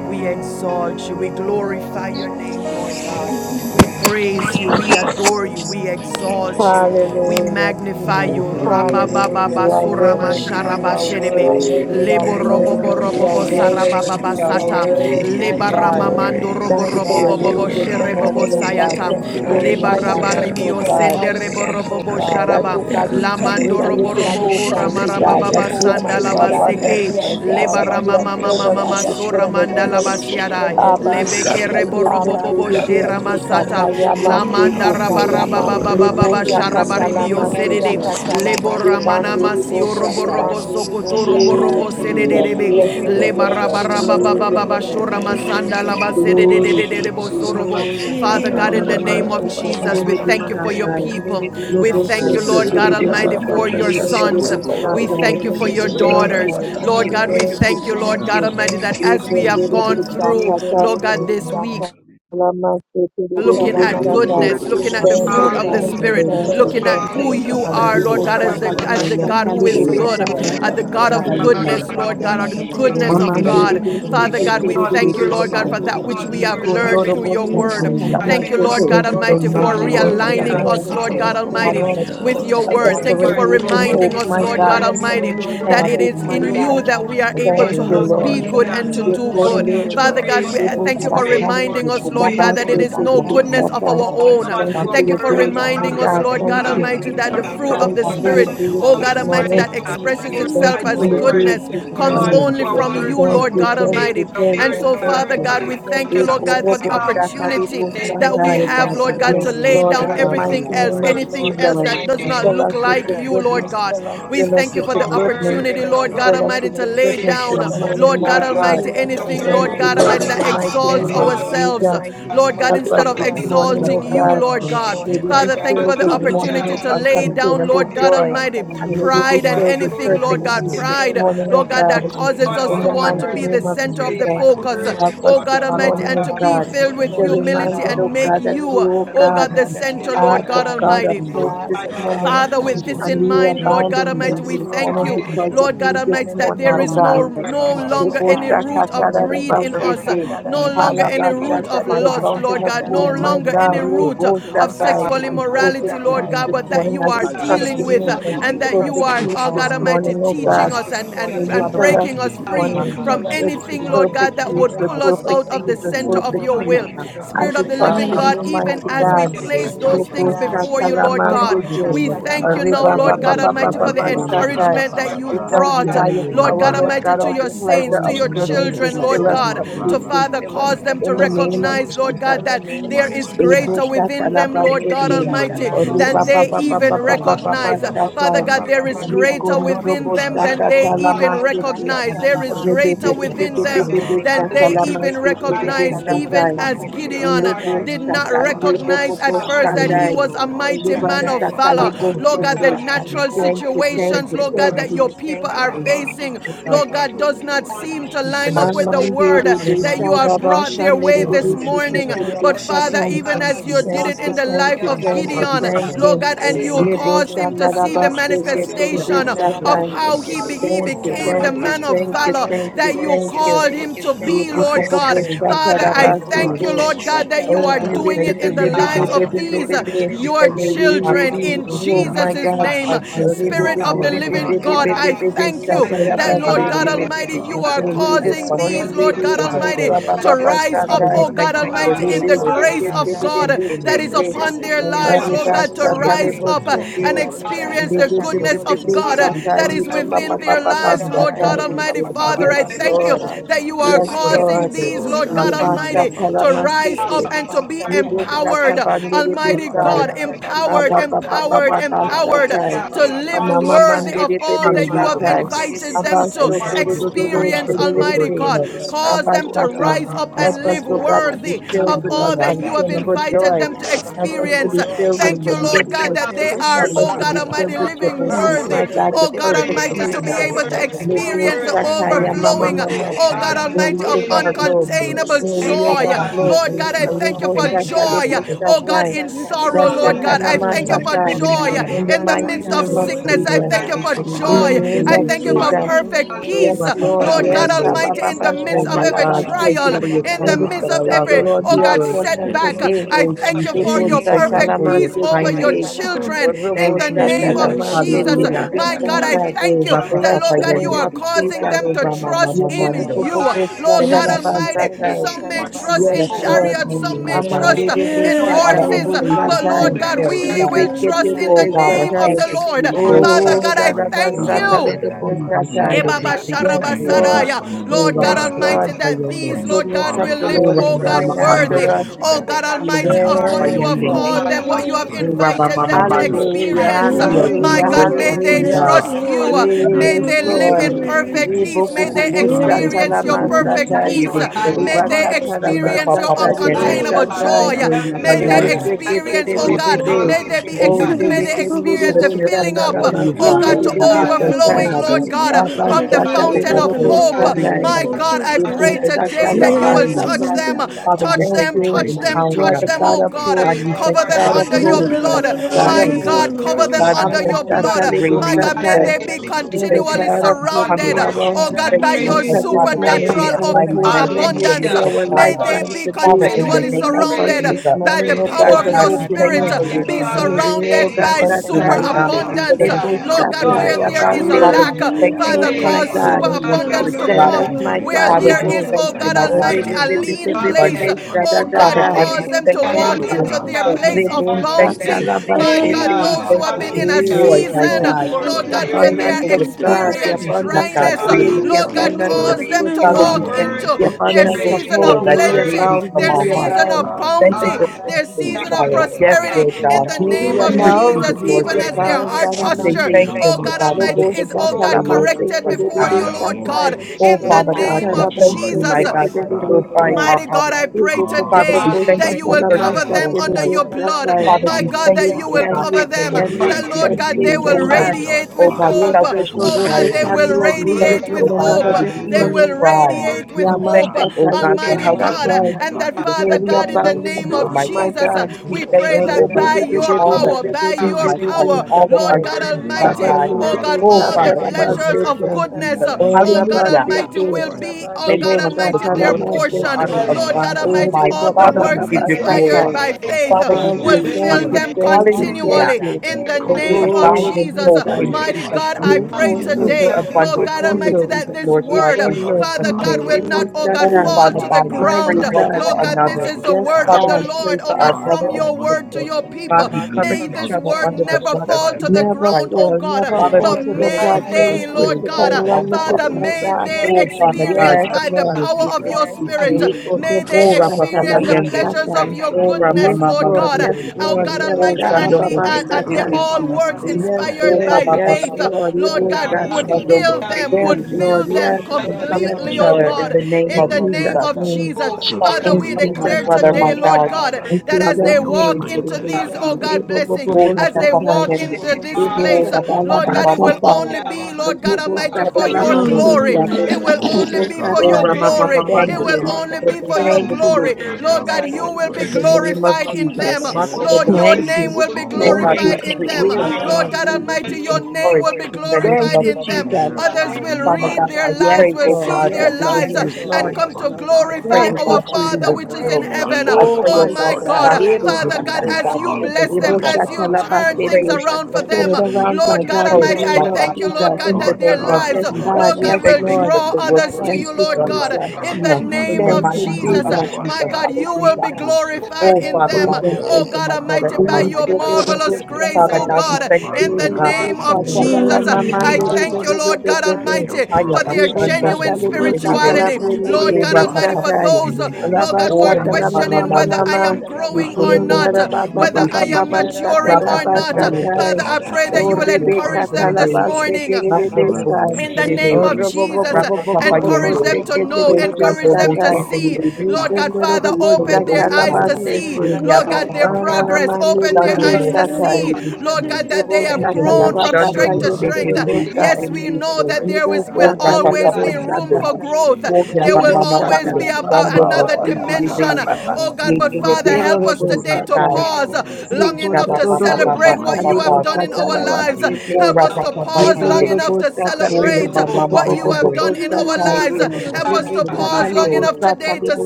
Speaker 1: We exalt you. We
Speaker 4: Thank
Speaker 1: glorify
Speaker 4: you,
Speaker 1: your name,
Speaker 8: Lord,
Speaker 1: Lord
Speaker 8: we
Speaker 4: Jesus.
Speaker 1: God.
Speaker 8: thank you.
Speaker 1: We
Speaker 9: Thank
Speaker 4: You
Speaker 1: praise you. We
Speaker 4: are
Speaker 1: adore
Speaker 4: worthy.
Speaker 1: you.
Speaker 8: We
Speaker 1: We
Speaker 8: thank
Speaker 4: You
Speaker 8: you,
Speaker 1: exalt
Speaker 4: are
Speaker 8: mighty
Speaker 1: you.
Speaker 8: God.
Speaker 1: We
Speaker 4: worthy.
Speaker 3: Hallelujah,
Speaker 8: We
Speaker 10: I'm
Speaker 1: magnify
Speaker 8: bless
Speaker 1: you.
Speaker 8: your
Speaker 3: Jesus.
Speaker 10: magnifying
Speaker 1: Rabba
Speaker 10: with this
Speaker 1: baba
Speaker 8: name.
Speaker 3: You are
Speaker 4: Glorify
Speaker 1: basura
Speaker 10: Lord.
Speaker 4: your
Speaker 10: I'm not
Speaker 3: worthy,
Speaker 8: We
Speaker 1: mashara
Speaker 4: name.
Speaker 3: you
Speaker 10: going
Speaker 8: lift
Speaker 3: are
Speaker 8: you
Speaker 10: to
Speaker 8: up,
Speaker 1: basherebe.
Speaker 3: worthy,
Speaker 8: Lord
Speaker 3: you
Speaker 4: We
Speaker 8: God,
Speaker 3: are
Speaker 1: Lebo
Speaker 8: and all
Speaker 1: robo
Speaker 3: worthy,
Speaker 5: Hallelujah.
Speaker 1: bo
Speaker 4: magnify
Speaker 8: Father.
Speaker 3: you
Speaker 1: robo
Speaker 5: My
Speaker 4: your
Speaker 3: are
Speaker 1: bo
Speaker 11: Lord, you
Speaker 4: name.
Speaker 11: are
Speaker 3: worthy,
Speaker 1: baba
Speaker 8: We
Speaker 11: worthy,
Speaker 3: you
Speaker 1: worthy.
Speaker 3: are
Speaker 8: exalt your
Speaker 10: Yeah,
Speaker 4: We
Speaker 3: worthy,
Speaker 4: give
Speaker 3: my
Speaker 1: Leba
Speaker 8: matchless
Speaker 4: you
Speaker 3: God.
Speaker 8: name,
Speaker 1: ramamando worthy,
Speaker 4: glory.
Speaker 8: mighty
Speaker 1: robo
Speaker 11: Father.
Speaker 3: Thank
Speaker 8: God.
Speaker 4: We
Speaker 3: you
Speaker 11: You
Speaker 6: Thank
Speaker 1: robo
Speaker 11: are
Speaker 3: for
Speaker 6: you
Speaker 3: your
Speaker 4: give
Speaker 6: for
Speaker 4: you
Speaker 11: most
Speaker 3: word
Speaker 6: the
Speaker 3: this
Speaker 8: We
Speaker 1: sherebo
Speaker 4: honor.
Speaker 6: ability,
Speaker 3: morning, oh
Speaker 8: glorify
Speaker 3: God.
Speaker 1: sayata.
Speaker 8: you.
Speaker 3: Thank
Speaker 8: We
Speaker 3: you for
Speaker 1: Leba
Speaker 11: righteous
Speaker 8: glorify
Speaker 1: oh
Speaker 8: you.
Speaker 11: and
Speaker 3: reminding us,
Speaker 4: Hallelujah.
Speaker 3: oh
Speaker 1: Dio
Speaker 10: the
Speaker 8: Glorify
Speaker 11: faithful,
Speaker 6: Lord.
Speaker 10: streets
Speaker 3: God,
Speaker 11: are
Speaker 1: sende
Speaker 11: you,
Speaker 8: you.
Speaker 1: rebo
Speaker 11: God?
Speaker 6: Hear your
Speaker 8: We
Speaker 3: that,
Speaker 6: word,
Speaker 1: sharaba.
Speaker 8: give
Speaker 3: oh
Speaker 8: you
Speaker 6: Lord.
Speaker 3: God,
Speaker 4: Hallelujah.
Speaker 3: we
Speaker 1: La
Speaker 8: thanks,
Speaker 3: can
Speaker 11: Lord, we
Speaker 8: my
Speaker 1: mando
Speaker 3: really
Speaker 11: thank
Speaker 8: God,
Speaker 11: you
Speaker 1: robo
Speaker 3: look
Speaker 6: Thank
Speaker 11: for
Speaker 8: this
Speaker 3: in
Speaker 1: robo
Speaker 6: you
Speaker 11: your
Speaker 6: for
Speaker 3: hope,
Speaker 8: morning.
Speaker 6: giving
Speaker 11: grace
Speaker 6: us
Speaker 8: We
Speaker 11: and
Speaker 3: mighty
Speaker 6: the
Speaker 11: your
Speaker 3: God,
Speaker 8: praise
Speaker 3: that
Speaker 1: baba
Speaker 6: ability
Speaker 8: you.
Speaker 4: Hallelujah.
Speaker 6: to
Speaker 3: we
Speaker 8: We
Speaker 11: mercy,
Speaker 3: are
Speaker 6: pray
Speaker 1: sanda la
Speaker 8: praise
Speaker 6: one
Speaker 8: you. We
Speaker 6: for
Speaker 3: superabundance,
Speaker 8: praise
Speaker 6: another,
Speaker 3: my
Speaker 1: baseke.
Speaker 8: you. We
Speaker 3: God,
Speaker 6: Lord.
Speaker 4: Jesus.
Speaker 1: Leba
Speaker 3: that
Speaker 8: praise
Speaker 3: you
Speaker 1: rama
Speaker 3: have
Speaker 8: you.
Speaker 11: Lord
Speaker 1: mama
Speaker 11: God.
Speaker 3: filled us
Speaker 6: Eh,
Speaker 3: with
Speaker 1: mama
Speaker 3: your
Speaker 6: sharo
Speaker 1: sura
Speaker 6: do
Speaker 3: goodness,
Speaker 1: manda
Speaker 6: boko
Speaker 8: Rabba
Speaker 1: la
Speaker 6: she
Speaker 1: basiada.
Speaker 11: We thank
Speaker 6: katara
Speaker 5: person
Speaker 6: na
Speaker 11: you,
Speaker 5: to
Speaker 11: Lord
Speaker 1: Lebe
Speaker 5: the
Speaker 11: God,
Speaker 1: ke
Speaker 3: Abashata
Speaker 1: rebo
Speaker 4: Hallelujah.
Speaker 3: yekonde
Speaker 8: Now,
Speaker 1: bobo
Speaker 9: you.
Speaker 1: shira
Speaker 8: continue
Speaker 3: debesi
Speaker 4: you,
Speaker 1: masata.
Speaker 3: kata
Speaker 8: greatly,
Speaker 11: for
Speaker 4: Lord.
Speaker 11: our
Speaker 6: Li
Speaker 9: Yeah,
Speaker 1: La
Speaker 8: Lord
Speaker 11: lives.
Speaker 6: maha
Speaker 1: manda
Speaker 8: God
Speaker 3: yamasekete
Speaker 1: raba
Speaker 4: Thank
Speaker 6: katara
Speaker 8: Almighty,
Speaker 4: you,
Speaker 6: do
Speaker 1: raba
Speaker 8: we
Speaker 6: do do
Speaker 4: Lord.
Speaker 1: baba
Speaker 8: pray,
Speaker 6: boko
Speaker 1: baba
Speaker 6: she
Speaker 8: Father
Speaker 3: lebosa
Speaker 8: God,
Speaker 1: sharaba
Speaker 8: for
Speaker 11: Lord,
Speaker 3: kata
Speaker 11: we
Speaker 1: ribio
Speaker 11: thank you
Speaker 8: spiritual
Speaker 11: for
Speaker 6: E
Speaker 1: sedede.
Speaker 11: your
Speaker 3: lamasete
Speaker 8: empowerment.
Speaker 5: other.
Speaker 1: Lebo
Speaker 11: faithfulness.
Speaker 1: ramana
Speaker 3: ebande
Speaker 8: Rahanyo
Speaker 1: masio
Speaker 8: kuru
Speaker 3: lebosa
Speaker 1: robo
Speaker 3: kai.
Speaker 8: kutu tu tu
Speaker 11: Yes,
Speaker 1: robo
Speaker 8: tu.
Speaker 1: robo
Speaker 3: Hey
Speaker 1: robo sede
Speaker 8: Rebe
Speaker 3: Jesus,
Speaker 6: Thank
Speaker 8: shekin
Speaker 3: yes to
Speaker 8: bi
Speaker 3: your
Speaker 8: tu
Speaker 3: will and
Speaker 8: tu
Speaker 3: to
Speaker 8: tu.
Speaker 3: your way
Speaker 8: In
Speaker 3: this
Speaker 8: the name of
Speaker 1: shora
Speaker 3: morning.
Speaker 1: masanda la
Speaker 8: Jesus,
Speaker 1: ba
Speaker 8: Rabba
Speaker 3: Glory,
Speaker 8: Shaka
Speaker 3: glory,
Speaker 8: da
Speaker 1: sorobo
Speaker 8: da da.
Speaker 3: habashata
Speaker 1: father god
Speaker 11: Yes,
Speaker 3: kata
Speaker 1: in the name of
Speaker 8: Rebe
Speaker 3: lamasete
Speaker 1: jesus we thank
Speaker 8: shokino
Speaker 1: you
Speaker 3: lebosa
Speaker 1: for your
Speaker 8: kutu
Speaker 3: kai.
Speaker 8: tu.
Speaker 1: people we
Speaker 8: Jesus,
Speaker 1: thank
Speaker 3: Lobosa
Speaker 1: you lord
Speaker 3: kete
Speaker 8: Jesus,
Speaker 1: god
Speaker 5: Kuperuria
Speaker 1: almighty
Speaker 6: Aranana
Speaker 8: Rabba
Speaker 3: lebosa
Speaker 1: for
Speaker 8: no
Speaker 5: bakoshi,
Speaker 1: your
Speaker 3: kai
Speaker 8: kuru
Speaker 6: makashata
Speaker 1: sons
Speaker 8: kutu
Speaker 5: kuro
Speaker 8: tu
Speaker 6: tatoro
Speaker 3: lebosa
Speaker 8: tu.
Speaker 1: we
Speaker 3: kai.
Speaker 6: riba
Speaker 1: thank
Speaker 5: bakoshi,
Speaker 1: you for
Speaker 8: Rebe
Speaker 1: your
Speaker 5: kuro
Speaker 6: kashikete
Speaker 3: Thank
Speaker 1: daughters
Speaker 3: you,
Speaker 8: shekino
Speaker 5: rabasi,
Speaker 3: thank
Speaker 8: kutu
Speaker 1: lord
Speaker 6: tabahaka.
Speaker 3: you,
Speaker 5: kuro
Speaker 8: tu
Speaker 1: god we
Speaker 3: thank you,
Speaker 1: thank you
Speaker 5: rabasi,
Speaker 3: thank
Speaker 1: lord
Speaker 6: Era
Speaker 1: god
Speaker 8: Jesus,
Speaker 2: like
Speaker 3: you.
Speaker 6: mama
Speaker 8: we
Speaker 1: almighty
Speaker 6: mama
Speaker 1: that
Speaker 8: thank
Speaker 1: as
Speaker 8: you,
Speaker 1: we
Speaker 8: thank
Speaker 1: have
Speaker 3: Yekonde
Speaker 8: you,
Speaker 2: you.
Speaker 6: makashikete
Speaker 8: my
Speaker 1: gone
Speaker 3: lebosa
Speaker 8: God.
Speaker 1: through
Speaker 3: kata
Speaker 1: lord
Speaker 6: tatatatata.
Speaker 1: god
Speaker 2: Yeya
Speaker 1: this
Speaker 2: Mama
Speaker 8: Glorify
Speaker 1: week
Speaker 8: your name.
Speaker 3: Namaste,
Speaker 1: looking at
Speaker 6: Era
Speaker 2: Mando.
Speaker 8: Rabando
Speaker 3: Tidididibisata.
Speaker 8: Kilo,
Speaker 1: goodness,
Speaker 5: kuro
Speaker 1: looking at
Speaker 2: Yes,
Speaker 1: the
Speaker 5: koshi,
Speaker 3: Thank
Speaker 6: makashikete
Speaker 3: you,
Speaker 1: fruit
Speaker 5: kuro
Speaker 1: of
Speaker 12: Hallelujah.
Speaker 1: the
Speaker 6: tata.
Speaker 3: thank
Speaker 8: Jesus,
Speaker 3: you,
Speaker 1: Spirit,
Speaker 2: Lord.
Speaker 5: rabasi,
Speaker 3: thank
Speaker 6: Raba
Speaker 3: you,
Speaker 5: kuro
Speaker 1: looking at
Speaker 3: thank
Speaker 5: yara,
Speaker 1: who
Speaker 3: you.
Speaker 1: you
Speaker 6: makashaka
Speaker 2: Thank
Speaker 5: kuni
Speaker 1: are, Lord
Speaker 8: Jesus,
Speaker 6: tatoro
Speaker 1: God,
Speaker 12: Ba-
Speaker 5: peruria,
Speaker 12: ba-
Speaker 1: as
Speaker 3: Yebosata,
Speaker 6: robo
Speaker 1: the as
Speaker 8: Rabando
Speaker 1: the
Speaker 8: Kilo,
Speaker 1: God
Speaker 3: Lamasata,
Speaker 6: kashikete.
Speaker 1: who is
Speaker 5: o
Speaker 1: good,
Speaker 3: Lidibisata.
Speaker 5: yara
Speaker 6: Ela
Speaker 1: as the
Speaker 5: bako,
Speaker 1: God of
Speaker 6: mahaka
Speaker 12: ba-
Speaker 5: kun
Speaker 12: ba- ba-
Speaker 5: tara
Speaker 1: goodness,
Speaker 6: rororo
Speaker 12: ba-
Speaker 1: Lord
Speaker 5: bako,
Speaker 9: Yes,
Speaker 12: ba-
Speaker 1: God, or the
Speaker 6: kashikete
Speaker 9: Lord,
Speaker 1: goodness
Speaker 6: tete.
Speaker 1: of
Speaker 5: yara
Speaker 8: the
Speaker 6: Era
Speaker 1: God.
Speaker 8: name
Speaker 5: bako,
Speaker 8: of
Speaker 3: Mamandidibisi,
Speaker 1: Father God,
Speaker 6: namakakata.
Speaker 1: we
Speaker 5: kiri
Speaker 12: Lord,
Speaker 8: Jesus,
Speaker 1: thank you,
Speaker 5: yara,
Speaker 12: worship
Speaker 1: Lord
Speaker 8: Jesus,
Speaker 12: the
Speaker 1: God,
Speaker 6: Ela
Speaker 1: for
Speaker 3: Kitididibisai.
Speaker 1: that
Speaker 5: kiri
Speaker 1: which
Speaker 6: mahaka
Speaker 1: we
Speaker 5: yara,
Speaker 1: have
Speaker 5: kiri yara,
Speaker 6: shaka
Speaker 4: Our
Speaker 1: learned
Speaker 12: great
Speaker 1: through
Speaker 6: tatoro
Speaker 1: your
Speaker 5: kiri
Speaker 3: Nikondorobosata,
Speaker 1: word.
Speaker 6: namoko
Speaker 12: light,
Speaker 1: Thank you, Lord
Speaker 3: Lamasete.
Speaker 1: God
Speaker 2: you for
Speaker 1: Almighty, for
Speaker 2: reminding us,
Speaker 4: Holy
Speaker 3: Thank
Speaker 2: my
Speaker 3: you,
Speaker 12: Hallelujah.
Speaker 1: realigning
Speaker 2: God.
Speaker 4: Spirit,
Speaker 6: Oh,
Speaker 1: us,
Speaker 3: Lord.
Speaker 4: trying
Speaker 1: Lord
Speaker 4: to
Speaker 1: God
Speaker 3: Thank you,
Speaker 4: see
Speaker 2: Father,
Speaker 1: Almighty,
Speaker 4: who
Speaker 2: thank
Speaker 3: Lord.
Speaker 2: you,
Speaker 4: the
Speaker 1: with
Speaker 2: Lord
Speaker 1: your
Speaker 2: God,
Speaker 3: Help
Speaker 12: Thank
Speaker 2: that
Speaker 1: word.
Speaker 3: us
Speaker 12: you,
Speaker 2: you
Speaker 3: to
Speaker 1: Thank you
Speaker 2: did
Speaker 12: Lord.
Speaker 1: for
Speaker 2: this.
Speaker 3: radiate
Speaker 12: You are
Speaker 3: in
Speaker 2: Thank
Speaker 1: reminding
Speaker 3: hope,
Speaker 12: worthy,
Speaker 2: you,
Speaker 1: us,
Speaker 3: my
Speaker 1: Lord God
Speaker 12: worthy,
Speaker 3: God.
Speaker 9: hallelujah.
Speaker 12: God.
Speaker 1: Almighty,
Speaker 12: you are worthy,
Speaker 1: that
Speaker 3: Thank
Speaker 2: Father,
Speaker 1: it
Speaker 3: you,
Speaker 2: in
Speaker 1: is
Speaker 2: the
Speaker 1: in
Speaker 4: will
Speaker 2: name of
Speaker 12: praise,
Speaker 1: you
Speaker 3: Jesus.
Speaker 5: yara,
Speaker 1: that
Speaker 2: Jesus.
Speaker 1: we
Speaker 6: Jesus,
Speaker 1: are
Speaker 12: worthy,
Speaker 5: kuro
Speaker 2: Thank
Speaker 6: thank
Speaker 2: you,
Speaker 1: able
Speaker 5: yara,
Speaker 12: Lord.
Speaker 3: Thank
Speaker 6: you,
Speaker 2: dear
Speaker 3: you,
Speaker 2: Lord
Speaker 1: to
Speaker 6: Lord.
Speaker 1: be
Speaker 4: be
Speaker 3: Lord.
Speaker 2: God.
Speaker 6: Thank
Speaker 1: good
Speaker 6: you,
Speaker 12: Hallelujah.
Speaker 4: able
Speaker 1: and
Speaker 4: to
Speaker 6: Jesus.
Speaker 1: to do too
Speaker 12: Lord, you are
Speaker 1: good.
Speaker 3: Yekonde,
Speaker 4: reach
Speaker 6: Thank
Speaker 1: Father
Speaker 4: one
Speaker 1: God,
Speaker 12: praise,
Speaker 1: we uh,
Speaker 2: Lord
Speaker 1: thank you
Speaker 2: Father,
Speaker 1: for
Speaker 5: kuro
Speaker 12: praise,
Speaker 6: you,
Speaker 5: yara,
Speaker 3: Yebosata,
Speaker 2: for
Speaker 12: Lord.
Speaker 1: reminding
Speaker 2: your
Speaker 1: us,
Speaker 4: another.
Speaker 2: goodness
Speaker 1: Lord God,
Speaker 9: You're
Speaker 6: Jesus.
Speaker 1: that
Speaker 2: and
Speaker 1: it
Speaker 3: Labaste,
Speaker 1: is
Speaker 9: good to
Speaker 8: Rabando,
Speaker 2: mercy,
Speaker 1: no
Speaker 2: my
Speaker 6: Thank you, Lord,
Speaker 2: God.
Speaker 1: goodness
Speaker 9: trust.
Speaker 1: of
Speaker 3: Tididibisata.
Speaker 1: our
Speaker 6: for your
Speaker 1: own.
Speaker 8: thank
Speaker 6: word.
Speaker 12: Lord,
Speaker 3: Thank
Speaker 8: you,
Speaker 12: you
Speaker 3: you
Speaker 2: Father,
Speaker 8: my
Speaker 12: are
Speaker 3: for
Speaker 1: Thank
Speaker 2: we
Speaker 4: Faith,
Speaker 1: you
Speaker 3: your
Speaker 1: for
Speaker 8: God,
Speaker 2: thank
Speaker 3: grace,
Speaker 12: worthy.
Speaker 6: Thank
Speaker 2: you for
Speaker 6: you
Speaker 3: my
Speaker 12: Hallelujah. Lord, we
Speaker 1: reminding
Speaker 2: your
Speaker 12: honor
Speaker 6: for
Speaker 12: you,
Speaker 1: us,
Speaker 6: your
Speaker 3: God.
Speaker 2: goodness.
Speaker 1: Lord
Speaker 6: word,
Speaker 3: Thank
Speaker 1: God
Speaker 12: God.
Speaker 3: you.
Speaker 6: Lord.
Speaker 9: Lord,
Speaker 2: and
Speaker 8: Rabando,
Speaker 1: Almighty,
Speaker 2: mercy.
Speaker 9: to
Speaker 6: Thank
Speaker 1: that
Speaker 6: you
Speaker 9: have
Speaker 1: the
Speaker 4: what
Speaker 5: kuro
Speaker 6: for
Speaker 1: fruit
Speaker 6: your
Speaker 5: yara,
Speaker 4: we
Speaker 1: of
Speaker 9: hope
Speaker 3: Thank
Speaker 1: the
Speaker 3: you
Speaker 6: word.
Speaker 2: Father,
Speaker 9: for
Speaker 3: for
Speaker 2: we
Speaker 4: desire,
Speaker 1: Spirit,
Speaker 3: your
Speaker 8: Jesus,
Speaker 9: you,
Speaker 2: thank you for
Speaker 3: grace
Speaker 12: You
Speaker 1: oh
Speaker 9: Lord.
Speaker 6: Your
Speaker 8: Jesus,
Speaker 5: kuro
Speaker 12: are
Speaker 2: your
Speaker 3: this
Speaker 12: the
Speaker 1: God
Speaker 5: yara,
Speaker 2: grace,
Speaker 6: word of
Speaker 1: Almighty,
Speaker 3: morning.
Speaker 12: great
Speaker 2: oh
Speaker 1: that
Speaker 12: God.
Speaker 2: God.
Speaker 8: Rabando
Speaker 1: expresses
Speaker 6: encouragement,
Speaker 4: goodness
Speaker 6: Lord
Speaker 9: You're
Speaker 4: is
Speaker 3: Thank
Speaker 12: Glorify
Speaker 8: Kilo,
Speaker 1: itself
Speaker 3: you
Speaker 2: We
Speaker 1: as
Speaker 9: good
Speaker 12: you,
Speaker 3: for
Speaker 4: what
Speaker 3: your
Speaker 6: God.
Speaker 2: thank
Speaker 9: to
Speaker 4: we
Speaker 2: you,
Speaker 12: Lord.
Speaker 3: grace
Speaker 1: goodness
Speaker 2: Jesus,
Speaker 3: this
Speaker 2: this
Speaker 6: Your
Speaker 1: comes
Speaker 5: Oh,
Speaker 6: word
Speaker 12: Lord,
Speaker 6: of
Speaker 3: morning.
Speaker 4: not
Speaker 2: morning,
Speaker 5: Father,
Speaker 9: Lord.
Speaker 12: you
Speaker 1: only
Speaker 12: are
Speaker 2: oh
Speaker 1: from
Speaker 4: our
Speaker 8: Jesus,
Speaker 1: you,
Speaker 2: God,
Speaker 12: worthy,
Speaker 5: this
Speaker 2: for
Speaker 6: confidence,
Speaker 4: own.
Speaker 2: your
Speaker 3: Thank
Speaker 1: Lord
Speaker 5: man,
Speaker 3: you,
Speaker 1: God
Speaker 6: Lord
Speaker 8: Jesus,
Speaker 6: God.
Speaker 2: faithfulness.
Speaker 3: thank
Speaker 12: praise,
Speaker 1: Almighty.
Speaker 3: you,
Speaker 12: you are
Speaker 8: Jesus,
Speaker 3: thank
Speaker 1: And
Speaker 12: worthy,
Speaker 3: you,
Speaker 6: Oh,
Speaker 1: so,
Speaker 12: God.
Speaker 3: thank
Speaker 6: God,
Speaker 1: Father
Speaker 3: you.
Speaker 1: God,
Speaker 8: Rabando
Speaker 6: help
Speaker 1: we
Speaker 4: Your
Speaker 6: us
Speaker 1: thank
Speaker 6: to
Speaker 1: you,
Speaker 12: Hallelujah.
Speaker 8: Kilo,
Speaker 1: Lord
Speaker 4: goodness,
Speaker 1: God,
Speaker 6: stand
Speaker 1: for the
Speaker 6: in
Speaker 12: Ah,
Speaker 6: you,
Speaker 4: God,
Speaker 12: bless
Speaker 6: Lord
Speaker 1: opportunity
Speaker 12: your
Speaker 6: God.
Speaker 2: We
Speaker 12: name.
Speaker 2: thank
Speaker 1: that
Speaker 2: the
Speaker 1: we
Speaker 3: Ekorobosataribosatai.
Speaker 2: Lord
Speaker 8: Jesus,
Speaker 6: To
Speaker 1: have,
Speaker 2: God for
Speaker 1: Lord God,
Speaker 6: stand
Speaker 12: Hallelujah.
Speaker 1: to
Speaker 3: Yes,
Speaker 6: in
Speaker 2: granting us,
Speaker 1: lay
Speaker 8: Jesus,
Speaker 3: Lord,
Speaker 2: oh
Speaker 1: down
Speaker 3: in
Speaker 6: you.
Speaker 3: the
Speaker 2: God,
Speaker 4: help
Speaker 3: mighty
Speaker 1: everything else,
Speaker 3: name
Speaker 8: Rabando.
Speaker 6: Give
Speaker 3: of
Speaker 12: Glory
Speaker 2: with
Speaker 6: us
Speaker 5: Almighty
Speaker 1: anything
Speaker 4: us
Speaker 12: to your
Speaker 5: God,
Speaker 6: hope,
Speaker 1: else
Speaker 8: with
Speaker 3: Jesus,
Speaker 2: joy
Speaker 5: I
Speaker 8: the
Speaker 12: name.
Speaker 1: that
Speaker 4: to
Speaker 1: does
Speaker 4: live
Speaker 2: and
Speaker 6: Lord
Speaker 1: not
Speaker 4: in
Speaker 3: fill
Speaker 1: look
Speaker 8: We
Speaker 3: us
Speaker 4: your
Speaker 3: with
Speaker 1: like
Speaker 3: your
Speaker 8: thank
Speaker 1: you,
Speaker 8: you,
Speaker 4: goodness.
Speaker 1: Lord
Speaker 6: times of
Speaker 3: goodness.
Speaker 8: Lord
Speaker 1: God.
Speaker 8: God
Speaker 1: We
Speaker 3: Fill us
Speaker 1: thank
Speaker 4: Help
Speaker 1: you
Speaker 3: with
Speaker 6: adversity,
Speaker 4: us
Speaker 12: Glory
Speaker 1: for
Speaker 12: to
Speaker 3: your
Speaker 1: the
Speaker 12: your
Speaker 6: Lord
Speaker 8: Almighty.
Speaker 2: for
Speaker 1: opportunity
Speaker 6: God.
Speaker 12: word, You
Speaker 4: to
Speaker 3: goodness.
Speaker 1: opportunity,
Speaker 8: My
Speaker 6: I
Speaker 12: word,
Speaker 1: Lord God
Speaker 8: God,
Speaker 12: worthy.
Speaker 3: Fill
Speaker 6: thank
Speaker 3: us
Speaker 8: in
Speaker 1: Almighty,
Speaker 8: the
Speaker 6: you,
Speaker 3: with
Speaker 1: to
Speaker 3: your
Speaker 6: Lord
Speaker 8: name
Speaker 1: lay
Speaker 5: trust
Speaker 8: of
Speaker 3: goodness
Speaker 5: you,
Speaker 1: down,
Speaker 3: this
Speaker 6: Jesus,
Speaker 2: spirituality.
Speaker 12: You
Speaker 6: for
Speaker 3: morning,
Speaker 6: your
Speaker 8: Jesus
Speaker 1: Lord
Speaker 3: my
Speaker 1: God
Speaker 9: Yes,
Speaker 8: Christ
Speaker 6: love.
Speaker 3: God.
Speaker 1: Almighty,
Speaker 8: of
Speaker 6: Lord
Speaker 2: Father,
Speaker 8: the
Speaker 4: walk
Speaker 2: we
Speaker 1: anything,
Speaker 4: in
Speaker 2: thank
Speaker 3: Thank
Speaker 1: Lord
Speaker 4: your
Speaker 2: you
Speaker 3: you,
Speaker 8: Father,
Speaker 1: God
Speaker 2: we
Speaker 3: Lord,
Speaker 2: thank
Speaker 1: Almighty,
Speaker 3: in
Speaker 4: goodness.
Speaker 6: God.
Speaker 1: that
Speaker 3: the
Speaker 2: you
Speaker 6: *coughs*
Speaker 2: for
Speaker 8: God,
Speaker 3: mighty
Speaker 2: saving us with
Speaker 12: praise.
Speaker 1: exalts
Speaker 2: your
Speaker 8: God,
Speaker 3: name of
Speaker 2: goodness.
Speaker 8: we
Speaker 1: ourselves,
Speaker 3: Jesus.
Speaker 8: pray
Speaker 12: God,
Speaker 1: Lord God,
Speaker 3: Help
Speaker 6: thank
Speaker 8: that
Speaker 12: you
Speaker 3: us
Speaker 6: you,
Speaker 1: instead
Speaker 8: you
Speaker 1: of
Speaker 2: Father
Speaker 3: this
Speaker 6: Lord
Speaker 8: help
Speaker 2: God,
Speaker 8: us,
Speaker 5: oh,
Speaker 6: God,
Speaker 2: we
Speaker 3: morning,
Speaker 8: O
Speaker 2: bless
Speaker 3: O
Speaker 1: exalting
Speaker 5: in
Speaker 8: Lord
Speaker 2: you
Speaker 1: you,
Speaker 2: this
Speaker 3: God.
Speaker 12: word,
Speaker 6: for
Speaker 1: Lord
Speaker 5: you.
Speaker 8: God
Speaker 2: morning.
Speaker 6: showing
Speaker 3: May
Speaker 1: God.
Speaker 6: me,
Speaker 3: we
Speaker 8: Almighty,
Speaker 3: be
Speaker 1: Father,
Speaker 6: Lord,
Speaker 12: worthy
Speaker 1: thank you for
Speaker 3: filled
Speaker 1: the
Speaker 8: to
Speaker 3: this
Speaker 2: Father,
Speaker 8: be
Speaker 5: Hallelujah.
Speaker 6: you
Speaker 2: we
Speaker 3: morning
Speaker 6: are
Speaker 2: honor
Speaker 1: opportunity
Speaker 3: with
Speaker 12: to be exalted. Hallelujah. Thank you, Lord.
Speaker 2: you
Speaker 8: stuffed,
Speaker 1: to
Speaker 2: this
Speaker 6: with us,
Speaker 1: lay
Speaker 5: Hallelujah.
Speaker 8: Father
Speaker 6: Lord
Speaker 5: And
Speaker 2: morning.
Speaker 1: down,
Speaker 8: God,
Speaker 12: Hallelujah.
Speaker 3: uncontainable
Speaker 5: I
Speaker 1: Lord
Speaker 6: God.
Speaker 12: Thank you,
Speaker 8: my
Speaker 1: God
Speaker 3: joy.
Speaker 8: Lord,
Speaker 1: Almighty,
Speaker 2: Father,
Speaker 6: You
Speaker 3: And
Speaker 2: we
Speaker 3: may
Speaker 6: are
Speaker 3: we
Speaker 6: with
Speaker 2: bless
Speaker 3: be
Speaker 1: pride
Speaker 6: us,
Speaker 12: God.
Speaker 1: and
Speaker 2: you
Speaker 8: Almighty,
Speaker 3: filled
Speaker 2: this
Speaker 3: with
Speaker 6: Lord
Speaker 8: with
Speaker 12: Glory
Speaker 2: your
Speaker 1: anything,
Speaker 6: God.
Speaker 12: to
Speaker 5: say,
Speaker 3: perfect
Speaker 1: Lord
Speaker 2: holy
Speaker 6: And
Speaker 1: God,
Speaker 6: so,
Speaker 3: peace
Speaker 8: fullness
Speaker 12: you.
Speaker 2: name.
Speaker 8: of
Speaker 3: this
Speaker 6: Lord
Speaker 1: pride,
Speaker 6: God,
Speaker 8: God,
Speaker 3: morning, O
Speaker 1: Lord God,
Speaker 3: God.
Speaker 1: that
Speaker 2: Father,
Speaker 8: goodness
Speaker 6: I,
Speaker 2: we
Speaker 8: of
Speaker 6: I
Speaker 1: causes
Speaker 2: thank
Speaker 8: God,
Speaker 12: God,
Speaker 1: us
Speaker 2: you
Speaker 3: In
Speaker 12: you
Speaker 6: I
Speaker 1: to
Speaker 3: the
Speaker 12: word,
Speaker 2: that
Speaker 8: and
Speaker 12: worthy
Speaker 8: your
Speaker 2: you
Speaker 12: of
Speaker 1: want
Speaker 6: come
Speaker 3: mighty
Speaker 2: are
Speaker 1: to
Speaker 12: praise.
Speaker 6: in
Speaker 1: be
Speaker 6: your
Speaker 12: You are
Speaker 2: so
Speaker 1: the
Speaker 3: name
Speaker 2: good
Speaker 3: of
Speaker 2: for
Speaker 1: center
Speaker 6: presence,
Speaker 2: you.
Speaker 1: of the
Speaker 3: Jesus,
Speaker 6: Lord God.
Speaker 1: focus,
Speaker 8: goodness,
Speaker 3: help
Speaker 8: O
Speaker 1: oh
Speaker 3: us
Speaker 8: Lord
Speaker 3: this
Speaker 1: God
Speaker 2: Father
Speaker 1: Almighty,
Speaker 2: God,
Speaker 8: God
Speaker 3: morning,
Speaker 1: and
Speaker 3: O
Speaker 2: we
Speaker 1: to be
Speaker 2: thank
Speaker 6: And
Speaker 2: you
Speaker 3: God.
Speaker 6: I
Speaker 2: for
Speaker 8: Almighty,
Speaker 1: filled with
Speaker 3: Be
Speaker 2: genuine
Speaker 8: that
Speaker 6: relinquish
Speaker 2: faith
Speaker 1: humility
Speaker 3: reminded,
Speaker 2: in
Speaker 6: pride,
Speaker 2: us.
Speaker 1: and
Speaker 3: O
Speaker 8: allows
Speaker 1: make
Speaker 8: us,
Speaker 3: God,
Speaker 6: Lord
Speaker 3: that
Speaker 8: O
Speaker 1: you,
Speaker 6: God.
Speaker 3: you,
Speaker 8: Lord
Speaker 6: I
Speaker 3: O
Speaker 1: oh
Speaker 8: God,
Speaker 1: God,
Speaker 3: God,
Speaker 2: Father,
Speaker 1: the
Speaker 6: relinquish,
Speaker 2: we thank you
Speaker 6: Lord
Speaker 1: center,
Speaker 8: to
Speaker 2: for
Speaker 3: are
Speaker 1: Lord
Speaker 6: God,
Speaker 2: your
Speaker 3: the
Speaker 1: God
Speaker 2: faith
Speaker 3: God
Speaker 8: experience,
Speaker 3: of
Speaker 1: Almighty.
Speaker 6: everything
Speaker 2: Sunday.
Speaker 3: hope
Speaker 8: Father
Speaker 6: that
Speaker 12: worthy.
Speaker 6: is
Speaker 3: this
Speaker 6: not of
Speaker 8: God, the
Speaker 3: morning.
Speaker 6: you,
Speaker 1: Father,
Speaker 2: Father,
Speaker 6: Lord
Speaker 2: we
Speaker 1: with this
Speaker 2: thank
Speaker 6: God.
Speaker 5: Hallelujah.
Speaker 3: And
Speaker 2: you
Speaker 1: in
Speaker 8: awesomeness of
Speaker 2: this
Speaker 3: we are
Speaker 1: mind,
Speaker 8: God.
Speaker 6: Even
Speaker 2: morning
Speaker 1: Lord
Speaker 3: bound
Speaker 1: God
Speaker 2: that
Speaker 3: in
Speaker 2: we
Speaker 6: things,
Speaker 1: Almighty,
Speaker 3: hope
Speaker 1: we
Speaker 6: Lord
Speaker 2: really
Speaker 3: this
Speaker 2: are
Speaker 6: God,
Speaker 1: thank
Speaker 5: Hallelujah.
Speaker 6: that
Speaker 3: morning
Speaker 2: looking
Speaker 1: you,
Speaker 6: I
Speaker 2: for
Speaker 8: Rabando
Speaker 3: because
Speaker 6: don't
Speaker 3: of
Speaker 1: Lord
Speaker 6: know
Speaker 1: God
Speaker 3: you this
Speaker 1: Almighty,
Speaker 6: what
Speaker 2: good
Speaker 1: that
Speaker 8: Kurukundutu.
Speaker 3: morning,
Speaker 1: there
Speaker 2: God
Speaker 3: O
Speaker 1: is
Speaker 6: mean,
Speaker 2: in the
Speaker 3: God.
Speaker 1: no
Speaker 6: Lord
Speaker 2: name
Speaker 8: Father
Speaker 2: of
Speaker 6: God.
Speaker 1: no
Speaker 8: God,
Speaker 2: Jesus.
Speaker 8: we
Speaker 1: longer
Speaker 6: I
Speaker 1: any
Speaker 6: give
Speaker 8: pray thee
Speaker 6: them
Speaker 1: root
Speaker 2: We
Speaker 6: to
Speaker 1: of
Speaker 2: thank
Speaker 8: in
Speaker 2: you
Speaker 6: you
Speaker 1: greed
Speaker 2: for
Speaker 8: the
Speaker 1: in
Speaker 6: right
Speaker 2: perfect
Speaker 1: us,
Speaker 8: name
Speaker 6: now,
Speaker 3: Deboshakatarabasete.
Speaker 2: peace,
Speaker 8: of
Speaker 6: Lord God,
Speaker 1: no
Speaker 2: Lord
Speaker 6: and ask
Speaker 1: longer
Speaker 2: God.
Speaker 8: Jesus
Speaker 1: any
Speaker 6: you, Lord
Speaker 1: root
Speaker 8: Christ
Speaker 12: Hallelujah.
Speaker 1: of
Speaker 8: of
Speaker 6: God,
Speaker 3: Halabashatari,
Speaker 2: Father,
Speaker 3: the
Speaker 2: we
Speaker 1: lust,
Speaker 2: thank
Speaker 8: Nazareth.
Speaker 1: Lord
Speaker 3: fountain
Speaker 2: you
Speaker 3: of
Speaker 2: for
Speaker 1: God,
Speaker 6: to
Speaker 8: Oh
Speaker 1: no
Speaker 3: hope,
Speaker 2: being
Speaker 6: take
Speaker 8: Lord
Speaker 3: my
Speaker 2: in
Speaker 1: longer
Speaker 6: them,
Speaker 1: any
Speaker 3: God.
Speaker 6: Lord
Speaker 2: infinite
Speaker 8: God,
Speaker 6: God,
Speaker 2: good.
Speaker 1: root
Speaker 6: and
Speaker 8: Lord
Speaker 1: of
Speaker 6: cleanse
Speaker 8: Father,
Speaker 3: Yeboshakai.
Speaker 6: me,
Speaker 5: And
Speaker 2: Father,
Speaker 1: sexual
Speaker 6: Lord
Speaker 2: we thank
Speaker 6: God,
Speaker 8: my
Speaker 2: you,
Speaker 3: Perfect
Speaker 1: immorality,
Speaker 2: O
Speaker 8: God,
Speaker 1: Lord
Speaker 6: from
Speaker 3: peace
Speaker 2: God.
Speaker 1: God,
Speaker 3: this
Speaker 6: all
Speaker 8: in the
Speaker 1: but that
Speaker 8: name
Speaker 3: morning
Speaker 1: you
Speaker 3: as
Speaker 8: of
Speaker 1: are
Speaker 3: we
Speaker 2: Father,
Speaker 3: trust
Speaker 6: unrighteousness,
Speaker 2: we
Speaker 1: dealing
Speaker 3: in
Speaker 8: Jesus
Speaker 10: of
Speaker 6: Lord
Speaker 1: with
Speaker 2: we
Speaker 3: you.
Speaker 1: uh,
Speaker 10: your
Speaker 6: God
Speaker 2: thank
Speaker 12: Hallelujah.
Speaker 2: you,
Speaker 1: and
Speaker 8: Christ
Speaker 10: people,
Speaker 2: O
Speaker 1: that
Speaker 8: of
Speaker 10: the Lord.
Speaker 2: God,
Speaker 1: you
Speaker 3: Perfect
Speaker 2: for
Speaker 8: Nazareth.
Speaker 1: are,
Speaker 6: all
Speaker 3: peace
Speaker 1: oh God
Speaker 3: this
Speaker 2: empowering us
Speaker 8: Father,
Speaker 2: this
Speaker 1: Almighty,
Speaker 3: morning, oh
Speaker 6: unrighteousness,
Speaker 12: Oh,
Speaker 3: God.
Speaker 6: God.
Speaker 1: teaching
Speaker 2: morning.
Speaker 12: God,
Speaker 8: my
Speaker 1: us and,
Speaker 6: Cleanse
Speaker 8: God,
Speaker 1: and,
Speaker 12: your name.
Speaker 3: May
Speaker 6: me,
Speaker 3: you
Speaker 10: In the
Speaker 1: and
Speaker 2: Father,
Speaker 8: in
Speaker 6: Lord
Speaker 8: the
Speaker 3: fill
Speaker 2: we
Speaker 10: field,
Speaker 3: us
Speaker 6: God,
Speaker 1: breaking
Speaker 8: name
Speaker 2: thank
Speaker 1: us
Speaker 3: this
Speaker 8: of
Speaker 2: you, O
Speaker 6: that
Speaker 1: free
Speaker 2: God,
Speaker 3: morning
Speaker 9: Lord.
Speaker 6: I and
Speaker 1: from
Speaker 8: Jesus
Speaker 6: I
Speaker 3: with
Speaker 6: will
Speaker 2: for
Speaker 6: be
Speaker 8: Christ
Speaker 1: anything,
Speaker 8: of
Speaker 2: the
Speaker 1: Lord
Speaker 6: clean,
Speaker 3: perfect
Speaker 1: God,
Speaker 6: Lord
Speaker 1: that
Speaker 8: Nazareth,
Speaker 2: my
Speaker 1: would
Speaker 3: peace,
Speaker 6: God.
Speaker 3: with
Speaker 1: pull
Speaker 2: God,
Speaker 8: Father.
Speaker 1: us
Speaker 2: thank
Speaker 3: perfect
Speaker 1: out of the
Speaker 6: Help
Speaker 3: peace,
Speaker 2: you,
Speaker 3: with
Speaker 2: O
Speaker 6: me,
Speaker 1: center
Speaker 8: Oh
Speaker 6: Lord
Speaker 1: of
Speaker 3: perfect
Speaker 2: God,
Speaker 12: Yes,
Speaker 6: God,
Speaker 1: your
Speaker 12: Lord.
Speaker 3: peace,
Speaker 2: my
Speaker 1: will.
Speaker 8: mighty
Speaker 6: to be
Speaker 2: God.
Speaker 8: God,
Speaker 3: as
Speaker 1: Spirit of
Speaker 10: Yes.
Speaker 3: we
Speaker 6: clean,
Speaker 1: of
Speaker 8: in
Speaker 1: the
Speaker 2: That
Speaker 6: Lord
Speaker 9: I
Speaker 3: trust
Speaker 1: living
Speaker 3: in
Speaker 2: allows
Speaker 6: God,
Speaker 8: Jesus'
Speaker 2: us
Speaker 1: God,
Speaker 3: you,
Speaker 9: am.
Speaker 2: to
Speaker 8: name,
Speaker 2: be
Speaker 6: so
Speaker 1: even
Speaker 3: mighty
Speaker 6: that
Speaker 1: as
Speaker 8: Father,
Speaker 2: kind
Speaker 6: when
Speaker 1: we
Speaker 2: to
Speaker 3: God.
Speaker 6: I
Speaker 12: Hallelujah.
Speaker 8: that
Speaker 1: place
Speaker 2: others,
Speaker 6: stand in
Speaker 2: my
Speaker 8: you'll
Speaker 1: those
Speaker 6: your
Speaker 12: Oh,
Speaker 3: Lobo
Speaker 1: things
Speaker 2: God.
Speaker 8: cover us,
Speaker 6: presence,
Speaker 1: before
Speaker 8: O
Speaker 1: you,
Speaker 6: Lord, you
Speaker 8: Lord
Speaker 1: Lord
Speaker 3: Satalama
Speaker 6: can
Speaker 2: Father,
Speaker 1: God.
Speaker 8: God,
Speaker 2: in
Speaker 6: hear
Speaker 2: the
Speaker 3: Sote,
Speaker 6: me,
Speaker 2: name
Speaker 1: We
Speaker 2: of
Speaker 6: Lord
Speaker 8: Almighty
Speaker 1: thank
Speaker 6: God,
Speaker 1: you
Speaker 2: Jesus,
Speaker 8: Father,
Speaker 2: we
Speaker 1: now,
Speaker 3: Reba
Speaker 5: Father,
Speaker 2: bless
Speaker 6: and
Speaker 1: Lord
Speaker 6: you
Speaker 2: and
Speaker 3: Baba
Speaker 8: so
Speaker 5: Henry,
Speaker 1: God
Speaker 2: we
Speaker 6: can
Speaker 3: Baba
Speaker 8: we'll
Speaker 2: praise
Speaker 1: Almighty,
Speaker 6: look at
Speaker 1: for
Speaker 8: not
Speaker 2: your
Speaker 1: the
Speaker 3: Baba
Speaker 8: be
Speaker 6: me,
Speaker 2: holy
Speaker 5: download
Speaker 6: Lord
Speaker 2: name.
Speaker 5: in
Speaker 6: God,
Speaker 8: trapped,
Speaker 5: us,
Speaker 3: Satai.
Speaker 6: as
Speaker 1: encouragement
Speaker 6: your
Speaker 1: that
Speaker 8: Father
Speaker 3: We
Speaker 1: you've
Speaker 6: child.
Speaker 8: God.
Speaker 2: Father,
Speaker 3: thank
Speaker 2: we
Speaker 1: brought,
Speaker 3: you
Speaker 5: hallelujah,
Speaker 3: by
Speaker 2: honor
Speaker 3: your
Speaker 2: you,
Speaker 6: Thank
Speaker 8: Oh
Speaker 2: my
Speaker 1: Lord
Speaker 6: you,
Speaker 3: power,
Speaker 1: God
Speaker 8: my
Speaker 6: Lord
Speaker 2: God.
Speaker 3: Lord
Speaker 8: God,
Speaker 1: Almighty,
Speaker 8: in
Speaker 3: God,
Speaker 6: God.
Speaker 1: to
Speaker 8: the
Speaker 3: all the
Speaker 1: your
Speaker 8: things that
Speaker 2: We
Speaker 1: saints,
Speaker 3: pleasure
Speaker 1: to
Speaker 2: thank
Speaker 3: of
Speaker 8: deal
Speaker 1: your
Speaker 8: with
Speaker 2: you, O
Speaker 3: goodness
Speaker 2: God,
Speaker 3: will
Speaker 1: children,
Speaker 2: for
Speaker 8: sexual
Speaker 6: Blessed
Speaker 1: Lord
Speaker 3: fill us
Speaker 6: you
Speaker 2: this
Speaker 1: God,
Speaker 6: na-
Speaker 5: for
Speaker 6: be
Speaker 2: morning.
Speaker 1: to
Speaker 5: this
Speaker 6: your
Speaker 3: completely
Speaker 8: immorality,
Speaker 1: Father,
Speaker 6: name,
Speaker 5: morning,
Speaker 8: oh
Speaker 6: Lord,
Speaker 2: We
Speaker 1: cause
Speaker 8: Lord
Speaker 1: them
Speaker 5: and
Speaker 2: thank
Speaker 1: to
Speaker 3: in
Speaker 2: you,
Speaker 3: the
Speaker 6: as
Speaker 8: God,
Speaker 6: we
Speaker 3: name of
Speaker 6: pray
Speaker 1: recognize,
Speaker 2: O
Speaker 8: Almighty,
Speaker 1: Lord
Speaker 6: one
Speaker 3: Jesus.
Speaker 1: God,
Speaker 2: God,
Speaker 6: for
Speaker 1: that
Speaker 6: another,
Speaker 1: there
Speaker 8: mighty
Speaker 1: is
Speaker 6: Lord.
Speaker 2: for this
Speaker 3: Ebo
Speaker 8: God,
Speaker 1: greater
Speaker 6: I
Speaker 8: Lord,
Speaker 3: shata
Speaker 1: within
Speaker 8: come
Speaker 6: pray
Speaker 8: in
Speaker 1: them,
Speaker 6: for
Speaker 3: laba
Speaker 2: message.
Speaker 1: Lord
Speaker 6: each
Speaker 10: Yeah,
Speaker 1: God
Speaker 8: obedience
Speaker 3: sete.
Speaker 6: and
Speaker 10: yeah,
Speaker 12: Lord
Speaker 2: We
Speaker 6: every
Speaker 10: I'm
Speaker 1: Almighty,
Speaker 8: to
Speaker 10: good.
Speaker 8: the
Speaker 3: Ore
Speaker 2: thank
Speaker 3: ba
Speaker 6: person
Speaker 1: than
Speaker 6: on
Speaker 8: word
Speaker 3: ba
Speaker 2: you,
Speaker 10: to
Speaker 1: they
Speaker 3: ba
Speaker 8: of
Speaker 10: see
Speaker 2: O
Speaker 6: this
Speaker 3: ba
Speaker 2: God,
Speaker 1: even
Speaker 3: ba
Speaker 10: under you,
Speaker 6: prayer
Speaker 3: ba
Speaker 8: God,
Speaker 3: ba
Speaker 12: God,
Speaker 3: ba
Speaker 6: line,
Speaker 3: ba
Speaker 6: Lord
Speaker 1: recognize.
Speaker 8: O
Speaker 6: God
Speaker 3: shata.
Speaker 1: Father God,
Speaker 8: Spirit
Speaker 12: God.
Speaker 6: that
Speaker 12: Hallelujah.
Speaker 1: there is
Speaker 6: they
Speaker 8: of
Speaker 3: Ye
Speaker 6: would
Speaker 8: the
Speaker 6: be
Speaker 1: greater
Speaker 8: living
Speaker 2: for
Speaker 3: kondoro
Speaker 2: your
Speaker 3: bo
Speaker 1: within
Speaker 6: encouraged,
Speaker 2: love
Speaker 1: them
Speaker 12: Hallelujah. Hallelujah. Hallelujah.
Speaker 8: God,
Speaker 2: this
Speaker 3: shaka
Speaker 1: than
Speaker 6: Lord
Speaker 1: they
Speaker 8: Lord
Speaker 12: Hallelujah.
Speaker 6: God,
Speaker 2: morning.
Speaker 3: talama
Speaker 12: Hallelujah.
Speaker 1: even
Speaker 8: God,
Speaker 6: in
Speaker 3: sete.
Speaker 6: their
Speaker 8: Almighty.
Speaker 1: recognize.
Speaker 6: inner
Speaker 1: There
Speaker 2: we
Speaker 1: is
Speaker 6: man,
Speaker 2: thank
Speaker 8: We
Speaker 3: Rebe
Speaker 2: you,
Speaker 3: be
Speaker 6: that
Speaker 1: greater
Speaker 2: O
Speaker 8: thank
Speaker 6: they
Speaker 3: be
Speaker 2: God,
Speaker 6: would
Speaker 8: you,
Speaker 3: be
Speaker 1: within
Speaker 2: for
Speaker 3: be
Speaker 8: Lord
Speaker 6: also
Speaker 3: be
Speaker 1: them
Speaker 12: Hallelujah.
Speaker 6: be
Speaker 3: be
Speaker 2: calling us
Speaker 3: be
Speaker 1: them
Speaker 8: God,
Speaker 2: by
Speaker 1: than
Speaker 3: shata
Speaker 6: empowered,
Speaker 1: they
Speaker 8: Almighty
Speaker 12: Hallelujah.
Speaker 2: name.
Speaker 3: lama
Speaker 6: Lord
Speaker 1: even
Speaker 8: Father.
Speaker 6: God,
Speaker 3: sete
Speaker 2: O
Speaker 12: Rise,
Speaker 2: God,
Speaker 3: rebe
Speaker 1: recognize,
Speaker 2: in
Speaker 6: that
Speaker 2: the
Speaker 6: they
Speaker 3: shata.
Speaker 2: name
Speaker 1: even
Speaker 6: would
Speaker 1: as
Speaker 6: know,
Speaker 8: Almighty
Speaker 6: Lord
Speaker 8: God,
Speaker 1: Gideon
Speaker 6: God,
Speaker 8: that
Speaker 12: Lord.
Speaker 2: we
Speaker 3: Lebo
Speaker 6: that
Speaker 1: did
Speaker 2: thank
Speaker 6: you,
Speaker 1: not
Speaker 2: you,
Speaker 8: justice,
Speaker 3: shata
Speaker 6: Lord
Speaker 2: O
Speaker 8: Father
Speaker 6: God,
Speaker 2: God.
Speaker 3: lebo
Speaker 8: God,
Speaker 3: bo
Speaker 1: recognize
Speaker 8: from
Speaker 1: at
Speaker 3: bo
Speaker 12: Lord.
Speaker 8: the
Speaker 6: are
Speaker 8: Lord
Speaker 1: first
Speaker 6: on
Speaker 1: that
Speaker 6: the
Speaker 1: he
Speaker 3: shandai.
Speaker 2: Hallelujah.
Speaker 1: was a
Speaker 6: throne,
Speaker 8: upon
Speaker 1: mighty
Speaker 6: that
Speaker 2: We
Speaker 3: Leba
Speaker 1: man
Speaker 8: Gideon,
Speaker 2: thank
Speaker 6: you,
Speaker 2: you,
Speaker 1: of
Speaker 6: Lord
Speaker 8: Father
Speaker 3: shata
Speaker 2: O
Speaker 6: God,
Speaker 2: God,
Speaker 1: valor.
Speaker 6: has
Speaker 3: lebo
Speaker 8: God,
Speaker 2: because
Speaker 6: not
Speaker 8: for
Speaker 1: Lord
Speaker 2: you
Speaker 8: it
Speaker 6: left
Speaker 1: God,
Speaker 2: are
Speaker 3: sete.
Speaker 1: the
Speaker 8: to
Speaker 12: Hallelujah.
Speaker 8: be
Speaker 6: them
Speaker 8: a
Speaker 6: alone,
Speaker 2: becoming.
Speaker 1: natural
Speaker 8: mighty
Speaker 12: Have
Speaker 6: Lord
Speaker 3: Thank you,
Speaker 6: God,
Speaker 2: We
Speaker 8: God
Speaker 3: thank
Speaker 2: thank
Speaker 12: mercy,
Speaker 8: of
Speaker 1: situations,
Speaker 3: you,
Speaker 2: you,
Speaker 6: but
Speaker 1: Lord
Speaker 2: O
Speaker 6: you
Speaker 12: Jesus,
Speaker 1: God,
Speaker 8: God,
Speaker 3: thank
Speaker 2: God,
Speaker 6: are
Speaker 1: that
Speaker 3: you.
Speaker 1: your
Speaker 6: with
Speaker 2: because
Speaker 6: them,
Speaker 1: people
Speaker 2: you
Speaker 12: God.
Speaker 1: are
Speaker 12: I
Speaker 2: are
Speaker 6: Lord
Speaker 2: saved.
Speaker 8: Rabban,
Speaker 6: God.
Speaker 1: facing,
Speaker 2: O
Speaker 6: I
Speaker 12: hear
Speaker 2: God,
Speaker 12: you
Speaker 1: Lord God,
Speaker 8: Kulokoto,
Speaker 6: pray,
Speaker 1: does not
Speaker 6: Lord
Speaker 12: on
Speaker 1: seem
Speaker 6: God,
Speaker 1: to line
Speaker 2: strengthen us.
Speaker 1: up
Speaker 8: Jesus,
Speaker 1: with
Speaker 6: that
Speaker 1: the
Speaker 12: the Lord. God.
Speaker 8: Father
Speaker 12: Yes,
Speaker 6: as
Speaker 3: Bamande
Speaker 12: God.
Speaker 1: word
Speaker 6: they're
Speaker 8: God,
Speaker 3: rebe
Speaker 8: we
Speaker 11: Mm,
Speaker 1: that
Speaker 11: mm,
Speaker 1: you
Speaker 2: Hallelujah.
Speaker 3: shata
Speaker 1: have
Speaker 6: strengthened,
Speaker 8: praise
Speaker 3: ba
Speaker 6: Lord
Speaker 8: your
Speaker 1: brought their
Speaker 6: God,
Speaker 8: name,
Speaker 3: shande
Speaker 1: way
Speaker 2: Oh,
Speaker 6: we
Speaker 3: rebe
Speaker 8: Father.
Speaker 1: this
Speaker 2: thank
Speaker 6: would
Speaker 2: you,
Speaker 3: sete
Speaker 6: turn
Speaker 1: morning.
Speaker 2: Jesus.
Speaker 8: We
Speaker 6: around
Speaker 3: rebe
Speaker 6: and
Speaker 1: But
Speaker 8: pray thee,
Speaker 1: Father,
Speaker 8: O
Speaker 2: We
Speaker 6: strengthen
Speaker 3: shata.
Speaker 1: even
Speaker 12: God.
Speaker 6: our
Speaker 2: thank
Speaker 8: God,
Speaker 1: as
Speaker 8: in
Speaker 1: you
Speaker 8: the
Speaker 2: you,
Speaker 1: did
Speaker 3: Thank
Speaker 1: it
Speaker 6: sisters
Speaker 8: name
Speaker 1: in
Speaker 3: you,
Speaker 6: and
Speaker 1: the
Speaker 6: our
Speaker 8: of
Speaker 3: thank
Speaker 1: life
Speaker 3: you,
Speaker 1: of
Speaker 12: Hallelujah.
Speaker 2: oh,
Speaker 8: Jesus
Speaker 11: mm.
Speaker 6: brothers,
Speaker 12: Hallelujah.
Speaker 2: for
Speaker 3: thank
Speaker 2: our
Speaker 3: you,
Speaker 6: Lord.
Speaker 1: Gideon,
Speaker 8: Christ
Speaker 3: thank
Speaker 12: That
Speaker 8: of
Speaker 2: becoming.
Speaker 1: Lord
Speaker 3: you.
Speaker 1: God,
Speaker 8: Nazareth,
Speaker 6: Bless
Speaker 2: Oh,
Speaker 1: and
Speaker 12: they
Speaker 6: them,
Speaker 12: are
Speaker 1: you
Speaker 2: Jesus,
Speaker 8: Father.
Speaker 6: Lord
Speaker 3: Libo
Speaker 1: caused
Speaker 6: God.
Speaker 1: him to
Speaker 8: Oh
Speaker 1: see
Speaker 12: God.
Speaker 1: the
Speaker 6: Bless
Speaker 8: my
Speaker 6: them
Speaker 3: Shandarabashu
Speaker 8: God,
Speaker 12: Yes,
Speaker 8: the
Speaker 6: super
Speaker 2: that was
Speaker 1: manifestation
Speaker 8: fellows,
Speaker 6: abundantly
Speaker 1: of
Speaker 8: Father
Speaker 2: wonderful.
Speaker 3: Ketiribisatai.
Speaker 6: with
Speaker 1: how
Speaker 2: Thank
Speaker 1: how
Speaker 8: God.
Speaker 1: he,
Speaker 2: you,
Speaker 12: Hallelujah.
Speaker 1: be- he
Speaker 6: more
Speaker 3: Thank
Speaker 8: Oh
Speaker 3: you,
Speaker 1: became
Speaker 8: my
Speaker 6: faith,
Speaker 1: the
Speaker 3: thank
Speaker 2: Lord.
Speaker 3: you,
Speaker 8: God,
Speaker 6: Lord
Speaker 1: man
Speaker 8: and
Speaker 1: of
Speaker 3: thank
Speaker 6: God.
Speaker 12: Hallelujah.
Speaker 3: you,
Speaker 1: valor
Speaker 8: open
Speaker 3: thank
Speaker 8: our
Speaker 3: you,
Speaker 1: that you
Speaker 8: hearts,
Speaker 6: Bless
Speaker 3: thank
Speaker 6: them,
Speaker 3: you.
Speaker 8: Father,
Speaker 1: called
Speaker 12: And
Speaker 6: Lord
Speaker 1: him to
Speaker 8: and our
Speaker 1: be,
Speaker 2: We
Speaker 6: Jesus,
Speaker 1: Lord
Speaker 2: thank
Speaker 8: eyes,
Speaker 2: you
Speaker 1: God.
Speaker 8: my
Speaker 2: for
Speaker 3: Yibubububu
Speaker 2: the
Speaker 8: God,
Speaker 2: gift
Speaker 8: and
Speaker 1: Father,
Speaker 2: and
Speaker 12: recognize
Speaker 2: for
Speaker 1: I
Speaker 8: Lord
Speaker 2: the
Speaker 12: the
Speaker 6: with
Speaker 8: God
Speaker 1: thank
Speaker 2: time.
Speaker 1: you,
Speaker 6: more
Speaker 3: Shatarabasete.
Speaker 12: goodness
Speaker 1: Lord
Speaker 8: Almighty.
Speaker 1: God,
Speaker 6: strength,
Speaker 1: that you
Speaker 12: that's
Speaker 3: Oh,
Speaker 6: Lord
Speaker 1: are
Speaker 5: for
Speaker 8: We
Speaker 12: of
Speaker 2: We
Speaker 5: this
Speaker 6: God.
Speaker 8: will
Speaker 1: doing it
Speaker 2: thank
Speaker 12: them,
Speaker 2: you,
Speaker 1: in
Speaker 8: see,
Speaker 1: the
Speaker 2: my
Speaker 6: Thank you
Speaker 12: God.
Speaker 1: lives
Speaker 8: Father
Speaker 2: God.
Speaker 6: that
Speaker 1: of
Speaker 8: God,
Speaker 6: you
Speaker 8: that
Speaker 1: these,
Speaker 6: are
Speaker 1: uh,
Speaker 8: which
Speaker 6: God.
Speaker 3: ribibibibibibibibibibibi.
Speaker 8: you have
Speaker 2: We
Speaker 1: your
Speaker 2: thank
Speaker 3: May
Speaker 2: you,
Speaker 8: purposed
Speaker 2: oh
Speaker 3: we
Speaker 6: Thank
Speaker 2: God,
Speaker 12: That
Speaker 8: for
Speaker 2: for
Speaker 8: us,
Speaker 1: children,
Speaker 3: really
Speaker 1: in
Speaker 8: Lord
Speaker 3: hope,
Speaker 8: God,
Speaker 2: unearthing
Speaker 12: are
Speaker 1: Jesus'
Speaker 3: my
Speaker 6: Thank you,
Speaker 3: God.
Speaker 12: God.
Speaker 5: time,
Speaker 1: name.
Speaker 2: our
Speaker 8: so we can
Speaker 3: Oh,
Speaker 2: gifts and
Speaker 6: Jesus.
Speaker 1: Spirit
Speaker 8: walk,
Speaker 12: God.
Speaker 1: of the
Speaker 2: talents,
Speaker 8: Father
Speaker 6: Thank
Speaker 2: my
Speaker 8: God,
Speaker 1: living
Speaker 6: you,
Speaker 2: God.
Speaker 8: the
Speaker 12: Oh,
Speaker 1: God,
Speaker 12: God.
Speaker 6: Lord
Speaker 1: I
Speaker 8: Lord,
Speaker 6: God.
Speaker 5: praise
Speaker 3: ribibibibibibibibibibibi
Speaker 1: thank
Speaker 2: We
Speaker 8: in
Speaker 1: you
Speaker 12: Nice
Speaker 8: the
Speaker 5: you,
Speaker 2: thank
Speaker 5: and
Speaker 6: Thank
Speaker 12: God.
Speaker 1: that,
Speaker 2: you,
Speaker 6: you,
Speaker 1: Lord
Speaker 8: blessings,
Speaker 5: glory,
Speaker 12: God.
Speaker 3: Shatarabasete.
Speaker 1: God
Speaker 8: O
Speaker 6: God.
Speaker 2: hallelujah,
Speaker 12: Them,
Speaker 8: Lord
Speaker 5: to
Speaker 2: for the
Speaker 1: Almighty,
Speaker 8: God
Speaker 6: Thank
Speaker 1: you
Speaker 6: you
Speaker 12: God.
Speaker 1: are
Speaker 3: May
Speaker 6: that
Speaker 2: blessing,
Speaker 6: we
Speaker 2: for
Speaker 3: we
Speaker 8: Almighty,
Speaker 6: can
Speaker 2: the
Speaker 3: this
Speaker 8: that
Speaker 1: causing
Speaker 6: come and
Speaker 2: abundance,
Speaker 1: these,
Speaker 8: you
Speaker 3: morning
Speaker 2: and
Speaker 6: pray
Speaker 2: for
Speaker 1: Lord
Speaker 8: have,
Speaker 2: the
Speaker 3: really
Speaker 6: into
Speaker 1: God
Speaker 6: you.
Speaker 12: God.
Speaker 8: Father
Speaker 3: hope,
Speaker 1: Almighty,
Speaker 2: overflow.
Speaker 8: God,
Speaker 3: Baba
Speaker 6: Thank
Speaker 12: Them, God.
Speaker 6: you,
Speaker 1: to
Speaker 3: Baba
Speaker 6: Lord God,
Speaker 1: rise
Speaker 8: oh
Speaker 2: Father,
Speaker 1: up,
Speaker 6: that we
Speaker 2: we
Speaker 3: Shatai.
Speaker 8: my
Speaker 1: oh
Speaker 2: thank
Speaker 1: God
Speaker 6: know
Speaker 5: you,
Speaker 2: you
Speaker 6: that
Speaker 8: God,
Speaker 2: for
Speaker 5: and
Speaker 2: the
Speaker 12: God.
Speaker 1: Almighty,
Speaker 5: glory,
Speaker 8: called
Speaker 6: because
Speaker 2: great
Speaker 1: in the
Speaker 6: we
Speaker 8: us,
Speaker 2: work that
Speaker 12: Hallelujah.
Speaker 3: Libisiki,
Speaker 1: grace
Speaker 8: Father
Speaker 6: pray,
Speaker 2: you
Speaker 1: of
Speaker 2: have
Speaker 8: God,
Speaker 1: God
Speaker 8: to
Speaker 2: done
Speaker 6: you've
Speaker 2: in us.
Speaker 1: that
Speaker 6: heard
Speaker 1: is
Speaker 8: operate
Speaker 6: us
Speaker 8: in,
Speaker 6: and
Speaker 1: upon
Speaker 6: you
Speaker 1: their
Speaker 6: will
Speaker 2: Oh,
Speaker 1: lives,
Speaker 8: mighty
Speaker 6: answer
Speaker 1: Lord
Speaker 2: Jesus,
Speaker 6: us,
Speaker 1: God, to
Speaker 3: Arribasta
Speaker 6: Lord
Speaker 8: God,
Speaker 1: rise
Speaker 6: God.
Speaker 8: in
Speaker 1: rise
Speaker 3: talebo
Speaker 2: hallelujah.
Speaker 1: up
Speaker 8: the
Speaker 1: uh,
Speaker 8: name
Speaker 6: Thank
Speaker 3: seke.
Speaker 6: you,
Speaker 1: and
Speaker 8: of
Speaker 6: Lord God,
Speaker 12: Hallelujah.
Speaker 6: that
Speaker 8: Jesus
Speaker 6: you
Speaker 1: experience the
Speaker 6: bring us to
Speaker 8: Christ
Speaker 6: a
Speaker 2: Father,
Speaker 1: goodness
Speaker 8: of
Speaker 2: we
Speaker 1: of
Speaker 2: thank
Speaker 3: Libibibibibi
Speaker 8: Nazareth,
Speaker 6: place where
Speaker 1: God
Speaker 2: you.
Speaker 12: Hallelujah.
Speaker 1: uh,
Speaker 6: we
Speaker 2: thank
Speaker 6: need
Speaker 3: sata
Speaker 1: that
Speaker 2: you.
Speaker 6: to
Speaker 1: is
Speaker 8: Father,
Speaker 3: yibo
Speaker 9: Yes,
Speaker 6: be,
Speaker 1: within
Speaker 6: Lord
Speaker 1: their
Speaker 6: God.
Speaker 8: we
Speaker 3: bababababa
Speaker 1: lives,
Speaker 2: Father, we
Speaker 1: Lord
Speaker 3: sata.
Speaker 6: That
Speaker 2: thank
Speaker 1: God
Speaker 8: pray,
Speaker 6: you would
Speaker 2: you,
Speaker 1: Almighty.
Speaker 2: oh
Speaker 8: O
Speaker 5: you
Speaker 12: God.
Speaker 2: God,
Speaker 8: God.
Speaker 1: Father,
Speaker 6: fill
Speaker 3: Yes,
Speaker 1: I
Speaker 6: us,
Speaker 12: Yes,
Speaker 1: thank
Speaker 6: Lord
Speaker 1: you
Speaker 3: Lord.
Speaker 9: Yes,
Speaker 8: Yes,
Speaker 6: God,
Speaker 1: that
Speaker 8: Lord
Speaker 1: you
Speaker 8: God,
Speaker 1: are
Speaker 6: with
Speaker 2: oh,
Speaker 12: glorify
Speaker 6: your
Speaker 3: Yes,
Speaker 8: yes,
Speaker 2: for the
Speaker 8: Lord,
Speaker 2: good
Speaker 1: causing
Speaker 3: Lord.
Speaker 6: goodness,
Speaker 2: work.
Speaker 1: these,
Speaker 8: and
Speaker 6: Lord
Speaker 9: Lord.
Speaker 1: Lord
Speaker 8: that's
Speaker 6: God,
Speaker 1: God
Speaker 6: in the
Speaker 8: us
Speaker 3: Libasta
Speaker 2: Hallelujah.
Speaker 1: Almighty,
Speaker 6: name of
Speaker 1: to
Speaker 8: in
Speaker 1: rise
Speaker 8: the
Speaker 12: Father.
Speaker 6: Jesus.
Speaker 1: up
Speaker 8: name
Speaker 3: talamasete.
Speaker 1: and to
Speaker 8: of
Speaker 1: be
Speaker 12: Lord,
Speaker 6: Oh
Speaker 3: Libo
Speaker 12: we
Speaker 8: Jesus
Speaker 6: God,
Speaker 12: thank
Speaker 3: shata
Speaker 1: empowered.
Speaker 6: thank
Speaker 8: Christ.
Speaker 6: you,
Speaker 3: bandere
Speaker 2: Yes,
Speaker 1: Almighty
Speaker 6: God.
Speaker 8: Father,
Speaker 12: you,
Speaker 2: God.
Speaker 8: to
Speaker 1: God,
Speaker 6: Thank
Speaker 8: God,
Speaker 6: you,
Speaker 8: to
Speaker 1: empowered,
Speaker 3: Abba
Speaker 6: God,
Speaker 12: Lord,
Speaker 3: Baba
Speaker 6: that
Speaker 1: empowered,
Speaker 8: God,
Speaker 6: you
Speaker 12: Lord,
Speaker 6: are
Speaker 3: Baba
Speaker 8: to
Speaker 1: empowered
Speaker 6: empowering us,
Speaker 3: Shatai.
Speaker 8: Rebbe,
Speaker 12: hallelujah,
Speaker 1: to
Speaker 8: to
Speaker 6: Lord God
Speaker 1: live
Speaker 8: God, to
Speaker 3: Amama
Speaker 8: God,
Speaker 1: worthy
Speaker 12: hallelujah,
Speaker 8: to
Speaker 1: of
Speaker 3: Mandiri
Speaker 1: all
Speaker 3: Bebe
Speaker 1: that you
Speaker 12: God,
Speaker 2: Hallelujah.
Speaker 1: have
Speaker 6: from
Speaker 12: Lord,
Speaker 3: Shatai.
Speaker 8: Mighty
Speaker 1: invited
Speaker 6: season
Speaker 1: them
Speaker 6: to
Speaker 3: Abba
Speaker 8: God,
Speaker 1: to
Speaker 3: Ababababababashatai.
Speaker 8: in
Speaker 2: Thank you,
Speaker 8: the
Speaker 12: Lord,
Speaker 6: season,
Speaker 2: Jesus.
Speaker 8: name
Speaker 6: Lord
Speaker 2: We
Speaker 8: of
Speaker 6: God.
Speaker 12: Lord,
Speaker 2: thank
Speaker 6: We're
Speaker 2: you
Speaker 1: experience,
Speaker 2: for the
Speaker 8: Jesus
Speaker 2: good
Speaker 3: Amamamandedebebeshatai.
Speaker 1: Almighty
Speaker 2: work
Speaker 6: empowered
Speaker 3: Abasotororororoshererebe.
Speaker 2: you
Speaker 8: Christ
Speaker 6: with
Speaker 2: have
Speaker 1: God.
Speaker 8: of
Speaker 6: your strength,
Speaker 1: Cause
Speaker 8: Nazareth.
Speaker 1: them
Speaker 6: Lord
Speaker 1: to
Speaker 3: Abashata.
Speaker 6: God,
Speaker 2: God,
Speaker 1: rise
Speaker 2: we
Speaker 1: up
Speaker 8: Rabbi,
Speaker 2: thank
Speaker 1: and
Speaker 3: Help
Speaker 6: as
Speaker 2: you.
Speaker 8: to
Speaker 6: we
Speaker 3: us,
Speaker 1: live
Speaker 3: O
Speaker 6: go
Speaker 3: God,
Speaker 8: God,
Speaker 3: to
Speaker 6: forth
Speaker 3: be
Speaker 8: to
Speaker 1: worthy
Speaker 8: God,
Speaker 6: in
Speaker 3: filled
Speaker 6: you,
Speaker 1: of
Speaker 3: with
Speaker 6: Lord
Speaker 1: all that
Speaker 2: Hallelujah.
Speaker 12: thank
Speaker 1: you
Speaker 6: God,
Speaker 1: that
Speaker 12: you,
Speaker 1: you have
Speaker 6: that
Speaker 8: Jesus,
Speaker 3: uncontainable
Speaker 6: we
Speaker 1: invited
Speaker 6: will
Speaker 3: joy.
Speaker 1: them
Speaker 8: mighty
Speaker 1: to
Speaker 6: not give
Speaker 8: God.
Speaker 3: Help
Speaker 6: up,
Speaker 3: us to
Speaker 1: experience.
Speaker 6: Lord
Speaker 3: be
Speaker 8: Yes,
Speaker 6: God,
Speaker 3: filled with
Speaker 8: Father
Speaker 1: Thank
Speaker 3: your
Speaker 1: you,
Speaker 6: but
Speaker 8: God,
Speaker 6: that
Speaker 2: Hallelujah.
Speaker 1: Lord
Speaker 6: we
Speaker 8: in the
Speaker 1: God,
Speaker 3: goodness.
Speaker 6: would
Speaker 1: that they
Speaker 8: name
Speaker 12: hallelujah,
Speaker 8: of
Speaker 6: press
Speaker 1: are,
Speaker 3: Help
Speaker 6: in,
Speaker 3: us
Speaker 1: oh
Speaker 3: to
Speaker 8: Jesus
Speaker 1: God
Speaker 2: Hallelujah.
Speaker 6: Lord
Speaker 3: be
Speaker 6: God,
Speaker 3: filled
Speaker 1: Almighty,
Speaker 3: with
Speaker 12: Lord,
Speaker 8: Christ
Speaker 3: your
Speaker 8: of
Speaker 1: living
Speaker 12: you
Speaker 2: Lord
Speaker 8: Nazareth.
Speaker 6: press
Speaker 12: are
Speaker 2: Jesus,
Speaker 3: peace,
Speaker 6: into
Speaker 1: worthy,
Speaker 3: my
Speaker 12: word,
Speaker 2: we
Speaker 6: you
Speaker 3: God,
Speaker 6: when
Speaker 2: thank
Speaker 3: your
Speaker 1: oh
Speaker 2: you for
Speaker 1: God
Speaker 2: the
Speaker 8: Rabbi,
Speaker 12: praise
Speaker 3: perfect
Speaker 6: everything
Speaker 2: good work
Speaker 1: Almighty,
Speaker 8: to
Speaker 6: else
Speaker 12: God,
Speaker 1: to
Speaker 2: you
Speaker 3: peace.
Speaker 1: be
Speaker 6: is
Speaker 2: have
Speaker 8: God,
Speaker 12: your
Speaker 8: to
Speaker 1: able
Speaker 6: saying
Speaker 1: to
Speaker 12: word,
Speaker 2: begun
Speaker 8: God.
Speaker 6: that
Speaker 2: in us.
Speaker 12: you are
Speaker 6: we
Speaker 8: Help
Speaker 1: experience the
Speaker 12: word,
Speaker 6: cannot
Speaker 8: me,
Speaker 2: Father,
Speaker 12: Lord,
Speaker 6: and
Speaker 3: Lebosataya
Speaker 8: my
Speaker 2: we
Speaker 6: we will
Speaker 1: overflowing,
Speaker 2: thank
Speaker 8: God,
Speaker 2: you,
Speaker 12: big
Speaker 8: in
Speaker 6: not.
Speaker 3: mamamama.
Speaker 2: oh
Speaker 8: the
Speaker 1: oh
Speaker 2: God,
Speaker 1: God
Speaker 12: God,
Speaker 6: God,
Speaker 8: name of
Speaker 3: May
Speaker 6: I
Speaker 1: Almighty,
Speaker 3: we
Speaker 6: pray
Speaker 1: of
Speaker 12: big,
Speaker 2: for
Speaker 6: that
Speaker 2: our
Speaker 8: Jesus
Speaker 6: we would
Speaker 3: overflow.
Speaker 8: Christ
Speaker 2: becoming.
Speaker 1: uncontainable
Speaker 6: press
Speaker 3: May
Speaker 12: thank
Speaker 6: in
Speaker 8: to
Speaker 12: you,
Speaker 3: we
Speaker 2: Father
Speaker 1: joy.
Speaker 2: God,
Speaker 12: God,
Speaker 8: experience
Speaker 2: we
Speaker 3: overflow.
Speaker 8: the
Speaker 1: Lord
Speaker 2: thank
Speaker 6: you,
Speaker 1: God, I
Speaker 2: you.
Speaker 8: full
Speaker 6: God,
Speaker 1: thank
Speaker 2: We
Speaker 1: you for
Speaker 2: thank
Speaker 12: thank
Speaker 6: in
Speaker 8: zone
Speaker 2: you,
Speaker 12: you,
Speaker 3: Lebosata,
Speaker 6: the
Speaker 8: of
Speaker 12: God,
Speaker 1: joy,
Speaker 6: name
Speaker 2: Jesus,
Speaker 6: of
Speaker 8: honor
Speaker 2: for
Speaker 1: oh
Speaker 8: and
Speaker 2: peace.
Speaker 1: God,
Speaker 3: lebosatai.
Speaker 8: favor
Speaker 1: in
Speaker 8: with
Speaker 6: Jesus.
Speaker 9: Yes,
Speaker 8: God
Speaker 1: sorrow,
Speaker 2: We
Speaker 3: Bless
Speaker 12: hallelujah, thank
Speaker 1: Lord
Speaker 3: that
Speaker 2: thank you
Speaker 1: God.
Speaker 8: in
Speaker 1: I
Speaker 2: for
Speaker 8: the
Speaker 1: thank
Speaker 9: Lord.
Speaker 1: you
Speaker 6: Hallelujah,
Speaker 2: goodness.
Speaker 8: name
Speaker 1: for
Speaker 3: Anamasata.
Speaker 8: of
Speaker 1: joy
Speaker 8: Jesus
Speaker 2: Hallelujah.
Speaker 3: In the
Speaker 1: in the
Speaker 3: mighty
Speaker 8: Christ
Speaker 1: midst
Speaker 9: Yes,
Speaker 12: you,
Speaker 1: of
Speaker 8: of
Speaker 3: name
Speaker 2: Oh,
Speaker 3: of
Speaker 6: Blessed
Speaker 9: Lord.
Speaker 8: Nazareth.
Speaker 6: be
Speaker 1: sickness. I
Speaker 6: your
Speaker 2: Shandon,
Speaker 3: Jesus.
Speaker 2: I
Speaker 1: thank
Speaker 12: guys,
Speaker 6: name,
Speaker 1: you
Speaker 2: thank
Speaker 1: for
Speaker 2: you,
Speaker 6: Lord
Speaker 2: Lord,
Speaker 8: Rabbi,
Speaker 3: In
Speaker 2: we
Speaker 12: our
Speaker 3: the
Speaker 6: God.
Speaker 9: Yes,
Speaker 8: the
Speaker 1: joy.
Speaker 2: thank
Speaker 3: name
Speaker 2: you,
Speaker 8: Guru,
Speaker 1: I
Speaker 3: of
Speaker 2: we
Speaker 1: thank you
Speaker 6: Blessed
Speaker 2: so.
Speaker 1: for
Speaker 12: Lord,
Speaker 6: be
Speaker 3: Jesus.
Speaker 6: your
Speaker 9: Lord.
Speaker 1: perfect
Speaker 6: name.
Speaker 2: Oh,
Speaker 1: peace,
Speaker 3: Yes,
Speaker 8: Jesus,
Speaker 2: Rapa
Speaker 3: Lord.
Speaker 2: Papa
Speaker 12: hallelujah,
Speaker 6: Oh
Speaker 1: Lord
Speaker 12: and
Speaker 1: God
Speaker 9: Yes,
Speaker 3: Yes,
Speaker 6: God,
Speaker 8: Jesus,
Speaker 2: Yende.
Speaker 9: Lord.
Speaker 1: Almighty, in
Speaker 8: Jesus,
Speaker 1: the
Speaker 6: thank you
Speaker 1: midst midst
Speaker 2: Oh,
Speaker 6: for
Speaker 3: Abababashata
Speaker 6: your
Speaker 2: my
Speaker 1: of
Speaker 12: Lord,
Speaker 1: every
Speaker 8: we
Speaker 2: God, we
Speaker 6: choice,
Speaker 3: Labasote.
Speaker 8: thank
Speaker 2: thank you
Speaker 1: trial,
Speaker 8: you,
Speaker 6: little
Speaker 3: May
Speaker 2: for your
Speaker 8: Lord
Speaker 1: in
Speaker 6: God.
Speaker 1: the
Speaker 2: kindness
Speaker 3: the
Speaker 8: God
Speaker 1: midst
Speaker 2: that
Speaker 6: Oh
Speaker 3: peace
Speaker 1: of
Speaker 3: of
Speaker 2: allows
Speaker 3: the
Speaker 1: every,
Speaker 2: us to
Speaker 3: Lord
Speaker 8: Almighty,
Speaker 1: oh
Speaker 2: be
Speaker 3: be our
Speaker 1: God,
Speaker 12: hallelujah,
Speaker 2: good.
Speaker 8: in the
Speaker 3: portion
Speaker 1: setback.
Speaker 6: God,
Speaker 3: today.
Speaker 8: name
Speaker 1: I
Speaker 8: of
Speaker 2: Oh,
Speaker 1: thank you
Speaker 6: oh
Speaker 2: Jesus,
Speaker 1: for
Speaker 8: Jesus
Speaker 6: God, thank
Speaker 1: your
Speaker 2: we
Speaker 3: Libosata
Speaker 2: thank you
Speaker 8: Christ
Speaker 1: perfect
Speaker 8: of
Speaker 2: for your
Speaker 6: you
Speaker 1: peace
Speaker 6: that
Speaker 8: Nazareth,
Speaker 12: thank
Speaker 1: over
Speaker 6: you are
Speaker 2: kindness.
Speaker 1: your
Speaker 3: Lamasetepe.
Speaker 6: God.
Speaker 1: children
Speaker 8: mighty
Speaker 1: in
Speaker 2: Thank
Speaker 8: God,
Speaker 1: the
Speaker 2: you,
Speaker 8: and
Speaker 3: Robosata
Speaker 1: name
Speaker 8: also
Speaker 1: of
Speaker 2: Jesus.
Speaker 12: you,
Speaker 9: Yes,
Speaker 6: Oh,
Speaker 1: Jesus.
Speaker 3: Lamasete
Speaker 9: Lord.
Speaker 2: Hallelujah.
Speaker 9: In
Speaker 1: My
Speaker 12: Lord, hallelujah,
Speaker 9: the
Speaker 1: God,
Speaker 8: thank
Speaker 1: I
Speaker 6: God.
Speaker 9: name
Speaker 3: Libesata.
Speaker 9: of
Speaker 8: you, Lord
Speaker 1: thank
Speaker 2: Oh,
Speaker 1: you
Speaker 12: God,
Speaker 2: Rapa
Speaker 8: God
Speaker 1: that,
Speaker 3: Bless
Speaker 2: Papa
Speaker 1: Lord
Speaker 3: the
Speaker 1: God, you
Speaker 2: Yende.
Speaker 3: name
Speaker 8: Almighty,
Speaker 1: are
Speaker 3: of
Speaker 8: for
Speaker 9: Jesus.
Speaker 1: causing
Speaker 8: perfect
Speaker 3: Jesus.
Speaker 1: them
Speaker 2: Oh,
Speaker 12: you
Speaker 8: peace,
Speaker 1: to
Speaker 2: Rama
Speaker 6: Thank
Speaker 1: trust
Speaker 6: you,
Speaker 2: Mama
Speaker 9: Yes,
Speaker 1: in
Speaker 8: my
Speaker 9: Lord.
Speaker 2: Mando.
Speaker 12: are
Speaker 1: you.
Speaker 8: God,
Speaker 6: Jesus.
Speaker 12: alive,
Speaker 8: in the
Speaker 1: Lord
Speaker 2: Thank
Speaker 3: Yebobobobobosata
Speaker 1: God
Speaker 8: name
Speaker 9: Yes,
Speaker 2: you,
Speaker 1: Almighty,
Speaker 2: Jesus.
Speaker 8: of
Speaker 12: praise,
Speaker 3: Labasata.
Speaker 8: Jesus
Speaker 1: some may
Speaker 12: Lord,
Speaker 8: Christ.
Speaker 6: Yes,
Speaker 2: We
Speaker 1: trust
Speaker 6: Lord,
Speaker 3: Yes,
Speaker 2: bless
Speaker 1: in
Speaker 12: oh,
Speaker 8: that
Speaker 2: you
Speaker 6: Shiro
Speaker 2: this
Speaker 8: we
Speaker 3: Lord.
Speaker 1: chariots,
Speaker 6: Momo
Speaker 1: some
Speaker 2: morning,
Speaker 8: always
Speaker 1: may
Speaker 2: my
Speaker 6: Makashi,
Speaker 2: God.
Speaker 1: trust
Speaker 8: trust
Speaker 6: Kura
Speaker 12: praise,
Speaker 3: Amande de
Speaker 8: in
Speaker 1: in
Speaker 12: Lord,
Speaker 8: you,
Speaker 6: Dobo
Speaker 2: Father,
Speaker 3: Boshata
Speaker 8: mighty
Speaker 3: de
Speaker 2: our
Speaker 9: Lord.
Speaker 8: God.
Speaker 1: horses,
Speaker 2: faith
Speaker 12: Hallelujah.
Speaker 9: In the
Speaker 2: is
Speaker 1: but
Speaker 9: name
Speaker 3: Boshatai.
Speaker 1: Lord
Speaker 9: of Jesus.
Speaker 1: God,
Speaker 2: built,
Speaker 8: Rabban,
Speaker 12: Thank
Speaker 1: we
Speaker 2: God.
Speaker 1: will trust
Speaker 3: Lebekete de
Speaker 1: in the
Speaker 2: Oh, God, our
Speaker 1: name of
Speaker 2: faith
Speaker 3: Beshatai.
Speaker 1: the
Speaker 2: is
Speaker 1: Lord.
Speaker 2: being built
Speaker 1: Father
Speaker 8: Jesus,
Speaker 2: up.
Speaker 3: Oh,
Speaker 1: God, I
Speaker 8: my
Speaker 2: Oh,
Speaker 1: thank
Speaker 8: God
Speaker 3: Dadabasata de
Speaker 2: Jesus.
Speaker 1: you.
Speaker 8: and
Speaker 2: Hallelujah.
Speaker 8: my
Speaker 3: Boshatai.
Speaker 2: Shando,
Speaker 8: Savior.
Speaker 2: bless
Speaker 1: Ebaba
Speaker 12: God.
Speaker 2: you
Speaker 12: Thank
Speaker 8: We
Speaker 3: Yes,
Speaker 2: today.
Speaker 8: thank you this
Speaker 3: Lord.
Speaker 1: Sharabasaraya.
Speaker 8: morning,
Speaker 2: Oh,
Speaker 1: Lord
Speaker 8: O
Speaker 1: God
Speaker 2: Rapa
Speaker 3: Yes,
Speaker 8: Lord
Speaker 2: Papa
Speaker 1: Almighty,
Speaker 3: Lord.
Speaker 8: God,
Speaker 2: Papa
Speaker 1: that
Speaker 6: no
Speaker 8: for
Speaker 3: The
Speaker 2: Yende.
Speaker 1: these,
Speaker 8: your
Speaker 6: no
Speaker 1: Lord
Speaker 3: goodness
Speaker 1: God,
Speaker 3: of
Speaker 1: will
Speaker 3: the
Speaker 8: promises,
Speaker 1: live,
Speaker 2: Oh,
Speaker 3: Lord is
Speaker 8: O
Speaker 1: oh
Speaker 2: Rama
Speaker 1: God,
Speaker 8: Lord
Speaker 2: Mama
Speaker 3: running
Speaker 12: Thank
Speaker 2: Mando.
Speaker 8: God
Speaker 1: worthy,
Speaker 6: Thank
Speaker 3: after us.
Speaker 1: oh
Speaker 8: Almighty,
Speaker 1: God
Speaker 12: God.
Speaker 2: Oh,
Speaker 9: In
Speaker 1: Almighty,
Speaker 8: in
Speaker 2: Rapa
Speaker 8: the
Speaker 1: of what
Speaker 2: Papa
Speaker 3: Yes,
Speaker 1: you
Speaker 8: name
Speaker 9: the
Speaker 1: have
Speaker 8: of
Speaker 2: Yende.
Speaker 3: Lord.
Speaker 1: called them, what
Speaker 8: Jesus
Speaker 1: you
Speaker 9: name of
Speaker 1: have
Speaker 2: Oh,
Speaker 8: Christ.
Speaker 2: Rama
Speaker 1: invited
Speaker 12: i
Speaker 2: Mama
Speaker 8: Give
Speaker 1: them to
Speaker 8: us
Speaker 9: Jesus.
Speaker 8: the
Speaker 2: Mando.
Speaker 3: Hallelujah,
Speaker 8: strength, O
Speaker 1: experience.
Speaker 2: We are
Speaker 8: Lord
Speaker 9: Yes,
Speaker 1: My
Speaker 2: being
Speaker 3: hallelujah,
Speaker 8: God
Speaker 1: God,
Speaker 2: built
Speaker 9: Lord.
Speaker 1: may
Speaker 2: up
Speaker 1: they
Speaker 2: in
Speaker 8: Almighty
Speaker 3: hallelujah.
Speaker 9: Yes,
Speaker 2: God.
Speaker 1: trust
Speaker 8: Father,
Speaker 1: you.
Speaker 9: Lord. In the
Speaker 2: Shando,
Speaker 8: not
Speaker 1: May
Speaker 9: name
Speaker 3: Yes,
Speaker 8: to
Speaker 9: of
Speaker 1: they
Speaker 8: go
Speaker 1: live
Speaker 3: Lord.
Speaker 1: in
Speaker 8: after the
Speaker 9: Jesus.
Speaker 1: perfect
Speaker 8: things,
Speaker 1: peace.
Speaker 3: Ebo bo
Speaker 1: May
Speaker 3: bo
Speaker 8: O
Speaker 2: Let
Speaker 1: they
Speaker 2: us
Speaker 3: bo
Speaker 8: God,
Speaker 2: hear
Speaker 3: shata
Speaker 9: Yes,
Speaker 3: la
Speaker 1: experience your
Speaker 9: Lord.
Speaker 8: or
Speaker 1: perfect
Speaker 3: masatai.
Speaker 9: Hallelujah.
Speaker 1: peace.
Speaker 8: sexual
Speaker 9: Yes,
Speaker 1: May they
Speaker 9: Lord.
Speaker 8: immorality,
Speaker 3: Libakata la
Speaker 8: Father
Speaker 1: experience your
Speaker 3: basatai,
Speaker 9: Yes,
Speaker 3: libo
Speaker 8: grieve,
Speaker 9: Lord.
Speaker 1: uncontainable
Speaker 8: Father
Speaker 3: satai.
Speaker 1: joy.
Speaker 8: God,
Speaker 9: Hallelujah.
Speaker 8: and
Speaker 1: May
Speaker 3: Thank
Speaker 8: us.
Speaker 1: they
Speaker 9: Yes,
Speaker 1: experience
Speaker 9: Lord.
Speaker 1: experience, oh
Speaker 9: Yes,
Speaker 8: Almighty
Speaker 1: God,
Speaker 5: Jesus.
Speaker 3: you.
Speaker 9: Lord.
Speaker 8: God,
Speaker 1: may they be
Speaker 8: in
Speaker 1: ex-
Speaker 8: the name
Speaker 1: may
Speaker 5: Hallelujah.
Speaker 9: Yes,
Speaker 1: they
Speaker 8: of
Speaker 1: experience
Speaker 8: Jesus
Speaker 1: the
Speaker 9: Lord.
Speaker 8: Christ,
Speaker 1: filling
Speaker 2: only
Speaker 1: up,
Speaker 2: from you,
Speaker 8: we
Speaker 1: oh
Speaker 8: will
Speaker 12: Thank
Speaker 2: Father,
Speaker 1: God, to
Speaker 9: Oh,
Speaker 2: and
Speaker 9: I
Speaker 2: not
Speaker 9: love
Speaker 2: the
Speaker 12: God.
Speaker 8: experience
Speaker 2: voice
Speaker 8: the
Speaker 9: you,
Speaker 2: of
Speaker 9: Jesus.
Speaker 1: overflowing,
Speaker 8: newness
Speaker 1: Lord
Speaker 2: another.
Speaker 8: of
Speaker 1: God,
Speaker 2: We
Speaker 8: God.
Speaker 1: from the
Speaker 2: thank you,
Speaker 8: In
Speaker 9: Yes,
Speaker 2: O
Speaker 1: fountain
Speaker 2: God,
Speaker 9: Lord.
Speaker 1: of
Speaker 9: I
Speaker 8: the
Speaker 2: for
Speaker 8: name
Speaker 9: love
Speaker 1: hope.
Speaker 9: you,
Speaker 8: of
Speaker 2: building
Speaker 9: Lord,
Speaker 2: us
Speaker 1: My
Speaker 2: up.
Speaker 9: Lord,
Speaker 8: Jesus
Speaker 1: God,
Speaker 9: Lord,
Speaker 1: I
Speaker 8: Christ,
Speaker 2: We
Speaker 1: pray
Speaker 9: Jesus.
Speaker 2: thank you for
Speaker 1: today
Speaker 2: your
Speaker 1: that you
Speaker 8: Ravando
Speaker 1: will
Speaker 9: Yes,
Speaker 2: kindness.
Speaker 1: touch them,
Speaker 9: Lord.
Speaker 8: Kurubutu.
Speaker 2: Father, we
Speaker 1: touch
Speaker 2: thank
Speaker 1: them,
Speaker 2: you for
Speaker 1: touch
Speaker 8: Jesus,
Speaker 1: them,
Speaker 3: You
Speaker 8: we
Speaker 2: empowering
Speaker 3: are
Speaker 1: touch
Speaker 2: us.
Speaker 3: the
Speaker 8: give
Speaker 1: them,
Speaker 8: you
Speaker 3: God
Speaker 1: oh
Speaker 3: of
Speaker 9: *laughs*
Speaker 1: God.
Speaker 8: thanks,
Speaker 3: hope,
Speaker 2: God,
Speaker 12: Praise,
Speaker 2: we
Speaker 8: Lord
Speaker 2: thank
Speaker 1: Cover
Speaker 2: you
Speaker 12: Lord.
Speaker 1: them
Speaker 2: for
Speaker 3: God
Speaker 8: God.
Speaker 12: Hallelujah.
Speaker 2: the
Speaker 3: of
Speaker 1: under
Speaker 2: good
Speaker 1: your
Speaker 3: hope,
Speaker 2: work
Speaker 8: My,
Speaker 2: you have
Speaker 1: blood.
Speaker 12: Lord,
Speaker 2: begun
Speaker 3: God
Speaker 1: My
Speaker 3: of
Speaker 2: in
Speaker 8: oh
Speaker 9: Yes,
Speaker 6: you.
Speaker 2: us.
Speaker 3: hope.
Speaker 1: God,
Speaker 8: my
Speaker 1: cover
Speaker 8: God,
Speaker 1: them
Speaker 9: Lord.
Speaker 8: yes,
Speaker 2: God,
Speaker 6: Thank
Speaker 2: we
Speaker 1: under
Speaker 8: come
Speaker 2: thank
Speaker 8: to
Speaker 1: your
Speaker 2: you
Speaker 8: me,
Speaker 2: that
Speaker 1: blood.
Speaker 8: my
Speaker 2: we
Speaker 8: God,
Speaker 1: My
Speaker 2: radiate
Speaker 1: God,
Speaker 8: under
Speaker 1: may
Speaker 2: hope.
Speaker 8: the
Speaker 3: Amashakalibosatai.
Speaker 1: they be
Speaker 8: blood of
Speaker 2: We
Speaker 3: May
Speaker 2: thank
Speaker 3: the
Speaker 2: you
Speaker 8: Jesus.
Speaker 1: continually
Speaker 2: for our
Speaker 3: God of hope
Speaker 12: God,
Speaker 1: surrounded,
Speaker 3: be
Speaker 12: you
Speaker 2: becoming.
Speaker 12: are
Speaker 8: Rash
Speaker 3: our
Speaker 1: oh
Speaker 2: We
Speaker 8: Kurubutu.
Speaker 12: God,
Speaker 1: God,
Speaker 2: thank
Speaker 1: by
Speaker 12: praise,
Speaker 2: you
Speaker 1: your
Speaker 2: because,
Speaker 3: anchor
Speaker 1: super
Speaker 3: this
Speaker 9: Hallelujah.
Speaker 2: Father God,
Speaker 12: praise,
Speaker 3: morning.
Speaker 2: we
Speaker 3: May
Speaker 1: supernatural
Speaker 2: are
Speaker 3: our
Speaker 1: ab-
Speaker 2: mighty
Speaker 3: hope,
Speaker 1: uh,
Speaker 2: men
Speaker 3: may
Speaker 2: and
Speaker 3: hope
Speaker 1: abundance.
Speaker 3: be
Speaker 2: women
Speaker 12: hallelujah.
Speaker 2: of
Speaker 3: our
Speaker 1: May
Speaker 2: valor.
Speaker 12: God,
Speaker 1: they
Speaker 3: lifeline
Speaker 1: be
Speaker 2: Father,
Speaker 3: today.
Speaker 12: praise,
Speaker 2: in the
Speaker 1: continually
Speaker 9: Hallelujah,
Speaker 2: name of
Speaker 3: Help us
Speaker 12: praise,
Speaker 1: surrounded
Speaker 9: Lord,
Speaker 3: this
Speaker 2: Jesus,
Speaker 1: by the
Speaker 3: morning,
Speaker 12: praise,
Speaker 3: oh
Speaker 9: I
Speaker 1: power
Speaker 3: God,
Speaker 2: Lord
Speaker 1: of
Speaker 3: to
Speaker 12: Lord.
Speaker 9: thank
Speaker 1: your
Speaker 2: God,
Speaker 8: Hallelujah,
Speaker 3: hope
Speaker 9: you
Speaker 2: we
Speaker 9: for
Speaker 3: in
Speaker 2: thank
Speaker 3: you.
Speaker 8: mighty
Speaker 9: your
Speaker 2: you
Speaker 1: spirit,
Speaker 12: God,
Speaker 2: for
Speaker 12: we
Speaker 2: your
Speaker 1: be
Speaker 8: God.
Speaker 12: exalt
Speaker 2: strength.
Speaker 12: your
Speaker 1: surrounded
Speaker 12: name,
Speaker 3: Rio
Speaker 8: We
Speaker 2: We
Speaker 1: by
Speaker 2: thank
Speaker 8: praise
Speaker 2: you,
Speaker 12: Jesus.
Speaker 8: your
Speaker 2: my
Speaker 3: Gashatai,
Speaker 8: name,
Speaker 9: compassion.
Speaker 10: You
Speaker 2: God,
Speaker 10: can
Speaker 2: for
Speaker 10: see
Speaker 8: Father.
Speaker 1: superabundance.
Speaker 2: filling
Speaker 10: me,
Speaker 2: us
Speaker 12: hallelujah.
Speaker 2: with
Speaker 8: Help
Speaker 2: your
Speaker 1: Lord God,
Speaker 8: me,
Speaker 12: God,
Speaker 2: goodness.
Speaker 1: where
Speaker 3: Debosatai
Speaker 12: you
Speaker 8: Father
Speaker 1: there
Speaker 12: are
Speaker 1: is
Speaker 8: God,
Speaker 1: a
Speaker 3: Abande.
Speaker 8: to
Speaker 2: Father,
Speaker 12: word,
Speaker 8: be
Speaker 1: lack,
Speaker 2: we thank you,
Speaker 3: Increase
Speaker 2: O
Speaker 1: Father,
Speaker 9: Hallelujah,
Speaker 8: surrounded
Speaker 2: God,
Speaker 12: praise.
Speaker 3: my
Speaker 1: cause
Speaker 9: yes,
Speaker 2: for
Speaker 8: by
Speaker 2: our
Speaker 3: God.
Speaker 8: your
Speaker 9: Lord.
Speaker 12: God,
Speaker 2: genuine
Speaker 9: La, la,
Speaker 12: your
Speaker 1: superabundance
Speaker 8: spirit,
Speaker 9: la,
Speaker 1: to
Speaker 9: la,
Speaker 12: word,
Speaker 3: Extend
Speaker 9: la,
Speaker 3: us,
Speaker 1: come.
Speaker 8: oh
Speaker 2: spirituality.
Speaker 9: la,
Speaker 3: my
Speaker 8: my
Speaker 12: God,
Speaker 1: Where
Speaker 3: God.
Speaker 2: Father,
Speaker 8: God,
Speaker 9: worship
Speaker 1: there
Speaker 2: we
Speaker 9: the
Speaker 12: your
Speaker 1: is,
Speaker 3: Yebo.
Speaker 9: Lord.
Speaker 2: thank
Speaker 1: oh
Speaker 2: you,
Speaker 8: in
Speaker 1: God
Speaker 2: my
Speaker 8: the
Speaker 9: Yes,
Speaker 2: God,
Speaker 12: word,
Speaker 1: Almighty,
Speaker 2: for
Speaker 8: name
Speaker 2: our
Speaker 1: a
Speaker 8: of
Speaker 2: super
Speaker 1: lean place,
Speaker 8: Jesus
Speaker 12: exalted.
Speaker 2: abundance.
Speaker 3: Rebebebebebebe. Da
Speaker 8: Christ
Speaker 3: da
Speaker 8: of
Speaker 1: oh
Speaker 9: Lord.
Speaker 3: da
Speaker 1: God,
Speaker 2: Father
Speaker 9: Yes, Lord.
Speaker 8: Nazareth,
Speaker 3: da.
Speaker 2: God,
Speaker 1: cause
Speaker 2: we
Speaker 1: them
Speaker 2: thank
Speaker 1: to
Speaker 9: Yes,
Speaker 12: hallelujah,
Speaker 2: you,
Speaker 1: walk
Speaker 3: Thank
Speaker 8: mighty
Speaker 2: O God,
Speaker 3: you.
Speaker 1: into
Speaker 2: for
Speaker 8: God
Speaker 1: their
Speaker 12: hallelujah.
Speaker 2: hope.
Speaker 1: place
Speaker 8: and
Speaker 1: of
Speaker 8: my
Speaker 12: God,
Speaker 2: We thank you
Speaker 12: bless
Speaker 1: bounty.
Speaker 8: Savior.
Speaker 2: for peace.
Speaker 12: your
Speaker 1: My
Speaker 12: name,
Speaker 1: God,
Speaker 8: Oh
Speaker 1: God,
Speaker 3: Debosatalabastete.
Speaker 12: God,
Speaker 2: We
Speaker 1: those who
Speaker 8: God,
Speaker 2: thank
Speaker 1: have
Speaker 2: you
Speaker 8: in
Speaker 1: been
Speaker 2: for
Speaker 8: the
Speaker 1: in a
Speaker 8: name
Speaker 12: hallelujah.
Speaker 8: of
Speaker 2: joy,
Speaker 3: Yes,
Speaker 2: my
Speaker 1: season,
Speaker 3: Lord.
Speaker 2: God.
Speaker 8: Jesus
Speaker 1: Lord
Speaker 9: Lord.
Speaker 8: Christ
Speaker 3: The
Speaker 2: We
Speaker 12: Glorify
Speaker 1: God,
Speaker 8: of
Speaker 12: your
Speaker 1: where
Speaker 2: thank
Speaker 1: they
Speaker 2: you
Speaker 12: name,
Speaker 3: abundance
Speaker 2: for
Speaker 8: Nazareth,
Speaker 1: are
Speaker 3: of
Speaker 12: Holy
Speaker 2: your
Speaker 8: I
Speaker 3: God,
Speaker 2: perfect
Speaker 9: Yes,
Speaker 3: the
Speaker 12: Spirit,
Speaker 8: seek
Speaker 1: experiencing
Speaker 2: peace,
Speaker 8: your
Speaker 2: my
Speaker 3: abundance of
Speaker 2: God,
Speaker 8: face
Speaker 2: in the
Speaker 12: hallelujah.
Speaker 11: Jesus.
Speaker 3: grace,
Speaker 1: dryness,
Speaker 2: midst
Speaker 8: now,
Speaker 3: the
Speaker 2: of
Speaker 1: Lord
Speaker 8: mighty
Speaker 2: the
Speaker 12: You
Speaker 1: God,
Speaker 3: abundance of
Speaker 1: cause
Speaker 2: storm.
Speaker 8: God,
Speaker 9: Lord.
Speaker 1: them to
Speaker 2: Father,
Speaker 8: in
Speaker 12: are
Speaker 3: goodness,
Speaker 8: the
Speaker 2: we
Speaker 1: walk
Speaker 2: thank
Speaker 12: word,
Speaker 8: name
Speaker 2: you
Speaker 3: the
Speaker 2: for
Speaker 8: of
Speaker 1: into
Speaker 6: you.
Speaker 1: their
Speaker 3: abundance
Speaker 8: Jesus
Speaker 3: of
Speaker 2: genuine
Speaker 12: praise,
Speaker 1: season
Speaker 8: Christ.
Speaker 3: hope.
Speaker 2: joy
Speaker 1: of
Speaker 12: your
Speaker 3: May
Speaker 2: that can
Speaker 3: we
Speaker 12: word,
Speaker 1: plenty,
Speaker 2: radiate
Speaker 8: Help
Speaker 3: abound, may
Speaker 2: from
Speaker 1: their
Speaker 8: me,
Speaker 2: our
Speaker 3: we
Speaker 12: praise,
Speaker 6: Yes,
Speaker 2: hearts.
Speaker 8: Father
Speaker 1: season
Speaker 6: Lord.
Speaker 1: of
Speaker 3: abound,
Speaker 8: God,
Speaker 2: Thank
Speaker 8: O
Speaker 2: you
Speaker 12: hallelujah.
Speaker 1: bounty,
Speaker 2: for
Speaker 8: Lord,
Speaker 1: their
Speaker 2: peace in
Speaker 8: Lord,
Speaker 1: season
Speaker 8: to
Speaker 1: of
Speaker 8: be
Speaker 12: Hallelujah,
Speaker 2: trial. Yes,
Speaker 8: empowered to
Speaker 1: prosperity
Speaker 2: Lord
Speaker 8: do
Speaker 1: in
Speaker 8: what's
Speaker 2: God.
Speaker 1: the
Speaker 3: may
Speaker 1: name
Speaker 3: we
Speaker 8: right
Speaker 1: of
Speaker 12: Glory
Speaker 2: We
Speaker 12: and
Speaker 8: and
Speaker 2: receive
Speaker 12: honor,
Speaker 3: abound,
Speaker 1: Jesus,
Speaker 2: it,
Speaker 8: good,
Speaker 3: may
Speaker 2: Lord
Speaker 1: even
Speaker 3: we
Speaker 12: praise,
Speaker 8: Father
Speaker 1: as
Speaker 2: God.
Speaker 8: God.
Speaker 1: their
Speaker 3: abound,
Speaker 12: and
Speaker 1: heart
Speaker 2: We
Speaker 9: Yes,
Speaker 8: In the
Speaker 2: say
Speaker 1: posture,
Speaker 3: Aramande.
Speaker 9: Lord.
Speaker 2: thank
Speaker 8: name
Speaker 2: you,
Speaker 1: oh
Speaker 8: of
Speaker 2: Lord
Speaker 1: God
Speaker 2: God, for the
Speaker 1: Almighty,
Speaker 8: Jesus
Speaker 3: Lobo
Speaker 1: is,
Speaker 2: goodness
Speaker 1: oh
Speaker 2: of
Speaker 8: Christ
Speaker 2: the
Speaker 12: glory,
Speaker 8: of
Speaker 1: God,
Speaker 8: Nazareth,
Speaker 2: Lord is
Speaker 3: Sakalabase
Speaker 1: corrected
Speaker 2: running
Speaker 8: I
Speaker 1: before
Speaker 3: Kerebe
Speaker 1: you,
Speaker 12: God.
Speaker 2: after. us.
Speaker 8: may
Speaker 1: Lord
Speaker 8: walk
Speaker 3: Satai,
Speaker 1: God,
Speaker 8: in
Speaker 2: Oh,
Speaker 1: in the
Speaker 2: Father
Speaker 3: Eko
Speaker 8: spiritual
Speaker 2: God,
Speaker 1: name
Speaker 2: we
Speaker 1: of
Speaker 2: thank you,
Speaker 3: Tarabase
Speaker 8: maturity,
Speaker 2: my God,
Speaker 8: Father
Speaker 1: Jesus.
Speaker 2: for
Speaker 8: God,
Speaker 3: Kerebe
Speaker 8: my
Speaker 2: purifying
Speaker 3: Sai,
Speaker 2: our
Speaker 1: Mighty
Speaker 8: Lord.
Speaker 1: God,
Speaker 2: hearts.
Speaker 1: I pray
Speaker 3: Eko
Speaker 2: Father,
Speaker 1: today
Speaker 8: Almighty
Speaker 2: we
Speaker 3: Popo
Speaker 2: thank
Speaker 12: Hallelujah.
Speaker 1: that
Speaker 8: God,
Speaker 2: you
Speaker 1: you
Speaker 2: for
Speaker 1: will
Speaker 8: in the name
Speaker 1: cover
Speaker 2: searching
Speaker 8: of
Speaker 3: Sakalamasa
Speaker 1: them
Speaker 2: our
Speaker 8: Jesus,
Speaker 1: under
Speaker 2: hearts.
Speaker 3: Kerebe
Speaker 1: your blood.
Speaker 8: be
Speaker 3: Satai,
Speaker 12: Thank,
Speaker 2: Father,
Speaker 1: My
Speaker 2: we
Speaker 1: God,
Speaker 8: anointed,
Speaker 2: thank
Speaker 1: that
Speaker 2: you,
Speaker 1: you
Speaker 2: oh
Speaker 8: Father
Speaker 1: will
Speaker 3: Yixan
Speaker 2: God,
Speaker 8: God,
Speaker 1: cover
Speaker 12: thank
Speaker 2: in the
Speaker 12: you,
Speaker 1: them.
Speaker 8: to
Speaker 3: Yixan
Speaker 2: name of
Speaker 12: Lord.
Speaker 1: That,
Speaker 8: live for
Speaker 1: Lord
Speaker 2: Jesus,
Speaker 3: Yixan
Speaker 1: God,
Speaker 2: for
Speaker 1: they
Speaker 8: you,
Speaker 1: will
Speaker 3: Keto
Speaker 8: my
Speaker 12: Hallelujah,
Speaker 2: removing,
Speaker 3: God.
Speaker 8: God,
Speaker 1: radiate
Speaker 2: oh
Speaker 1: with
Speaker 8: Father.
Speaker 2: God,
Speaker 3: Yes,
Speaker 12: hallelujah.
Speaker 1: hope.
Speaker 2: selfish
Speaker 3: Toto
Speaker 8: Oh,
Speaker 1: Oh God,
Speaker 3: Robo
Speaker 8: my
Speaker 2: desires.
Speaker 1: they
Speaker 8: God,
Speaker 3: San,
Speaker 1: will
Speaker 3: we
Speaker 8: Lord
Speaker 2: We
Speaker 3: agree
Speaker 2: thank
Speaker 12: Worship
Speaker 3: with
Speaker 8: God,
Speaker 1: radiate
Speaker 2: you,
Speaker 8: that
Speaker 1: with
Speaker 2: oh
Speaker 3: one
Speaker 8: my
Speaker 2: God,
Speaker 1: hope.
Speaker 3: another
Speaker 2: for
Speaker 8: life
Speaker 12: God,
Speaker 6: I
Speaker 3: this
Speaker 6: will
Speaker 8: will
Speaker 1: They
Speaker 8: be
Speaker 12: worship,
Speaker 2: removing
Speaker 1: will
Speaker 3: morning.
Speaker 6: really,
Speaker 2: pride.
Speaker 12: worship,
Speaker 8: fulfilled,
Speaker 6: really
Speaker 1: radiate with
Speaker 2: We
Speaker 8: Father
Speaker 6: Lord.
Speaker 2: thank
Speaker 1: hope,
Speaker 8: God.
Speaker 3: Yamashata
Speaker 2: you, oh God,
Speaker 6: Help
Speaker 2: for
Speaker 3: Yebo
Speaker 6: me,
Speaker 1: Almighty
Speaker 8: Oh
Speaker 2: helping
Speaker 12: exalt
Speaker 6: Lord
Speaker 1: God.
Speaker 2: us
Speaker 6: God.
Speaker 8: my
Speaker 2: to
Speaker 3: Satai,
Speaker 1: And
Speaker 8: God,
Speaker 1: that,
Speaker 2: be
Speaker 12: God,
Speaker 8: with
Speaker 2: the
Speaker 8: the
Speaker 3: may
Speaker 1: Father
Speaker 6: Help
Speaker 3: we
Speaker 2: center of
Speaker 1: God, in
Speaker 8: grace
Speaker 2: the
Speaker 1: the
Speaker 6: me,
Speaker 8: of
Speaker 3: abound
Speaker 6: Lord
Speaker 3: in
Speaker 1: name
Speaker 6: God.
Speaker 2: attention,
Speaker 1: of
Speaker 3: hope,
Speaker 2: my
Speaker 8: God
Speaker 2: God.
Speaker 3: my
Speaker 1: Jesus,
Speaker 3: God.
Speaker 8: Almighty,
Speaker 6: Thank
Speaker 2: We
Speaker 1: we
Speaker 6: you,
Speaker 2: thank
Speaker 1: pray
Speaker 8: in
Speaker 2: you,
Speaker 8: the
Speaker 1: that
Speaker 2: O
Speaker 3: Rebe
Speaker 2: God,
Speaker 1: by
Speaker 8: name
Speaker 2: that
Speaker 3: Bebe
Speaker 2: in
Speaker 8: of
Speaker 1: your
Speaker 12: hallelujah.
Speaker 3: Bebe
Speaker 2: all that
Speaker 1: power,
Speaker 2: we
Speaker 8: Jesus
Speaker 3: Bebe
Speaker 1: by
Speaker 2: do,
Speaker 1: your
Speaker 2: my
Speaker 3: Bebe
Speaker 8: Christ of
Speaker 2: God,
Speaker 3: Bebe
Speaker 2: in
Speaker 1: power,
Speaker 2: all
Speaker 8: Nazareth,
Speaker 2: that our
Speaker 1: Lord
Speaker 3: Satai,
Speaker 1: God
Speaker 12: Word
Speaker 2: deeds,
Speaker 8: oh
Speaker 6: Jesus.
Speaker 2: my
Speaker 12: God,
Speaker 1: Almighty,
Speaker 8: Lord
Speaker 3: Saban
Speaker 2: God,
Speaker 1: oh
Speaker 12: word,
Speaker 8: God
Speaker 3: Yebo
Speaker 1: God,
Speaker 2: oh
Speaker 1: all
Speaker 12: word,
Speaker 1: the
Speaker 3: Satai
Speaker 2: Father,
Speaker 8: Almighty
Speaker 2: in the
Speaker 6: Hey,
Speaker 1: pleasures
Speaker 8: Father,
Speaker 12: word,
Speaker 2: name
Speaker 1: of
Speaker 2: of
Speaker 3: Rabasete.
Speaker 8: in
Speaker 1: goodness,
Speaker 8: the
Speaker 2: Jesus,
Speaker 8: name
Speaker 12: hallelujah,
Speaker 3: Ora
Speaker 1: oh
Speaker 8: of
Speaker 1: God
Speaker 2: hallelujah,
Speaker 1: Almighty,
Speaker 8: Jesus
Speaker 3: baseke,
Speaker 1: will
Speaker 8: Christ of
Speaker 1: be, oh
Speaker 8: Nazareth,
Speaker 2: and
Speaker 3: robo
Speaker 1: God
Speaker 2: unto
Speaker 1: Almighty.
Speaker 2: the
Speaker 1: Almighty,
Speaker 3: shata
Speaker 8: thou
Speaker 12: hallelujah.
Speaker 1: their
Speaker 8: be
Speaker 2: glory and to the
Speaker 1: portion.
Speaker 2: honor
Speaker 8: inspired,
Speaker 3: ramaseke,
Speaker 8: oh
Speaker 12: Hallelujah.
Speaker 2: of
Speaker 1: Lord
Speaker 8: Lord
Speaker 1: God
Speaker 2: God
Speaker 8: God.
Speaker 1: Almighty,
Speaker 3: ore
Speaker 2: Almighty.
Speaker 6: I
Speaker 1: all the
Speaker 3: baba
Speaker 2: Father,
Speaker 8: Oh
Speaker 2: we
Speaker 3: baba
Speaker 6: love
Speaker 1: works
Speaker 2: give
Speaker 8: my
Speaker 2: you
Speaker 12: Bless
Speaker 8: God,
Speaker 12: your
Speaker 2: glory.
Speaker 1: inspired
Speaker 6: it.
Speaker 3: bashatai.
Speaker 8: Father,
Speaker 1: by
Speaker 12: name,
Speaker 8: because
Speaker 1: faith
Speaker 8: you're
Speaker 2: Father,
Speaker 8: the
Speaker 12: God.
Speaker 2: we
Speaker 3: Thank
Speaker 6: Robo
Speaker 8: source
Speaker 2: give
Speaker 3: you,
Speaker 1: will
Speaker 2: you
Speaker 8: of
Speaker 12: Bless
Speaker 6: koshi
Speaker 3: thank
Speaker 12: your
Speaker 1: fill
Speaker 6: te
Speaker 2: honor.
Speaker 3: you,
Speaker 8: great
Speaker 12: name,
Speaker 9: Oh
Speaker 1: them
Speaker 6: te
Speaker 3: thank
Speaker 6: te te
Speaker 3: you,
Speaker 6: te te
Speaker 8: endurance
Speaker 6: te
Speaker 3: thank
Speaker 2: Hallelujah.
Speaker 1: continually
Speaker 6: te
Speaker 3: you.
Speaker 6: te te
Speaker 8: and
Speaker 1: in
Speaker 6: te
Speaker 1: the
Speaker 6: wa.
Speaker 2: May
Speaker 12: by your
Speaker 2: we
Speaker 8: comfort,
Speaker 1: name of
Speaker 2: abound
Speaker 3: Oh,
Speaker 8: Father.
Speaker 2: in
Speaker 1: Jesus.
Speaker 2: hope
Speaker 3: Jesus.
Speaker 2: in
Speaker 8: Grace,
Speaker 12: spirit.
Speaker 1: Mighty
Speaker 2: Jesus'
Speaker 8: Father
Speaker 1: God,
Speaker 8: God,
Speaker 1: I
Speaker 2: name.
Speaker 1: pray
Speaker 8: through
Speaker 6: Yo
Speaker 3: Yekondo,
Speaker 6: ama
Speaker 8: unity
Speaker 1: today,
Speaker 2: Super
Speaker 12: Hallelujah.
Speaker 6: ama
Speaker 8: with
Speaker 6: ama
Speaker 1: Lord
Speaker 8: my
Speaker 2: abundance.
Speaker 6: te
Speaker 1: God
Speaker 2: We
Speaker 6: te
Speaker 8: brothers
Speaker 1: Almighty,
Speaker 3: yekondo,
Speaker 6: te te
Speaker 8: and
Speaker 2: receive
Speaker 6: te
Speaker 1: that
Speaker 2: it,
Speaker 6: te
Speaker 1: this
Speaker 2: Lord
Speaker 6: te
Speaker 8: sisters,
Speaker 6: te.
Speaker 2: God,
Speaker 12: Obey
Speaker 1: word,
Speaker 8: oh
Speaker 2: in
Speaker 8: Lord
Speaker 3: yekondo,
Speaker 2: Jesus'
Speaker 1: Father
Speaker 8: God
Speaker 6: Tara
Speaker 1: God,
Speaker 2: name.
Speaker 6: tara
Speaker 1: will not,
Speaker 3: yeko
Speaker 8: Almighty
Speaker 6: kata
Speaker 1: oh
Speaker 6: robo
Speaker 1: God,
Speaker 2: Oh,
Speaker 3: shatan.
Speaker 6: robo
Speaker 1: fall
Speaker 2: Father
Speaker 1: to
Speaker 8: oh
Speaker 1: the
Speaker 6: koshi
Speaker 2: God,
Speaker 6: te
Speaker 2: we
Speaker 8: my
Speaker 6: te
Speaker 2: pray
Speaker 1: ground.
Speaker 3: Mighty
Speaker 6: te
Speaker 8: God,
Speaker 6: te
Speaker 2: one
Speaker 8: to
Speaker 6: robo
Speaker 12: God,
Speaker 3: God,
Speaker 2: for
Speaker 1: Lord
Speaker 6: ama
Speaker 8: hold
Speaker 1: God,
Speaker 2: another.
Speaker 8: on
Speaker 1: this
Speaker 12: thank
Speaker 8: to
Speaker 1: is
Speaker 6: kata
Speaker 1: the
Speaker 8: the
Speaker 6: robo
Speaker 3: yes
Speaker 1: word
Speaker 12: God.
Speaker 6: robo
Speaker 1: of
Speaker 2: Father,
Speaker 1: the
Speaker 8: passion
Speaker 2: we
Speaker 3: God.
Speaker 6: koshi
Speaker 8: of
Speaker 2: pray
Speaker 6: te
Speaker 1: Lord, oh
Speaker 2: for
Speaker 6: te.
Speaker 2: our
Speaker 1: God,
Speaker 8: God
Speaker 2: brother
Speaker 1: from
Speaker 2: and
Speaker 1: your word
Speaker 8: Almighty
Speaker 1: to
Speaker 2: sister.
Speaker 6: Yo
Speaker 1: your
Speaker 6: ama
Speaker 8: in
Speaker 2: God,
Speaker 1: people.
Speaker 6: ama
Speaker 8: the
Speaker 2: we
Speaker 6: ama.
Speaker 2: covered
Speaker 8: name
Speaker 1: May
Speaker 2: each
Speaker 8: of
Speaker 1: this
Speaker 2: other
Speaker 1: word
Speaker 2: under the
Speaker 8: Jesus
Speaker 1: never
Speaker 2: blood of
Speaker 1: fall
Speaker 8: Christ
Speaker 1: to
Speaker 8: and
Speaker 1: the
Speaker 2: Jesus
Speaker 3: Never
Speaker 2: Christ.
Speaker 1: ground, oh
Speaker 3: fall,
Speaker 1: God,
Speaker 8: for the
Speaker 12: First,
Speaker 3: never
Speaker 2: Father,
Speaker 6: Yo
Speaker 3: fall
Speaker 2: this
Speaker 1: but
Speaker 8: things
Speaker 3: to
Speaker 6: robo
Speaker 8: that
Speaker 3: the
Speaker 2: morning
Speaker 12: I
Speaker 6: apa
Speaker 1: may
Speaker 2: I
Speaker 3: God.
Speaker 6: apa
Speaker 2: pray
Speaker 3: May
Speaker 8: Jesus
Speaker 2: that
Speaker 1: they,
Speaker 3: we
Speaker 2: you
Speaker 6: kata
Speaker 2: would
Speaker 3: take
Speaker 6: te
Speaker 8: Christ
Speaker 1: Lord
Speaker 3: it
Speaker 6: te
Speaker 1: God,
Speaker 2: encourage
Speaker 3: and
Speaker 8: sent,
Speaker 6: robo
Speaker 2: our
Speaker 3: run
Speaker 6: robo
Speaker 3: with it,
Speaker 2: hearts.
Speaker 1: Father,
Speaker 6: robo
Speaker 8: Father,
Speaker 3: my
Speaker 6: koshi
Speaker 1: may
Speaker 6: te
Speaker 8: as
Speaker 3: God.
Speaker 6: te
Speaker 1: they
Speaker 8: a
Speaker 6: te
Speaker 2: Oh,
Speaker 6: te
Speaker 2: Father
Speaker 1: experience
Speaker 8: servant
Speaker 6: robo
Speaker 2: God,
Speaker 6: koshi
Speaker 8: to
Speaker 3: Yes,
Speaker 1: experience
Speaker 12: love
Speaker 2: trust
Speaker 1: by
Speaker 6: te
Speaker 1: the
Speaker 2: in
Speaker 8: the
Speaker 6: te.
Speaker 3: Lord.
Speaker 12: God,
Speaker 2: your
Speaker 1: power
Speaker 8: people
Speaker 1: of
Speaker 8: and
Speaker 12: walk
Speaker 1: your
Speaker 8: to
Speaker 12: God,
Speaker 6: Hey
Speaker 2: safety.
Speaker 8: fulfill
Speaker 3: Ye
Speaker 8: the
Speaker 6: robo
Speaker 1: spirit.
Speaker 6: apa
Speaker 1: May they
Speaker 3: korobo
Speaker 8: promises
Speaker 2: Oh,
Speaker 12: for
Speaker 2: Rapa
Speaker 6: apa
Speaker 3: shata
Speaker 2: Papa
Speaker 1: experience the
Speaker 8: made
Speaker 3: lama
Speaker 6: kata
Speaker 8: to
Speaker 2: Yende.
Speaker 8: our
Speaker 6: robo
Speaker 1: pleasures
Speaker 12: praise
Speaker 1: of
Speaker 3: sata.
Speaker 1: your
Speaker 6: koshi
Speaker 8: ancestors
Speaker 2: Oh,
Speaker 8: to
Speaker 6: nama
Speaker 2: Rapa
Speaker 1: goodness,
Speaker 3: Yes,
Speaker 8: prove
Speaker 2: Mama
Speaker 1: Lord
Speaker 6: kata
Speaker 8: God's
Speaker 3: Lord,
Speaker 1: God.
Speaker 2: Mando.
Speaker 3: yes,
Speaker 1: our
Speaker 3: Lord,
Speaker 8: faithfulness.
Speaker 1: God
Speaker 6: robo
Speaker 3: yes,
Speaker 2: Oh,
Speaker 1: Almighty,
Speaker 6: robo
Speaker 12: God,
Speaker 3: Baba
Speaker 8: Oh
Speaker 1: and
Speaker 2: Shando
Speaker 6: koshi
Speaker 1: be
Speaker 3: Baba
Speaker 6: te
Speaker 8: my
Speaker 2: Mose
Speaker 1: at,
Speaker 6: te
Speaker 1: at
Speaker 6: te
Speaker 1: their
Speaker 8: God,
Speaker 6: robo
Speaker 3: Satan.
Speaker 1: all
Speaker 6: kata
Speaker 8: Father,
Speaker 2: Terebisi.
Speaker 1: works
Speaker 8: now
Speaker 6: robo
Speaker 3: Yes,
Speaker 8: because it's
Speaker 1: inspired
Speaker 2: Oh,
Speaker 12: bless
Speaker 3: Lord,
Speaker 1: by
Speaker 2: Baba
Speaker 6: koshi.
Speaker 12: your
Speaker 8: Jesus,
Speaker 2: Baba.
Speaker 12: name.
Speaker 3: yes,
Speaker 1: faith.
Speaker 2: Baba.
Speaker 3: Lord,
Speaker 1: Lord
Speaker 8: oh
Speaker 3: Evil
Speaker 6: Yes,
Speaker 1: God,
Speaker 12: God,
Speaker 2: Oh,
Speaker 8: Father God,
Speaker 1: would
Speaker 8: the
Speaker 3: Satan.
Speaker 6: Lord,
Speaker 2: Shando
Speaker 1: fill
Speaker 12: hallelujah,
Speaker 2: Mose
Speaker 1: them,
Speaker 8: non-Jewish
Speaker 3: Yes,
Speaker 1: would
Speaker 8: people,
Speaker 1: fill
Speaker 3: Lord,
Speaker 2: Terebisi.
Speaker 12: glorify
Speaker 1: them
Speaker 3: yes,
Speaker 12: you,
Speaker 8: us
Speaker 2: We
Speaker 3: Lord,
Speaker 8: of
Speaker 2: cover
Speaker 3: yes,
Speaker 2: each
Speaker 1: completely,
Speaker 12: God,
Speaker 1: oh
Speaker 2: other
Speaker 3: Lord.
Speaker 2: in
Speaker 8: Gentiles
Speaker 1: God,
Speaker 2: the
Speaker 8: of the
Speaker 2: name
Speaker 3: In
Speaker 1: in
Speaker 2: of
Speaker 8: world
Speaker 1: the
Speaker 2: Jesus.
Speaker 1: name
Speaker 3: Jesus'
Speaker 1: of
Speaker 3: name,
Speaker 1: Jesus.
Speaker 12: oh,
Speaker 8: could
Speaker 2: Father,
Speaker 12: worship
Speaker 1: Father,
Speaker 2: we
Speaker 3: in
Speaker 1: we
Speaker 2: cover my
Speaker 8: glorify
Speaker 1: declare
Speaker 3: Jesus'
Speaker 8: your
Speaker 2: brother, my
Speaker 1: today,
Speaker 8: name,
Speaker 3: name,
Speaker 12: God,
Speaker 1: Lord
Speaker 2: God.
Speaker 8: Father
Speaker 1: God,
Speaker 8: God,
Speaker 12: worship
Speaker 3: in
Speaker 1: that as
Speaker 8: for
Speaker 1: they
Speaker 2: Shando
Speaker 3: Jesus'
Speaker 8: your
Speaker 2: Mose
Speaker 1: walk
Speaker 3: name.
Speaker 1: into
Speaker 8: kindness,
Speaker 12: God,
Speaker 1: these,
Speaker 8: Father
Speaker 1: oh
Speaker 8: God,
Speaker 2: Terebisi.
Speaker 1: God,
Speaker 3: Evil
Speaker 8: for
Speaker 1: blessings,
Speaker 2: Oh,
Speaker 12: name,
Speaker 8: fulfilling
Speaker 3: Bobo
Speaker 8: this
Speaker 1: as
Speaker 2: Papa,
Speaker 1: they
Speaker 2: Papa,
Speaker 3: Satan.
Speaker 8: scripture,
Speaker 1: walk
Speaker 2: Yende.
Speaker 1: into this
Speaker 3: Evil
Speaker 8: Almighty
Speaker 1: place,
Speaker 12: hallelujah,
Speaker 2: Oh, Rabba,
Speaker 1: Lord
Speaker 2: Papa,
Speaker 3: Satalama
Speaker 1: God, it
Speaker 8: in
Speaker 2: Baba,
Speaker 12: hallelujah,
Speaker 8: the
Speaker 1: will
Speaker 2: Baba.
Speaker 3: Satan.
Speaker 1: only
Speaker 8: name of
Speaker 1: be,
Speaker 2: May we
Speaker 1: Lord God
Speaker 2: be
Speaker 3: Evil
Speaker 8: Jesus
Speaker 1: Almighty,
Speaker 12: our
Speaker 1: for
Speaker 2: encouraged this
Speaker 8: Christ
Speaker 1: your
Speaker 12: word,
Speaker 3: Satalama
Speaker 8: of
Speaker 9: no, no, no, no, no, no,
Speaker 2: morning.
Speaker 9: no,
Speaker 1: glory
Speaker 8: Nazareth.
Speaker 2: Stand
Speaker 3: Satan.
Speaker 1: name.
Speaker 2: over
Speaker 12: word,
Speaker 1: It will
Speaker 2: the
Speaker 9: no,
Speaker 8: Oh
Speaker 1: only
Speaker 12: word,
Speaker 3: Evil
Speaker 1: be for
Speaker 2: Oh,
Speaker 1: your
Speaker 8: God,
Speaker 3: Satan.
Speaker 12: praise,
Speaker 2: Rama,
Speaker 1: glory.
Speaker 2: Mama,
Speaker 3: Thank
Speaker 1: It
Speaker 2: Mando.
Speaker 8: Almighty
Speaker 1: will
Speaker 12: you
Speaker 3: you,
Speaker 2: Yende,
Speaker 12: are
Speaker 8: Father,
Speaker 1: only
Speaker 12: word,
Speaker 1: be
Speaker 2: Robo,
Speaker 1: for
Speaker 12: God,
Speaker 1: your
Speaker 3: thank
Speaker 2: Sisi,
Speaker 8: oh
Speaker 12: you are
Speaker 3: you.
Speaker 8: my
Speaker 2: Yende.
Speaker 1: glory.
Speaker 12: word,
Speaker 8: God, I
Speaker 1: Lord God,
Speaker 8: will
Speaker 12: God,
Speaker 1: you will be
Speaker 2: In
Speaker 12: word,
Speaker 6: yes,
Speaker 2: the
Speaker 8: proclaim
Speaker 6: Lord,
Speaker 2: name of
Speaker 1: glorified in
Speaker 12: God,
Speaker 2: Jesus.
Speaker 1: them.
Speaker 6: yes, Lord
Speaker 8: the
Speaker 1: Lord,
Speaker 2: Makorobo,
Speaker 12: glorify
Speaker 1: your
Speaker 8: God,
Speaker 12: your
Speaker 3: Thank
Speaker 12: name,
Speaker 2: Sisi.
Speaker 6: Jesus, you
Speaker 1: name
Speaker 3: you.
Speaker 6: will
Speaker 1: will
Speaker 12: Holy
Speaker 1: be
Speaker 6: be
Speaker 8: oh
Speaker 2: Oh,
Speaker 3: Thank
Speaker 2: God,
Speaker 8: my
Speaker 6: glorified,
Speaker 12: Spirit,
Speaker 2: we
Speaker 1: glorified
Speaker 8: God,
Speaker 3: you.
Speaker 8: the
Speaker 1: in
Speaker 2: cover
Speaker 1: them.
Speaker 2: each
Speaker 6: Lord.
Speaker 8: glory
Speaker 3: Yes,
Speaker 8: of
Speaker 2: other.
Speaker 12: hallelujah,
Speaker 1: Lord
Speaker 8: God
Speaker 3: Lord.
Speaker 1: God
Speaker 2: May
Speaker 8: to
Speaker 6: You
Speaker 8: the
Speaker 2: we
Speaker 6: will
Speaker 2: be
Speaker 12: thank
Speaker 1: Almighty,
Speaker 6: be
Speaker 1: your
Speaker 8: nations.
Speaker 6: glorified,
Speaker 8: Father.
Speaker 1: name
Speaker 2: encouraged
Speaker 1: will be
Speaker 2: in
Speaker 6: Lord.
Speaker 2: the
Speaker 8: as
Speaker 2: name
Speaker 3: Thank
Speaker 1: glorified
Speaker 2: of
Speaker 8: they
Speaker 3: you,
Speaker 1: in
Speaker 12: you,
Speaker 1: them.
Speaker 2: Jesus.
Speaker 6: As
Speaker 3: Jesus.
Speaker 6: we
Speaker 8: hear
Speaker 6: walk
Speaker 12: God,
Speaker 1: Others
Speaker 6: with
Speaker 8: me,
Speaker 1: will
Speaker 2: Father
Speaker 6: you,
Speaker 12: thank
Speaker 1: read
Speaker 8: Father
Speaker 2: God, I
Speaker 8: God,
Speaker 1: their
Speaker 6: Lord,
Speaker 3: Yes,
Speaker 1: lives,
Speaker 2: pray,
Speaker 8: talk
Speaker 1: will
Speaker 2: oh
Speaker 6: as
Speaker 3: Lord.
Speaker 6: we
Speaker 1: see
Speaker 8: about
Speaker 2: God,
Speaker 3: Yes,
Speaker 1: their
Speaker 2: that
Speaker 8: you,
Speaker 6: walk
Speaker 2: we
Speaker 3: Lord.
Speaker 2: would
Speaker 6: with
Speaker 1: lives, uh,
Speaker 2: be
Speaker 8: the
Speaker 3: Yes,
Speaker 6: you,
Speaker 12: you,
Speaker 1: and
Speaker 2: encouraged.
Speaker 3: Lord.
Speaker 8: same
Speaker 1: come to
Speaker 6: you
Speaker 8: Father
Speaker 6: will be
Speaker 8: God,
Speaker 2: I pray,
Speaker 1: glorify
Speaker 8: or
Speaker 3: Thank
Speaker 2: oh
Speaker 1: our
Speaker 3: you,
Speaker 2: God,
Speaker 6: glorified,
Speaker 2: that
Speaker 8: proclaim
Speaker 2: we
Speaker 1: Father
Speaker 8: the
Speaker 3: Jesus.
Speaker 6: Lord
Speaker 2: would
Speaker 1: which
Speaker 8: word
Speaker 1: is
Speaker 6: God,
Speaker 8: of
Speaker 2: grow.
Speaker 1: in
Speaker 6: in the
Speaker 8: God,
Speaker 1: heaven.
Speaker 6: name
Speaker 2: I
Speaker 6: of
Speaker 3: Oh,
Speaker 8: Father.
Speaker 2: pray,
Speaker 1: Oh
Speaker 2: oh God,
Speaker 1: my
Speaker 3: mighty
Speaker 6: Jesus.
Speaker 8: Lord
Speaker 2: that
Speaker 1: God,
Speaker 3: God.
Speaker 2: God's
Speaker 8: God, they
Speaker 12: glory,
Speaker 8: are
Speaker 3: Yebo
Speaker 2: goodness,
Speaker 8: like
Speaker 1: Father
Speaker 6: Thank
Speaker 1: God,
Speaker 2: oh
Speaker 3: Shakai.
Speaker 6: you,
Speaker 8: open
Speaker 1: as
Speaker 12: God,
Speaker 2: God,
Speaker 1: you
Speaker 2: will
Speaker 8: arms, O
Speaker 1: bless
Speaker 6: Jesus.
Speaker 12: God,
Speaker 1: them,
Speaker 2: overtake
Speaker 3: Yebo
Speaker 8: Lord
Speaker 2: us.
Speaker 1: as you
Speaker 8: God
Speaker 6: They
Speaker 2: I
Speaker 1: turn
Speaker 6: shall
Speaker 2: pray
Speaker 1: things
Speaker 6: be
Speaker 2: in
Speaker 8: Almighty,
Speaker 3: Shakalabasete.
Speaker 6: the
Speaker 1: around for
Speaker 2: Jesus'
Speaker 8: in
Speaker 6: little
Speaker 3: Turn
Speaker 1: them,
Speaker 2: name
Speaker 12: hallelujah,
Speaker 3: it
Speaker 8: the
Speaker 2: that
Speaker 6: Christian
Speaker 8: name
Speaker 2: we
Speaker 3: around,
Speaker 8: of
Speaker 3: my
Speaker 1: Lord
Speaker 2: be
Speaker 1: God
Speaker 3: God,
Speaker 6: Kotora
Speaker 3: in the
Speaker 1: Almighty,
Speaker 2: encouraged,
Speaker 8: Jesus
Speaker 1: I
Speaker 2: my
Speaker 3: name
Speaker 12: God,
Speaker 3: of
Speaker 2: God,
Speaker 1: thank
Speaker 8: Christ.
Speaker 1: you,
Speaker 6: They
Speaker 1: Lord
Speaker 3: Jesus.
Speaker 6: will
Speaker 1: God,
Speaker 2: in
Speaker 12: oh,
Speaker 2: the
Speaker 1: that
Speaker 8: Lord
Speaker 1: their
Speaker 12: God, God,
Speaker 2: name
Speaker 6: be
Speaker 2: of
Speaker 8: God
Speaker 6: the
Speaker 1: lives
Speaker 3: Yes,
Speaker 6: little
Speaker 2: Jesus.
Speaker 3: God.
Speaker 8: Almighty,
Speaker 1: Lord
Speaker 6: Christian
Speaker 8: we
Speaker 2: We
Speaker 12: God,
Speaker 1: God,
Speaker 3: Yes,
Speaker 2: thank
Speaker 1: will
Speaker 6: Kotora
Speaker 2: you
Speaker 3: Lord.
Speaker 2: for
Speaker 8: praise
Speaker 2: the
Speaker 1: draw
Speaker 8: you,
Speaker 2: good
Speaker 8: we
Speaker 2: work
Speaker 1: others
Speaker 2: that
Speaker 1: to
Speaker 2: you've
Speaker 3: Thank
Speaker 8: praise
Speaker 1: you,
Speaker 8: you,
Speaker 3: you,
Speaker 8: O
Speaker 1: Lord
Speaker 2: begun
Speaker 8: Lord
Speaker 1: God,
Speaker 6: They
Speaker 12: God,
Speaker 3: Jesus.
Speaker 8: God
Speaker 1: in
Speaker 2: in
Speaker 1: the
Speaker 2: us,
Speaker 9: no,
Speaker 8: Almighty.
Speaker 2: in
Speaker 1: name
Speaker 9: no,
Speaker 2: the
Speaker 6: will
Speaker 3: Thank
Speaker 1: of
Speaker 2: mighty
Speaker 3: you,
Speaker 2: name
Speaker 1: Jesus.
Speaker 2: of
Speaker 8: Those,
Speaker 3: Jesus.
Speaker 2: Jesus.
Speaker 8: Father
Speaker 1: My
Speaker 8: God,
Speaker 1: God,
Speaker 8: will
Speaker 1: you
Speaker 8: come
Speaker 1: will
Speaker 2: Hallelujah.
Speaker 1: be
Speaker 8: closer
Speaker 12: oh, God,
Speaker 8: to
Speaker 1: glorified
Speaker 2: Oh,
Speaker 8: you,
Speaker 1: in
Speaker 2: Father
Speaker 1: them,
Speaker 8: mighty
Speaker 2: God, the
Speaker 3: Hallelujah.
Speaker 12: hallelujah, oh,
Speaker 8: God.
Speaker 2: pray
Speaker 6: be
Speaker 1: oh
Speaker 2: for
Speaker 1: God
Speaker 2: my
Speaker 6: our
Speaker 2: brother
Speaker 1: Almighty,
Speaker 2: and
Speaker 6: Mama
Speaker 1: by
Speaker 2: my
Speaker 3: Yes,
Speaker 1: your
Speaker 8: Rabando
Speaker 12: yeah,
Speaker 2: sister.
Speaker 6: Christian
Speaker 1: marvelous
Speaker 3: Yebo
Speaker 6: Kotora
Speaker 1: grace,
Speaker 2: Father
Speaker 12: praise
Speaker 1: oh
Speaker 8: Korokototo,
Speaker 3: Shakai.
Speaker 2: God, we
Speaker 1: God,
Speaker 2: thank you,
Speaker 8: Father
Speaker 1: in
Speaker 6: They will be
Speaker 1: the
Speaker 2: oh
Speaker 8: God,
Speaker 3: Yebo
Speaker 2: God,
Speaker 12: God,
Speaker 1: name
Speaker 2: for
Speaker 8: in
Speaker 1: of
Speaker 8: the
Speaker 2: doing
Speaker 8: name
Speaker 2: it
Speaker 6: the
Speaker 8: of
Speaker 3: Shakalala
Speaker 12: God,
Speaker 1: Jesus.
Speaker 2: in the
Speaker 6: Mama
Speaker 9: no,
Speaker 1: I
Speaker 2: name
Speaker 8: Jesus
Speaker 2: of
Speaker 12: hallelujah,
Speaker 1: thank you,
Speaker 8: Christ,
Speaker 2: Jesus.
Speaker 1: Lord God
Speaker 8: may
Speaker 3: Mamande.
Speaker 8: your
Speaker 1: Almighty,
Speaker 2: Haya
Speaker 1: for
Speaker 6: Christian
Speaker 8: perfect
Speaker 1: their
Speaker 2: bashando
Speaker 8: peace,
Speaker 6: Kotora
Speaker 3: Libosata,
Speaker 1: genuine
Speaker 8: O Lord
Speaker 9: have to
Speaker 3: libosata,
Speaker 2: mosebe
Speaker 9: go
Speaker 8: God,
Speaker 3: la
Speaker 1: spirituality.
Speaker 9: to this
Speaker 3: plende de
Speaker 9: office.
Speaker 1: Lord
Speaker 2: o
Speaker 8: Almighty
Speaker 1: God
Speaker 8: Father,
Speaker 2: rapa
Speaker 1: Almighty,
Speaker 11: Mm,
Speaker 1: for
Speaker 2: papa
Speaker 3: rebesatai.
Speaker 1: those,
Speaker 8: be
Speaker 1: uh,
Speaker 2: yende
Speaker 1: Lord
Speaker 8: over
Speaker 1: God,
Speaker 8: us,
Speaker 1: who
Speaker 2: o
Speaker 1: are
Speaker 3: Rabasata,
Speaker 2: rama
Speaker 8: my
Speaker 3: la
Speaker 6: Yes,
Speaker 2: mama
Speaker 3: mama,
Speaker 8: God.
Speaker 1: questioning
Speaker 3: mama,
Speaker 1: whether
Speaker 2: mando
Speaker 1: I
Speaker 3: mama.
Speaker 1: am
Speaker 8: Mighty
Speaker 2: ye
Speaker 1: growing
Speaker 8: God,
Speaker 1: or
Speaker 2: koro
Speaker 8: in the
Speaker 3: Niña,
Speaker 1: not,
Speaker 2: bosi
Speaker 3: la
Speaker 1: uh,
Speaker 8: name
Speaker 3: baba,
Speaker 8: of
Speaker 1: whether
Speaker 3: baba,
Speaker 1: I
Speaker 2: tebe
Speaker 1: am
Speaker 3: baba,
Speaker 8: Jesus
Speaker 3: sata,
Speaker 8: Christ
Speaker 1: maturing
Speaker 8: of
Speaker 2: rapa
Speaker 1: or
Speaker 8: Nazareth,
Speaker 2: papa
Speaker 1: not. Uh,
Speaker 2: yende
Speaker 3: rabasatai.
Speaker 1: Father, I
Speaker 8: Lord, that
Speaker 1: pray that
Speaker 8: you
Speaker 3: O
Speaker 1: you
Speaker 8: help
Speaker 1: will
Speaker 8: me,
Speaker 2: sanyo
Speaker 1: encourage
Speaker 8: Father
Speaker 3: rebecata,
Speaker 1: them
Speaker 8: God,
Speaker 3: la
Speaker 8: to
Speaker 1: this
Speaker 2: mkutelebe,
Speaker 3: base,
Speaker 8: grow
Speaker 1: morning
Speaker 3: te de
Speaker 8: in the
Speaker 2: Makoro
Speaker 9: Yes,
Speaker 3: rebesai.
Speaker 2: Bosi
Speaker 1: in the
Speaker 8: revelation,
Speaker 1: name
Speaker 2: Terebe,
Speaker 3: O
Speaker 1: of
Speaker 8: knowledge,
Speaker 3: robo,
Speaker 8: Father
Speaker 3: bo,
Speaker 1: Jesus.
Speaker 3: bo,
Speaker 8: God,
Speaker 3: bo,
Speaker 2: Rapa
Speaker 3: bo, bo,
Speaker 2: Papa
Speaker 8: Lord
Speaker 3: bo, bo,
Speaker 1: Encourage
Speaker 8: God
Speaker 2: Yende,
Speaker 3: se
Speaker 1: them to
Speaker 3: que te
Speaker 1: know,
Speaker 3: de
Speaker 2: O
Speaker 8: Almighty,
Speaker 1: encourage
Speaker 2: Chando
Speaker 8: and
Speaker 1: them to
Speaker 3: rebesatai.
Speaker 2: Bosi
Speaker 8: follows
Speaker 1: see.
Speaker 2: Terebe,
Speaker 8: me,
Speaker 2: si,
Speaker 1: Lord
Speaker 8: Father
Speaker 1: God,
Speaker 3: Ripundo,
Speaker 1: Father,
Speaker 8: God,
Speaker 2: Ye
Speaker 8: the
Speaker 2: Koro
Speaker 1: open
Speaker 8: Lord,
Speaker 3: robosata,
Speaker 1: their
Speaker 3: la
Speaker 1: eyes
Speaker 2: Bosai,
Speaker 1: to
Speaker 8: oh
Speaker 3: base,
Speaker 1: see.
Speaker 3: te.
Speaker 2: Ye
Speaker 8: my
Speaker 2: Ya
Speaker 1: Lord
Speaker 8: God
Speaker 9: Lord.
Speaker 1: God,
Speaker 2: Papa
Speaker 1: their
Speaker 2: Papa,
Speaker 3: Anana,
Speaker 8: or
Speaker 1: progress,
Speaker 8: to get
Speaker 3: mani,
Speaker 1: open
Speaker 12: God,
Speaker 1: their
Speaker 12: God,
Speaker 2: Chando
Speaker 9: Yeah,
Speaker 8: secondary
Speaker 12: God,
Speaker 1: eyes
Speaker 2: Bosi
Speaker 1: to
Speaker 9: yeah,
Speaker 8: instead
Speaker 3: rebesatai.
Speaker 8: of
Speaker 1: see.
Speaker 12: God,
Speaker 2: Terebe, si.
Speaker 1: Lord
Speaker 9: yeah,
Speaker 1: God,
Speaker 8: particularly
Speaker 9: yeah,
Speaker 1: that they
Speaker 12: God,
Speaker 6: Lord.
Speaker 1: have
Speaker 8: teach
Speaker 2: Thank you,
Speaker 3: Libosata,
Speaker 8: the
Speaker 3: la
Speaker 1: grown
Speaker 2: Lord.
Speaker 8: ways
Speaker 1: from
Speaker 8: of
Speaker 2: Chando
Speaker 3: bacata,
Speaker 1: strength to
Speaker 3: yere,
Speaker 8: God,
Speaker 2: Bosi
Speaker 1: strength.
Speaker 2: Terebe,
Speaker 8: mighty,
Speaker 2: si
Speaker 3: robosai.
Speaker 1: Yes, we
Speaker 2: Terebe,
Speaker 1: know
Speaker 2: so,
Speaker 1: that there
Speaker 8: mighty
Speaker 1: is,
Speaker 2: O
Speaker 1: will
Speaker 8: God,
Speaker 3: Libosata, le
Speaker 2: Rapa
Speaker 1: always
Speaker 8: in
Speaker 2: Papa
Speaker 8: the
Speaker 1: be
Speaker 8: name
Speaker 1: room
Speaker 2: Yende,
Speaker 8: of
Speaker 3: robosatai.
Speaker 1: for growth,
Speaker 2: O
Speaker 8: Jesus
Speaker 2: Ya
Speaker 1: there
Speaker 2: ba
Speaker 1: will
Speaker 9: Yes,
Speaker 3: Mama
Speaker 2: Mama
Speaker 1: always
Speaker 8: Christ.
Speaker 1: be
Speaker 2: Mando,
Speaker 1: a- a-
Speaker 2: Chando
Speaker 1: another
Speaker 2: Bosi
Speaker 8: My God,
Speaker 1: dimension.
Speaker 2: Terebe,
Speaker 1: Oh God,
Speaker 2: Ye
Speaker 8: oh
Speaker 1: but
Speaker 8: my
Speaker 2: Koro
Speaker 1: Father,
Speaker 8: God,
Speaker 1: help
Speaker 2: Bosi
Speaker 1: us
Speaker 8: because
Speaker 2: Terebe,
Speaker 1: today
Speaker 8: of
Speaker 1: to
Speaker 8: your
Speaker 2: Sai,
Speaker 1: pause
Speaker 8: pouring
Speaker 2: O
Speaker 8: out
Speaker 1: long
Speaker 8: your
Speaker 1: enough
Speaker 2: Shaba
Speaker 1: to to
Speaker 8: grace
Speaker 2: Papa
Speaker 8: on
Speaker 2: Papa
Speaker 1: celebrate
Speaker 2: Papa
Speaker 8: my
Speaker 1: what you
Speaker 8: life
Speaker 1: have
Speaker 2: Papa,
Speaker 1: done in
Speaker 8: to
Speaker 1: our
Speaker 8: be a
Speaker 1: lives.
Speaker 8: minister
Speaker 2: O
Speaker 1: Help
Speaker 8: to
Speaker 1: us
Speaker 2: Rapa
Speaker 1: to
Speaker 2: Papa
Speaker 8: preach
Speaker 1: pause
Speaker 8: the
Speaker 1: long
Speaker 2: Yende,
Speaker 1: enough to
Speaker 8: gospel of
Speaker 2: O Ya
Speaker 1: celebrate
Speaker 8: Jesus
Speaker 2: Mama
Speaker 1: what
Speaker 8: Christ,
Speaker 1: you have
Speaker 2: Mando,
Speaker 8: of
Speaker 1: done in our
Speaker 9: Yes,
Speaker 8: Christ,
Speaker 2: Ye
Speaker 1: lives.
Speaker 8: the
Speaker 2: Terebesu
Speaker 9: Lord.
Speaker 1: Help us
Speaker 8: anointed
Speaker 9: Yes,
Speaker 1: to
Speaker 8: one,
Speaker 1: pause
Speaker 9: Lord.
Speaker 1: long
Speaker 2: Terebesu.
Speaker 8: Father,
Speaker 1: enough today
Speaker 8: of
Speaker 1: to
Speaker 8: the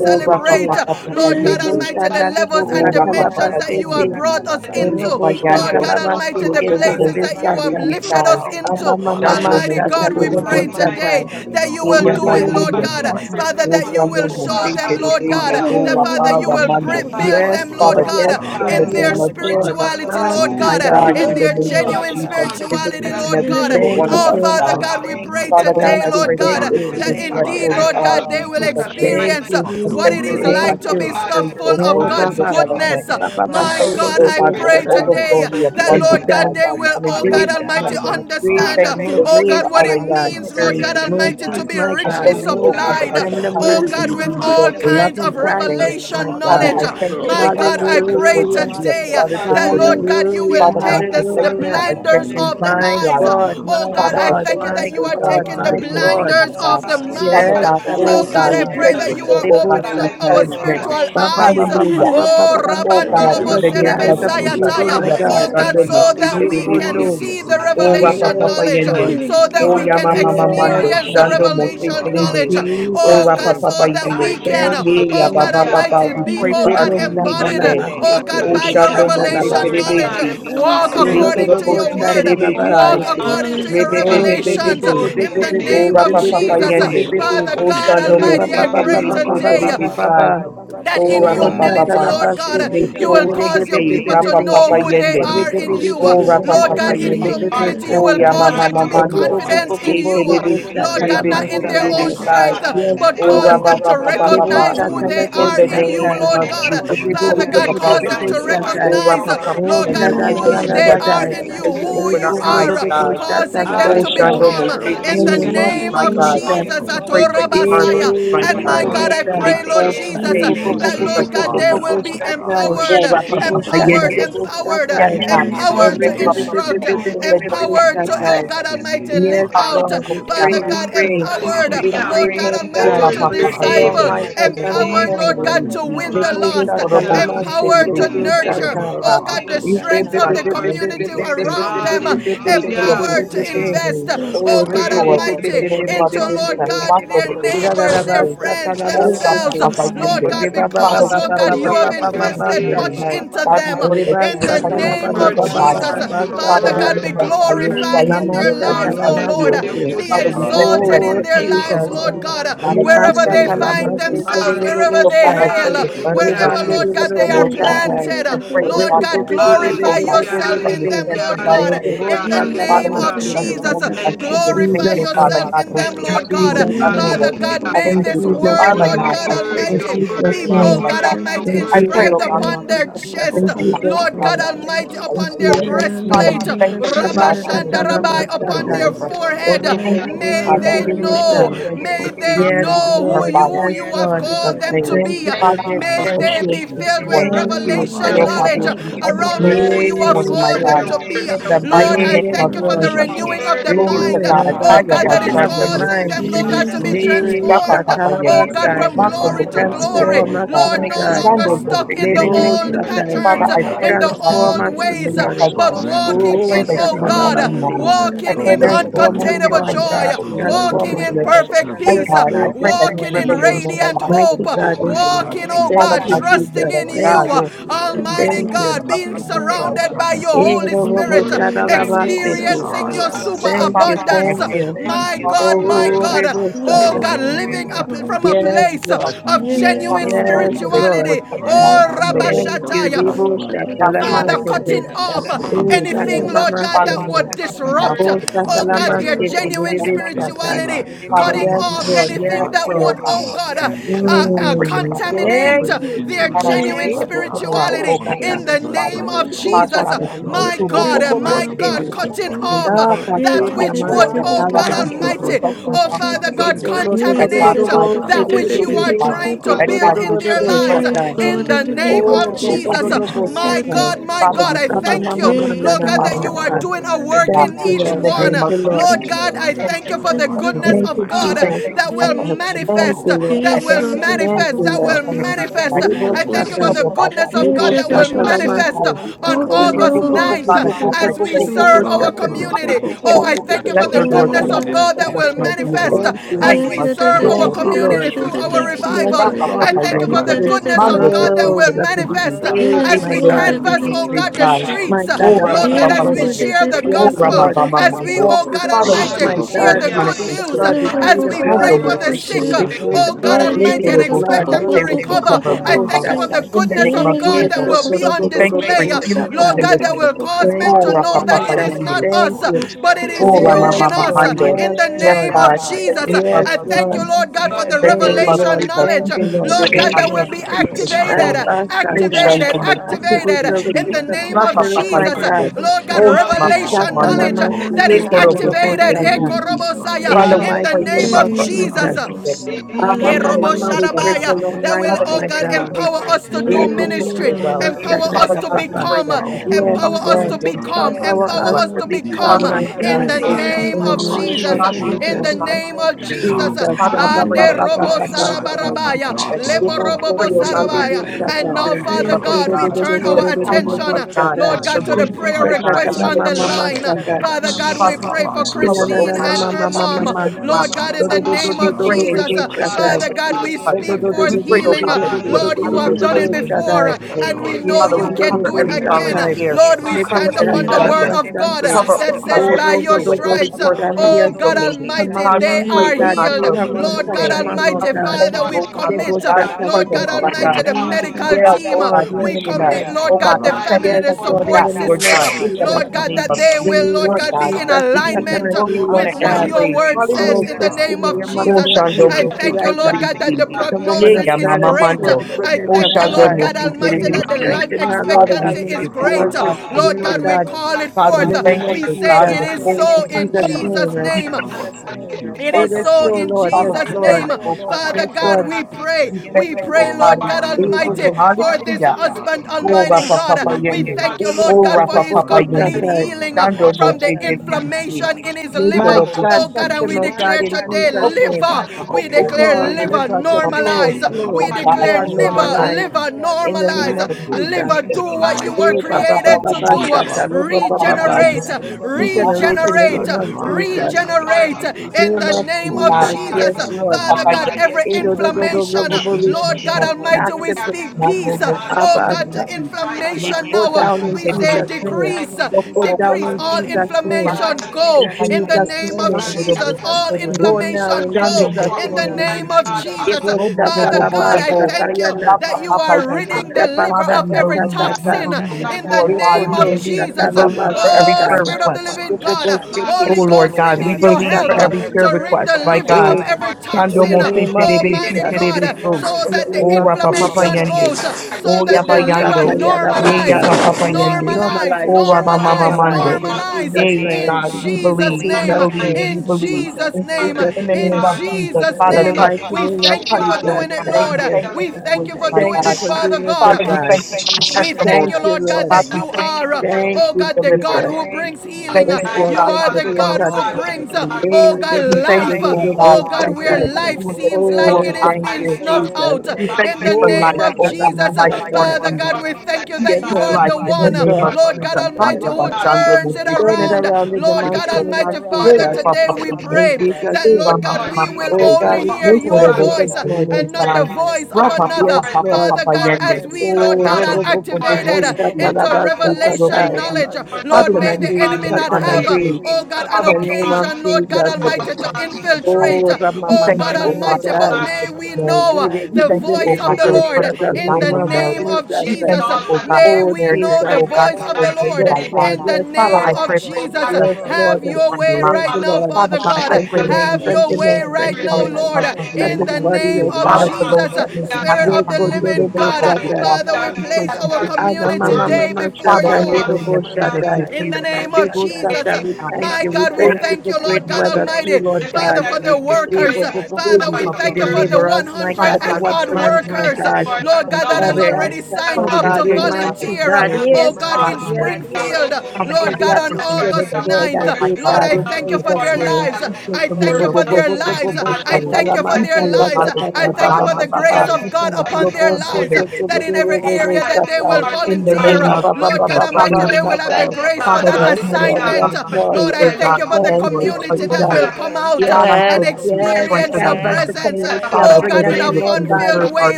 Speaker 2: O
Speaker 8: Lord,
Speaker 2: Rapa
Speaker 8: choice
Speaker 2: Papa
Speaker 8: I.
Speaker 2: Papa
Speaker 1: Lord
Speaker 9: Yes,
Speaker 1: God
Speaker 8: pray
Speaker 2: Yende.
Speaker 9: Lord.
Speaker 1: Almighty, the levels
Speaker 2: O
Speaker 1: and
Speaker 8: Oh
Speaker 2: Rapa
Speaker 8: my
Speaker 1: dimensions
Speaker 8: God,
Speaker 2: Papa
Speaker 8: I
Speaker 1: that you
Speaker 8: pray
Speaker 1: have
Speaker 2: Yende.
Speaker 8: in
Speaker 1: brought
Speaker 8: the
Speaker 1: us
Speaker 2: O
Speaker 8: name
Speaker 1: into.
Speaker 8: of
Speaker 1: Lord
Speaker 2: Bayando.
Speaker 1: God
Speaker 8: Jesus
Speaker 1: Almighty,
Speaker 2: Ye
Speaker 1: the
Speaker 8: Christ of
Speaker 1: places
Speaker 2: Terebesu
Speaker 1: that
Speaker 8: Nazareth
Speaker 1: you have
Speaker 8: that
Speaker 1: lifted
Speaker 8: your
Speaker 2: Terebesai.
Speaker 1: us
Speaker 8: help me,
Speaker 1: into.
Speaker 8: Father
Speaker 3: mama
Speaker 2: Chando
Speaker 8: God,
Speaker 1: Almighty
Speaker 3: sata
Speaker 2: Mose
Speaker 1: God,
Speaker 8: to
Speaker 3: de
Speaker 1: we
Speaker 3: robo
Speaker 1: pray
Speaker 8: live,
Speaker 2: Terebesu.
Speaker 8: Father
Speaker 1: today
Speaker 3: sata.
Speaker 8: God, in
Speaker 1: that
Speaker 8: all
Speaker 1: you
Speaker 2: O
Speaker 1: will
Speaker 3: Ye do
Speaker 1: do it,
Speaker 8: holiness
Speaker 1: Lord
Speaker 2: Yabayando.
Speaker 3: robo
Speaker 8: and
Speaker 1: God.
Speaker 3: sata.
Speaker 8: righteousness
Speaker 1: Father,
Speaker 2: O
Speaker 1: that you will
Speaker 2: Chando
Speaker 8: to be
Speaker 1: show
Speaker 12: God,
Speaker 2: Mose
Speaker 1: them,
Speaker 8: set
Speaker 1: Lord
Speaker 8: apart,
Speaker 1: Lord
Speaker 2: Terebebo.
Speaker 1: God,
Speaker 12: hallelujah.
Speaker 2: O
Speaker 8: Father,
Speaker 1: that Father,
Speaker 8: to
Speaker 2: Rapa
Speaker 1: you
Speaker 8: be
Speaker 1: will
Speaker 2: Ramando.
Speaker 1: build
Speaker 3: Yes,
Speaker 8: sanctified,
Speaker 1: them,
Speaker 8: O
Speaker 1: Lord
Speaker 3: Lord.
Speaker 2: Father,
Speaker 8: Lord
Speaker 3: Yes,
Speaker 2: touch
Speaker 1: God,
Speaker 8: God,
Speaker 2: in
Speaker 3: Lord.
Speaker 2: the
Speaker 1: in their
Speaker 2: name
Speaker 3: Yes,
Speaker 2: of
Speaker 8: Almighty Father.
Speaker 3: Lord.
Speaker 2: Jesus.
Speaker 1: spirituality, Lord
Speaker 8: Oh
Speaker 3: Mighty
Speaker 2: My
Speaker 1: God,
Speaker 8: God,
Speaker 2: God,
Speaker 3: God.
Speaker 8: to
Speaker 1: in
Speaker 2: in the
Speaker 9: Yes,
Speaker 1: their
Speaker 2: name of
Speaker 8: experience
Speaker 9: Lord.
Speaker 8: the
Speaker 1: genuine
Speaker 2: Jesus, visit
Speaker 1: spirituality,
Speaker 2: each and
Speaker 1: Lord
Speaker 8: uncontainable
Speaker 2: every
Speaker 1: God.
Speaker 2: single
Speaker 8: joy
Speaker 3: Thank
Speaker 2: one of
Speaker 3: you.
Speaker 8: of
Speaker 1: Oh,
Speaker 2: us,
Speaker 6: Yes,
Speaker 3: Thank
Speaker 1: Father
Speaker 2: God.
Speaker 3: you.
Speaker 8: God
Speaker 1: God, we pray
Speaker 2: Father
Speaker 8: Almighty
Speaker 9: Yes,
Speaker 2: God,
Speaker 1: today,
Speaker 3: Thank
Speaker 2: I
Speaker 3: you.
Speaker 2: pray
Speaker 1: Lord
Speaker 8: and
Speaker 2: that
Speaker 1: God,
Speaker 3: Thank
Speaker 2: you would
Speaker 3: you.
Speaker 2: meet
Speaker 1: that
Speaker 2: us
Speaker 8: confidence,
Speaker 9: Lord.
Speaker 2: right
Speaker 8: Father
Speaker 2: where
Speaker 1: indeed,
Speaker 2: we
Speaker 8: God,
Speaker 1: Lord
Speaker 8: in
Speaker 2: are
Speaker 1: God,
Speaker 8: the
Speaker 1: they
Speaker 2: in
Speaker 1: will
Speaker 2: Jesus'
Speaker 8: ministry
Speaker 2: name.
Speaker 3: Thank
Speaker 1: experience
Speaker 3: you.
Speaker 8: of
Speaker 2: I
Speaker 8: the
Speaker 6: Lord,
Speaker 1: what
Speaker 2: thank
Speaker 1: it
Speaker 2: you,
Speaker 1: is
Speaker 8: Word
Speaker 2: O
Speaker 8: of
Speaker 2: God,
Speaker 1: like
Speaker 3: Thank
Speaker 2: for
Speaker 1: to
Speaker 2: our
Speaker 3: you.
Speaker 1: be
Speaker 8: God.
Speaker 12: God,
Speaker 1: stuffed
Speaker 2: spiritual
Speaker 1: full of
Speaker 3: Hey,
Speaker 2: growth and
Speaker 1: God's
Speaker 8: Mighty
Speaker 3: Baba.
Speaker 12: hallelujah.
Speaker 8: God,
Speaker 2: development.
Speaker 1: goodness.
Speaker 8: in
Speaker 3: Baba,
Speaker 8: the
Speaker 2: I
Speaker 3: Baba,
Speaker 1: My
Speaker 8: name
Speaker 2: thank
Speaker 3: so
Speaker 12: Holy
Speaker 3: do,
Speaker 8: of
Speaker 2: you,
Speaker 1: God,
Speaker 2: O
Speaker 3: do,
Speaker 1: I
Speaker 2: God,
Speaker 3: do,
Speaker 12: Spirit,
Speaker 2: for the
Speaker 1: pray
Speaker 8: Jesus
Speaker 3: Shaddai.
Speaker 1: today
Speaker 2: overflow
Speaker 8: Christ
Speaker 2: and
Speaker 8: of
Speaker 2: the
Speaker 1: that,
Speaker 3: Thank
Speaker 8: Nazareth,
Speaker 3: you,
Speaker 2: abundance,
Speaker 1: Lord
Speaker 2: my
Speaker 1: God,
Speaker 3: God.
Speaker 1: they
Speaker 2: God,
Speaker 8: I
Speaker 1: will,
Speaker 2: coming
Speaker 12: God,
Speaker 1: oh
Speaker 2: from
Speaker 1: God
Speaker 3: Grace,
Speaker 8: pray
Speaker 2: us,
Speaker 8: thee,
Speaker 3: my
Speaker 8: O
Speaker 2: God.
Speaker 1: Almighty,
Speaker 3: God.
Speaker 8: Lord
Speaker 2: I
Speaker 3: Grace
Speaker 12: hallelujah.
Speaker 8: God,
Speaker 1: understand,
Speaker 2: thank
Speaker 3: and
Speaker 8: of
Speaker 2: you,
Speaker 3: more
Speaker 2: O
Speaker 8: what
Speaker 9: Yes,
Speaker 1: oh
Speaker 2: God,
Speaker 9: Lord.
Speaker 2: for
Speaker 1: God,
Speaker 3: grace,
Speaker 1: what
Speaker 2: our
Speaker 1: it
Speaker 3: my
Speaker 2: new
Speaker 1: means
Speaker 3: God.
Speaker 1: means, Yes, Lord God
Speaker 8: amazing
Speaker 2: experiences
Speaker 1: yes,
Speaker 12: Hallelujah. God,
Speaker 2: in you.
Speaker 1: Almighty, to
Speaker 8: signs
Speaker 3: Mercies,
Speaker 1: be
Speaker 3: my
Speaker 2: I
Speaker 8: and
Speaker 1: richly
Speaker 3: God.
Speaker 2: thank
Speaker 1: Yes,
Speaker 6: our
Speaker 2: you,
Speaker 8: wonders,
Speaker 2: O
Speaker 12: we
Speaker 8: O
Speaker 6: land
Speaker 2: God,
Speaker 3: Mercy,
Speaker 12: are
Speaker 6: is
Speaker 2: that
Speaker 12: in
Speaker 1: supplied,
Speaker 8: Lord
Speaker 2: our
Speaker 6: in,
Speaker 8: God,
Speaker 3: tender
Speaker 6: Lord
Speaker 1: oh
Speaker 6: God,
Speaker 2: capacity
Speaker 9: Yes,
Speaker 2: is
Speaker 1: God,
Speaker 3: mercy.
Speaker 8: your
Speaker 1: with
Speaker 2: being
Speaker 9: Lord.
Speaker 8: mighty
Speaker 12: Hallelujah.
Speaker 1: all
Speaker 2: built
Speaker 8: signs
Speaker 2: in
Speaker 1: kinds
Speaker 8: of
Speaker 3: Loving
Speaker 1: of
Speaker 8: God,
Speaker 6: their
Speaker 2: Jesus' name.
Speaker 3: kindness,
Speaker 6: request,
Speaker 3: my
Speaker 6: Lord,
Speaker 1: revelation
Speaker 8: Lord, O
Speaker 2: Father,
Speaker 3: God.
Speaker 1: knowledge.
Speaker 9: Yes,
Speaker 2: I
Speaker 8: God,
Speaker 2: thank
Speaker 8: you
Speaker 6: that
Speaker 2: you,
Speaker 1: My
Speaker 2: O
Speaker 9: Lord.
Speaker 6: you
Speaker 8: show
Speaker 2: God,
Speaker 1: God,
Speaker 12: Oh,
Speaker 2: for the
Speaker 1: I
Speaker 8: about
Speaker 6: heal
Speaker 2: good
Speaker 6: her
Speaker 1: pray
Speaker 2: work that
Speaker 3: Hallelujah.
Speaker 6: mother
Speaker 2: you
Speaker 8: signs
Speaker 2: have
Speaker 6: from
Speaker 1: today uh,
Speaker 2: started
Speaker 6: cancer,
Speaker 8: and
Speaker 12: God, oh,
Speaker 1: that,
Speaker 2: within us.
Speaker 1: Lord
Speaker 9: Yes,
Speaker 12: God,
Speaker 6: Lord.
Speaker 8: wonders,
Speaker 1: God, you
Speaker 8: mighty
Speaker 9: yes,
Speaker 1: will
Speaker 3: Hallelujah.
Speaker 2: Father
Speaker 8: God,
Speaker 9: Lord.
Speaker 12: God,
Speaker 2: God,
Speaker 1: take
Speaker 2: I
Speaker 1: this,
Speaker 6: Oh
Speaker 2: thank
Speaker 1: the
Speaker 2: you
Speaker 6: God,
Speaker 3: Hallelujah.
Speaker 8: in
Speaker 2: for
Speaker 6: I
Speaker 2: our
Speaker 8: the
Speaker 1: blinders
Speaker 6: pray,
Speaker 2: genuine
Speaker 8: name
Speaker 1: of
Speaker 6: Lord,
Speaker 1: the
Speaker 8: of
Speaker 6: God,
Speaker 3: My
Speaker 6: that
Speaker 1: eyes.
Speaker 2: spirituality.
Speaker 6: you
Speaker 3: God,
Speaker 8: Jesus
Speaker 6: need
Speaker 1: Oh
Speaker 6: to
Speaker 3: my
Speaker 1: God,
Speaker 2: Father,
Speaker 6: live
Speaker 8: Christ
Speaker 1: I
Speaker 2: I
Speaker 8: of
Speaker 3: God,
Speaker 6: with
Speaker 2: thank
Speaker 1: thank you
Speaker 3: my
Speaker 2: you,
Speaker 1: that
Speaker 8: Nazareth.
Speaker 6: that
Speaker 1: you
Speaker 2: oh
Speaker 1: are
Speaker 2: God,
Speaker 3: God,
Speaker 1: taking
Speaker 2: for
Speaker 1: the
Speaker 3: my
Speaker 2: your
Speaker 8: Yes,
Speaker 2: mercy,
Speaker 3: God.
Speaker 6: horrible
Speaker 8: Father,
Speaker 2: my
Speaker 1: blinders
Speaker 8: the
Speaker 2: God.
Speaker 1: of the
Speaker 6: disease, Lord
Speaker 2: Father
Speaker 8: blessings
Speaker 1: mind.
Speaker 3: Yes,
Speaker 8: of
Speaker 2: God,
Speaker 6: God.
Speaker 8: our
Speaker 2: oh
Speaker 1: Oh
Speaker 9: Yes,
Speaker 8: eyes,
Speaker 1: God,
Speaker 2: God,
Speaker 1: I
Speaker 6: Cleanse
Speaker 3: Abaso,
Speaker 9: Lord.
Speaker 2: we thank
Speaker 1: pray
Speaker 9: Yes,
Speaker 6: her,
Speaker 2: you
Speaker 1: that you
Speaker 8: Almighty
Speaker 2: for,
Speaker 1: are
Speaker 6: Lord
Speaker 2: oh
Speaker 3: Rebo
Speaker 2: God,
Speaker 8: God.
Speaker 6: God.
Speaker 12: don't
Speaker 1: opening
Speaker 2: the
Speaker 1: up
Speaker 12: let
Speaker 1: our
Speaker 12: this,
Speaker 3: Sakai.
Speaker 2: encouragement.
Speaker 12: God,
Speaker 8: Rabba
Speaker 1: spiritual
Speaker 3: Ba
Speaker 6: Eradicate
Speaker 3: ba
Speaker 12: oh, God,
Speaker 1: eyes.
Speaker 3: ba
Speaker 6: cancer
Speaker 8: Shukuru
Speaker 3: ba ba
Speaker 6: from
Speaker 2: Hallelujah.
Speaker 6: our
Speaker 3: ba ba
Speaker 8: Kototo.
Speaker 1: Oh,
Speaker 3: ba.
Speaker 9: Lord.
Speaker 3: ba.
Speaker 6: body,
Speaker 2: Oh
Speaker 6: Lord God.
Speaker 2: God,
Speaker 1: Rabandolo
Speaker 3: Give
Speaker 8: Rebe
Speaker 2: in
Speaker 3: us
Speaker 2: the
Speaker 3: the
Speaker 2: name
Speaker 6: In the
Speaker 1: Boserebe
Speaker 3: eyes
Speaker 6: name
Speaker 2: of
Speaker 6: of
Speaker 3: of the
Speaker 8: Shekinduru
Speaker 2: Jesus.
Speaker 12: God,
Speaker 3: eagle, my
Speaker 12: I
Speaker 2: Haya
Speaker 1: Sayataya
Speaker 12: thank
Speaker 6: Jesus.
Speaker 1: oh
Speaker 3: God.
Speaker 1: Yes,
Speaker 2: bashando
Speaker 1: God, so
Speaker 8: Kototo.
Speaker 12: God, for mercy, oh, God, thank you for your
Speaker 2: mose
Speaker 12: love,
Speaker 11: mm,
Speaker 1: that
Speaker 12: God,
Speaker 6: Lord,
Speaker 12: thank
Speaker 1: we
Speaker 6: and if
Speaker 12: you
Speaker 1: can
Speaker 12: for your
Speaker 2: terebesi.
Speaker 6: she
Speaker 3: Yekondo.
Speaker 8: Rabando
Speaker 1: see the
Speaker 6: doesn't
Speaker 8: Kuru
Speaker 12: God,
Speaker 6: know,
Speaker 2: Oh
Speaker 6: you
Speaker 2: rapa
Speaker 12: and
Speaker 1: revelation
Speaker 8: Kototo.
Speaker 2: papa
Speaker 3: Yes,
Speaker 1: knowledge,
Speaker 6: would come
Speaker 2: yende.
Speaker 3: Lord.
Speaker 8: Mighty
Speaker 1: so
Speaker 9: Yes,
Speaker 6: into the
Speaker 1: that
Speaker 2: Oh
Speaker 1: we
Speaker 12: Lord,
Speaker 8: God,
Speaker 6: knowledge.
Speaker 1: can
Speaker 2: yama
Speaker 12: thank
Speaker 8: in
Speaker 2: mama
Speaker 8: the
Speaker 12: you,
Speaker 8: name
Speaker 12: God,
Speaker 3: Yes,
Speaker 2: mando.
Speaker 8: of
Speaker 1: experience the
Speaker 12: that
Speaker 3: Lord.
Speaker 2: Shando
Speaker 8: Jesus,
Speaker 2: mose
Speaker 6: Lord
Speaker 12: which
Speaker 1: revelation
Speaker 6: God,
Speaker 3: In
Speaker 6: of
Speaker 1: knowledge,
Speaker 2: terebe.
Speaker 8: Rabando
Speaker 12: have
Speaker 6: who
Speaker 12: done
Speaker 8: Kuru
Speaker 6: you
Speaker 2: Oh
Speaker 3: Jesus'
Speaker 6: are,
Speaker 1: oh
Speaker 2: rapa
Speaker 8: Kototo.
Speaker 1: God,
Speaker 3: name.
Speaker 2: papa
Speaker 12: for our
Speaker 1: so
Speaker 6: and
Speaker 1: that we
Speaker 2: yende.
Speaker 6: you
Speaker 1: can,
Speaker 12: God,
Speaker 6: would
Speaker 3: Thank
Speaker 8: Jesus,
Speaker 3: you,
Speaker 2: Ye, ya
Speaker 1: oh
Speaker 6: know
Speaker 2: ba,
Speaker 3: thank
Speaker 1: God
Speaker 2: ba,
Speaker 6: you,
Speaker 3: you.
Speaker 2: ba,
Speaker 12: hallelujah.
Speaker 8: mighty
Speaker 6: God,
Speaker 2: ba.
Speaker 1: Almighty,
Speaker 8: God,
Speaker 2: We
Speaker 12: for
Speaker 1: be,
Speaker 2: pray
Speaker 1: oh
Speaker 2: for
Speaker 12: life.
Speaker 2: our
Speaker 1: God,
Speaker 3: Rebo
Speaker 8: in the
Speaker 6: know
Speaker 2: community
Speaker 3: Sakai
Speaker 6: you,
Speaker 12: mind,
Speaker 1: embodied,
Speaker 8: name
Speaker 6: Lord,
Speaker 2: day.
Speaker 12: oh
Speaker 8: of
Speaker 3: Lamaste,
Speaker 1: oh
Speaker 12: God,
Speaker 1: God,
Speaker 3: Rebo
Speaker 2: Oh,
Speaker 6: the
Speaker 1: by
Speaker 8: Jesus
Speaker 1: your
Speaker 6: God
Speaker 12: hallelujah,
Speaker 2: Shando
Speaker 3: Sakai
Speaker 6: of
Speaker 8: Christ
Speaker 2: Mose
Speaker 8: of
Speaker 1: revelation
Speaker 12: glory, to
Speaker 6: the
Speaker 8: Nazareth.
Speaker 3: Labasai.
Speaker 1: knowledge,
Speaker 12: God,
Speaker 2: Terebesi.
Speaker 12: help us to
Speaker 6: adversary,
Speaker 1: walk
Speaker 6: the
Speaker 12: operate
Speaker 3: Rebo
Speaker 9: Lord.
Speaker 6: God
Speaker 8: Rabande
Speaker 6: who
Speaker 1: according to
Speaker 6: is
Speaker 3: Rebo
Speaker 2: Yekorobo
Speaker 1: your
Speaker 12: in that,
Speaker 1: word,
Speaker 6: love,
Speaker 3: Sakai
Speaker 2: Kiterebe
Speaker 9: Yes,
Speaker 12: Lord,
Speaker 8: Kurokototo,
Speaker 6: God who
Speaker 1: walk
Speaker 2: Sai,
Speaker 3: Labaste.
Speaker 6: is good,
Speaker 1: according to your
Speaker 6: the
Speaker 2: Rebe
Speaker 6: God
Speaker 12: hallelujah,
Speaker 2: Bebe
Speaker 6: who is
Speaker 2: Bebe
Speaker 8: Rebesheke
Speaker 1: revelations
Speaker 12: glory,
Speaker 1: in
Speaker 12: to your
Speaker 1: the
Speaker 6: merciful,
Speaker 12: name,
Speaker 2: O
Speaker 1: name
Speaker 8: Nurokototo,
Speaker 1: of
Speaker 6: the
Speaker 2: Rapa
Speaker 6: God
Speaker 2: Papa
Speaker 6: who is
Speaker 1: Jesus.
Speaker 6: full
Speaker 2: Yende,
Speaker 6: of
Speaker 3: Oh,
Speaker 12: oh,
Speaker 1: Father
Speaker 8: Rabasheke
Speaker 2: O
Speaker 6: grace.
Speaker 1: God
Speaker 2: Shando
Speaker 12: hallelujah,
Speaker 3: Riba
Speaker 8: Tete,
Speaker 1: Almighty,
Speaker 6: Oh,
Speaker 3: ba
Speaker 2: Mose
Speaker 1: I
Speaker 3: ba
Speaker 6: I
Speaker 12: God,
Speaker 3: ba
Speaker 1: pray
Speaker 2: Terebe
Speaker 3: ba
Speaker 6: pray
Speaker 3: ba
Speaker 2: So
Speaker 3: ba
Speaker 6: that
Speaker 8: Rabando
Speaker 3: ba ba
Speaker 2: Terebe
Speaker 6: we
Speaker 3: ba
Speaker 1: today.
Speaker 3: ba.
Speaker 2: Sai,
Speaker 8: Kurokoto,
Speaker 6: would have
Speaker 1: That
Speaker 2: O
Speaker 1: in
Speaker 8: in the
Speaker 12: worship,
Speaker 3: Robo
Speaker 2: Rapa
Speaker 6: a
Speaker 2: Papa
Speaker 3: cha
Speaker 8: name
Speaker 3: cha
Speaker 1: humility,
Speaker 3: la
Speaker 2: Papa,
Speaker 12: worship,
Speaker 8: of
Speaker 3: ba
Speaker 1: Lord
Speaker 3: se
Speaker 6: relationship
Speaker 1: God,
Speaker 3: ke
Speaker 6: with
Speaker 2: may
Speaker 8: Jesus
Speaker 3: ke
Speaker 1: you
Speaker 3: re
Speaker 6: you,
Speaker 1: will
Speaker 3: re
Speaker 2: souls
Speaker 3: re
Speaker 8: Christ
Speaker 2: be
Speaker 3: re
Speaker 1: cause
Speaker 8: of
Speaker 6: Lord.
Speaker 1: your
Speaker 8: the
Speaker 3: re
Speaker 2: saved,
Speaker 3: re
Speaker 1: people
Speaker 9: okay.
Speaker 3: re
Speaker 1: to
Speaker 2: Rapa
Speaker 3: re.
Speaker 1: know
Speaker 2: Papa
Speaker 8: Holy
Speaker 1: who
Speaker 12: thank
Speaker 6: God, I
Speaker 1: they
Speaker 3: O
Speaker 2: Yende,
Speaker 3: re
Speaker 1: are
Speaker 6: pray
Speaker 8: Spirit
Speaker 3: re
Speaker 1: in
Speaker 3: re
Speaker 6: that
Speaker 8: of
Speaker 6: you
Speaker 3: re
Speaker 9: Thank
Speaker 3: re
Speaker 1: you.
Speaker 6: would
Speaker 8: the
Speaker 12: you,
Speaker 2: O
Speaker 3: re re
Speaker 2: Rapa
Speaker 3: re
Speaker 8: living
Speaker 12: Lord,
Speaker 1: Lord
Speaker 6: strengthen
Speaker 2: Papa
Speaker 1: God,
Speaker 3: re
Speaker 8: God.
Speaker 6: her
Speaker 1: in
Speaker 3: re
Speaker 12: our
Speaker 3: re
Speaker 2: Yende,
Speaker 3: re
Speaker 8: We
Speaker 3: re
Speaker 12: heart,
Speaker 6: with
Speaker 1: humility, you
Speaker 3: sa
Speaker 8: thank
Speaker 2: O
Speaker 1: will
Speaker 6: might
Speaker 8: you,
Speaker 12: our
Speaker 3: kai.
Speaker 6: in
Speaker 1: cause
Speaker 2: Yama
Speaker 8: Lord
Speaker 6: her
Speaker 12: mind,
Speaker 1: them to
Speaker 2: Mama
Speaker 1: be
Speaker 3: O
Speaker 8: God
Speaker 6: inner
Speaker 3: re bo
Speaker 6: man,
Speaker 2: Mando,
Speaker 12: our heart,
Speaker 3: bo
Speaker 8: Almighty.
Speaker 3: bo
Speaker 1: confident
Speaker 3: bo
Speaker 1: in
Speaker 2: Ye
Speaker 3: bo
Speaker 1: you.
Speaker 6: strengthen
Speaker 3: bo
Speaker 6: her
Speaker 12: our
Speaker 3: bo
Speaker 2: Terebe
Speaker 8: We
Speaker 6: even
Speaker 2: Si
Speaker 3: cha
Speaker 8: bless
Speaker 6: when
Speaker 1: Lord
Speaker 3: cha
Speaker 12: spirit,
Speaker 6: she
Speaker 3: la
Speaker 8: your
Speaker 1: God,
Speaker 2: Terebe
Speaker 1: not
Speaker 3: ma
Speaker 12: Lord,
Speaker 8: name,
Speaker 2: So
Speaker 1: in
Speaker 6: feels
Speaker 3: sa
Speaker 1: their
Speaker 12: thank
Speaker 8: O
Speaker 12: you,
Speaker 1: own
Speaker 3: kai.
Speaker 8: God.
Speaker 6: that
Speaker 1: strength,
Speaker 12: God,
Speaker 6: she
Speaker 3: Yes,
Speaker 6: cannot
Speaker 8: You
Speaker 1: but
Speaker 2: O
Speaker 8: are
Speaker 6: go
Speaker 3: Lord.
Speaker 1: cause
Speaker 2: Rapa
Speaker 8: Father.
Speaker 1: them to
Speaker 6: further,
Speaker 2: Papa Papa
Speaker 12: hallelujah,
Speaker 3: Lebo
Speaker 8: We
Speaker 6: Lord
Speaker 1: recognize
Speaker 2: Papa,
Speaker 3: cha
Speaker 6: God.
Speaker 1: who
Speaker 3: cha
Speaker 8: pray,
Speaker 3: la
Speaker 1: they
Speaker 3: bo
Speaker 8: O
Speaker 2: in
Speaker 1: are
Speaker 2: the
Speaker 3: cha
Speaker 1: in
Speaker 12: thank
Speaker 8: God,
Speaker 1: you,
Speaker 8: that
Speaker 2: name
Speaker 3: kai.
Speaker 8: you
Speaker 1: Lord
Speaker 12: you,
Speaker 2: of
Speaker 6: God,
Speaker 8: renew
Speaker 1: God.
Speaker 3: O
Speaker 2: Jesus,
Speaker 3: re
Speaker 8: my
Speaker 2: we
Speaker 3: re
Speaker 2: pray
Speaker 1: Father
Speaker 3: re
Speaker 12: oh,
Speaker 3: re
Speaker 2: for the
Speaker 1: God,
Speaker 8: strength,
Speaker 3: re re
Speaker 1: cause
Speaker 3: re
Speaker 2: harvest.
Speaker 12: glorify
Speaker 1: them
Speaker 3: re
Speaker 1: to
Speaker 6: because
Speaker 12: you,
Speaker 6: if
Speaker 3: sa
Speaker 8: Almighty
Speaker 12: Lord,
Speaker 6: you
Speaker 3: kai.
Speaker 2: Oh
Speaker 1: recognize,
Speaker 12: our
Speaker 6: what
Speaker 2: Rapa
Speaker 12: word,
Speaker 2: Papa
Speaker 8: the
Speaker 3: Oh
Speaker 1: Lord
Speaker 8: name
Speaker 6: you
Speaker 1: God,
Speaker 3: cha
Speaker 2: Yende,
Speaker 6: will
Speaker 8: of
Speaker 3: da
Speaker 6: be
Speaker 2: in
Speaker 3: la
Speaker 2: the
Speaker 3: la
Speaker 12: our
Speaker 1: who
Speaker 6: she
Speaker 8: Jesus
Speaker 3: la
Speaker 2: name
Speaker 1: they
Speaker 6: will
Speaker 3: la
Speaker 2: of
Speaker 8: Christ of
Speaker 1: are
Speaker 6: be
Speaker 3: dai.
Speaker 2: Jesus,
Speaker 1: in
Speaker 6: able
Speaker 1: you,
Speaker 2: may
Speaker 6: to
Speaker 12: word,
Speaker 8: Nazareth.
Speaker 2: you
Speaker 6: go the
Speaker 1: who
Speaker 3: Ye
Speaker 2: open
Speaker 1: you
Speaker 2: our
Speaker 3: kum
Speaker 8: I
Speaker 3: do
Speaker 2: eyes,
Speaker 3: do
Speaker 1: are,
Speaker 6: distance,
Speaker 3: do bo
Speaker 8: declare,
Speaker 2: God.
Speaker 3: cha
Speaker 6: Father.
Speaker 3: cha
Speaker 1: causing
Speaker 3: la
Speaker 8: Lord,
Speaker 1: them
Speaker 12: hallelujah,
Speaker 3: ba
Speaker 2: Oh,
Speaker 1: to
Speaker 8: that
Speaker 3: sai.
Speaker 2: Shando
Speaker 6: Clothe
Speaker 1: become
Speaker 6: her
Speaker 8: trust
Speaker 6: with
Speaker 2: Moseto
Speaker 3: In
Speaker 1: in
Speaker 3: the
Speaker 8: in
Speaker 1: the
Speaker 12: hallelujah,
Speaker 3: name
Speaker 8: you.
Speaker 3: of
Speaker 6: strength,
Speaker 2: Debesi,
Speaker 1: name
Speaker 2: my
Speaker 6: Lord
Speaker 1: of of
Speaker 6: God,
Speaker 2: God.
Speaker 8: We
Speaker 6: in
Speaker 3: Jesus.
Speaker 6: the
Speaker 1: Jesus.
Speaker 8: trust
Speaker 2: We
Speaker 6: name of
Speaker 2: pray
Speaker 8: in
Speaker 2: for
Speaker 8: you.
Speaker 2: the
Speaker 8: We
Speaker 2: harvest,
Speaker 6: Jesus.
Speaker 1: Atorabasaya.
Speaker 8: trust
Speaker 3: Eh,
Speaker 2: my
Speaker 8: in
Speaker 3: do
Speaker 1: And
Speaker 8: you,
Speaker 3: do
Speaker 1: my
Speaker 2: God.
Speaker 3: do
Speaker 6: Or
Speaker 12: Lord,
Speaker 1: God,
Speaker 6: I
Speaker 1: I
Speaker 8: mighty
Speaker 3: bo
Speaker 12: glorify
Speaker 6: pray
Speaker 2: May
Speaker 1: pray,
Speaker 8: God.
Speaker 6: for
Speaker 1: Lord
Speaker 6: her
Speaker 2: souls
Speaker 12: you,
Speaker 2: be
Speaker 1: Jesus,
Speaker 8: We
Speaker 1: uh,
Speaker 3: Yepo
Speaker 6: family
Speaker 2: saved
Speaker 3: po
Speaker 2: in
Speaker 8: trust
Speaker 3: po
Speaker 1: that
Speaker 3: po
Speaker 8: in
Speaker 3: po
Speaker 2: Jesus'
Speaker 8: you,
Speaker 6: members,
Speaker 1: Lord
Speaker 3: po
Speaker 1: God,
Speaker 3: po
Speaker 6: Lord
Speaker 1: they
Speaker 3: po
Speaker 2: name.
Speaker 8: Father.
Speaker 6: God,
Speaker 3: po
Speaker 1: will be
Speaker 6: in
Speaker 3: shakai.
Speaker 8: Rabbi
Speaker 6: the
Speaker 1: empowered,
Speaker 2: Oh,
Speaker 1: uh,
Speaker 6: name of
Speaker 2: Rapa
Speaker 3: Lebo
Speaker 2: Papa
Speaker 3: shaka
Speaker 1: empowered,
Speaker 2: Yende.
Speaker 6: Jesus,
Speaker 3: lebo
Speaker 8: Shukurukututu.
Speaker 6: oh
Speaker 1: empowered,
Speaker 6: God.
Speaker 1: uh,
Speaker 2: Yes,
Speaker 3: shakai.
Speaker 2: God. In
Speaker 8: Rebende
Speaker 2: the
Speaker 3: Or
Speaker 12: God,
Speaker 6: Grant
Speaker 1: empowered
Speaker 2: name
Speaker 6: them
Speaker 1: to
Speaker 3: rebe
Speaker 2: of
Speaker 3: be
Speaker 6: that
Speaker 3: be be
Speaker 1: instruct,
Speaker 2: Jesus.
Speaker 1: uh,
Speaker 3: be
Speaker 8: Kiyodikutu.
Speaker 3: be
Speaker 2: In
Speaker 3: be
Speaker 2: the
Speaker 6: enormous
Speaker 3: be
Speaker 2: name
Speaker 3: be
Speaker 6: strength,
Speaker 8: Mighty
Speaker 1: empowered
Speaker 2: of
Speaker 1: to,
Speaker 8: God,
Speaker 1: oh
Speaker 3: shakai.
Speaker 2: Jesus.
Speaker 1: God
Speaker 8: the
Speaker 1: Almighty,
Speaker 8: name
Speaker 2: We
Speaker 3: Yes,
Speaker 6: enormous
Speaker 1: live
Speaker 8: of
Speaker 2: cover
Speaker 1: out.
Speaker 2: us,
Speaker 3: Lord,
Speaker 6: strength
Speaker 3: we
Speaker 2: Lord
Speaker 6: that
Speaker 8: Jesus
Speaker 12: hallelujah,
Speaker 6: they
Speaker 2: God.
Speaker 3: pray,
Speaker 1: Father
Speaker 3: we
Speaker 2: In
Speaker 8: Christ.
Speaker 1: God,
Speaker 6: need
Speaker 2: the
Speaker 3: pray.
Speaker 2: name of
Speaker 6: because
Speaker 1: empowered,
Speaker 6: they
Speaker 8: Father
Speaker 1: uh,
Speaker 3: We
Speaker 2: Jesus.
Speaker 12: Hallelujah.
Speaker 8: God,
Speaker 3: pray,
Speaker 1: Lord
Speaker 6: need
Speaker 1: God
Speaker 3: Lord
Speaker 8: I
Speaker 2: Ye
Speaker 3: God.
Speaker 1: Almighty,
Speaker 12: Glory to
Speaker 1: to
Speaker 2: Rapa
Speaker 3: Pray
Speaker 12: your
Speaker 2: Papa
Speaker 8: glorify
Speaker 3: for
Speaker 8: your
Speaker 12: name.
Speaker 3: long
Speaker 2: Yende,
Speaker 1: disciple,
Speaker 6: strength,
Speaker 3: life,
Speaker 8: name.
Speaker 3: health, and
Speaker 2: Hakorobo
Speaker 6: oh
Speaker 8: I
Speaker 2: Si
Speaker 1: empowered, Lord
Speaker 3: strength.
Speaker 6: God,
Speaker 2: Terebe
Speaker 1: God, to
Speaker 2: Si,
Speaker 1: win
Speaker 8: glorify
Speaker 9: you.
Speaker 1: the
Speaker 8: your
Speaker 3: Lebo
Speaker 2: Ye
Speaker 1: lost,
Speaker 6: into
Speaker 8: name.
Speaker 3: shaka
Speaker 6: life
Speaker 2: Korobo
Speaker 12: Hallelujah.
Speaker 3: lama
Speaker 2: Si
Speaker 8: I
Speaker 3: sete
Speaker 1: empowered
Speaker 2: Terebe
Speaker 1: to
Speaker 9: Yes,
Speaker 3: lebo
Speaker 2: Si
Speaker 6: through
Speaker 12: Thank
Speaker 8: glorify
Speaker 1: nurture,
Speaker 2: Terebe
Speaker 6: God,
Speaker 3: shakai.
Speaker 1: oh
Speaker 2: Sai,
Speaker 1: God, the
Speaker 8: Ramakon
Speaker 3: We
Speaker 6: in the
Speaker 3: pray,
Speaker 2: O
Speaker 6: name
Speaker 1: strength
Speaker 3: be
Speaker 6: of
Speaker 1: of
Speaker 3: be
Speaker 1: the
Speaker 12: you,
Speaker 3: be
Speaker 2: Shando
Speaker 3: be
Speaker 12: Lord.
Speaker 3: be
Speaker 2: Si
Speaker 3: be
Speaker 1: community
Speaker 3: be
Speaker 6: Jesus.
Speaker 3: be
Speaker 1: around
Speaker 2: Terebe
Speaker 3: be
Speaker 2: Si,
Speaker 1: around
Speaker 3: be
Speaker 1: them,
Speaker 12: Hallelujah.
Speaker 3: be
Speaker 1: uh,
Speaker 3: be
Speaker 6: Thank
Speaker 3: be be
Speaker 8: Jesus
Speaker 2: Ye
Speaker 3: be
Speaker 6: you,
Speaker 3: be be
Speaker 8: Christ.
Speaker 2: Korobo
Speaker 12: Bless
Speaker 3: be
Speaker 6: Lord.
Speaker 1: empowered
Speaker 2: Si
Speaker 3: be
Speaker 1: to
Speaker 3: be.
Speaker 1: invest,
Speaker 2: Terebe.
Speaker 1: uh,
Speaker 6: Yes,
Speaker 3: Oh,
Speaker 1: oh
Speaker 2: Yes,
Speaker 6: Lord.
Speaker 12: your
Speaker 1: God
Speaker 3: rebe
Speaker 8: Rabbi,
Speaker 3: be
Speaker 6: Thank
Speaker 12: name.
Speaker 2: Lord,
Speaker 3: be
Speaker 2: in
Speaker 3: be
Speaker 8: brother,
Speaker 2: the
Speaker 3: be
Speaker 1: Almighty,
Speaker 6: you.
Speaker 3: be
Speaker 2: name
Speaker 3: be
Speaker 2: of
Speaker 1: into
Speaker 8: brother,
Speaker 3: be be be
Speaker 1: Lord
Speaker 2: Jesus,
Speaker 3: be.
Speaker 8: brother,
Speaker 1: God, their
Speaker 2: Hakorobo
Speaker 3: Ira
Speaker 2: Si
Speaker 8: Rabbi,
Speaker 3: da
Speaker 1: neighbors,
Speaker 3: da
Speaker 8: look
Speaker 3: ba
Speaker 1: their
Speaker 2: Terebe,
Speaker 3: sa
Speaker 8: upward.
Speaker 3: ta
Speaker 1: friends,
Speaker 3: da ba
Speaker 2: O
Speaker 3: sa
Speaker 2: Rapa
Speaker 1: themselves,
Speaker 3: te.
Speaker 8: in
Speaker 2: Papa
Speaker 6: Thank
Speaker 1: uh,
Speaker 8: the
Speaker 6: you.
Speaker 1: Lord
Speaker 2: Yende.
Speaker 8: name
Speaker 3: Ore
Speaker 1: God,
Speaker 3: ba
Speaker 8: of
Speaker 3: ba
Speaker 6: Jesus.
Speaker 3: ba
Speaker 2: Father,
Speaker 1: because
Speaker 3: ba
Speaker 2: we
Speaker 6: Thank
Speaker 1: Lord
Speaker 3: ba
Speaker 8: Jesus,
Speaker 6: you.
Speaker 3: ba
Speaker 2: pray
Speaker 1: God,
Speaker 3: ba
Speaker 2: for
Speaker 1: you
Speaker 12: Glory
Speaker 3: ba
Speaker 1: have
Speaker 3: ba
Speaker 12: to
Speaker 8: in
Speaker 3: ba
Speaker 2: Christine
Speaker 12: your
Speaker 2: this
Speaker 3: ba
Speaker 8: the
Speaker 1: invested
Speaker 3: sa
Speaker 12: name.
Speaker 8: name
Speaker 1: much
Speaker 2: morning.
Speaker 3: ta.
Speaker 8: of
Speaker 1: into
Speaker 2: God, we
Speaker 1: them uh,
Speaker 8: Jesus,
Speaker 2: pray
Speaker 3: Ore
Speaker 2: that
Speaker 3: ba
Speaker 2: she
Speaker 1: in
Speaker 2: would
Speaker 3: sa
Speaker 1: the
Speaker 2: touch
Speaker 8: in
Speaker 3: ta
Speaker 12: You
Speaker 8: the
Speaker 3: da
Speaker 2: and
Speaker 12: are
Speaker 6: Thank
Speaker 3: ba
Speaker 1: name
Speaker 8: name
Speaker 3: ba
Speaker 2: heal
Speaker 1: of
Speaker 12: worthy,
Speaker 6: you.
Speaker 3: ba
Speaker 2: her
Speaker 8: of
Speaker 3: ba
Speaker 1: Jesus.
Speaker 2: body.
Speaker 3: ba
Speaker 6: Jesus.
Speaker 3: ba
Speaker 12: Lord.
Speaker 1: Uh,
Speaker 3: ba
Speaker 12: You are
Speaker 8: Jesus,
Speaker 3: sa ta
Speaker 6: Thank
Speaker 2: Father,
Speaker 1: Father
Speaker 3: da
Speaker 2: we
Speaker 1: God,
Speaker 12: worthy.
Speaker 3: ma
Speaker 2: know
Speaker 1: be
Speaker 8: in
Speaker 3: ma.
Speaker 12: You
Speaker 2: that
Speaker 8: the
Speaker 12: are
Speaker 2: by your
Speaker 8: name
Speaker 12: worthy.
Speaker 8: of
Speaker 1: glorified
Speaker 2: stripes
Speaker 3: La
Speaker 1: in
Speaker 2: we
Speaker 3: ma
Speaker 1: their
Speaker 2: were
Speaker 8: Jesus.
Speaker 3: sa
Speaker 6: you.
Speaker 2: and
Speaker 3: ta
Speaker 1: lives,
Speaker 12: God,
Speaker 2: we
Speaker 3: la
Speaker 2: are
Speaker 1: oh
Speaker 3: ma
Speaker 12: thank
Speaker 1: Lord,
Speaker 3: se
Speaker 1: Uh,
Speaker 2: healed.
Speaker 12: you
Speaker 8: Glory
Speaker 3: te.
Speaker 12: for your
Speaker 8: to
Speaker 6: Thank
Speaker 1: be
Speaker 2: Father,
Speaker 12: goodness,
Speaker 2: we
Speaker 6: you,
Speaker 8: God
Speaker 6: Lord
Speaker 2: thank you
Speaker 12: Lord.
Speaker 1: exalted
Speaker 2: that
Speaker 1: in
Speaker 3: Oh,
Speaker 8: Almighty
Speaker 1: their
Speaker 12: Thank
Speaker 2: sicknesses
Speaker 1: lives,
Speaker 2: and
Speaker 3: Jesus.
Speaker 8: Rabbi.
Speaker 1: Lord
Speaker 2: diseases
Speaker 8: Da,
Speaker 1: God,
Speaker 2: is
Speaker 6: Jesus.
Speaker 1: Uh,
Speaker 8: da,
Speaker 2: not of
Speaker 8: da,
Speaker 2: you
Speaker 6: Yes,
Speaker 1: wherever
Speaker 8: da,
Speaker 3: Libasta
Speaker 2: in the
Speaker 1: they
Speaker 12: you.
Speaker 8: da,
Speaker 2: name of
Speaker 1: find
Speaker 3: Kalamasete
Speaker 2: Jesus.
Speaker 1: themselves,
Speaker 12: Hallelujah.
Speaker 1: wherever
Speaker 8: Really
Speaker 2: So
Speaker 1: they
Speaker 2: God, I
Speaker 3: Rivelisai.
Speaker 1: hail,
Speaker 2: pray
Speaker 1: uh,
Speaker 2: this morning that
Speaker 12: Hallelujah.
Speaker 1: wherever,
Speaker 2: you
Speaker 3: Ribande
Speaker 2: would
Speaker 1: Lord God,
Speaker 8: I
Speaker 2: touch
Speaker 6: yes,
Speaker 1: God,
Speaker 8: delight
Speaker 1: they
Speaker 12: Thank
Speaker 1: are
Speaker 2: Lord
Speaker 12: you.
Speaker 2: God.
Speaker 8: in
Speaker 3: Rivochatai.
Speaker 1: planted.
Speaker 2: I
Speaker 8: the
Speaker 2: pray,
Speaker 3: Or
Speaker 8: name
Speaker 2: oh
Speaker 1: Lord
Speaker 2: God,
Speaker 8: of
Speaker 2: that
Speaker 11: mm,
Speaker 1: God,
Speaker 2: you would
Speaker 8: Jesus
Speaker 12: Hallelujah.
Speaker 2: be, oh
Speaker 1: glorify
Speaker 2: God,
Speaker 8: Christ of
Speaker 2: free
Speaker 12: Hallelujah.
Speaker 1: yourself
Speaker 2: from
Speaker 1: in
Speaker 2: this
Speaker 3: Riviviviviviviviviviviviviviv.
Speaker 1: them,
Speaker 2: cancer
Speaker 1: Lord God,
Speaker 3: Or
Speaker 8: God.
Speaker 3: the
Speaker 8: I
Speaker 2: diagnosis.
Speaker 12: Hallelujah.
Speaker 1: in
Speaker 8: know
Speaker 1: the
Speaker 8: for the
Speaker 2: Father,
Speaker 1: name
Speaker 8: world
Speaker 2: if
Speaker 1: of
Speaker 12: Hallelujah.
Speaker 8: of
Speaker 2: she
Speaker 6: Lord.
Speaker 8: the
Speaker 6: We are
Speaker 2: doesn't
Speaker 3: Vochakalamasete.
Speaker 2: know
Speaker 1: Jesus.
Speaker 2: you
Speaker 12: Thank
Speaker 2: as
Speaker 6: here. and
Speaker 2: Lord
Speaker 3: In
Speaker 6: We are
Speaker 2: and
Speaker 8: Jesus.
Speaker 1: Glorify
Speaker 11: mm,
Speaker 3: Jesus'
Speaker 2: Savior,
Speaker 12: you.
Speaker 6: here.
Speaker 2: Father
Speaker 3: name.
Speaker 1: yourself
Speaker 2: God,
Speaker 1: in
Speaker 2: may
Speaker 12: Bless
Speaker 6: I
Speaker 1: them,
Speaker 2: she
Speaker 12: your
Speaker 3: In
Speaker 2: come
Speaker 1: Lord
Speaker 12: name.
Speaker 2: to
Speaker 1: God.
Speaker 6: praise
Speaker 2: know you
Speaker 6: you
Speaker 3: Jesus'
Speaker 2: as
Speaker 6: for
Speaker 8: Hallelujah,
Speaker 3: name.
Speaker 1: Father
Speaker 2: Lord
Speaker 8: hallelujah.
Speaker 12: Hallelujah.
Speaker 1: God,
Speaker 6: being
Speaker 2: and
Speaker 1: may
Speaker 3: In
Speaker 1: this
Speaker 2: Savior.
Speaker 8: Rabbi,
Speaker 3: Jesus'
Speaker 12: Oh,
Speaker 6: deliverance,
Speaker 1: word,
Speaker 2: Father
Speaker 12: you
Speaker 1: Lord
Speaker 3: name.
Speaker 12: are
Speaker 2: God,
Speaker 6: Lord.
Speaker 1: God
Speaker 2: I
Speaker 12: worthy,
Speaker 2: pray
Speaker 6: I
Speaker 3: In
Speaker 2: that
Speaker 12: you are
Speaker 1: Almighty,
Speaker 2: you touch
Speaker 12: worthy,
Speaker 2: her
Speaker 3: Jesus'
Speaker 1: be,
Speaker 6: praise
Speaker 12: you
Speaker 6: you,
Speaker 2: life,
Speaker 12: are
Speaker 1: oh
Speaker 3: name.
Speaker 2: my
Speaker 6: Lord.
Speaker 1: God
Speaker 2: God.
Speaker 6: God.
Speaker 12: worthy, you are
Speaker 1: Almighty,
Speaker 3: In
Speaker 2: I
Speaker 12: worthy.
Speaker 2: pray,
Speaker 6: You,
Speaker 1: inscribed
Speaker 2: oh
Speaker 8: Jesus,
Speaker 3: Jesus'
Speaker 2: God, that
Speaker 1: upon
Speaker 3: name.
Speaker 2: you
Speaker 6: Lord
Speaker 1: their
Speaker 2: would
Speaker 6: God.
Speaker 2: confess
Speaker 1: chest,
Speaker 2: with
Speaker 3: In
Speaker 8: Rabbi,
Speaker 2: her
Speaker 6: I
Speaker 8: the
Speaker 2: mouth,
Speaker 3: Jesus'
Speaker 2: oh
Speaker 8: good
Speaker 1: Lord
Speaker 8: of
Speaker 2: God,
Speaker 6: praise
Speaker 1: God
Speaker 2: that
Speaker 3: name.
Speaker 8: the
Speaker 6: you
Speaker 2: you is
Speaker 1: Almighty,
Speaker 6: for
Speaker 8: Lord.
Speaker 6: the
Speaker 2: place
Speaker 3: In
Speaker 1: upon their
Speaker 2: Lord.
Speaker 3: Jesus'
Speaker 6: supernatural,
Speaker 8: Jesus,
Speaker 2: Father,
Speaker 3: name.
Speaker 1: breastplate,
Speaker 2: we
Speaker 6: strength,
Speaker 2: thank you, oh
Speaker 8: Jesus,
Speaker 6: Lord
Speaker 1: Rabba
Speaker 2: God,
Speaker 6: God.
Speaker 2: for
Speaker 3: Abasata
Speaker 2: his
Speaker 1: Shanda
Speaker 8: Jesus,
Speaker 2: healing
Speaker 6: I
Speaker 1: Rabbi,
Speaker 2: and for his
Speaker 1: upon
Speaker 6: praise
Speaker 1: their
Speaker 3: Lamasatai.
Speaker 6: you,
Speaker 8: glory
Speaker 2: deliverance.
Speaker 6: Lord
Speaker 8: to
Speaker 6: God,
Speaker 1: forehead.
Speaker 12: Your
Speaker 2: We
Speaker 12: name is
Speaker 8: God,
Speaker 6: for
Speaker 2: thank
Speaker 12: high,
Speaker 2: you,
Speaker 6: all
Speaker 3: Orobosai.
Speaker 2: oh
Speaker 1: May
Speaker 6: that
Speaker 11: mm,
Speaker 2: God,
Speaker 8: Almighty
Speaker 2: that
Speaker 11: mm,
Speaker 6: you
Speaker 1: they
Speaker 6: will
Speaker 2: every
Speaker 6: be
Speaker 2: form of
Speaker 1: know,
Speaker 8: Rabbi,
Speaker 6: doing,
Speaker 3: Yes,
Speaker 2: cancer
Speaker 8: the
Speaker 1: may
Speaker 2: is
Speaker 8: good of
Speaker 1: they
Speaker 2: being
Speaker 12: Lord.
Speaker 8: the Lord.
Speaker 2: removed
Speaker 6: all
Speaker 1: know
Speaker 2: from her
Speaker 6: that
Speaker 1: who
Speaker 3: Lord.
Speaker 1: you,
Speaker 6: you are
Speaker 2: body.
Speaker 1: who
Speaker 3: Yes,
Speaker 1: you
Speaker 2: In
Speaker 1: have
Speaker 6: doing
Speaker 3: Lord.
Speaker 2: Jesus'
Speaker 8: Mighty
Speaker 1: called
Speaker 6: here
Speaker 1: them
Speaker 6: now,
Speaker 8: God,
Speaker 1: to
Speaker 2: name.
Speaker 3: Thank
Speaker 1: be.
Speaker 3: you
Speaker 8: in
Speaker 12: Thank you,
Speaker 6: Lord
Speaker 8: the
Speaker 3: for
Speaker 2: Father, I
Speaker 3: this.
Speaker 6: God.
Speaker 2: pray
Speaker 8: name
Speaker 1: May
Speaker 12: Lord.
Speaker 2: for
Speaker 3: Thank
Speaker 8: of
Speaker 1: they
Speaker 12: You
Speaker 3: you.
Speaker 1: be
Speaker 2: strength
Speaker 8: Jesus,
Speaker 2: this
Speaker 1: filled
Speaker 6: Mhm.
Speaker 1: with
Speaker 2: morning.
Speaker 12: are
Speaker 3: Thank
Speaker 2: I
Speaker 3: you.
Speaker 6: Holy
Speaker 2: pray,
Speaker 1: revelation
Speaker 2: oh
Speaker 6: Lord,
Speaker 3: Thank
Speaker 2: God, that
Speaker 1: knowledge
Speaker 3: you.
Speaker 6: in
Speaker 2: you would
Speaker 6: the name of
Speaker 1: around
Speaker 8: Rabbi,
Speaker 2: undergird her
Speaker 1: who
Speaker 2: this
Speaker 1: you have
Speaker 6: Jesus.
Speaker 2: morning,
Speaker 3: Yes,
Speaker 2: my
Speaker 12: worthy,
Speaker 1: called them
Speaker 12: you are worthy, you
Speaker 2: God,
Speaker 12: are
Speaker 3: Lord.
Speaker 1: to
Speaker 8: Jesus,
Speaker 1: be.
Speaker 12: worthy,
Speaker 6: Thank
Speaker 2: in
Speaker 12: you are
Speaker 2: the
Speaker 6: you,
Speaker 12: worthy,
Speaker 2: mighty
Speaker 1: Lord,
Speaker 6: Lord.
Speaker 1: I
Speaker 2: name
Speaker 3: Yes,
Speaker 6: Thank
Speaker 2: of
Speaker 1: thank you
Speaker 6: you,
Speaker 1: for the
Speaker 3: Lord.
Speaker 2: Jesus.
Speaker 8: Robo-shikodokototo.
Speaker 1: renewing
Speaker 6: Jesus.
Speaker 1: of
Speaker 12: worthy.
Speaker 1: the
Speaker 2: Glory to
Speaker 1: mind.
Speaker 3: Renewing,
Speaker 8: mighty
Speaker 2: God.
Speaker 3: oh
Speaker 6: Thank
Speaker 3: God,
Speaker 8: God,
Speaker 1: Oh
Speaker 6: you,
Speaker 2: Haya
Speaker 8: in
Speaker 1: God,
Speaker 8: the
Speaker 1: that
Speaker 6: Lord.
Speaker 1: is
Speaker 12: God,
Speaker 3: shifting of
Speaker 6: Thank
Speaker 8: name
Speaker 2: bashando
Speaker 3: the
Speaker 6: you,
Speaker 8: of
Speaker 1: causing
Speaker 2: mosete
Speaker 3: mind.
Speaker 1: them, Lord
Speaker 12: God,
Speaker 8: Jesus
Speaker 1: God, to
Speaker 6: Jesus.
Speaker 2: rebesi.
Speaker 1: be
Speaker 8: Christ
Speaker 6: Thank
Speaker 8: of
Speaker 6: you,
Speaker 3: Le
Speaker 8: Nazareth,
Speaker 2: Rapa
Speaker 6: God.
Speaker 1: transformed.
Speaker 2: Papa
Speaker 8: we
Speaker 1: Oh
Speaker 2: Yemi,
Speaker 1: God,
Speaker 8: thank
Speaker 3: katalabasai.
Speaker 6: Praise
Speaker 1: from
Speaker 8: you,
Speaker 6: the Lord.
Speaker 2: Makolo
Speaker 8: Lord
Speaker 1: glory to
Speaker 6: Oh, what
Speaker 8: God,
Speaker 2: Bosi
Speaker 6: was
Speaker 8: for
Speaker 1: glory.
Speaker 6: she
Speaker 3: Transform
Speaker 8: my
Speaker 3: us,
Speaker 2: Terebisa,
Speaker 6: that
Speaker 1: Lord,
Speaker 6: I
Speaker 3: my
Speaker 1: no
Speaker 3: God.
Speaker 9: Yeah,
Speaker 1: longer
Speaker 6: could
Speaker 2: Sando
Speaker 8: rabando
Speaker 6: say?
Speaker 1: stuck
Speaker 2: Bosi
Speaker 1: in the
Speaker 3: Lebo
Speaker 9: and
Speaker 2: Terebisi.
Speaker 6: Let
Speaker 1: old
Speaker 8: Rabandokodokoto.
Speaker 6: me get
Speaker 2: Father,
Speaker 1: patterns,
Speaker 6: you,
Speaker 8: my
Speaker 2: I
Speaker 6: the
Speaker 9: slow to
Speaker 6: Lord,
Speaker 8: God,
Speaker 6: oh,
Speaker 2: pray
Speaker 1: in
Speaker 8: to
Speaker 1: the
Speaker 2: in
Speaker 8: help
Speaker 9: this.
Speaker 6: Lord,
Speaker 2: God
Speaker 6: oh,
Speaker 8: me
Speaker 2: for
Speaker 6: Lord,
Speaker 3: Transform
Speaker 1: old
Speaker 8: to
Speaker 6: oh,
Speaker 3: us
Speaker 2: Sister
Speaker 3: this
Speaker 6: shake it,
Speaker 1: ways,
Speaker 2: Elaine's
Speaker 8: walk
Speaker 6: it, it,
Speaker 3: morning.
Speaker 1: but
Speaker 6: it,
Speaker 2: husband.
Speaker 6: it, shake it.
Speaker 8: surrendered,
Speaker 2: I
Speaker 1: walking
Speaker 2: pray
Speaker 3: Oh,
Speaker 1: in,
Speaker 2: that
Speaker 8: Father
Speaker 1: oh
Speaker 2: you
Speaker 6: La,
Speaker 2: would
Speaker 6: ba,
Speaker 8: God,
Speaker 2: touch
Speaker 11: mm,
Speaker 1: God,
Speaker 6: ba,
Speaker 9: Yes,
Speaker 2: him
Speaker 6: ba, ba,
Speaker 1: walking
Speaker 2: now.
Speaker 3: Shatalabasi.
Speaker 8: oh,
Speaker 6: ta,
Speaker 2: I
Speaker 6: ta,
Speaker 1: walking
Speaker 6: ro,
Speaker 2: pray
Speaker 1: in
Speaker 6: bo,
Speaker 2: that
Speaker 8: oh
Speaker 6: bo,
Speaker 2: you would
Speaker 6: bo,
Speaker 3: Transform
Speaker 6: bo,
Speaker 8: my
Speaker 3: us,
Speaker 6: bo,
Speaker 2: heal
Speaker 6: ko,
Speaker 2: him
Speaker 1: uncontainable
Speaker 3: my
Speaker 2: from
Speaker 8: God,
Speaker 6: shake
Speaker 2: the
Speaker 8: and
Speaker 1: joy,
Speaker 6: it,
Speaker 3: God.
Speaker 6: it, ta,
Speaker 2: inflammation
Speaker 6: ta,
Speaker 2: of
Speaker 3: Transform
Speaker 8: surrender
Speaker 1: walking
Speaker 2: his
Speaker 6: ro,
Speaker 3: us.
Speaker 8: to
Speaker 6: do,
Speaker 1: in
Speaker 8: the
Speaker 6: do, do,
Speaker 2: liver.
Speaker 6: do, ko,
Speaker 1: perfect
Speaker 2: My
Speaker 3: Fair
Speaker 1: peace,
Speaker 8: extravagant
Speaker 6: shake
Speaker 2: God,
Speaker 6: it.
Speaker 2: I
Speaker 8: love
Speaker 3: spirit
Speaker 2: pray
Speaker 3: this
Speaker 8: of
Speaker 2: that his
Speaker 1: walking in
Speaker 3: morning.
Speaker 2: liver will
Speaker 8: Jesus
Speaker 1: radiant
Speaker 2: normalize
Speaker 8: Christ,
Speaker 1: hope,
Speaker 2: in
Speaker 3: Mighty
Speaker 12: oh,
Speaker 3: God,
Speaker 2: Jesus'
Speaker 3: we
Speaker 8: my
Speaker 2: name.
Speaker 8: God,
Speaker 1: walking,
Speaker 11: mm.
Speaker 8: for
Speaker 1: oh
Speaker 8: it
Speaker 6: Hallelujah.
Speaker 3: thank
Speaker 2: Father
Speaker 1: God,
Speaker 3: you,
Speaker 2: God, we
Speaker 8: surrenders
Speaker 2: know
Speaker 1: trusting
Speaker 8: his
Speaker 3: Jesus.
Speaker 2: that
Speaker 1: in
Speaker 8: life
Speaker 1: you,
Speaker 2: God
Speaker 8: as
Speaker 3: Thank
Speaker 8: a
Speaker 3: you.
Speaker 6: Yes,
Speaker 2: your
Speaker 6: Lord.
Speaker 2: desire
Speaker 8: sacrifice
Speaker 1: Almighty
Speaker 2: is
Speaker 3: Thank
Speaker 8: for
Speaker 2: benefit
Speaker 9: Lord,
Speaker 2: for
Speaker 3: you.
Speaker 1: God,
Speaker 8: me.
Speaker 2: us
Speaker 1: being
Speaker 2: to live well,
Speaker 8: Oh
Speaker 2: to
Speaker 1: surrounded
Speaker 8: God,
Speaker 1: by
Speaker 8: I
Speaker 2: do
Speaker 1: your
Speaker 2: well,
Speaker 3: Eh,
Speaker 2: to
Speaker 8: thank you
Speaker 1: Holy
Speaker 2: be
Speaker 8: for the
Speaker 3: Robo
Speaker 2: healed,
Speaker 1: Spirit,
Speaker 12: worthy,
Speaker 2: and
Speaker 8: great
Speaker 2: to be
Speaker 8: love
Speaker 12: worthy,
Speaker 2: free in
Speaker 8: of
Speaker 9: let
Speaker 3: Shatalabasi.
Speaker 6: Yes,
Speaker 2: Jesus'
Speaker 6: Lord.
Speaker 1: experiencing
Speaker 8: God
Speaker 2: name.
Speaker 1: your
Speaker 9: us
Speaker 6: Yes, yes,
Speaker 1: super
Speaker 2: So,
Speaker 6: Lord
Speaker 3: Thank
Speaker 8: Almighty
Speaker 3: you.
Speaker 2: Father
Speaker 6: Jesus.
Speaker 2: God, I
Speaker 1: abundance.
Speaker 8: that
Speaker 3: Thank
Speaker 8: was
Speaker 2: pray that
Speaker 3: you.
Speaker 12: God,
Speaker 2: you would
Speaker 1: My
Speaker 8: pleasing
Speaker 2: cause
Speaker 12: God,
Speaker 8: to
Speaker 6: Yes,
Speaker 1: God,
Speaker 2: me,
Speaker 6: Lord. Yes,
Speaker 8: God
Speaker 1: my
Speaker 6: Lord.
Speaker 12: worthy,
Speaker 2: Lord
Speaker 3: Oh,
Speaker 8: like
Speaker 1: God,
Speaker 2: God,
Speaker 8: an
Speaker 3: Rebo
Speaker 2: to
Speaker 6: Yes,
Speaker 1: oh
Speaker 3: Shata.
Speaker 1: God,
Speaker 2: function
Speaker 8: aroma
Speaker 2: in the
Speaker 8: of
Speaker 2: way
Speaker 9: Hallelujah,
Speaker 1: living
Speaker 9: yes,
Speaker 2: you
Speaker 1: up from
Speaker 9: Lord.
Speaker 1: a
Speaker 8: adoration,
Speaker 2: created
Speaker 3: Yes,
Speaker 2: him
Speaker 1: place
Speaker 2: to
Speaker 3: Lord.
Speaker 1: of
Speaker 2: function.
Speaker 8: sweet and
Speaker 9: Yes,
Speaker 11: Mm-hmm.
Speaker 1: genuine
Speaker 2: Father
Speaker 8: even
Speaker 9: Lord.
Speaker 2: God, I
Speaker 3: Yes,
Speaker 2: pray
Speaker 9: the death.
Speaker 8: fragrance.
Speaker 2: that you
Speaker 3: Lord.
Speaker 1: spirituality.
Speaker 2: would touch
Speaker 8: My
Speaker 9: Yes,
Speaker 2: man
Speaker 1: Oh
Speaker 8: God,
Speaker 2: in the
Speaker 8: help
Speaker 9: Lord.
Speaker 2: name
Speaker 8: me,
Speaker 3: Thank
Speaker 2: of
Speaker 3: you,
Speaker 8: Father
Speaker 9: Okay,
Speaker 2: Jesus.
Speaker 8: God,
Speaker 1: Rabashataya,
Speaker 3: Rebo
Speaker 8: to
Speaker 9: Lord,
Speaker 8: have
Speaker 9: let us
Speaker 2: Father God,
Speaker 8: nothing
Speaker 2: I
Speaker 1: Father,
Speaker 8: to
Speaker 9: demolish
Speaker 2: pray
Speaker 8: do
Speaker 2: that
Speaker 8: with
Speaker 1: cutting
Speaker 9: this.
Speaker 3: Shatalabasi.
Speaker 2: his
Speaker 1: off
Speaker 8: sexual
Speaker 2: body would be
Speaker 3: Eh,
Speaker 8: immorality,
Speaker 2: made
Speaker 9: Yes,
Speaker 2: whole.
Speaker 1: anything, Lord God,
Speaker 8: lust,
Speaker 2: Father,
Speaker 3: Shatalamasi.
Speaker 1: that
Speaker 2: may you
Speaker 8: or
Speaker 1: would
Speaker 2: touch him now
Speaker 8: greed,
Speaker 1: disrupt,
Speaker 2: from
Speaker 3: Oh,
Speaker 2: the crown of
Speaker 1: oh
Speaker 8: Almighty
Speaker 2: his
Speaker 9: Lord.
Speaker 1: God,
Speaker 9: Yes,
Speaker 2: head
Speaker 1: their
Speaker 8: God.
Speaker 2: to
Speaker 9: Lord.
Speaker 3: Shatalamasi.
Speaker 2: the very
Speaker 1: genuine
Speaker 2: soles
Speaker 3: Rebo
Speaker 2: of his
Speaker 8: Anything, O
Speaker 2: feet.
Speaker 3: Shatai.
Speaker 8: Lord
Speaker 1: spirituality,
Speaker 2: Father,
Speaker 8: God,
Speaker 1: cutting
Speaker 2: in
Speaker 3: Yes,
Speaker 1: off
Speaker 2: Jesus'
Speaker 3: Lord.
Speaker 8: Almighty
Speaker 2: name,
Speaker 3: Yes,
Speaker 2: I
Speaker 1: anything
Speaker 8: Father,
Speaker 1: that
Speaker 2: pray,
Speaker 6: Lord.
Speaker 2: oh
Speaker 1: would,
Speaker 3: Lord.
Speaker 2: God,
Speaker 8: that
Speaker 1: oh
Speaker 8: will
Speaker 1: God,
Speaker 2: for
Speaker 1: uh,
Speaker 8: stand in
Speaker 1: uh,
Speaker 8: the
Speaker 2: I
Speaker 1: uh,
Speaker 2: pray,
Speaker 8: way,
Speaker 2: oh
Speaker 3: Mm.
Speaker 2: God,
Speaker 8: that
Speaker 2: for
Speaker 8: become
Speaker 2: a
Speaker 1: contaminate
Speaker 3: Thank
Speaker 8: an
Speaker 2: change.
Speaker 3: you,
Speaker 1: their
Speaker 2: God, I
Speaker 8: hindrance,
Speaker 3: Jesus.
Speaker 8: O
Speaker 9: Yes,
Speaker 2: pray
Speaker 1: genuine
Speaker 2: for
Speaker 3: Eh,
Speaker 2: a
Speaker 8: Lord
Speaker 3: bo-
Speaker 8: God,
Speaker 3: bo- bo-
Speaker 2: turnaround,
Speaker 3: bo-
Speaker 2: oh
Speaker 1: spirituality
Speaker 2: God,
Speaker 8: on
Speaker 9: Lord.
Speaker 3: shaka.
Speaker 1: in
Speaker 2: in
Speaker 9: Yes,
Speaker 1: the
Speaker 2: this
Speaker 8: today,
Speaker 9: Lord. the
Speaker 2: body.
Speaker 1: name
Speaker 8: my
Speaker 1: of
Speaker 9: death.
Speaker 3: Bo-
Speaker 8: daily
Speaker 2: Father
Speaker 1: Jesus.
Speaker 2: God,
Speaker 3: shaka.
Speaker 2: if he
Speaker 3: Eh,
Speaker 1: My
Speaker 2: doesn't
Speaker 3: bo-
Speaker 8: spirituality.
Speaker 3: bo-
Speaker 2: know
Speaker 9: Yes,
Speaker 2: you
Speaker 1: God,
Speaker 3: bo-
Speaker 1: uh,
Speaker 2: as
Speaker 3: bo-
Speaker 2: Lord
Speaker 3: bo-
Speaker 1: my
Speaker 2: and
Speaker 8: Mighty
Speaker 9: Lord.
Speaker 8: God,
Speaker 1: God,
Speaker 3: shede.
Speaker 2: Savior,
Speaker 8: I
Speaker 9: the
Speaker 1: cutting
Speaker 9: death.
Speaker 2: may
Speaker 8: break,
Speaker 1: off
Speaker 2: he
Speaker 3: Ah,
Speaker 2: come to
Speaker 8: Father
Speaker 2: you
Speaker 1: that
Speaker 9: Yes,
Speaker 3: katori
Speaker 8: God.
Speaker 9: Lord,
Speaker 2: as
Speaker 1: which
Speaker 9: in
Speaker 1: would,
Speaker 2: Lord.
Speaker 3: amasa,
Speaker 1: oh
Speaker 8: Oh,
Speaker 1: God
Speaker 2: Father,
Speaker 6: Yes,
Speaker 12: God,
Speaker 3: talama
Speaker 2: we
Speaker 8: Father,
Speaker 2: put
Speaker 8: come
Speaker 2: our
Speaker 6: Lord.
Speaker 1: Almighty,
Speaker 8: out
Speaker 3: sete.
Speaker 8: of
Speaker 2: trust and
Speaker 1: oh
Speaker 8: agreement,
Speaker 1: Father
Speaker 2: confidence
Speaker 9: the
Speaker 2: in
Speaker 8: Father
Speaker 1: God,
Speaker 3: Eko
Speaker 2: you
Speaker 12: worthy,
Speaker 8: God.
Speaker 3: ro- do-
Speaker 12: God, God, God, bless God,
Speaker 2: that
Speaker 3: do- do-
Speaker 12: God, God,
Speaker 6: Thank
Speaker 12: God,
Speaker 8: The
Speaker 3: do-
Speaker 2: God
Speaker 12: God, God, God, God, God, God,
Speaker 1: contaminate
Speaker 3: do-
Speaker 2: Almighty
Speaker 8: Lord
Speaker 3: do,
Speaker 6: you,
Speaker 8: that
Speaker 2: you
Speaker 1: that
Speaker 2: would
Speaker 3: shede-
Speaker 8: take
Speaker 3: de-
Speaker 1: which which
Speaker 3: de-
Speaker 2: heal
Speaker 1: you
Speaker 2: his
Speaker 3: de-
Speaker 1: are
Speaker 8: me,
Speaker 3: de,
Speaker 6: Jesus.
Speaker 2: body,
Speaker 8: Father
Speaker 1: trying to
Speaker 3: sete,
Speaker 8: God,
Speaker 2: that
Speaker 3: do- do-
Speaker 1: build
Speaker 2: God
Speaker 3: do-
Speaker 2: you
Speaker 8: Father,
Speaker 1: in
Speaker 2: would
Speaker 3: do- do-
Speaker 1: their
Speaker 2: grant
Speaker 3: do,
Speaker 2: him a
Speaker 1: lives.
Speaker 8: on
Speaker 3: shaka.
Speaker 1: In
Speaker 2: testimony.
Speaker 1: the
Speaker 2: We
Speaker 9: name
Speaker 1: name
Speaker 8: sexual
Speaker 2: thank
Speaker 9: of
Speaker 3: Oh,
Speaker 1: of
Speaker 2: you,
Speaker 3: ro-
Speaker 2: oh
Speaker 9: Jesus,
Speaker 3: do-
Speaker 2: God,
Speaker 1: Jesus,
Speaker 3: do-
Speaker 2: for
Speaker 6: In
Speaker 9: we
Speaker 3: do-
Speaker 6: the
Speaker 2: his
Speaker 3: bo-
Speaker 6: name
Speaker 8: irregularity
Speaker 6: of
Speaker 1: my
Speaker 9: sincere
Speaker 8: and
Speaker 3: shaka.
Speaker 2: recovery.
Speaker 9: the
Speaker 1: God,
Speaker 8: lust
Speaker 1: my
Speaker 2: Father,
Speaker 8: or
Speaker 6: Jesus,
Speaker 1: God,
Speaker 2: we
Speaker 1: I
Speaker 9: promise.
Speaker 6: we
Speaker 2: pray
Speaker 8: dream.
Speaker 3: Kaba
Speaker 2: that
Speaker 1: thank
Speaker 2: you
Speaker 6: thank
Speaker 1: you,
Speaker 3: mama
Speaker 6: you.
Speaker 2: would
Speaker 8: For
Speaker 2: bring
Speaker 3: manda
Speaker 9: Yes,
Speaker 8: you
Speaker 2: him
Speaker 1: Lord
Speaker 2: up
Speaker 6: Jesus.
Speaker 1: God,
Speaker 3: nama
Speaker 9: Lord,
Speaker 1: that
Speaker 2: out of
Speaker 8: are
Speaker 2: his
Speaker 1: you are
Speaker 8: my
Speaker 3: shaka.
Speaker 2: bed of
Speaker 1: doing a
Speaker 2: sleep
Speaker 8: holy
Speaker 1: work
Speaker 2: now
Speaker 3: Thank
Speaker 1: in
Speaker 8: one,
Speaker 3: you,
Speaker 10: good
Speaker 1: each
Speaker 2: in
Speaker 8: Father
Speaker 3: Lord.
Speaker 2: the
Speaker 10: woman.
Speaker 8: God.
Speaker 1: one.
Speaker 2: name
Speaker 3: Thank
Speaker 2: of
Speaker 3: you, Lord.
Speaker 9: yes,
Speaker 2: Jesus.
Speaker 1: Lord
Speaker 8: Oh,
Speaker 1: God,
Speaker 9: Lord,
Speaker 2: I
Speaker 1: I
Speaker 8: my
Speaker 2: thank
Speaker 1: thank
Speaker 2: you
Speaker 1: you
Speaker 2: for
Speaker 8: God,
Speaker 1: for
Speaker 2: his
Speaker 1: the
Speaker 9: and we
Speaker 8: Father,
Speaker 9: have
Speaker 8: help
Speaker 2: family.
Speaker 1: goodness
Speaker 8: me,
Speaker 3: Thank
Speaker 9: worked
Speaker 1: of
Speaker 3: you,
Speaker 8: my
Speaker 9: with
Speaker 2: I
Speaker 1: God
Speaker 9: us.
Speaker 8: God.
Speaker 2: thank
Speaker 3: Jesus.
Speaker 2: you, O
Speaker 1: that
Speaker 2: God,
Speaker 1: will
Speaker 9: Yes,
Speaker 2: for her
Speaker 3: Thank
Speaker 2: faithfulness.
Speaker 8: No
Speaker 1: manifest,
Speaker 3: you,
Speaker 8: one
Speaker 3: Lord.
Speaker 2: I
Speaker 1: that
Speaker 8: needs
Speaker 9: yes,
Speaker 1: will
Speaker 2: thank
Speaker 8: to
Speaker 2: you,
Speaker 9: Lord,
Speaker 2: O
Speaker 8: accuse
Speaker 9: that's
Speaker 2: God,
Speaker 3: Thank
Speaker 2: for
Speaker 1: manifest,
Speaker 3: you,
Speaker 8: me,
Speaker 1: that
Speaker 2: your
Speaker 3: Lord.
Speaker 1: will
Speaker 8: Father God,
Speaker 9: confessing
Speaker 2: determination, my
Speaker 1: manifest.
Speaker 8: of
Speaker 9: and
Speaker 2: God.
Speaker 9: the
Speaker 3: Libo
Speaker 1: I
Speaker 8: any
Speaker 1: thank
Speaker 8: of
Speaker 2: I
Speaker 1: you
Speaker 3: shaka.
Speaker 1: for
Speaker 2: pray,
Speaker 9: abortion.
Speaker 1: the
Speaker 2: O
Speaker 8: these
Speaker 2: God, that
Speaker 1: goodness
Speaker 2: you
Speaker 9: We
Speaker 8: in
Speaker 1: of
Speaker 2: would
Speaker 8: any
Speaker 9: end
Speaker 1: God
Speaker 3: Lebo
Speaker 9: that
Speaker 1: that
Speaker 2: continue
Speaker 8: shape
Speaker 1: will
Speaker 2: to
Speaker 8: or
Speaker 2: build
Speaker 9: abortion.
Speaker 8: form.
Speaker 1: manifest
Speaker 3: Satalamase,
Speaker 2: capacity and
Speaker 1: on
Speaker 9: Help
Speaker 8: Father
Speaker 2: grow
Speaker 9: the
Speaker 2: in
Speaker 8: God,
Speaker 1: August
Speaker 3: Robo
Speaker 2: you.
Speaker 9: Lord,
Speaker 8: God
Speaker 1: ninth
Speaker 2: Father
Speaker 8: must
Speaker 2: God,
Speaker 9: Jesus.
Speaker 2: I
Speaker 1: as
Speaker 8: speak.
Speaker 1: we
Speaker 2: pray in
Speaker 1: serve our
Speaker 2: Jesus'
Speaker 8: God
Speaker 3: Shatali,
Speaker 2: name.
Speaker 8: must
Speaker 1: community.
Speaker 8: speak.
Speaker 1: Oh.
Speaker 2: Hallelujah.
Speaker 1: Oh, I thank you
Speaker 2: Bless
Speaker 1: for
Speaker 8: Forsaker
Speaker 2: our
Speaker 1: the
Speaker 2: Lord
Speaker 1: goodness
Speaker 2: God
Speaker 1: of
Speaker 2: in
Speaker 1: God that
Speaker 3: Satalamasa.
Speaker 8: obscenities
Speaker 2: Jesus'
Speaker 1: will
Speaker 8: and
Speaker 2: mighty name.
Speaker 1: manifest
Speaker 3: Thank
Speaker 8: worthless
Speaker 3: you.
Speaker 1: as
Speaker 2: Kind
Speaker 9: Yeah,
Speaker 2: of
Speaker 1: we
Speaker 2: us
Speaker 9: da, da,
Speaker 2: and
Speaker 1: serve
Speaker 9: da,
Speaker 8: insults.
Speaker 2: your
Speaker 1: our
Speaker 9: da, da,
Speaker 3: Thank
Speaker 2: most
Speaker 3: you,
Speaker 9: da,
Speaker 8: Rabba
Speaker 1: community
Speaker 3: Lord.
Speaker 9: da,
Speaker 2: intelligent
Speaker 1: through
Speaker 9: da, da,
Speaker 1: our
Speaker 9: Jesus,
Speaker 3: Bless
Speaker 1: revival.
Speaker 8: Shokolokototo.
Speaker 3: you,
Speaker 2: Rapa
Speaker 3: Lord.
Speaker 1: I
Speaker 2: Papa
Speaker 3: We
Speaker 1: thank
Speaker 3: thank
Speaker 1: you
Speaker 9: yeah,
Speaker 3: you
Speaker 1: for
Speaker 9: yeah,
Speaker 2: Yende.
Speaker 1: the
Speaker 3: for
Speaker 9: da,
Speaker 8: Rabando
Speaker 3: the
Speaker 9: da, da, da.
Speaker 1: goodness of
Speaker 2: Mando de
Speaker 1: God that
Speaker 8: Kolokototo.
Speaker 3: souls
Speaker 1: will
Speaker 3: that will be
Speaker 8: My
Speaker 2: Tetelebisi.
Speaker 1: manifest
Speaker 8: God, I
Speaker 3: saved,
Speaker 9: Yes,
Speaker 1: as
Speaker 8: know
Speaker 3: my
Speaker 1: we
Speaker 2: Yekoro
Speaker 8: these
Speaker 9: Lord,
Speaker 3: God.
Speaker 9: in
Speaker 8: are
Speaker 9: the
Speaker 1: canvass, oh
Speaker 9: name of
Speaker 1: God, the
Speaker 2: Tetelebisi.
Speaker 9: Jesus.
Speaker 3: My
Speaker 8: nonsensical
Speaker 1: streets.
Speaker 3: God,
Speaker 2: Oh,
Speaker 8: words
Speaker 3: Abba,
Speaker 2: Rapa
Speaker 1: Lord
Speaker 8: that
Speaker 3: Abba,
Speaker 1: God,
Speaker 9: Yeah,
Speaker 2: Papa
Speaker 1: as
Speaker 3: Abba.
Speaker 9: da,
Speaker 8: bring
Speaker 1: we
Speaker 9: da, da,
Speaker 2: Yende.
Speaker 1: share
Speaker 9: da,
Speaker 1: the
Speaker 8: disgrace
Speaker 9: da,
Speaker 2: Oh,
Speaker 8: and
Speaker 9: da,
Speaker 3: yes,
Speaker 9: da, da,
Speaker 2: Rama
Speaker 1: gospel,
Speaker 3: Lord.
Speaker 9: da,
Speaker 2: Bama
Speaker 9: da.
Speaker 1: as
Speaker 9: Bu-
Speaker 8: unnecessary.
Speaker 1: we,
Speaker 2: Mando.
Speaker 9: bu-
Speaker 3: Walk
Speaker 1: oh
Speaker 9: bu-
Speaker 3: the
Speaker 1: God
Speaker 9: bu-
Speaker 2: Father,
Speaker 9: bu-
Speaker 8: Ah,
Speaker 3: streets,
Speaker 9: bu-
Speaker 1: Almighty,
Speaker 2: we
Speaker 9: bu-
Speaker 12: hallelujah.
Speaker 2: give
Speaker 3: my
Speaker 2: you
Speaker 8: my
Speaker 9: bu-
Speaker 1: share
Speaker 2: glory,
Speaker 8: God,
Speaker 9: bu-
Speaker 3: God.
Speaker 9: bu.
Speaker 1: the
Speaker 3: We
Speaker 2: honor,
Speaker 1: good
Speaker 8: Father.
Speaker 3: plead
Speaker 2: and
Speaker 3: the
Speaker 1: news,
Speaker 2: praise.
Speaker 3: blood.
Speaker 9: Yeah,
Speaker 3: We
Speaker 12: God,
Speaker 9: bu-
Speaker 8: My
Speaker 3: plead
Speaker 1: as
Speaker 9: bu-
Speaker 3: the
Speaker 1: we
Speaker 9: bu-
Speaker 8: God, let
Speaker 9: bu-
Speaker 2: Mando
Speaker 1: pray
Speaker 3: blood.
Speaker 8: the
Speaker 12: worthy,
Speaker 1: for
Speaker 9: bu-
Speaker 1: the
Speaker 9: bu-
Speaker 2: Mose
Speaker 8: worship
Speaker 1: sick,
Speaker 8: of
Speaker 9: shit.
Speaker 3: We
Speaker 8: God,
Speaker 12: thank
Speaker 3: plead
Speaker 12: you,
Speaker 2: Terebesi,
Speaker 3: the
Speaker 1: oh
Speaker 8: let
Speaker 12: God,
Speaker 8: the
Speaker 1: God
Speaker 3: blood.
Speaker 9: Yeah,
Speaker 3: We
Speaker 12: worthy,
Speaker 9: da,
Speaker 8: worship
Speaker 1: Almighty,
Speaker 3: plead
Speaker 9: da,
Speaker 1: and
Speaker 3: the
Speaker 8: of
Speaker 9: da, bu-
Speaker 2: Yekorobosi,
Speaker 3: blood.
Speaker 1: expect
Speaker 9: bu-
Speaker 2: that
Speaker 8: God
Speaker 1: them
Speaker 3: Eh,
Speaker 1: to
Speaker 9: bu-
Speaker 2: they
Speaker 3: bo-
Speaker 2: would
Speaker 9: bu-
Speaker 3: bo-
Speaker 9: bu-
Speaker 8: fill
Speaker 3: bo-
Speaker 1: recover.
Speaker 9: bu-
Speaker 2: recover,
Speaker 3: bo-
Speaker 9: bu-
Speaker 8: my
Speaker 2: my
Speaker 1: I
Speaker 9: bu-
Speaker 3: bo-
Speaker 2: God,
Speaker 8: heart.
Speaker 1: thank you for
Speaker 9: shit.
Speaker 1: the
Speaker 3: shatai.
Speaker 2: in the
Speaker 1: goodness
Speaker 2: name
Speaker 1: of
Speaker 8: Oh
Speaker 2: of
Speaker 9: Yeah,
Speaker 1: God
Speaker 9: da,
Speaker 8: my
Speaker 3: Yes,
Speaker 1: that
Speaker 2: Jesus.
Speaker 9: da,
Speaker 1: will
Speaker 3: do-
Speaker 8: God,
Speaker 1: will
Speaker 9: bu- bu-
Speaker 3: do-
Speaker 1: be
Speaker 8: let
Speaker 3: do-
Speaker 8: the
Speaker 1: on
Speaker 2: We
Speaker 3: do-
Speaker 9: bu-
Speaker 3: do-
Speaker 2: thank
Speaker 3: do-
Speaker 9: bu-
Speaker 2: you
Speaker 3: do-
Speaker 8: worship
Speaker 2: for
Speaker 1: display.
Speaker 12: thank you,
Speaker 3: bo-
Speaker 1: uh,
Speaker 8: of
Speaker 9: bu- bu- bu-
Speaker 2: healing
Speaker 8: God
Speaker 9: bu-
Speaker 2: and
Speaker 1: Lord
Speaker 9: bu-
Speaker 3: shatai.
Speaker 1: God,
Speaker 9: bu-
Speaker 8: fill
Speaker 1: that
Speaker 9: bu-
Speaker 2: deliverance.
Speaker 1: will
Speaker 9: bu-
Speaker 8: my
Speaker 1: cause
Speaker 9: bu- bu-
Speaker 3: Thank
Speaker 1: men
Speaker 2: Oh,
Speaker 8: heart,
Speaker 1: to
Speaker 3: you,
Speaker 2: Rapa
Speaker 1: know
Speaker 8: Father
Speaker 9: shit.
Speaker 1: that
Speaker 2: Papa
Speaker 1: it
Speaker 12: hallelujah.
Speaker 8: God,
Speaker 3: Jesus.
Speaker 1: is
Speaker 2: Yende.
Speaker 1: not
Speaker 3: Thank
Speaker 1: us,
Speaker 9: Bu-
Speaker 8: or
Speaker 1: uh,
Speaker 3: you.
Speaker 8: to
Speaker 9: bu-
Speaker 1: but it
Speaker 9: bu-
Speaker 8: spill
Speaker 1: is
Speaker 2: Oh,
Speaker 9: bu-
Speaker 2: Rama
Speaker 1: you
Speaker 9: bu-
Speaker 8: over
Speaker 3: Yes,
Speaker 1: in
Speaker 2: Mama
Speaker 12: Glory,
Speaker 1: us.
Speaker 8: in
Speaker 3: Lord.
Speaker 1: uh,
Speaker 2: Mando.
Speaker 8: words.
Speaker 1: In
Speaker 3: Yes,
Speaker 1: the
Speaker 2: Yes,
Speaker 1: name
Speaker 3: Lord.
Speaker 8: My
Speaker 1: of
Speaker 2: God, in
Speaker 8: God,
Speaker 2: the
Speaker 1: Jesus,
Speaker 8: for
Speaker 1: Uh,
Speaker 2: name of
Speaker 8: it
Speaker 3: Yes,
Speaker 1: I
Speaker 8: has
Speaker 1: thank
Speaker 2: Jesus.
Speaker 1: you,
Speaker 3: Lord.
Speaker 8: been
Speaker 1: Lord God,
Speaker 12: God,
Speaker 1: for
Speaker 2: In
Speaker 1: the
Speaker 2: the
Speaker 3: Thank
Speaker 8: declared,
Speaker 2: name
Speaker 3: you,
Speaker 2: of
Speaker 12: glorify,
Speaker 8: Father
Speaker 1: revelation
Speaker 3: Lord.
Speaker 8: God,
Speaker 2: Jesus,
Speaker 3: Thank
Speaker 1: knowledge,
Speaker 2: we
Speaker 1: uh,
Speaker 3: you,
Speaker 2: give you
Speaker 8: that the
Speaker 3: Lord.
Speaker 1: Lord
Speaker 2: glory
Speaker 12: glorify
Speaker 1: God,
Speaker 12: your
Speaker 3: Thank
Speaker 8: kingdom
Speaker 12: name.
Speaker 1: that
Speaker 2: and
Speaker 8: of
Speaker 1: will
Speaker 3: you.
Speaker 1: be
Speaker 8: God
Speaker 2: praise
Speaker 8: did
Speaker 4: Lord,
Speaker 2: this
Speaker 9: bu-
Speaker 12: I
Speaker 8: not
Speaker 1: activated,
Speaker 8: be
Speaker 2: morning.
Speaker 1: uh,
Speaker 3: Abba,
Speaker 8: accessed
Speaker 2: Oh,
Speaker 3: Shatta.
Speaker 1: activated,
Speaker 2: Shango
Speaker 8: by
Speaker 2: Mose
Speaker 9: Hallelujah.
Speaker 8: anyone
Speaker 3: Activate
Speaker 1: activated
Speaker 8: who
Speaker 3: all
Speaker 8: is
Speaker 3: the
Speaker 1: uh,
Speaker 2: Terebesi,
Speaker 1: in
Speaker 3: gifts
Speaker 1: the
Speaker 9: Yes,
Speaker 3: of
Speaker 8: guilty of
Speaker 3: the
Speaker 1: name of
Speaker 12: thank you
Speaker 2: Rapa
Speaker 3: Spirit,
Speaker 2: Papa
Speaker 8: sexual
Speaker 1: Jesus.
Speaker 3: my
Speaker 12: for
Speaker 1: Uh,
Speaker 8: sin
Speaker 2: Yende.
Speaker 3: God.
Speaker 1: Lord God,
Speaker 8: or
Speaker 2: Oh, Mama
Speaker 3: I
Speaker 12: Hallelujah.
Speaker 8: impure
Speaker 1: revelation
Speaker 8: or
Speaker 3: Ashaka
Speaker 2: Mando.
Speaker 1: knowledge uh,
Speaker 3: lama
Speaker 8: or
Speaker 1: that
Speaker 2: Yea,
Speaker 3: seke
Speaker 1: is
Speaker 3: teke
Speaker 2: Korobo,
Speaker 8: impurity
Speaker 2: see,
Speaker 3: tobo
Speaker 8: or
Speaker 1: activated.
Speaker 2: Kere, Bo,
Speaker 3: shaka.
Speaker 8: greed,
Speaker 2: see.
Speaker 8: Father
Speaker 1: Ekorobosaya,
Speaker 3: In
Speaker 8: God.
Speaker 2: Father,
Speaker 3: the
Speaker 12: Hallelujah.
Speaker 2: we
Speaker 1: In the
Speaker 3: mighty
Speaker 2: pray, O
Speaker 1: name
Speaker 3: name
Speaker 8: Oh
Speaker 2: God,
Speaker 1: of
Speaker 3: of
Speaker 2: for
Speaker 8: my God,
Speaker 2: community
Speaker 3: Jesus.
Speaker 8: for
Speaker 1: Jesus.
Speaker 2: today.
Speaker 8: greed,
Speaker 2: Father,
Speaker 3: Ama
Speaker 1: Eh,
Speaker 8: sins
Speaker 2: we
Speaker 3: mama
Speaker 8: or
Speaker 2: place it
Speaker 3: mama, we
Speaker 2: before you
Speaker 3: pray
Speaker 2: this
Speaker 3: for
Speaker 2: morning.
Speaker 8: idolatry.
Speaker 3: long
Speaker 1: That
Speaker 3: life,
Speaker 1: will,
Speaker 2: Father, in
Speaker 8: My
Speaker 1: oh
Speaker 3: my
Speaker 1: God,
Speaker 2: Jesus'
Speaker 8: God
Speaker 3: God.
Speaker 2: name,
Speaker 1: empower
Speaker 8: the
Speaker 1: us to
Speaker 2: that
Speaker 8: name
Speaker 1: do
Speaker 3: Eh,
Speaker 2: all
Speaker 8: of
Speaker 3: bo-
Speaker 2: things
Speaker 3: bo-
Speaker 2: will
Speaker 3: bo-
Speaker 1: ministry,
Speaker 2: go
Speaker 3: bo-
Speaker 8: Jesus
Speaker 2: well.
Speaker 3: bo-
Speaker 1: empower
Speaker 3: shaka
Speaker 8: Christ.
Speaker 1: us
Speaker 2: Father
Speaker 3: ta,
Speaker 1: to
Speaker 2: God, we
Speaker 3: Papa.
Speaker 2: pray
Speaker 1: become,
Speaker 2: that
Speaker 8: Empower
Speaker 2: people will
Speaker 3: Yes,
Speaker 8: me,
Speaker 1: empower
Speaker 2: come from
Speaker 1: us
Speaker 2: the
Speaker 8: Father
Speaker 1: to
Speaker 3: Lord.
Speaker 2: north,
Speaker 8: God,
Speaker 2: south,
Speaker 1: become,
Speaker 8: my
Speaker 2: east,
Speaker 3: Power
Speaker 8: Lord,
Speaker 2: and
Speaker 1: empower
Speaker 3: us
Speaker 2: west.
Speaker 1: us
Speaker 9: Lord.
Speaker 3: to
Speaker 1: to
Speaker 8: to be a
Speaker 1: become
Speaker 3: become,
Speaker 2: Father, we
Speaker 3: my
Speaker 8: light,
Speaker 2: pray that
Speaker 1: in
Speaker 3: God.
Speaker 8: Father
Speaker 1: the
Speaker 9: Yes,
Speaker 2: souls
Speaker 9: Lord,
Speaker 8: God.
Speaker 2: will be
Speaker 1: name
Speaker 9: help
Speaker 3: In the
Speaker 9: me,
Speaker 1: of
Speaker 2: saved.
Speaker 9: Lord.
Speaker 8: Rabba
Speaker 9: Da,
Speaker 3: name
Speaker 1: Jesus.
Speaker 9: da,
Speaker 3: of
Speaker 2: Father,
Speaker 9: da,
Speaker 2: we
Speaker 9: da, da,
Speaker 2: pray
Speaker 1: In
Speaker 3: Jesus.
Speaker 2: that
Speaker 1: the
Speaker 9: bo-
Speaker 8: Shokorokoto.
Speaker 2: lives
Speaker 9: bo-
Speaker 1: name
Speaker 2: will be
Speaker 1: of
Speaker 2: changed.
Speaker 8: Empower
Speaker 1: Jesus.
Speaker 8: me
Speaker 3: Jesus.
Speaker 2: Father,
Speaker 8: to
Speaker 9: thank
Speaker 2: we
Speaker 8: be a
Speaker 9: God,
Speaker 3: Abba,
Speaker 1: And
Speaker 2: pray that
Speaker 3: Abba,
Speaker 8: light,
Speaker 2: we
Speaker 3: Abba,
Speaker 2: would
Speaker 1: robo
Speaker 3: Abba,
Speaker 2: be
Speaker 8: Father
Speaker 3: Abba,
Speaker 2: younger
Speaker 8: God,
Speaker 2: and
Speaker 9: um,
Speaker 3: Abba.
Speaker 8: in
Speaker 2: become
Speaker 8: a
Speaker 1: sarabarabaya,
Speaker 8: darkened
Speaker 2: defenders.
Speaker 3: Debo,
Speaker 8: world.
Speaker 2: Pray,
Speaker 3: Kondo,
Speaker 2: O
Speaker 3: Dodo,
Speaker 2: God,
Speaker 10: You
Speaker 2: that
Speaker 10: can
Speaker 8: Light
Speaker 3: Dodo,
Speaker 2: people
Speaker 8: in a
Speaker 2: will
Speaker 1: And
Speaker 3: Shatta.
Speaker 1: now,
Speaker 2: experience
Speaker 8: darkened
Speaker 2: the
Speaker 9: Yeah,
Speaker 1: Father
Speaker 2: love
Speaker 8: world,
Speaker 2: of
Speaker 9: da,
Speaker 1: God,
Speaker 9: da, da,
Speaker 8: O
Speaker 3: Dodo,
Speaker 1: we
Speaker 2: God,
Speaker 8: Lord
Speaker 3: Dodo,
Speaker 9: da, da,
Speaker 1: turn
Speaker 9: da,
Speaker 2: the
Speaker 8: God
Speaker 1: our
Speaker 3: Dodo, Dodo, Dodo,
Speaker 2: kindness
Speaker 1: attention,
Speaker 2: of
Speaker 3: Dodo,
Speaker 8: Almighty.
Speaker 2: God,
Speaker 3: Shatta.
Speaker 8: In
Speaker 1: Lord
Speaker 8: the
Speaker 2: the
Speaker 1: God, to the
Speaker 9: da,
Speaker 8: name
Speaker 9: da,
Speaker 2: goodness
Speaker 9: da,
Speaker 1: prayer
Speaker 8: of
Speaker 9: da,
Speaker 2: of God
Speaker 3: Pressata,
Speaker 1: requests
Speaker 2: in
Speaker 8: Jesus
Speaker 2: the
Speaker 1: on
Speaker 3: Lama,
Speaker 1: the
Speaker 2: name
Speaker 8: Christ
Speaker 2: of
Speaker 3: Mama,
Speaker 1: line.
Speaker 8: of
Speaker 2: Jesus
Speaker 8: Nazareth.
Speaker 1: Christine.
Speaker 3: Shatta.
Speaker 10: see
Speaker 1: Father
Speaker 9: da,
Speaker 10: me,
Speaker 1: God,
Speaker 10: da,
Speaker 1: we
Speaker 9: da, da, da,
Speaker 1: pray
Speaker 8: Rabba
Speaker 1: for
Speaker 9: da,
Speaker 3: Ina,
Speaker 2: cover,
Speaker 9: da.
Speaker 3: na,
Speaker 2: oh
Speaker 1: Christine
Speaker 3: na,
Speaker 2: God,
Speaker 3: na,
Speaker 1: and
Speaker 8: Lokorokoto.
Speaker 2: you
Speaker 1: her
Speaker 3: Mama,
Speaker 2: touch
Speaker 1: mom.
Speaker 3: Mama,
Speaker 2: with
Speaker 8: We
Speaker 3: Mama.
Speaker 2: the ground.
Speaker 1: Lord
Speaker 8: pray the
Speaker 1: God, in
Speaker 8: O
Speaker 2: God.
Speaker 1: the
Speaker 3: Dodo,
Speaker 8: Lord
Speaker 3: Dodo,
Speaker 1: name
Speaker 2: We
Speaker 1: of
Speaker 3: Dodo,
Speaker 2: pray
Speaker 8: God
Speaker 3: Dodo,
Speaker 1: Jesus,
Speaker 2: in
Speaker 3: Dodo,
Speaker 1: uh,
Speaker 2: Jesus'
Speaker 8: Almighty
Speaker 2: name
Speaker 9: da-
Speaker 3: Shatta.
Speaker 8: Father
Speaker 1: Father
Speaker 2: that you
Speaker 1: God,
Speaker 2: would
Speaker 1: we
Speaker 2: touch.
Speaker 8: in
Speaker 3: Dodo,
Speaker 8: the
Speaker 1: speak
Speaker 3: Dodo,
Speaker 1: forth
Speaker 2: We
Speaker 8: name
Speaker 2: pray,
Speaker 3: Dodo,
Speaker 8: of
Speaker 2: oh
Speaker 1: healing.
Speaker 3: Dodo, Dodo,
Speaker 1: Uh,
Speaker 2: God, that
Speaker 3: Dodo,
Speaker 2: you would
Speaker 8: Jesus
Speaker 3: Dodo,
Speaker 1: Lord,
Speaker 2: have
Speaker 1: you
Speaker 3: Dodo,
Speaker 9: Yes,
Speaker 1: have
Speaker 2: your
Speaker 3: Dodo,
Speaker 9: Lord.
Speaker 8: Christ
Speaker 9: Yes,
Speaker 1: done
Speaker 8: of
Speaker 1: it
Speaker 2: way
Speaker 3: Dodo,
Speaker 2: in
Speaker 8: Nazareth.
Speaker 9: Lord.
Speaker 1: before,
Speaker 3: Shatta.
Speaker 1: uh,
Speaker 2: Jesus'
Speaker 8: The
Speaker 1: and
Speaker 2: name.
Speaker 1: we
Speaker 8: Lord
Speaker 3: Ye,
Speaker 1: know
Speaker 2: Father,
Speaker 8: God
Speaker 1: you
Speaker 2: we
Speaker 3: Kondo,
Speaker 1: can
Speaker 2: cover
Speaker 1: do
Speaker 3: Dodo,
Speaker 1: it
Speaker 8: Almighty,
Speaker 2: every
Speaker 8: that your
Speaker 1: again.
Speaker 3: Shatta.
Speaker 1: Uh,
Speaker 8: body
Speaker 2: volunteer.
Speaker 8: of
Speaker 1: Lord, we
Speaker 2: We
Speaker 8: God
Speaker 2: cover
Speaker 1: stand upon
Speaker 2: every
Speaker 1: the
Speaker 8: and put
Speaker 1: word
Speaker 2: vendor.
Speaker 8: me
Speaker 1: of
Speaker 2: We
Speaker 8: in
Speaker 1: God uh,
Speaker 3: Debosataramasate.
Speaker 8: your
Speaker 2: cover, oh
Speaker 1: that
Speaker 8: mind
Speaker 2: God,
Speaker 1: says,
Speaker 3: Oh,
Speaker 2: every
Speaker 1: By your
Speaker 8: tonight,
Speaker 2: giveaway,
Speaker 8: O
Speaker 2: every
Speaker 1: stripes, uh,
Speaker 8: God,
Speaker 3: Rodododoshita.
Speaker 2: person who will
Speaker 1: oh
Speaker 2: be
Speaker 3: Yes,
Speaker 1: God
Speaker 8: of
Speaker 3: you-
Speaker 2: donated.
Speaker 8: me,
Speaker 3: her
Speaker 1: Almighty,
Speaker 3: mom
Speaker 2: God,
Speaker 3: is
Speaker 2: we
Speaker 8: mighty
Speaker 1: they
Speaker 8: God,
Speaker 3: you,
Speaker 2: pray,
Speaker 1: are
Speaker 2: oh
Speaker 3: God.
Speaker 8: in
Speaker 2: God,
Speaker 1: healed.
Speaker 3: You,
Speaker 2: for a
Speaker 8: the
Speaker 3: her
Speaker 8: name
Speaker 3: mom,
Speaker 2: peaceful
Speaker 1: Lord
Speaker 8: of
Speaker 3: touch
Speaker 1: God
Speaker 3: her
Speaker 2: day.
Speaker 3: mom, Lord
Speaker 2: God,
Speaker 1: Almighty,
Speaker 2: we
Speaker 8: Jesus
Speaker 3: God.
Speaker 2: thank
Speaker 1: Father,
Speaker 2: you,
Speaker 1: we
Speaker 2: oh
Speaker 8: Christ
Speaker 2: God, that
Speaker 8: of
Speaker 2: the
Speaker 1: commit, uh,
Speaker 8: Nazareth,
Speaker 2: God's
Speaker 3: Debosata,
Speaker 1: Lord
Speaker 8: to
Speaker 1: God
Speaker 2: presence, my
Speaker 1: Almighty,
Speaker 3: Debosata.
Speaker 2: God,
Speaker 8: operate,
Speaker 1: the the
Speaker 8: Father
Speaker 2: will be
Speaker 1: medical
Speaker 8: God,
Speaker 2: felt,
Speaker 3: Yes,
Speaker 1: team.
Speaker 2: oh God,
Speaker 3: Lord.
Speaker 8: as
Speaker 1: We
Speaker 3: Yes,
Speaker 2: even
Speaker 8: a
Speaker 2: in a,
Speaker 8: child
Speaker 1: commit,
Speaker 3: Lord.
Speaker 8: of
Speaker 1: Lord
Speaker 2: oh God,
Speaker 1: God,
Speaker 2: a
Speaker 1: the
Speaker 8: light,
Speaker 1: family,
Speaker 2: setting
Speaker 3: Yes,
Speaker 1: the
Speaker 8: mighty
Speaker 2: such as
Speaker 3: Lord.
Speaker 8: God.
Speaker 3: In
Speaker 1: support
Speaker 2: that,
Speaker 3: the
Speaker 2: Lord
Speaker 3: name
Speaker 1: system.
Speaker 3: of
Speaker 2: God,
Speaker 8: Lord
Speaker 2: in the
Speaker 3: Jesus.
Speaker 8: Jesus,
Speaker 1: Lord
Speaker 2: mighty
Speaker 1: God,
Speaker 2: name
Speaker 1: that
Speaker 2: of
Speaker 1: they
Speaker 2: Jesus,
Speaker 3: The
Speaker 8: this
Speaker 1: will,
Speaker 3: name
Speaker 1: Lord
Speaker 2: Lord
Speaker 3: of
Speaker 8: is,
Speaker 1: God,
Speaker 2: God.
Speaker 1: be in
Speaker 8: Father
Speaker 3: Jesus. We
Speaker 2: We
Speaker 8: God,
Speaker 2: give
Speaker 3: touch
Speaker 8: what
Speaker 2: you
Speaker 3: and
Speaker 1: alignment
Speaker 8: you
Speaker 2: glory,
Speaker 3: agree,
Speaker 8: want
Speaker 3: Lord
Speaker 1: with
Speaker 9: Yes,
Speaker 2: honor, and
Speaker 1: what
Speaker 8: to
Speaker 3: God.
Speaker 9: Lord.
Speaker 8: be.
Speaker 1: your
Speaker 2: praise.
Speaker 1: word
Speaker 8: Father
Speaker 1: says
Speaker 3: Oh,
Speaker 2: Hallelujah.
Speaker 1: in the
Speaker 8: God,
Speaker 1: name
Speaker 3: Christine, may
Speaker 1: of
Speaker 8: your
Speaker 3: your
Speaker 8: Lord,
Speaker 1: Jesus.
Speaker 3: mother
Speaker 2: Oh,
Speaker 8: in
Speaker 3: be
Speaker 8: the
Speaker 2: Shando
Speaker 3: healed
Speaker 1: I
Speaker 8: name
Speaker 3: if she
Speaker 2: Mose
Speaker 1: thank
Speaker 8: of
Speaker 1: you,
Speaker 3: rise up
Speaker 1: Lord
Speaker 8: Jesus
Speaker 1: God, that the
Speaker 2: Terebesi.
Speaker 3: as
Speaker 8: Christ
Speaker 3: a
Speaker 8: of Nazareth.
Speaker 3: woman
Speaker 1: prognosis
Speaker 3: of
Speaker 2: Yeah,
Speaker 1: is
Speaker 3: God
Speaker 2: Mama
Speaker 3: and
Speaker 1: great.
Speaker 8: Help
Speaker 3: declare the
Speaker 2: Mando.
Speaker 8: me, my
Speaker 1: I
Speaker 3: goodness
Speaker 2: Oh,
Speaker 8: God,
Speaker 3: of
Speaker 1: thank you,
Speaker 8: to
Speaker 2: Shando
Speaker 1: Lord
Speaker 3: God.
Speaker 8: walk
Speaker 1: God
Speaker 2: Mose
Speaker 3: May
Speaker 1: Almighty,
Speaker 8: in
Speaker 3: you
Speaker 1: that the
Speaker 8: line
Speaker 2: Terebesi.
Speaker 8: with
Speaker 1: life
Speaker 3: strengthen
Speaker 8: your
Speaker 3: her, Lord
Speaker 2: Father,
Speaker 8: will.
Speaker 2: we
Speaker 3: God. May
Speaker 1: expectancy
Speaker 2: give
Speaker 3: you
Speaker 1: is
Speaker 2: you
Speaker 3: cover
Speaker 1: great.
Speaker 2: glory,
Speaker 8: Rabando
Speaker 2: honor, and
Speaker 3: Christine,
Speaker 1: Lord
Speaker 3: Lord
Speaker 1: God,
Speaker 2: praise.
Speaker 1: we
Speaker 8: Kurukutu,
Speaker 3: God.
Speaker 1: call it
Speaker 2: God, we
Speaker 3: In
Speaker 1: forth.
Speaker 3: the name
Speaker 2: thank
Speaker 3: of
Speaker 2: you,
Speaker 8: Redeshe,
Speaker 1: We
Speaker 2: oh
Speaker 1: say
Speaker 2: God,
Speaker 3: Jesus.
Speaker 2: for
Speaker 1: it is
Speaker 2: souls
Speaker 3: In
Speaker 2: to
Speaker 1: so
Speaker 2: be
Speaker 1: in
Speaker 3: Jesus'
Speaker 2: saved.
Speaker 8: Father
Speaker 1: Jesus'
Speaker 3: name. uh,
Speaker 2: We
Speaker 8: God,
Speaker 1: name.
Speaker 2: thank
Speaker 8: my
Speaker 2: you
Speaker 8: Lord, thank
Speaker 2: for
Speaker 8: you
Speaker 1: It
Speaker 2: the
Speaker 3: It
Speaker 1: is
Speaker 8: for
Speaker 2: harvest.
Speaker 3: is
Speaker 1: so
Speaker 3: so,
Speaker 1: in
Speaker 8: pulling me
Speaker 3: Lord. Yes,
Speaker 2: Father,
Speaker 8: out of
Speaker 1: Jesus'
Speaker 2: we thank
Speaker 1: name.
Speaker 3: Lord.
Speaker 2: you,
Speaker 8: darkness,
Speaker 2: oh God,
Speaker 8: my
Speaker 2: for
Speaker 1: Father
Speaker 3: Yes,
Speaker 2: souls.
Speaker 1: God,
Speaker 3: Lord.
Speaker 8: God,
Speaker 1: we
Speaker 12: Hallelujah.
Speaker 1: pray.
Speaker 8: Almighty.
Speaker 2: We thank
Speaker 1: We
Speaker 2: you, oh
Speaker 1: pray,
Speaker 8: Oh,
Speaker 1: Lord
Speaker 2: God, in
Speaker 1: God
Speaker 8: my
Speaker 2: Jesus'
Speaker 8: God,
Speaker 12: Our
Speaker 1: Almighty,
Speaker 2: name.
Speaker 3: Ebobo-
Speaker 8: Father,
Speaker 1: for
Speaker 8: Lord
Speaker 1: this
Speaker 2: Hallelujah.
Speaker 8: God
Speaker 1: husband,
Speaker 8: Almighty.
Speaker 2: Oh,
Speaker 1: Almighty
Speaker 2: Rapa Papa
Speaker 1: God.
Speaker 8: Fill me,
Speaker 1: We
Speaker 2: Yende.
Speaker 1: thank
Speaker 8: Father
Speaker 1: you, Lord
Speaker 8: God.
Speaker 2: Oh,
Speaker 1: God, for
Speaker 2: Rapa
Speaker 1: his
Speaker 2: Papa
Speaker 8: Hug
Speaker 3: Ebobobobobobo
Speaker 8: me
Speaker 2: Yende.
Speaker 1: complete
Speaker 8: with
Speaker 3: Shakai.
Speaker 8: your
Speaker 1: healing uh,
Speaker 2: Shando Mose
Speaker 1: from
Speaker 8: revelation,
Speaker 1: the
Speaker 8: Almighty
Speaker 2: Terebesi.
Speaker 1: inflammation
Speaker 8: God
Speaker 1: in his
Speaker 5: Oh my
Speaker 2: Ye
Speaker 8: and
Speaker 5: God,
Speaker 3: My
Speaker 1: liver.
Speaker 8: the
Speaker 2: Korobo
Speaker 3: God,
Speaker 1: Oh
Speaker 3: touch
Speaker 1: God, and
Speaker 3: him,
Speaker 1: we
Speaker 3: oh God,
Speaker 1: declare
Speaker 8: supernatural
Speaker 3: in
Speaker 1: today
Speaker 8: Father God,
Speaker 3: Jesus'
Speaker 2: Oh,
Speaker 3: name.
Speaker 8: fruit
Speaker 1: liver.
Speaker 5: that's
Speaker 2: oh,
Speaker 8: of
Speaker 2: oh,
Speaker 5: closer
Speaker 1: We
Speaker 5: to
Speaker 3: We
Speaker 2: oh,
Speaker 8: your
Speaker 3: call
Speaker 1: declare
Speaker 8: life
Speaker 2: In the
Speaker 1: liver
Speaker 2: name
Speaker 3: liver to
Speaker 8: in
Speaker 2: of
Speaker 8: the
Speaker 3: flow,
Speaker 2: Jesus,
Speaker 8: name
Speaker 1: normalize.
Speaker 8: of
Speaker 2: my
Speaker 3: flow,
Speaker 1: We
Speaker 2: God,
Speaker 3: flow
Speaker 1: declare
Speaker 8: Jesus
Speaker 2: in
Speaker 3: and
Speaker 2: the name
Speaker 8: Christ
Speaker 1: liver,
Speaker 2: of
Speaker 8: of
Speaker 3: normalize
Speaker 1: liver
Speaker 8: Nazareth.
Speaker 3: in the
Speaker 8: Let
Speaker 3: name
Speaker 1: normalize.
Speaker 3: of
Speaker 2: the name of
Speaker 8: goodness
Speaker 2: Jesus,
Speaker 3: Jesus.
Speaker 1: Liver, do
Speaker 8: and
Speaker 1: what
Speaker 2: the
Speaker 1: you were
Speaker 3: Eh,
Speaker 2: name
Speaker 3: ba,
Speaker 2: of
Speaker 8: righteousness
Speaker 3: ba, ba,
Speaker 1: created
Speaker 2: power
Speaker 8: and
Speaker 3: ba,
Speaker 2: and
Speaker 1: to
Speaker 3: ba,
Speaker 8: truth,
Speaker 1: do.
Speaker 2: wonder,
Speaker 3: shaka,
Speaker 8: Father,
Speaker 3: liver,
Speaker 2: that's
Speaker 3: ba,
Speaker 2: how
Speaker 3: ba, ba.
Speaker 2: Papa
Speaker 8: emanate
Speaker 2: Yemen,
Speaker 1: Regenerate,
Speaker 8: to me,
Speaker 2: I'm
Speaker 3: Regenerate
Speaker 8: my
Speaker 3: in
Speaker 2: going
Speaker 3: the
Speaker 2: to
Speaker 1: regenerate,
Speaker 8: God.
Speaker 3: name of
Speaker 2: to the
Speaker 8: Ra, da,
Speaker 2: sea,
Speaker 3: Jesus.
Speaker 1: regenerate
Speaker 8: da, da, da,
Speaker 1: rate
Speaker 2: I'm
Speaker 8: da,
Speaker 1: in
Speaker 8: da.
Speaker 3: Name
Speaker 1: the
Speaker 2: going
Speaker 3: of
Speaker 2: to
Speaker 1: name
Speaker 8: Oh
Speaker 1: of
Speaker 2: God,
Speaker 8: my
Speaker 3: Jesus.
Speaker 8: God,
Speaker 1: Jesus.
Speaker 3: Yes,
Speaker 2: that's
Speaker 8: to
Speaker 2: how
Speaker 3: Lord.
Speaker 1: Father
Speaker 2: Papa
Speaker 1: God,
Speaker 8: learn, the-
Speaker 2: Yemen,
Speaker 1: every
Speaker 3: Eh, do,
Speaker 8: oh
Speaker 3: do,
Speaker 2: in the
Speaker 8: my
Speaker 3: do,
Speaker 8: God,
Speaker 3: do, do,
Speaker 8: to
Speaker 1: inflammation,
Speaker 3: do,
Speaker 2: life,
Speaker 3: do.
Speaker 2: in
Speaker 3: We
Speaker 2: the
Speaker 8: choose of
Speaker 1: Lord
Speaker 2: name
Speaker 1: God
Speaker 8: what
Speaker 2: of
Speaker 8: is
Speaker 2: Jesus,
Speaker 1: Almighty, we
Speaker 3: Accept
Speaker 8: beautiful, to
Speaker 3: the
Speaker 1: speak
Speaker 8: the
Speaker 1: peace.
Speaker 2: Mando
Speaker 8: Lord,
Speaker 2: most
Speaker 1: Oh
Speaker 3: Abba.
Speaker 8: in
Speaker 1: God,
Speaker 8: the
Speaker 1: to
Speaker 2: integrity,
Speaker 8: name of
Speaker 2: yes,
Speaker 1: inflammation
Speaker 2: and
Speaker 3: Go
Speaker 1: now,
Speaker 2: most
Speaker 3: down in
Speaker 1: we
Speaker 8: Rabbi.
Speaker 1: say
Speaker 2: integrity,
Speaker 3: Jesus' name.
Speaker 1: decrease,
Speaker 2: yes,
Speaker 3: go
Speaker 2: oh, oh,
Speaker 3: down
Speaker 1: decrease
Speaker 3: in
Speaker 2: oh,
Speaker 1: all
Speaker 3: Jesus'
Speaker 8: Jesus,
Speaker 3: name.
Speaker 8: we
Speaker 1: inflammation,
Speaker 8: thank you,
Speaker 1: go
Speaker 3: In
Speaker 1: in the
Speaker 8: thank
Speaker 3: Jesus'
Speaker 2: Ayende,
Speaker 8: you,
Speaker 1: name
Speaker 8: we
Speaker 1: of
Speaker 3: name.
Speaker 8: thank you,
Speaker 1: Jesus.
Speaker 2: Yakorobo,
Speaker 8: thank
Speaker 1: All
Speaker 8: you
Speaker 3: Go
Speaker 2: Superebe,
Speaker 8: for
Speaker 3: now
Speaker 8: that
Speaker 1: inflammation,
Speaker 3: in
Speaker 8: much
Speaker 1: go
Speaker 2: Chando
Speaker 3: Jesus'
Speaker 2: Mose,
Speaker 1: in the
Speaker 3: name.
Speaker 1: name
Speaker 8: wonderful
Speaker 1: of
Speaker 2: Terebesi,
Speaker 1: Jesus.
Speaker 3: Ebo
Speaker 2: Robo,
Speaker 8: in
Speaker 3: shata
Speaker 1: Father
Speaker 8: the
Speaker 2: Bobo,
Speaker 8: name
Speaker 1: God,
Speaker 2: Bobo,
Speaker 3: laba
Speaker 1: I
Speaker 2: Bo,
Speaker 3: shata
Speaker 1: thank you
Speaker 3: yana.
Speaker 2: Rapa,
Speaker 1: that you
Speaker 2: Papa,
Speaker 1: are
Speaker 8: of our
Speaker 2: Yende.
Speaker 1: ridding the
Speaker 3: Daba
Speaker 1: liver
Speaker 2: Father,
Speaker 1: of
Speaker 2: we
Speaker 3: shata
Speaker 8: Lord
Speaker 1: every
Speaker 2: believe, we
Speaker 1: toxin
Speaker 2: believe,
Speaker 1: in
Speaker 8: Jesus,
Speaker 1: the
Speaker 2: Lord God,
Speaker 8: the
Speaker 1: name
Speaker 2: we
Speaker 1: of
Speaker 3: Yekondo
Speaker 8: Lord,
Speaker 2: believe,
Speaker 3: shata
Speaker 1: Jesus.
Speaker 2: we
Speaker 8: I am
Speaker 2: believe
Speaker 3: laba
Speaker 2: for
Speaker 8: in
Speaker 2: every
Speaker 3: shata.
Speaker 1: Oh,
Speaker 2: prayer
Speaker 1: Spirit
Speaker 2: request.
Speaker 1: of the Living
Speaker 8: much
Speaker 1: God,
Speaker 8: of
Speaker 3: Upobo
Speaker 8: the Lord
Speaker 1: holy.
Speaker 3: shiki.
Speaker 1: Holy
Speaker 2: Oh
Speaker 1: Father, Ghost,
Speaker 2: Lord
Speaker 1: we need
Speaker 2: God, we
Speaker 1: your
Speaker 2: believe
Speaker 8: in
Speaker 1: help
Speaker 2: for
Speaker 1: uh,
Speaker 8: the
Speaker 2: every
Speaker 1: to rid the
Speaker 2: prayer
Speaker 8: name of
Speaker 2: request, my
Speaker 1: liver
Speaker 8: Jesus,
Speaker 1: of
Speaker 2: God.
Speaker 3: Eh,
Speaker 1: every
Speaker 2: Shando
Speaker 3: In the
Speaker 1: toxin,
Speaker 2: Mose
Speaker 1: uh,
Speaker 3: name
Speaker 8: and
Speaker 3: of
Speaker 8: of
Speaker 2: Terebe
Speaker 1: Almighty
Speaker 2: Si
Speaker 3: Jesus.
Speaker 1: God,
Speaker 8: Jesus,
Speaker 2: Terebe
Speaker 1: uh,
Speaker 2: So.
Speaker 1: so So.
Speaker 3: In the
Speaker 1: that the Oh,
Speaker 3: name
Speaker 2: Oh
Speaker 8: and
Speaker 3: of
Speaker 2: Rapa Papa
Speaker 1: inflammation
Speaker 3: Jesus.
Speaker 8: of
Speaker 2: Yende.
Speaker 1: goes, uh, so
Speaker 2: Oh
Speaker 1: that Oh, the
Speaker 3: Ebo
Speaker 2: Yaba
Speaker 8: Jesus,
Speaker 1: liver
Speaker 12: life,
Speaker 3: shata
Speaker 1: Yabayando.
Speaker 2: Yando.
Speaker 8: Jesus, Jesus,
Speaker 12: God,
Speaker 2: Ye
Speaker 1: normalize, Ye uh,
Speaker 2: Yapa Papa
Speaker 10: you?
Speaker 2: Yende.
Speaker 12: and
Speaker 1: normalize, Oh,
Speaker 3: Normalize,
Speaker 2: Oh
Speaker 3: Lord
Speaker 2: Rama
Speaker 12: Christ,
Speaker 2: Mama
Speaker 1: normalize,
Speaker 3: normalize
Speaker 12: Lord,
Speaker 2: Mando.
Speaker 3: in
Speaker 12: hallelujah,
Speaker 1: normalize uh,
Speaker 3: Jesus'
Speaker 2: Yea,
Speaker 1: Yes,
Speaker 3: name.
Speaker 1: in
Speaker 2: God, we
Speaker 3: In
Speaker 1: Jesus'
Speaker 2: believe,
Speaker 12: God,
Speaker 2: we
Speaker 1: name,
Speaker 12: as
Speaker 1: uh,
Speaker 3: Jesus'
Speaker 12: my
Speaker 2: believe,
Speaker 3: name.
Speaker 1: in
Speaker 2: we believe.
Speaker 1: Jesus'
Speaker 3: In
Speaker 1: name,
Speaker 12: Father,
Speaker 1: uh, In
Speaker 3: Jesus'
Speaker 2: In the name
Speaker 3: name.
Speaker 1: Jesus'
Speaker 2: of
Speaker 12: God,
Speaker 2: Jesus,
Speaker 3: in
Speaker 2: Father,
Speaker 3: the
Speaker 1: name. uh,
Speaker 12: they
Speaker 2: touch,
Speaker 3: mighty
Speaker 1: We
Speaker 12: love,
Speaker 1: thank
Speaker 3: name of
Speaker 12: oh
Speaker 1: you
Speaker 2: touch,
Speaker 1: for
Speaker 12: God,
Speaker 2: Lord
Speaker 3: Jesus.
Speaker 1: doing it,
Speaker 2: God.
Speaker 12: hallelujah,
Speaker 3: Thank
Speaker 1: Lord.
Speaker 2: We
Speaker 3: you.
Speaker 2: thank
Speaker 1: uh,
Speaker 12: God,
Speaker 1: We
Speaker 2: you for
Speaker 1: thank
Speaker 2: doing
Speaker 1: you
Speaker 2: it,
Speaker 1: for
Speaker 2: my
Speaker 3: Thank
Speaker 1: doing
Speaker 3: you
Speaker 1: it,
Speaker 2: God.
Speaker 3: for
Speaker 12: as
Speaker 1: Father
Speaker 3: doing it,
Speaker 1: God.
Speaker 3: oh
Speaker 1: uh,
Speaker 2: Father,
Speaker 12: the
Speaker 2: we
Speaker 1: we
Speaker 2: thank
Speaker 3: God.
Speaker 2: you
Speaker 1: thank you
Speaker 2: for the
Speaker 12: physical
Speaker 2: testimony.
Speaker 3: Thank you,
Speaker 1: Lord God,
Speaker 3: Lord.
Speaker 1: that
Speaker 2: God,
Speaker 1: you
Speaker 2: we thank you
Speaker 1: are,
Speaker 2: for
Speaker 1: uh,
Speaker 3: Thank
Speaker 1: oh
Speaker 3: you,
Speaker 2: the
Speaker 1: God, the God
Speaker 12: effort
Speaker 2: deliverance.
Speaker 3: Jesus.
Speaker 1: who brings
Speaker 2: We
Speaker 12: of
Speaker 1: healing
Speaker 2: thank
Speaker 3: Yes,
Speaker 12: the
Speaker 2: you,
Speaker 1: morning. Uh,
Speaker 2: oh
Speaker 12: life
Speaker 3: Lord.
Speaker 1: You
Speaker 12: of
Speaker 2: God,
Speaker 3: Thank
Speaker 1: are
Speaker 2: for
Speaker 3: you
Speaker 1: the
Speaker 2: the
Speaker 3: for
Speaker 12: others,
Speaker 3: your
Speaker 1: God
Speaker 2: turnaround
Speaker 3: touch.
Speaker 1: who
Speaker 12: God,
Speaker 2: of
Speaker 1: brings, your uh,
Speaker 2: the
Speaker 1: oh
Speaker 3: Eh,
Speaker 1: God,
Speaker 3: do,
Speaker 12: hallelujah,
Speaker 2: We
Speaker 3: do, do,
Speaker 2: thank
Speaker 12: God,
Speaker 3: do,
Speaker 1: life.
Speaker 2: you,
Speaker 1: Uh,
Speaker 3: do,
Speaker 2: oh
Speaker 3: do,
Speaker 2: God,
Speaker 3: bo,
Speaker 1: Oh
Speaker 12: of
Speaker 1: God, where
Speaker 2: hallelujah,
Speaker 3: shatai.
Speaker 2: that
Speaker 1: life
Speaker 12: this
Speaker 2: you will get
Speaker 1: seems
Speaker 2: the
Speaker 1: like
Speaker 12: love,
Speaker 1: it is
Speaker 2: glory
Speaker 3: Oh,
Speaker 12: the
Speaker 2: out of
Speaker 3: thank
Speaker 1: being
Speaker 12: life
Speaker 3: you,
Speaker 2: this.
Speaker 12: of
Speaker 1: snuffed
Speaker 3: Jesus.
Speaker 1: out. Uh,
Speaker 2: We
Speaker 1: In
Speaker 12: God,
Speaker 1: the
Speaker 2: thank you for
Speaker 3: Oh,
Speaker 12: they
Speaker 1: name
Speaker 2: life,
Speaker 1: of
Speaker 2: oh God,
Speaker 1: Jesus, uh,
Speaker 2: life
Speaker 12: love,
Speaker 2: more
Speaker 1: Father
Speaker 3: shakalamasatai.
Speaker 2: abundant.
Speaker 1: God,
Speaker 12: God,
Speaker 1: we
Speaker 12: that
Speaker 1: thank you
Speaker 2: We
Speaker 1: that
Speaker 3: Yes,
Speaker 1: you
Speaker 2: speak
Speaker 12: God,
Speaker 1: are
Speaker 3: Lord.
Speaker 1: the
Speaker 2: life in the
Speaker 3: Yes,
Speaker 1: one, uh,
Speaker 2: name
Speaker 3: Lord.
Speaker 2: of
Speaker 12: God,
Speaker 1: Lord God
Speaker 2: Jesus.
Speaker 1: Almighty,
Speaker 2: Haya
Speaker 1: who
Speaker 12: God,
Speaker 2: bashando mo
Speaker 1: turns it
Speaker 2: se
Speaker 12: oh
Speaker 3: Turn it
Speaker 2: terebe
Speaker 1: around.
Speaker 2: si
Speaker 3: around in the
Speaker 12: God,
Speaker 1: Lord
Speaker 2: terebe
Speaker 12: you
Speaker 3: mighty
Speaker 1: God
Speaker 12: are the
Speaker 2: so.
Speaker 3: name of
Speaker 1: Almighty,
Speaker 12: Lord,
Speaker 2: Oy
Speaker 1: Father, Oh,
Speaker 3: Jesus.
Speaker 12: who
Speaker 2: papa
Speaker 1: today
Speaker 12: is
Speaker 1: we
Speaker 3: In
Speaker 2: yende.
Speaker 1: pray
Speaker 12: the
Speaker 3: Jesus'
Speaker 1: that,
Speaker 2: Oy
Speaker 1: Lord
Speaker 3: name.
Speaker 2: mama
Speaker 1: God,
Speaker 12: Lord,
Speaker 1: we
Speaker 2: mama
Speaker 1: will
Speaker 3: Oh,
Speaker 12: and
Speaker 2: mando.
Speaker 3: God,
Speaker 1: only
Speaker 12: power,
Speaker 3: we
Speaker 12: of
Speaker 1: hear
Speaker 2: Ye
Speaker 3: touch and
Speaker 1: your
Speaker 12: God,
Speaker 2: korobo
Speaker 3: agree
Speaker 1: voice
Speaker 2: si
Speaker 3: this
Speaker 1: uh,
Speaker 2: terebe
Speaker 1: and
Speaker 3: morning.
Speaker 1: not
Speaker 12: great,
Speaker 1: the
Speaker 2: sai.
Speaker 1: voice of
Speaker 12: God,
Speaker 2: Rapa
Speaker 1: another.
Speaker 2: papa
Speaker 3: Yes,
Speaker 12: great,
Speaker 2: papa
Speaker 3: Lord.
Speaker 1: Father
Speaker 2: papa
Speaker 1: God,
Speaker 12: Lord,
Speaker 2: yende.
Speaker 1: as Yes, we, Lord.
Speaker 12: God,
Speaker 3: Oh,
Speaker 1: God,
Speaker 12: anoint,
Speaker 2: Shando
Speaker 1: are
Speaker 3: robo
Speaker 2: mo
Speaker 3: bo bo
Speaker 2: se
Speaker 3: bo
Speaker 12: Lord,
Speaker 3: bo
Speaker 1: activated
Speaker 2: terebe
Speaker 1: uh, Oh,
Speaker 12: so
Speaker 2: si.
Speaker 1: into
Speaker 12: God,
Speaker 3: satalaba
Speaker 2: Ye
Speaker 1: revelation
Speaker 12: great,
Speaker 2: korobo
Speaker 3: satatai.
Speaker 2: si.
Speaker 1: knowledge, Rabba.
Speaker 12: Lord,
Speaker 2: Father,
Speaker 1: Lord, may
Speaker 3: Satan
Speaker 2: we
Speaker 12: may
Speaker 1: may
Speaker 2: give
Speaker 1: the
Speaker 2: you
Speaker 3: agree, we
Speaker 12: God,
Speaker 1: enemy
Speaker 2: glory,
Speaker 12: your
Speaker 1: not
Speaker 3: Satan
Speaker 2: honor,
Speaker 1: have,
Speaker 12: name,
Speaker 2: and
Speaker 1: uh,
Speaker 3: agree.
Speaker 2: praise.
Speaker 1: oh God,
Speaker 12: of
Speaker 1: an
Speaker 3: In
Speaker 2: Father,
Speaker 3: the
Speaker 2: we come
Speaker 3: name
Speaker 12: God,
Speaker 3: of
Speaker 1: occasion, Lord
Speaker 2: to you
Speaker 1: God
Speaker 3: Jesus.
Speaker 2: under
Speaker 12: Our
Speaker 2: the
Speaker 1: Almighty,
Speaker 2: blood
Speaker 1: to
Speaker 2: of
Speaker 12: Father,
Speaker 2: Jesus Christ.
Speaker 12: this
Speaker 1: infiltrate,
Speaker 3: Oh,
Speaker 1: uh,
Speaker 3: rama
Speaker 2: We
Speaker 1: oh
Speaker 2: thank
Speaker 3: mama
Speaker 1: God
Speaker 12: morning,
Speaker 2: you, O
Speaker 3: mana
Speaker 2: God,
Speaker 1: Almighty,
Speaker 12: O
Speaker 2: for the
Speaker 1: but
Speaker 12: God,
Speaker 1: may
Speaker 2: wisdom of
Speaker 1: we
Speaker 2: marriage.
Speaker 1: know
Speaker 3: In
Speaker 1: uh,
Speaker 2: We
Speaker 1: the
Speaker 3: the
Speaker 2: thank you, O
Speaker 1: voice
Speaker 12: grace
Speaker 2: God,
Speaker 1: of the
Speaker 2: for
Speaker 12: that
Speaker 2: the
Speaker 1: Lord
Speaker 2: perfect
Speaker 1: in
Speaker 2: design
Speaker 3: name
Speaker 1: the
Speaker 2: of
Speaker 3: of
Speaker 12: God
Speaker 2: marriage.
Speaker 1: name of
Speaker 12: gave
Speaker 2: We
Speaker 3: Jesus.
Speaker 1: Jesus.
Speaker 2: thank you,
Speaker 12: God
Speaker 2: O
Speaker 12: that
Speaker 2: God,
Speaker 1: May
Speaker 2: for
Speaker 3: Oh,
Speaker 1: we
Speaker 2: marriages,
Speaker 1: know the
Speaker 12: grace
Speaker 3: Jesus.
Speaker 2: O
Speaker 12: that
Speaker 2: God,
Speaker 1: voice
Speaker 2: is
Speaker 1: of the
Speaker 12: night,
Speaker 2: ordained
Speaker 1: Lord
Speaker 3: Yes,
Speaker 2: by
Speaker 12: may
Speaker 2: God.
Speaker 3: Lord.
Speaker 1: in the
Speaker 3: Yes,
Speaker 2: Father,
Speaker 1: name
Speaker 12: grace,
Speaker 2: I
Speaker 3: Lord.
Speaker 1: of
Speaker 2: pray that
Speaker 12: O
Speaker 2: you
Speaker 1: Jesus.
Speaker 12: God,
Speaker 2: bless
Speaker 3: Yes,
Speaker 2: these
Speaker 3: Lord.
Speaker 1: Have
Speaker 2: marriages
Speaker 1: your
Speaker 2: on the
Speaker 1: way
Speaker 3: Thank
Speaker 2: line.
Speaker 1: right
Speaker 3: you,
Speaker 12: Father,
Speaker 1: now,
Speaker 3: Lord.
Speaker 2: Father
Speaker 1: Father
Speaker 2: God,
Speaker 12: thank
Speaker 1: God.
Speaker 2: I
Speaker 12: you
Speaker 2: pray
Speaker 12: that
Speaker 3: Strengthen
Speaker 2: in
Speaker 3: him,
Speaker 1: Have
Speaker 2: Jesus'
Speaker 1: your
Speaker 2: name
Speaker 3: strengthen
Speaker 2: that
Speaker 1: way
Speaker 3: him,
Speaker 2: you would
Speaker 1: right
Speaker 12: grace,
Speaker 3: strengthen
Speaker 1: now,
Speaker 2: encourage
Speaker 3: him.
Speaker 2: the
Speaker 1: Lord,
Speaker 12: thank
Speaker 2: husbands of
Speaker 10: Yeah,
Speaker 2: your
Speaker 3: That's
Speaker 1: in
Speaker 3: his
Speaker 10: yeah,
Speaker 1: the
Speaker 10: yeah,
Speaker 2: wives.
Speaker 3: body,
Speaker 10: yeah,
Speaker 1: name
Speaker 3: oh
Speaker 1: of
Speaker 12: God,
Speaker 2: Father,
Speaker 3: God.
Speaker 2: for those
Speaker 1: Jesus.
Speaker 2: that may be
Speaker 12: hallelujah,
Speaker 1: Spirit
Speaker 2: having
Speaker 3: Eh,
Speaker 1: of the
Speaker 2: challenges or
Speaker 1: living
Speaker 12: and
Speaker 1: God,
Speaker 2: difficulties,
Speaker 3: sata.
Speaker 2: God,
Speaker 1: Father, we
Speaker 12: hallelujah,
Speaker 2: we place
Speaker 1: place
Speaker 12: that
Speaker 2: these
Speaker 12: you
Speaker 1: our
Speaker 12: are
Speaker 2: issues
Speaker 3: Ana
Speaker 12: our
Speaker 1: community
Speaker 2: before
Speaker 12: work,
Speaker 3: mama
Speaker 2: you.
Speaker 1: day
Speaker 12: us,
Speaker 3: mama
Speaker 1: before
Speaker 2: Father,
Speaker 12: Lord,
Speaker 3: shata,
Speaker 2: in the name
Speaker 3: yedobo
Speaker 2: of
Speaker 12: hallelujah,
Speaker 1: you.
Speaker 2: Jesus, we
Speaker 3: shata.
Speaker 2: pray,
Speaker 1: In the
Speaker 2: God,
Speaker 12: bless you,
Speaker 1: name of
Speaker 12: Jesus,
Speaker 1: Jesus,
Speaker 3: Debosata, we
Speaker 2: um,
Speaker 3: thank
Speaker 1: my
Speaker 3: you. We
Speaker 1: God, we
Speaker 2: all of
Speaker 3: thank you
Speaker 1: thank
Speaker 2: them
Speaker 3: for
Speaker 1: you,
Speaker 2: have
Speaker 3: great
Speaker 1: Lord
Speaker 2: been
Speaker 12: God
Speaker 1: God
Speaker 3: weather
Speaker 2: selfish
Speaker 3: too,
Speaker 1: Almighty,
Speaker 2: in
Speaker 3: Lord
Speaker 2: their
Speaker 12: bless you,
Speaker 1: Father,
Speaker 3: God.
Speaker 2: pursuit
Speaker 12: thank
Speaker 1: for
Speaker 2: for
Speaker 12: you
Speaker 2: the
Speaker 1: the
Speaker 12: for your
Speaker 2: good good.
Speaker 1: workers.
Speaker 3: Able
Speaker 12: grace,
Speaker 1: uh,
Speaker 2: There
Speaker 12: thank
Speaker 2: is
Speaker 3: to
Speaker 12: you
Speaker 1: Father,
Speaker 2: no
Speaker 12: for
Speaker 1: we
Speaker 12: your
Speaker 2: purpose
Speaker 1: thank you
Speaker 2: in
Speaker 12: mercy,
Speaker 1: for
Speaker 2: the
Speaker 1: the
Speaker 3: deliver
Speaker 2: world.
Speaker 3: us, my
Speaker 1: 100
Speaker 12: thank
Speaker 2: Father
Speaker 3: God,
Speaker 12: you
Speaker 3: the
Speaker 1: and
Speaker 2: God,
Speaker 12: for
Speaker 2: we
Speaker 1: odd
Speaker 2: pray that
Speaker 3: watchman's, my
Speaker 12: kindness,
Speaker 1: workers,
Speaker 2: marriages would
Speaker 3: God.
Speaker 1: uh,
Speaker 12: Lord,
Speaker 2: be
Speaker 12: and
Speaker 1: Lord God, that
Speaker 12: love,
Speaker 2: strengthened,
Speaker 1: has
Speaker 2: my
Speaker 3: Every
Speaker 2: God.
Speaker 1: already
Speaker 3: aspect,
Speaker 12: and
Speaker 1: signed
Speaker 3: oh
Speaker 2: Father,
Speaker 1: up
Speaker 2: we
Speaker 1: to
Speaker 3: God,
Speaker 2: pray, oh
Speaker 12: hallelujah,
Speaker 2: God,
Speaker 3: amen
Speaker 2: that
Speaker 3: to
Speaker 2: these
Speaker 1: volunteer, uh,
Speaker 3: God.
Speaker 12: Jesus,
Speaker 2: marriages
Speaker 1: oh
Speaker 3: Yes,
Speaker 2: would be
Speaker 1: God, in
Speaker 12: hallelujah,
Speaker 3: Lord,
Speaker 2: godly
Speaker 3: yes, Lord.
Speaker 12: Holy
Speaker 1: Springfield, uh,
Speaker 2: Father
Speaker 3: Fill
Speaker 2: God,
Speaker 12: Spirit,
Speaker 1: Lord
Speaker 3: the
Speaker 2: we
Speaker 1: God, on
Speaker 2: pray
Speaker 12: that
Speaker 2: for
Speaker 12: you are
Speaker 3: atmosphere with
Speaker 1: August
Speaker 12: a
Speaker 3: joy
Speaker 2: longevity,
Speaker 1: ninth,
Speaker 3: that
Speaker 2: oh
Speaker 1: uh,
Speaker 12: perfect
Speaker 2: my
Speaker 3: day,
Speaker 1: Lord,
Speaker 2: God,
Speaker 12: work
Speaker 3: God,
Speaker 1: I
Speaker 2: in
Speaker 12: in
Speaker 3: in
Speaker 12: us,
Speaker 1: thank you
Speaker 2: Jesus'
Speaker 1: for
Speaker 12: Lord,
Speaker 3: Jesus'
Speaker 12: you
Speaker 1: their
Speaker 2: name.
Speaker 12: are
Speaker 3: name.
Speaker 1: lives. uh,
Speaker 2: We pray
Speaker 1: I
Speaker 2: for
Speaker 1: thank you
Speaker 2: marital
Speaker 1: for
Speaker 2: bliss
Speaker 1: their
Speaker 8: because
Speaker 2: in
Speaker 8: it's
Speaker 1: lives. uh,
Speaker 2: Jesus'
Speaker 8: Just,
Speaker 1: I
Speaker 2: name.
Speaker 8: easier
Speaker 1: thank you
Speaker 8: to
Speaker 1: for
Speaker 12: thank
Speaker 2: We
Speaker 1: their
Speaker 2: pray, oh
Speaker 1: lives.
Speaker 2: God,
Speaker 1: uh,
Speaker 2: that you
Speaker 1: I
Speaker 2: would
Speaker 1: thank
Speaker 12: God, we
Speaker 1: you
Speaker 12: thank
Speaker 1: for
Speaker 2: bind
Speaker 1: the
Speaker 2: them
Speaker 8: satisfy
Speaker 3: Deboboboboboboboboboshatalamaskatatatatatababababa.
Speaker 1: grace
Speaker 12: God,
Speaker 2: together.
Speaker 1: of
Speaker 2: We
Speaker 8: the
Speaker 2: pray
Speaker 1: God
Speaker 2: that you
Speaker 12: we
Speaker 1: upon
Speaker 2: would
Speaker 8: self-love.
Speaker 1: their
Speaker 2: strengthen
Speaker 1: lives, uh,
Speaker 2: them
Speaker 8: Second,
Speaker 2: oh
Speaker 1: that
Speaker 8: that's
Speaker 1: in every
Speaker 2: God,
Speaker 1: area
Speaker 12: thank
Speaker 1: that they will
Speaker 3: Lobosekesebebebebebesatai.
Speaker 12: God,
Speaker 2: in the
Speaker 12: Lord,
Speaker 1: volunteer,
Speaker 2: name of
Speaker 1: uh, Lord God
Speaker 2: Jesus.
Speaker 1: Almighty, they
Speaker 2: Hallelujah.
Speaker 1: will have the
Speaker 12: Thank
Speaker 8: the
Speaker 3: Rebababababababasatai.
Speaker 1: grace
Speaker 8: effect
Speaker 1: for
Speaker 12: God,
Speaker 2: Father,
Speaker 1: that
Speaker 2: this
Speaker 3: Yes,
Speaker 2: morning,
Speaker 3: Lord,
Speaker 2: oh
Speaker 12: hallelujah,
Speaker 1: assignment.
Speaker 2: God,
Speaker 3: yes,
Speaker 2: we
Speaker 3: Lord.
Speaker 2: pray,
Speaker 1: Lord, I
Speaker 2: oh
Speaker 1: thank
Speaker 2: God,
Speaker 1: you for
Speaker 2: this
Speaker 1: the
Speaker 3: Thank
Speaker 2: Lord,
Speaker 3: you,
Speaker 2: for our
Speaker 1: community
Speaker 12: oh
Speaker 1: that
Speaker 3: Jesus.
Speaker 1: will
Speaker 2: leaders.
Speaker 1: come out
Speaker 2: God, I
Speaker 3: Yes,
Speaker 2: pray
Speaker 1: and
Speaker 2: that you would
Speaker 3: yes.
Speaker 1: experience
Speaker 2: strengthen
Speaker 1: your
Speaker 2: our
Speaker 1: Yes,
Speaker 3: Canvas the
Speaker 2: leaders.
Speaker 1: presence. yes,
Speaker 3: community
Speaker 2: God,
Speaker 3: and
Speaker 1: Oh
Speaker 2: I
Speaker 1: yes.
Speaker 3: bring
Speaker 2: pray
Speaker 1: God,
Speaker 2: that
Speaker 8: of
Speaker 1: in
Speaker 3: them
Speaker 1: a
Speaker 3: in,
Speaker 2: you would
Speaker 8: the
Speaker 3: Lord
Speaker 1: fun
Speaker 3: God,
Speaker 8: fire.
Speaker 1: filled
Speaker 2: undergird our
Speaker 1: way,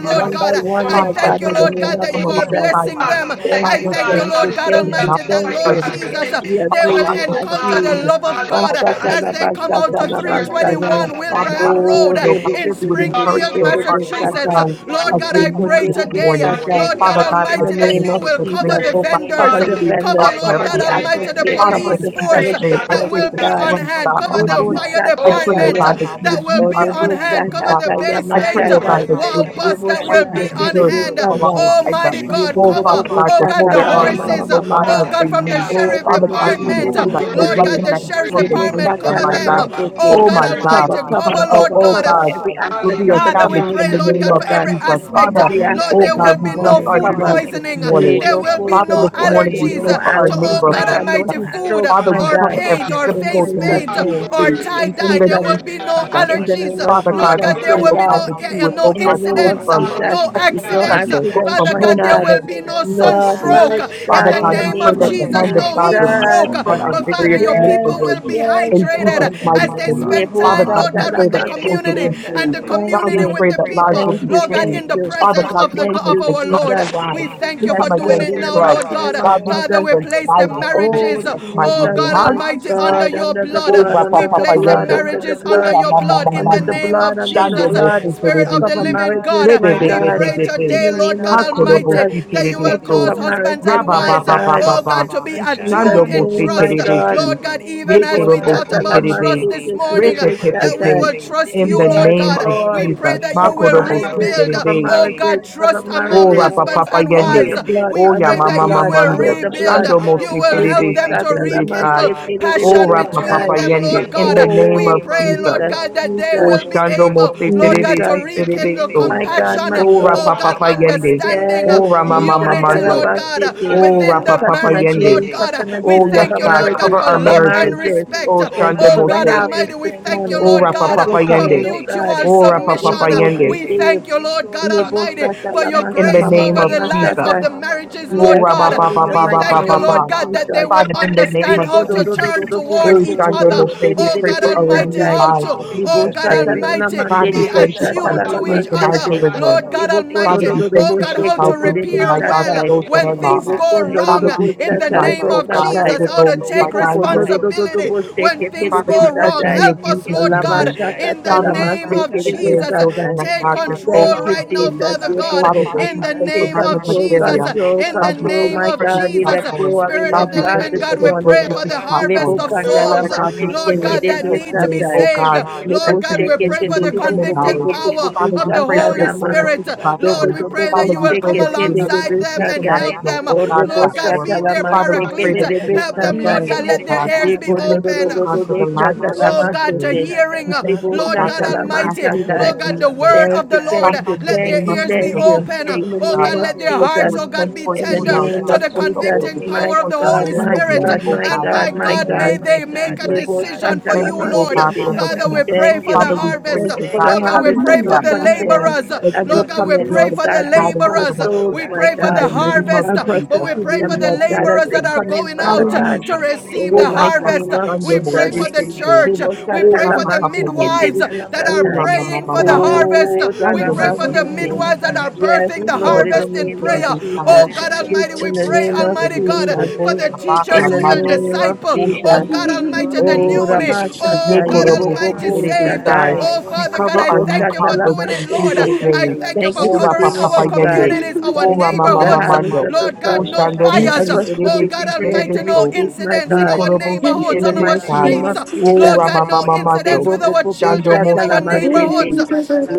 Speaker 1: Lord
Speaker 3: one
Speaker 1: God.
Speaker 3: by
Speaker 8: So,
Speaker 3: one,
Speaker 1: I
Speaker 3: my
Speaker 2: Father, I
Speaker 1: thank
Speaker 3: God,
Speaker 1: you,
Speaker 3: in
Speaker 2: pray
Speaker 3: the
Speaker 2: that
Speaker 1: Lord
Speaker 2: you
Speaker 1: God,
Speaker 3: name
Speaker 2: would
Speaker 3: of
Speaker 1: that
Speaker 2: come
Speaker 1: you are
Speaker 3: Jesus.
Speaker 2: alongside
Speaker 1: blessing
Speaker 2: them.
Speaker 1: them.
Speaker 12: Thank
Speaker 3: Thank
Speaker 2: God,
Speaker 1: I
Speaker 2: we
Speaker 3: you,
Speaker 8: about
Speaker 1: thank
Speaker 2: pray
Speaker 1: you,
Speaker 12: God,
Speaker 8: those
Speaker 3: thank
Speaker 2: for
Speaker 3: you,
Speaker 1: Lord
Speaker 12: hallelujah,
Speaker 1: God
Speaker 8: two
Speaker 2: wisdom
Speaker 3: thank
Speaker 2: and
Speaker 8: things,
Speaker 3: you,
Speaker 1: Almighty,
Speaker 2: knowledge
Speaker 1: that
Speaker 12: for
Speaker 3: thank
Speaker 2: for
Speaker 1: Lord
Speaker 2: our
Speaker 3: you.
Speaker 2: leaders.
Speaker 1: Jesus,
Speaker 3: We
Speaker 1: they
Speaker 2: Father
Speaker 3: agree,
Speaker 1: will
Speaker 2: God,
Speaker 3: we
Speaker 2: we
Speaker 12: oh
Speaker 2: pray for
Speaker 1: encounter
Speaker 12: God,
Speaker 1: the
Speaker 3: agree.
Speaker 1: love
Speaker 2: leadership
Speaker 1: of
Speaker 2: and
Speaker 1: God
Speaker 2: guidance
Speaker 12: hallelujah,
Speaker 8: God,
Speaker 2: and
Speaker 3: Bashata
Speaker 1: as
Speaker 3: la
Speaker 1: they come
Speaker 8: we,
Speaker 2: direction
Speaker 1: out
Speaker 2: in
Speaker 3: basata
Speaker 1: to
Speaker 3: la
Speaker 2: Jesus'
Speaker 8: we
Speaker 2: name.
Speaker 8: give
Speaker 3: basata.
Speaker 8: you
Speaker 1: 321
Speaker 8: praise.
Speaker 12: Thank
Speaker 2: Father
Speaker 1: Wilbraham
Speaker 2: God, I
Speaker 8: We
Speaker 3: Oh,
Speaker 1: Road
Speaker 2: pray, oh
Speaker 3: rebe,
Speaker 8: give
Speaker 2: God,
Speaker 8: you
Speaker 2: that
Speaker 1: in
Speaker 3: be,
Speaker 8: praise.
Speaker 2: you
Speaker 3: be,
Speaker 2: would
Speaker 3: be,
Speaker 8: We
Speaker 3: be,
Speaker 8: give
Speaker 12: God,
Speaker 3: be,
Speaker 2: encourage
Speaker 8: you
Speaker 1: Springfield,
Speaker 3: be,
Speaker 2: their
Speaker 3: be,
Speaker 8: glory.
Speaker 3: be,
Speaker 2: hearts
Speaker 12: glorify
Speaker 2: in
Speaker 1: Massachusetts.
Speaker 2: God
Speaker 3: satai.
Speaker 1: Lord
Speaker 2: as
Speaker 8: Lord,
Speaker 1: God,
Speaker 2: they
Speaker 8: we
Speaker 1: I
Speaker 2: leave
Speaker 8: thank
Speaker 1: pray
Speaker 2: this
Speaker 3: Yekunde, be, be,
Speaker 1: today,
Speaker 8: you
Speaker 2: morning.
Speaker 8: for
Speaker 3: satai.
Speaker 1: Lord
Speaker 8: this.
Speaker 1: God
Speaker 2: Father God,
Speaker 3: In
Speaker 2: I
Speaker 3: the
Speaker 1: Almighty,
Speaker 12: God,
Speaker 2: pray
Speaker 1: that
Speaker 3: name
Speaker 2: in
Speaker 1: you
Speaker 3: of
Speaker 1: will
Speaker 2: Jesus'
Speaker 8: Hallelujah.
Speaker 1: cover
Speaker 2: name,
Speaker 3: Jesus,
Speaker 1: the
Speaker 2: oh God, for
Speaker 8: Glory
Speaker 1: vendors
Speaker 3: cover
Speaker 8: to
Speaker 12: Hallelujah.
Speaker 3: the
Speaker 2: clarity
Speaker 1: force.
Speaker 8: God.
Speaker 2: of
Speaker 1: Cover,
Speaker 3: vendors,
Speaker 2: thought and
Speaker 12: You
Speaker 1: Lord
Speaker 2: of
Speaker 8: My
Speaker 3: cover
Speaker 12: are
Speaker 1: God
Speaker 3: the
Speaker 8: God,
Speaker 12: great,
Speaker 2: mind.
Speaker 8: we
Speaker 1: Almighty, the
Speaker 8: thank
Speaker 3: atmosphere,
Speaker 12: great,
Speaker 8: you.
Speaker 2: Father,
Speaker 8: We
Speaker 3: cover
Speaker 1: police
Speaker 2: in
Speaker 3: the
Speaker 8: thank you.
Speaker 1: force
Speaker 2: Jesus'
Speaker 8: We
Speaker 12: great.
Speaker 8: thank
Speaker 2: name,
Speaker 8: you.
Speaker 3: fellowship,
Speaker 12: Hallelujah.
Speaker 2: I
Speaker 1: that
Speaker 2: pray
Speaker 1: will
Speaker 3: mighty
Speaker 2: for
Speaker 8: We
Speaker 1: be
Speaker 3: God.
Speaker 1: on
Speaker 8: thank
Speaker 2: strength,
Speaker 8: you
Speaker 1: hand.
Speaker 8: for
Speaker 2: God
Speaker 8: the
Speaker 1: Cover
Speaker 8: glory.
Speaker 1: the
Speaker 3: Rebo
Speaker 2: Almighty.
Speaker 1: fire
Speaker 8: we
Speaker 2: I
Speaker 8: Thank
Speaker 12: Oh,
Speaker 2: pray, oh
Speaker 1: department
Speaker 8: you
Speaker 12: bless
Speaker 8: for
Speaker 2: God,
Speaker 3: Sakataya,
Speaker 8: your
Speaker 2: that you
Speaker 1: that
Speaker 2: would
Speaker 8: revelation.
Speaker 1: will
Speaker 2: lead
Speaker 3: or
Speaker 1: be
Speaker 2: our
Speaker 8: God.
Speaker 1: on
Speaker 3: Rebo
Speaker 2: leaders,
Speaker 1: hand.
Speaker 2: my
Speaker 8: We
Speaker 1: Cover
Speaker 2: God.
Speaker 1: the
Speaker 8: thank
Speaker 12: you
Speaker 8: you,
Speaker 3: Sakataya
Speaker 12: are
Speaker 1: Bay
Speaker 2: I
Speaker 8: Lord
Speaker 12: mighty.
Speaker 2: pray,
Speaker 1: State
Speaker 2: oh
Speaker 12: You
Speaker 8: God,
Speaker 2: God,
Speaker 12: are
Speaker 3: Masatai,
Speaker 2: that you
Speaker 12: great.
Speaker 1: wow
Speaker 2: would
Speaker 8: Christ,
Speaker 12: God.
Speaker 2: lead
Speaker 1: bus
Speaker 3: Rebo
Speaker 1: that
Speaker 8: for your
Speaker 1: will
Speaker 2: every the
Speaker 12: Like,
Speaker 1: be
Speaker 3: Shekete
Speaker 1: on
Speaker 2: leaders
Speaker 8: faithfulness,
Speaker 3: Rebe
Speaker 2: to
Speaker 1: hand.
Speaker 2: come
Speaker 8: oh
Speaker 3: Sanai,
Speaker 8: God. We
Speaker 2: alongside them.
Speaker 1: Almighty
Speaker 8: thank you,
Speaker 1: God,
Speaker 3: Rebo
Speaker 2: Oh,
Speaker 8: my
Speaker 1: cover,
Speaker 2: Father
Speaker 8: God,
Speaker 3: Bobo
Speaker 2: God,
Speaker 1: oh
Speaker 2: to
Speaker 1: God,
Speaker 2: hold
Speaker 8: for
Speaker 1: the
Speaker 2: their
Speaker 3: Satala
Speaker 12: Hallelujah.
Speaker 2: arms
Speaker 3: Mama
Speaker 2: up,
Speaker 1: horses,
Speaker 8: guiding us,
Speaker 2: oh
Speaker 3: Mama
Speaker 2: God,
Speaker 8: Father
Speaker 2: as
Speaker 3: Mama,
Speaker 1: oh God,
Speaker 2: they
Speaker 8: God,
Speaker 1: from the
Speaker 2: lead.
Speaker 12: Hallelujah.
Speaker 8: for
Speaker 3: O
Speaker 1: sheriff
Speaker 2: Father
Speaker 3: Rebe
Speaker 2: God,
Speaker 12: God,
Speaker 2: we
Speaker 8: the
Speaker 3: Bebe
Speaker 2: just
Speaker 12: you
Speaker 1: department.
Speaker 12: are
Speaker 2: decree
Speaker 8: more,
Speaker 2: that
Speaker 3: Bebe
Speaker 2: no
Speaker 8: Father
Speaker 12: worthy.
Speaker 1: Lord
Speaker 8: God.
Speaker 1: God,
Speaker 3: Bebe,
Speaker 2: weapon
Speaker 1: the
Speaker 2: that is
Speaker 12: Praise.
Speaker 1: sheriff's
Speaker 2: formed
Speaker 12: You
Speaker 8: Oh
Speaker 3: Rebo
Speaker 8: my
Speaker 2: against
Speaker 12: are
Speaker 1: department,
Speaker 2: them,
Speaker 1: cover
Speaker 8: God,
Speaker 2: my
Speaker 3: Satala
Speaker 12: worthy.
Speaker 1: them.
Speaker 2: God.
Speaker 8: Lord,
Speaker 12: God.
Speaker 8: I have
Speaker 1: Oh
Speaker 3: Maseke.
Speaker 2: Oh
Speaker 1: God
Speaker 8: not
Speaker 2: my
Speaker 12: Worthy.
Speaker 8: so
Speaker 1: Almighty,
Speaker 2: God,
Speaker 3: Cover,
Speaker 8: far
Speaker 2: we come
Speaker 3: cover,
Speaker 1: cover,
Speaker 8: because
Speaker 2: out,
Speaker 1: Lord
Speaker 3: cover,
Speaker 2: oh
Speaker 3: cover
Speaker 2: God,
Speaker 3: every
Speaker 2: will
Speaker 3: aspect
Speaker 12: Hallelujah.
Speaker 2: be
Speaker 1: God,
Speaker 3: of
Speaker 8: we
Speaker 3: the
Speaker 1: Father, we
Speaker 2: established in
Speaker 1: pray,
Speaker 2: the
Speaker 3: community,
Speaker 11: Mm,
Speaker 3: dear
Speaker 1: Lord
Speaker 2: name
Speaker 1: God,
Speaker 3: Lord
Speaker 2: of
Speaker 1: for
Speaker 3: God,
Speaker 12: Hallelujah.
Speaker 1: every
Speaker 8: we
Speaker 2: Jesus.
Speaker 8: come
Speaker 1: aspect.
Speaker 2: Father,
Speaker 3: every
Speaker 8: against
Speaker 1: Lord,
Speaker 2: oh
Speaker 3: aspect
Speaker 1: there
Speaker 8: them
Speaker 1: will
Speaker 3: this
Speaker 2: God, we
Speaker 1: be
Speaker 8: in
Speaker 2: bless
Speaker 8: the
Speaker 1: no
Speaker 3: morning,
Speaker 2: our
Speaker 1: food
Speaker 8: name
Speaker 3: cover.
Speaker 2: leaders
Speaker 8: of
Speaker 2: this
Speaker 1: poisoning.
Speaker 12: Your
Speaker 8: Jesus
Speaker 3: Eh,
Speaker 2: morning.
Speaker 1: There
Speaker 3: no
Speaker 1: will
Speaker 8: Christ
Speaker 1: be
Speaker 8: of
Speaker 3: food,
Speaker 1: be
Speaker 2: Father,
Speaker 1: no
Speaker 8: Nazareth.
Speaker 3: food
Speaker 2: this
Speaker 12: name.
Speaker 2: morning we
Speaker 3: poisoning,
Speaker 1: allergies
Speaker 2: pray
Speaker 1: uh,
Speaker 3: no
Speaker 8: Lord,
Speaker 2: for our
Speaker 1: to,
Speaker 3: allergies,
Speaker 8: God,
Speaker 1: oh
Speaker 3: my
Speaker 1: God
Speaker 2: neighborhood,
Speaker 12: Hallelujah.
Speaker 3: God,
Speaker 8: our
Speaker 3: no
Speaker 2: oh,
Speaker 1: Almighty,
Speaker 8: Father,
Speaker 3: heat
Speaker 2: God.
Speaker 1: food uh,
Speaker 3: strokes,
Speaker 2: Father,
Speaker 3: my
Speaker 2: we
Speaker 1: or
Speaker 3: God,
Speaker 2: cover
Speaker 8: Almighty
Speaker 12: Hallelujah.
Speaker 1: paint
Speaker 2: every
Speaker 1: or
Speaker 2: zip
Speaker 8: God,
Speaker 3: in
Speaker 2: code
Speaker 8: in
Speaker 1: face
Speaker 8: the
Speaker 2: in
Speaker 12: You
Speaker 2: this
Speaker 3: Jesus'
Speaker 1: paint
Speaker 8: name
Speaker 12: are
Speaker 1: uh,
Speaker 2: great
Speaker 3: name.
Speaker 1: or
Speaker 2: city
Speaker 12: worthy. You
Speaker 8: of
Speaker 1: tie
Speaker 3: In
Speaker 2: in
Speaker 1: dye.
Speaker 2: the
Speaker 12: are
Speaker 1: There
Speaker 8: Jesus
Speaker 3: Jesus'
Speaker 2: name
Speaker 1: will
Speaker 12: worthy.
Speaker 2: of
Speaker 8: Christ.
Speaker 1: be no
Speaker 2: Jesus.
Speaker 3: in
Speaker 8: Mighty
Speaker 3: the
Speaker 1: allergies.
Speaker 3: name
Speaker 1: uh,
Speaker 3: of
Speaker 8: God,
Speaker 2: Father
Speaker 8: in the
Speaker 2: God,
Speaker 1: Lord
Speaker 2: we
Speaker 3: Jesus,
Speaker 1: God,
Speaker 8: name
Speaker 1: there
Speaker 2: pray,
Speaker 8: of
Speaker 12: worthy.
Speaker 3: my
Speaker 1: will
Speaker 2: oh
Speaker 1: be
Speaker 2: God,
Speaker 1: no,
Speaker 3: God.
Speaker 2: that
Speaker 8: Jesus.
Speaker 2: you
Speaker 1: uh,
Speaker 2: would,
Speaker 8: We
Speaker 1: no
Speaker 2: oh
Speaker 3: In the
Speaker 2: God,
Speaker 8: thank you,
Speaker 3: name
Speaker 2: go
Speaker 3: of
Speaker 8: Lord
Speaker 1: incidents,
Speaker 2: from
Speaker 12: Hallelujah.
Speaker 1: uh,
Speaker 8: God,
Speaker 3: Jesus,
Speaker 1: no
Speaker 8: Almighty,
Speaker 2: sector
Speaker 8: for
Speaker 2: to
Speaker 3: no
Speaker 1: accidents.
Speaker 8: every
Speaker 12: Thank
Speaker 1: uh,
Speaker 2: sector, go
Speaker 3: accidents,
Speaker 2: from
Speaker 1: Father
Speaker 3: my
Speaker 8: petition,
Speaker 1: God,
Speaker 2: home
Speaker 8: O
Speaker 2: to
Speaker 1: there
Speaker 3: God.
Speaker 8: Lord,
Speaker 1: will
Speaker 2: home
Speaker 1: be
Speaker 2: in
Speaker 1: no
Speaker 8: on the
Speaker 2: Jesus'
Speaker 12: you are
Speaker 3: Lord,
Speaker 8: mind.
Speaker 2: name.
Speaker 12: worthy.
Speaker 3: my
Speaker 1: sunstroke
Speaker 12: You
Speaker 1: uh, in
Speaker 3: God,
Speaker 2: Father
Speaker 12: are
Speaker 1: the
Speaker 3: in
Speaker 2: God,
Speaker 3: the
Speaker 2: we
Speaker 8: We
Speaker 1: name
Speaker 2: pray
Speaker 3: name
Speaker 1: of
Speaker 2: that
Speaker 3: of
Speaker 8: praise
Speaker 2: the
Speaker 1: Jesus,
Speaker 8: you,
Speaker 12: worthy.
Speaker 2: hand of
Speaker 3: Jesus.
Speaker 8: Lord
Speaker 1: no
Speaker 2: God
Speaker 1: heat
Speaker 2: would
Speaker 8: God
Speaker 2: rest
Speaker 1: stroke. uh,
Speaker 2: upon our
Speaker 1: But
Speaker 8: Almighty,
Speaker 1: Father,
Speaker 2: various
Speaker 8: in the
Speaker 1: your
Speaker 8: name
Speaker 3: Yes,
Speaker 8: of
Speaker 1: people will
Speaker 2: neighborhoods
Speaker 1: be
Speaker 8: Jesus,
Speaker 3: yes,
Speaker 2: in
Speaker 8: for
Speaker 1: hydrated
Speaker 2: Jesus'
Speaker 3: Lord.
Speaker 1: uh,
Speaker 2: mighty
Speaker 1: as
Speaker 8: healing, O
Speaker 1: they
Speaker 2: name.
Speaker 8: Lord
Speaker 1: spend
Speaker 2: Father
Speaker 1: time,
Speaker 8: God
Speaker 2: God,
Speaker 1: Lord
Speaker 2: we
Speaker 1: God,
Speaker 2: pray
Speaker 1: with the
Speaker 8: Almighty,
Speaker 12: Thank
Speaker 2: that
Speaker 12: you,
Speaker 2: souls would
Speaker 1: community
Speaker 3: Yebosatalamasete.
Speaker 2: be
Speaker 8: in the
Speaker 1: and
Speaker 2: saved.
Speaker 1: the
Speaker 8: name
Speaker 3: Thank
Speaker 8: of
Speaker 2: God,
Speaker 1: community
Speaker 2: we
Speaker 3: you,
Speaker 1: with
Speaker 2: pray
Speaker 1: the
Speaker 2: that
Speaker 8: Jesus
Speaker 2: lives
Speaker 1: people.
Speaker 2: will
Speaker 3: thank
Speaker 2: be
Speaker 3: you,
Speaker 8: Christ
Speaker 1: Lord God,
Speaker 8: of
Speaker 3: thank
Speaker 2: saved.
Speaker 1: in the
Speaker 3: you,
Speaker 8: Nazareth,
Speaker 2: Father
Speaker 1: presence
Speaker 8: Lord
Speaker 2: God,
Speaker 1: of
Speaker 2: we
Speaker 1: the
Speaker 2: come
Speaker 3: thank
Speaker 8: God.
Speaker 1: of
Speaker 3: you,
Speaker 2: against
Speaker 1: our
Speaker 2: high
Speaker 12: God.
Speaker 8: We
Speaker 1: Lord,
Speaker 3: Jesus.
Speaker 8: praise
Speaker 1: we
Speaker 2: crime.
Speaker 8: and we
Speaker 1: thank
Speaker 2: We
Speaker 1: you for
Speaker 3: Yes,
Speaker 8: bless
Speaker 2: come
Speaker 1: doing
Speaker 8: the
Speaker 1: doing
Speaker 3: Lord,
Speaker 2: against
Speaker 1: it
Speaker 12: Dear
Speaker 3: in the
Speaker 1: now,
Speaker 8: name
Speaker 3: mighty
Speaker 2: drugs.
Speaker 1: Lord
Speaker 12: you
Speaker 3: name
Speaker 8: of
Speaker 1: God.
Speaker 3: of
Speaker 2: God, we
Speaker 11: Yes,
Speaker 1: Father,
Speaker 11: yes,
Speaker 3: Jesus.
Speaker 1: we
Speaker 2: come against
Speaker 1: place
Speaker 8: Christ.
Speaker 1: the
Speaker 2: violence in
Speaker 8: We
Speaker 1: marriages,
Speaker 3: Oh,
Speaker 2: Jesus'
Speaker 8: praise
Speaker 3: Jesus,
Speaker 2: mighty
Speaker 1: oh
Speaker 8: Lord
Speaker 2: name.
Speaker 1: God
Speaker 8: God,
Speaker 3: my
Speaker 1: Almighty,
Speaker 8: Almighty,
Speaker 2: Hallelujah.
Speaker 12: God.
Speaker 1: under
Speaker 3: God,
Speaker 1: your
Speaker 8: in
Speaker 3: under
Speaker 8: the
Speaker 3: the
Speaker 1: blood.
Speaker 2: Oh,
Speaker 8: name
Speaker 3: blood,
Speaker 8: of
Speaker 2: Rapa
Speaker 1: We
Speaker 3: under the
Speaker 2: Papa
Speaker 1: place the
Speaker 3: blood,
Speaker 8: Jesus
Speaker 2: Yende.
Speaker 3: under the
Speaker 1: marriages
Speaker 8: Christ,
Speaker 2: Oh,
Speaker 1: under
Speaker 3: blood.
Speaker 1: your
Speaker 2: Mama
Speaker 1: blood
Speaker 2: Mama
Speaker 1: in
Speaker 3: under
Speaker 1: the
Speaker 8: Lord
Speaker 3: the
Speaker 2: Mando.
Speaker 1: name
Speaker 8: God
Speaker 3: blood,
Speaker 1: of
Speaker 3: under the
Speaker 2: Shando
Speaker 1: Jesus.
Speaker 8: Almighty.
Speaker 2: Mo
Speaker 3: blood.
Speaker 2: Se
Speaker 8: Thank
Speaker 1: Spirit
Speaker 2: Terebe
Speaker 1: of
Speaker 8: you,
Speaker 1: the
Speaker 3: Cover
Speaker 2: Si.
Speaker 8: thank
Speaker 1: living
Speaker 8: you, Lord
Speaker 3: marriages,
Speaker 1: God,
Speaker 3: my
Speaker 2: Rebe
Speaker 8: God.
Speaker 12: thank
Speaker 2: Be
Speaker 1: we
Speaker 2: Be
Speaker 3: God,
Speaker 2: Be
Speaker 1: pray
Speaker 8: Thank
Speaker 2: Be
Speaker 8: you,
Speaker 3: in
Speaker 2: Be.
Speaker 1: today,
Speaker 3: the
Speaker 1: Lord
Speaker 8: praise
Speaker 3: name
Speaker 1: God
Speaker 3: of
Speaker 11: mm,
Speaker 8: you,
Speaker 2: Hakorobo
Speaker 1: Almighty,
Speaker 3: Jesus.
Speaker 2: Si
Speaker 1: that you
Speaker 2: Terebe
Speaker 1: will
Speaker 3: Watch
Speaker 1: cause
Speaker 2: So.
Speaker 3: over
Speaker 8: God,
Speaker 1: husbands
Speaker 8: for the
Speaker 3: marriages,
Speaker 1: and
Speaker 2: Raba
Speaker 3: my
Speaker 2: Ba
Speaker 1: wives,
Speaker 2: Ba
Speaker 8: full
Speaker 3: God,
Speaker 1: oh
Speaker 8: gospel.
Speaker 1: God, to be
Speaker 3: in
Speaker 8: In the
Speaker 3: Jesus'
Speaker 2: Shando
Speaker 1: attuned
Speaker 2: Mo
Speaker 1: in
Speaker 2: Se
Speaker 3: name, my
Speaker 1: trust.
Speaker 12: you.
Speaker 3: God.
Speaker 2: Si.
Speaker 1: Lord God, even
Speaker 2: Ye
Speaker 1: as we
Speaker 2: Korobo
Speaker 12: God.
Speaker 1: talked
Speaker 3: Rebosata
Speaker 2: Si
Speaker 1: about
Speaker 2: Terebe.
Speaker 1: trust this
Speaker 3: lamasete
Speaker 8: no
Speaker 1: morning,
Speaker 2: Repe Pe
Speaker 1: that we
Speaker 2: Pe.
Speaker 3: kerebesata.
Speaker 1: will trust
Speaker 2: In
Speaker 1: you,
Speaker 2: the
Speaker 1: Lord
Speaker 3: Yes,
Speaker 2: name
Speaker 1: God.
Speaker 2: of
Speaker 1: We
Speaker 3: Lord.
Speaker 2: Jesus.
Speaker 1: pray that you
Speaker 3: Cover
Speaker 1: will
Speaker 2: Makorobo Si
Speaker 3: marriages,
Speaker 1: rebuild,
Speaker 3: cover
Speaker 2: Terebe.
Speaker 1: oh
Speaker 3: marriages,
Speaker 1: God,
Speaker 3: cover
Speaker 1: trust among
Speaker 2: O
Speaker 3: marriages.
Speaker 2: Rapa
Speaker 1: husbands
Speaker 2: Papa
Speaker 1: and wives
Speaker 3: Under
Speaker 2: Yende.
Speaker 3: the
Speaker 1: lives.
Speaker 3: blood,
Speaker 1: We
Speaker 2: O
Speaker 1: pray
Speaker 3: under
Speaker 1: Oh,
Speaker 3: the
Speaker 1: that
Speaker 2: Yamama
Speaker 1: you
Speaker 3: blood,
Speaker 8: the
Speaker 1: will
Speaker 3: under
Speaker 2: Mamando.
Speaker 3: the
Speaker 11: mm,
Speaker 1: rebuild,
Speaker 3: blood.
Speaker 2: Shando
Speaker 1: you
Speaker 2: Mosi
Speaker 1: will help
Speaker 2: Terebe
Speaker 1: them
Speaker 2: Si
Speaker 1: to
Speaker 3: Rebosata
Speaker 1: si
Speaker 2: Terebe
Speaker 1: rekindle
Speaker 2: Sai.
Speaker 3: lamasete
Speaker 8: now,
Speaker 2: O
Speaker 1: passion Oh,
Speaker 2: Rapa
Speaker 1: between
Speaker 2: Papa
Speaker 3: kerebesata.
Speaker 1: them, Lord
Speaker 2: Yende. In
Speaker 1: God.
Speaker 2: the
Speaker 1: We
Speaker 2: name
Speaker 8: oh,
Speaker 3: Oh,
Speaker 2: of
Speaker 1: pray, Lord
Speaker 2: Jesus.
Speaker 3: Jesus,
Speaker 1: God, that they
Speaker 3: Jesus,
Speaker 2: O
Speaker 1: will Oh, be
Speaker 2: Shando
Speaker 1: able,
Speaker 2: Mosi
Speaker 1: Lord God, to
Speaker 2: Terebe
Speaker 3: Jesus.
Speaker 1: si
Speaker 2: Si Terebe
Speaker 1: rekindle so.
Speaker 2: So.
Speaker 10: Thank
Speaker 3: My God,
Speaker 10: you,
Speaker 1: compassion, Oh,
Speaker 3: my
Speaker 2: O
Speaker 10: Lord.
Speaker 1: oh
Speaker 3: God.
Speaker 2: Rapa
Speaker 1: God,
Speaker 2: Papa Yende.
Speaker 1: understanding, Oh,
Speaker 3: Yes,
Speaker 2: O Rama Mama
Speaker 3: Jesus,
Speaker 1: unity,
Speaker 2: Mando.
Speaker 1: Lord God,
Speaker 8: oh,
Speaker 3: Arabasiti.
Speaker 2: O
Speaker 1: within Oh, the
Speaker 3: We
Speaker 2: Rapa
Speaker 3: touch
Speaker 2: Papa
Speaker 3: and
Speaker 1: marriage,
Speaker 8: Thank
Speaker 3: agree,
Speaker 1: Lord
Speaker 2: Yende.
Speaker 3: we
Speaker 8: you,
Speaker 3: touch and
Speaker 1: God.
Speaker 8: Lord
Speaker 1: We
Speaker 3: agree.
Speaker 1: Oh,
Speaker 2: Oh yes,
Speaker 1: thank
Speaker 3: Cover
Speaker 1: you, yes,
Speaker 8: God.
Speaker 2: God,
Speaker 1: Lord God.
Speaker 3: marriages,
Speaker 2: cover
Speaker 1: for
Speaker 2: our
Speaker 3: cover
Speaker 1: love and
Speaker 2: marriages.
Speaker 3: marriages.
Speaker 1: respect.
Speaker 2: Oh,
Speaker 1: Oh, God,
Speaker 3: Thank you
Speaker 2: Shando
Speaker 1: Oh
Speaker 3: for the
Speaker 2: Mose.
Speaker 3: harvest
Speaker 1: Almighty, we
Speaker 3: this
Speaker 1: thank you,
Speaker 3: morning
Speaker 2: Oh,
Speaker 1: Lord Oh,
Speaker 2: Rapa
Speaker 1: God,
Speaker 3: that
Speaker 2: Papa
Speaker 3: will come
Speaker 1: for
Speaker 3: in,
Speaker 2: Yende.
Speaker 3: oh
Speaker 1: mutual
Speaker 3: God.
Speaker 1: Oh,
Speaker 2: Oh, Rapa
Speaker 3: Their
Speaker 2: Papa
Speaker 1: submission.
Speaker 3: souls be
Speaker 1: We
Speaker 2: Yende.
Speaker 10: Thank
Speaker 1: thank
Speaker 3: saved.
Speaker 1: you, Lord God
Speaker 3: Lebo
Speaker 1: Almighty,
Speaker 3: Sata,
Speaker 1: for your
Speaker 2: In
Speaker 3: Lamasa,
Speaker 1: grace
Speaker 2: the
Speaker 3: Mama,
Speaker 2: name
Speaker 1: over
Speaker 2: of
Speaker 1: over the
Speaker 3: Mama
Speaker 1: lives
Speaker 2: Jesus.
Speaker 1: of
Speaker 3: Sata.
Speaker 1: the marriages, Lord
Speaker 2: O
Speaker 1: Oh,
Speaker 3: Yes,
Speaker 2: Rabba
Speaker 1: God.
Speaker 3: Lord, in
Speaker 2: Baba
Speaker 3: the
Speaker 1: We
Speaker 2: Baba
Speaker 3: mighty
Speaker 1: thank you,
Speaker 2: Baba
Speaker 3: name
Speaker 1: Lord
Speaker 3: of
Speaker 2: Baba.
Speaker 1: God, that
Speaker 3: Jesus.
Speaker 1: they will
Speaker 2: Father, in the name
Speaker 1: understand
Speaker 2: of
Speaker 1: how
Speaker 2: Jesus,
Speaker 1: to turn toward
Speaker 2: oh
Speaker 1: each oh
Speaker 2: Shando
Speaker 1: other.
Speaker 2: Mose, we
Speaker 1: Oh
Speaker 2: pray
Speaker 1: God
Speaker 2: for a
Speaker 1: Almighty,
Speaker 2: renewed
Speaker 3: Yekodododododoboboboboboshedededebeshatai.
Speaker 1: how to,
Speaker 2: mind in
Speaker 1: oh
Speaker 2: Jesus'
Speaker 1: God
Speaker 2: name.
Speaker 1: Almighty, be
Speaker 2: God, we thank you for our
Speaker 1: attuned to each
Speaker 2: healing and our
Speaker 1: other. Lord
Speaker 2: deliverance.
Speaker 1: God
Speaker 2: Father,
Speaker 1: Almighty,
Speaker 2: we thank
Speaker 1: oh God,
Speaker 2: you for
Speaker 1: how to
Speaker 2: salvation,
Speaker 1: repair
Speaker 2: my God,
Speaker 1: well
Speaker 2: for
Speaker 3: Liboshatalanamandeliboshatalalabansete. Libokododododoboshekekedebesatai.
Speaker 2: those that
Speaker 1: when
Speaker 2: are
Speaker 1: oh things
Speaker 2: lost.
Speaker 1: go wrong
Speaker 2: Father, we
Speaker 1: in
Speaker 2: speak
Speaker 1: the
Speaker 2: life,
Speaker 1: name
Speaker 2: oh
Speaker 1: of
Speaker 2: God,
Speaker 3: Libokondododoboshatalebasatai.
Speaker 1: Jesus,
Speaker 2: over
Speaker 1: how to
Speaker 2: those,
Speaker 1: take
Speaker 2: my God, who are
Speaker 1: responsibility
Speaker 2: sick.
Speaker 1: when things go
Speaker 2: Father, we touch
Speaker 1: wrong.
Speaker 2: and
Speaker 3: Libokondodododoboshekekedebesatai.
Speaker 2: we
Speaker 1: Help
Speaker 2: agree
Speaker 1: us,
Speaker 2: this
Speaker 1: Lord God,
Speaker 2: morning.
Speaker 1: in the
Speaker 2: Father, we
Speaker 1: name
Speaker 2: pray
Speaker 1: of
Speaker 2: for the
Speaker 1: Jesus.
Speaker 2: grandchildren
Speaker 3: Lamashakatalamansekedebesatai.
Speaker 2: that
Speaker 1: Take
Speaker 2: God, their souls
Speaker 1: control
Speaker 3: Thank
Speaker 2: will
Speaker 3: you,
Speaker 2: be
Speaker 1: right now,
Speaker 2: saved.
Speaker 3: Jesus.
Speaker 1: Father God,
Speaker 2: Father
Speaker 3: Yebobobo.
Speaker 1: you,
Speaker 2: God,
Speaker 1: in
Speaker 2: we
Speaker 1: the
Speaker 2: pray for
Speaker 3: Take
Speaker 1: name of
Speaker 2: Reverend
Speaker 3: control,
Speaker 1: Jesus.
Speaker 2: Michaela.
Speaker 3: control,
Speaker 1: In the
Speaker 2: God, we
Speaker 3: control,
Speaker 2: thank
Speaker 1: name
Speaker 2: you
Speaker 3: my
Speaker 2: for
Speaker 1: of
Speaker 2: this
Speaker 3: God. We
Speaker 1: Jesus,
Speaker 3: let
Speaker 2: platform.
Speaker 3: go and we
Speaker 1: Spirit
Speaker 3: let
Speaker 2: God,
Speaker 1: of the
Speaker 2: we
Speaker 3: God
Speaker 2: thank
Speaker 1: living
Speaker 2: you
Speaker 3: this
Speaker 2: for
Speaker 1: God, we
Speaker 2: the
Speaker 3: morning.
Speaker 2: growth
Speaker 1: pray
Speaker 2: of
Speaker 1: for
Speaker 2: this
Speaker 1: the harvest
Speaker 3: Lebo
Speaker 2: platform.
Speaker 1: of
Speaker 3: kandala
Speaker 1: souls,
Speaker 2: Father God, we pray
Speaker 1: Lord
Speaker 3: maseke
Speaker 2: in
Speaker 1: God, that
Speaker 2: Jesus'
Speaker 3: tedede
Speaker 1: need to be
Speaker 2: name, oh
Speaker 3: satai.
Speaker 1: saved.
Speaker 2: God, that
Speaker 1: Lord
Speaker 3: Lebo
Speaker 2: you
Speaker 1: God,
Speaker 2: would
Speaker 1: we
Speaker 3: seke
Speaker 2: grant
Speaker 1: pray
Speaker 2: me
Speaker 1: for the
Speaker 3: tedede
Speaker 2: wisdom
Speaker 3: bo
Speaker 2: and
Speaker 3: bo bo
Speaker 1: convicting
Speaker 3: bo
Speaker 2: knowledge.
Speaker 3: bo bo
Speaker 1: power
Speaker 3: bo
Speaker 2: Father,
Speaker 1: of
Speaker 2: we
Speaker 1: the
Speaker 2: pray
Speaker 3: satana
Speaker 2: for the
Speaker 1: Holy
Speaker 3: nama.
Speaker 2: growth of this
Speaker 1: Spirit.
Speaker 3: Do do
Speaker 1: Lord,
Speaker 2: platform.
Speaker 1: we
Speaker 3: do do
Speaker 1: pray that
Speaker 3: bo
Speaker 2: Father,
Speaker 1: you
Speaker 2: we
Speaker 1: will
Speaker 2: pray
Speaker 1: come
Speaker 3: seke
Speaker 2: that you would make
Speaker 3: tedede
Speaker 2: this
Speaker 3: be
Speaker 1: alongside
Speaker 2: an
Speaker 1: them and
Speaker 3: satai.
Speaker 1: help
Speaker 2: international,
Speaker 1: them.
Speaker 2: oh God,
Speaker 3: Orro bo
Speaker 1: Lord God,
Speaker 2: platform.
Speaker 1: be
Speaker 3: satala
Speaker 1: their
Speaker 2: Father,
Speaker 3: maseke
Speaker 2: we pray
Speaker 1: paraclete.
Speaker 2: that
Speaker 3: tedede
Speaker 2: you
Speaker 3: be
Speaker 2: would
Speaker 1: Help
Speaker 2: send
Speaker 1: them, Lord
Speaker 3: satai.
Speaker 9: Yes,
Speaker 2: people,
Speaker 1: God,
Speaker 2: oh
Speaker 1: let their
Speaker 2: God.
Speaker 3: Ye
Speaker 1: ears be
Speaker 2: We
Speaker 3: kondo
Speaker 2: thank
Speaker 3: do
Speaker 2: you,
Speaker 3: do
Speaker 1: open.
Speaker 2: oh
Speaker 3: do
Speaker 2: God,
Speaker 3: do
Speaker 2: for
Speaker 3: do
Speaker 2: the lives that
Speaker 3: satala
Speaker 2: have
Speaker 1: Oh
Speaker 2: been
Speaker 1: God, to
Speaker 2: saved.
Speaker 3: maseke.
Speaker 1: hearing,
Speaker 2: We thank you,
Speaker 3: Lebo
Speaker 2: oh
Speaker 1: Lord
Speaker 2: God, for
Speaker 1: God
Speaker 2: the
Speaker 3: satala
Speaker 1: Almighty,
Speaker 2: capacity that is
Speaker 3: masatai.
Speaker 1: Lord God,
Speaker 2: being
Speaker 1: the
Speaker 2: built.
Speaker 1: word
Speaker 3: Thank
Speaker 1: of
Speaker 3: you,
Speaker 1: the Lord.
Speaker 3: thank
Speaker 2: Father,
Speaker 3: you,
Speaker 2: in the
Speaker 1: Let
Speaker 3: thank
Speaker 1: their
Speaker 2: name
Speaker 3: you,
Speaker 2: of
Speaker 1: ears be
Speaker 3: thank
Speaker 2: Jesus,
Speaker 3: you.
Speaker 2: we
Speaker 1: open.
Speaker 2: pray,
Speaker 3: In
Speaker 2: oh
Speaker 3: the
Speaker 1: Oh
Speaker 2: God,
Speaker 3: name
Speaker 1: God,
Speaker 3: of
Speaker 1: let their
Speaker 2: that you
Speaker 1: hearts,
Speaker 3: Jesus,
Speaker 2: would
Speaker 1: oh God,
Speaker 2: send
Speaker 1: be
Speaker 2: forth
Speaker 3: in
Speaker 2: the
Speaker 3: the
Speaker 1: tender
Speaker 2: young,
Speaker 3: name
Speaker 1: to
Speaker 3: of
Speaker 2: send
Speaker 1: the
Speaker 2: forth the
Speaker 3: Jesus,
Speaker 9: Lord.
Speaker 2: old,
Speaker 1: convicting
Speaker 2: send
Speaker 3: my
Speaker 1: power of
Speaker 2: forth
Speaker 1: the
Speaker 2: the
Speaker 3: God,
Speaker 2: men
Speaker 1: Holy
Speaker 2: and
Speaker 9: Yes,
Speaker 2: the
Speaker 3: my
Speaker 9: yes,
Speaker 1: Spirit.
Speaker 2: women,
Speaker 3: God,
Speaker 2: oh
Speaker 3: my
Speaker 1: And
Speaker 2: God,
Speaker 1: my
Speaker 3: God,
Speaker 1: God,
Speaker 3: my
Speaker 2: in the
Speaker 3: God.
Speaker 1: may
Speaker 2: name of
Speaker 1: they make a
Speaker 2: Jesus.
Speaker 3: Lebo
Speaker 2: We
Speaker 1: decision for
Speaker 2: thank
Speaker 1: you,
Speaker 2: you, oh
Speaker 1: Lord.
Speaker 2: God, for
Speaker 3: Satalamasipi.
Speaker 1: Father,
Speaker 2: what's
Speaker 1: we
Speaker 2: next.
Speaker 1: pray
Speaker 3: Thank
Speaker 1: for
Speaker 3: you.
Speaker 1: the
Speaker 2: Father, we pray,
Speaker 1: harvest.
Speaker 3: Thank you
Speaker 2: oh
Speaker 3: for
Speaker 2: God,
Speaker 3: the
Speaker 1: Lord God, we
Speaker 3: harvest that
Speaker 1: pray
Speaker 2: hallelujah
Speaker 1: for
Speaker 3: will
Speaker 1: the
Speaker 3: contend,
Speaker 1: laborers.
Speaker 2: that
Speaker 3: that
Speaker 1: Lord
Speaker 2: you would
Speaker 3: will
Speaker 8: Thank
Speaker 1: God,
Speaker 8: you,
Speaker 3: come
Speaker 1: we
Speaker 3: in,
Speaker 2: continue
Speaker 1: pray
Speaker 8: thank
Speaker 3: Lord
Speaker 2: to
Speaker 1: for
Speaker 8: you,
Speaker 1: the
Speaker 3: God.
Speaker 2: reach
Speaker 3: Thank
Speaker 2: out
Speaker 8: thank
Speaker 3: you
Speaker 2: and
Speaker 8: you,
Speaker 3: for the
Speaker 1: laborers.
Speaker 8: my
Speaker 2: cover us
Speaker 3: souls,
Speaker 2: Lord.
Speaker 8: God.
Speaker 1: We
Speaker 3: my
Speaker 1: pray for
Speaker 2: in
Speaker 1: the
Speaker 2: the
Speaker 3: God.
Speaker 8: Thank
Speaker 2: name
Speaker 8: you,
Speaker 2: of
Speaker 1: harvest,
Speaker 3: Help
Speaker 8: my
Speaker 3: us
Speaker 2: Jesus.
Speaker 3: to
Speaker 1: but we
Speaker 8: God.
Speaker 3: keep
Speaker 1: pray for
Speaker 3: them,
Speaker 2: Glory
Speaker 1: the
Speaker 8: Thank
Speaker 2: be
Speaker 3: Lord
Speaker 2: to
Speaker 8: you,
Speaker 2: your
Speaker 3: God,
Speaker 8: my
Speaker 1: laborers
Speaker 3: as they
Speaker 1: that
Speaker 2: name.
Speaker 1: are
Speaker 3: come in,
Speaker 1: going
Speaker 3: Father
Speaker 1: out to
Speaker 3: God.
Speaker 2: Hallelujah.
Speaker 1: receive
Speaker 3: In
Speaker 1: the
Speaker 3: the
Speaker 2: Oh,
Speaker 3: mighty
Speaker 2: haya
Speaker 8: Rabashikurukututu.
Speaker 1: harvest.
Speaker 3: name of
Speaker 1: We
Speaker 2: pasando
Speaker 1: pray
Speaker 3: Jesus.
Speaker 2: mose
Speaker 1: for
Speaker 9: yes,
Speaker 1: the
Speaker 8: Jesus,
Speaker 2: querido.
Speaker 1: church.
Speaker 3: Lebo
Speaker 8: Jesus,
Speaker 1: We
Speaker 2: Oh,
Speaker 1: pray for
Speaker 2: rapa
Speaker 1: the
Speaker 2: papa
Speaker 3: Satalamasipi.
Speaker 8: we
Speaker 1: midwives
Speaker 2: yende.
Speaker 8: give you
Speaker 1: that
Speaker 8: thanks,
Speaker 1: are
Speaker 2: Oh,
Speaker 3: Tedibisatai.
Speaker 8: O
Speaker 2: la
Speaker 8: Lord
Speaker 2: mama
Speaker 1: praying for the
Speaker 8: God,
Speaker 2: mamando.
Speaker 1: harvest.
Speaker 3: Oh,
Speaker 8: in the
Speaker 1: We
Speaker 2: Sando
Speaker 1: pray
Speaker 8: name
Speaker 1: for
Speaker 2: mose
Speaker 8: of
Speaker 1: the Oh,
Speaker 3: Zalabasipi.
Speaker 2: querido.
Speaker 8: Jesus,
Speaker 1: midwives that
Speaker 2: si.
Speaker 1: are
Speaker 3: Yes,
Speaker 1: birthing
Speaker 2: Yo
Speaker 8: in
Speaker 1: the
Speaker 8: the
Speaker 3: Lord,
Speaker 2: quiero
Speaker 3: in
Speaker 8: name
Speaker 3: the
Speaker 1: harvest
Speaker 8: of
Speaker 2: mose
Speaker 1: in
Speaker 3: name of
Speaker 2: querido.
Speaker 1: prayer.
Speaker 2: estar.
Speaker 1: Oh
Speaker 3: Jesus.
Speaker 8: the
Speaker 1: God
Speaker 8: name
Speaker 2: Yo
Speaker 1: Almighty, we
Speaker 2: quiero
Speaker 3: In the
Speaker 1: pray,
Speaker 3: name
Speaker 2: mose
Speaker 3: of
Speaker 1: Almighty
Speaker 2: querido.
Speaker 1: God,
Speaker 3: Jesus.
Speaker 1: for
Speaker 2: Rebo
Speaker 1: the
Speaker 2: rabanda
Speaker 3: In
Speaker 1: teachers who
Speaker 3: the
Speaker 8: Rabashikurukututu.
Speaker 1: will
Speaker 2: mando.
Speaker 3: name of
Speaker 1: disciple.
Speaker 2: Oh,
Speaker 1: Oh
Speaker 3: Jesus.
Speaker 2: sando
Speaker 1: God
Speaker 8: Jesus, we
Speaker 2: mose
Speaker 1: Almighty, the
Speaker 8: thank
Speaker 2: querido.
Speaker 8: you,
Speaker 3: O
Speaker 8: we
Speaker 1: newly.
Speaker 2: si.
Speaker 8: thank you.
Speaker 2: Yo
Speaker 3: Rabashata
Speaker 1: Oh God
Speaker 2: quiero
Speaker 8: Yes,
Speaker 2: mose
Speaker 8: my
Speaker 1: Almighty,
Speaker 3: Yebobobo
Speaker 2: querido.
Speaker 8: God,
Speaker 1: saved.
Speaker 2: estar.
Speaker 8: yes,
Speaker 3: Shaddai
Speaker 1: Oh
Speaker 8: my
Speaker 2: We
Speaker 1: Father
Speaker 8: God,
Speaker 1: God,
Speaker 2: cover
Speaker 1: I
Speaker 2: our new
Speaker 1: thank you
Speaker 3: Neboshata
Speaker 1: for
Speaker 8: yes,
Speaker 2: converts
Speaker 1: doing
Speaker 8: my
Speaker 1: it,
Speaker 2: in
Speaker 1: Lord.
Speaker 8: God,
Speaker 2: Jesus'
Speaker 3: Lamasete.
Speaker 1: I
Speaker 2: name.
Speaker 1: thank you
Speaker 3: Thank
Speaker 1: for
Speaker 3: you
Speaker 8: oh
Speaker 2: O
Speaker 3: for
Speaker 8: my
Speaker 2: Rapa
Speaker 1: covering
Speaker 3: doing it,
Speaker 1: our
Speaker 2: Papa
Speaker 8: God,
Speaker 3: oh God.
Speaker 2: Yende.
Speaker 8: thank
Speaker 1: communities,
Speaker 8: you,
Speaker 1: our
Speaker 2: O
Speaker 3: Thank
Speaker 8: thank
Speaker 3: you
Speaker 2: Rama
Speaker 3: for the
Speaker 2: Mama
Speaker 1: neighborhoods.
Speaker 3: harvest
Speaker 2: Mando.
Speaker 3: that will
Speaker 8: you,
Speaker 1: Lord
Speaker 2: O
Speaker 1: God,
Speaker 3: come.
Speaker 8: hallelujah,
Speaker 1: no
Speaker 2: Shando Mose
Speaker 8: thank
Speaker 1: fires.
Speaker 3: Help
Speaker 8: you,
Speaker 3: us
Speaker 8: Lord
Speaker 3: to
Speaker 1: Oh
Speaker 3: be
Speaker 2: Terebe
Speaker 1: God
Speaker 2: Si
Speaker 3: prepared to
Speaker 2: Terebe
Speaker 1: Almighty, no
Speaker 2: So.
Speaker 3: receive, my
Speaker 1: incidents
Speaker 2: Ye
Speaker 1: in our
Speaker 3: God,
Speaker 2: Korobo Si
Speaker 1: neighborhoods,
Speaker 3: in the
Speaker 1: on
Speaker 2: Terebe
Speaker 1: our
Speaker 3: mighty
Speaker 2: Sai.
Speaker 3: name
Speaker 1: streets.
Speaker 3: of
Speaker 2: O
Speaker 1: Lord
Speaker 9: yes,
Speaker 3: Jesus.
Speaker 2: Rama
Speaker 1: God, no
Speaker 2: Mama
Speaker 1: incidents
Speaker 2: Mando.
Speaker 1: with our
Speaker 3: Nebobobobo
Speaker 2: Shando
Speaker 1: children
Speaker 3: Shata
Speaker 1: in
Speaker 2: Mose
Speaker 1: our
Speaker 8: God,
Speaker 2: Terebe
Speaker 3: Lamasete.
Speaker 1: neighborhoods.
Speaker 2: Si.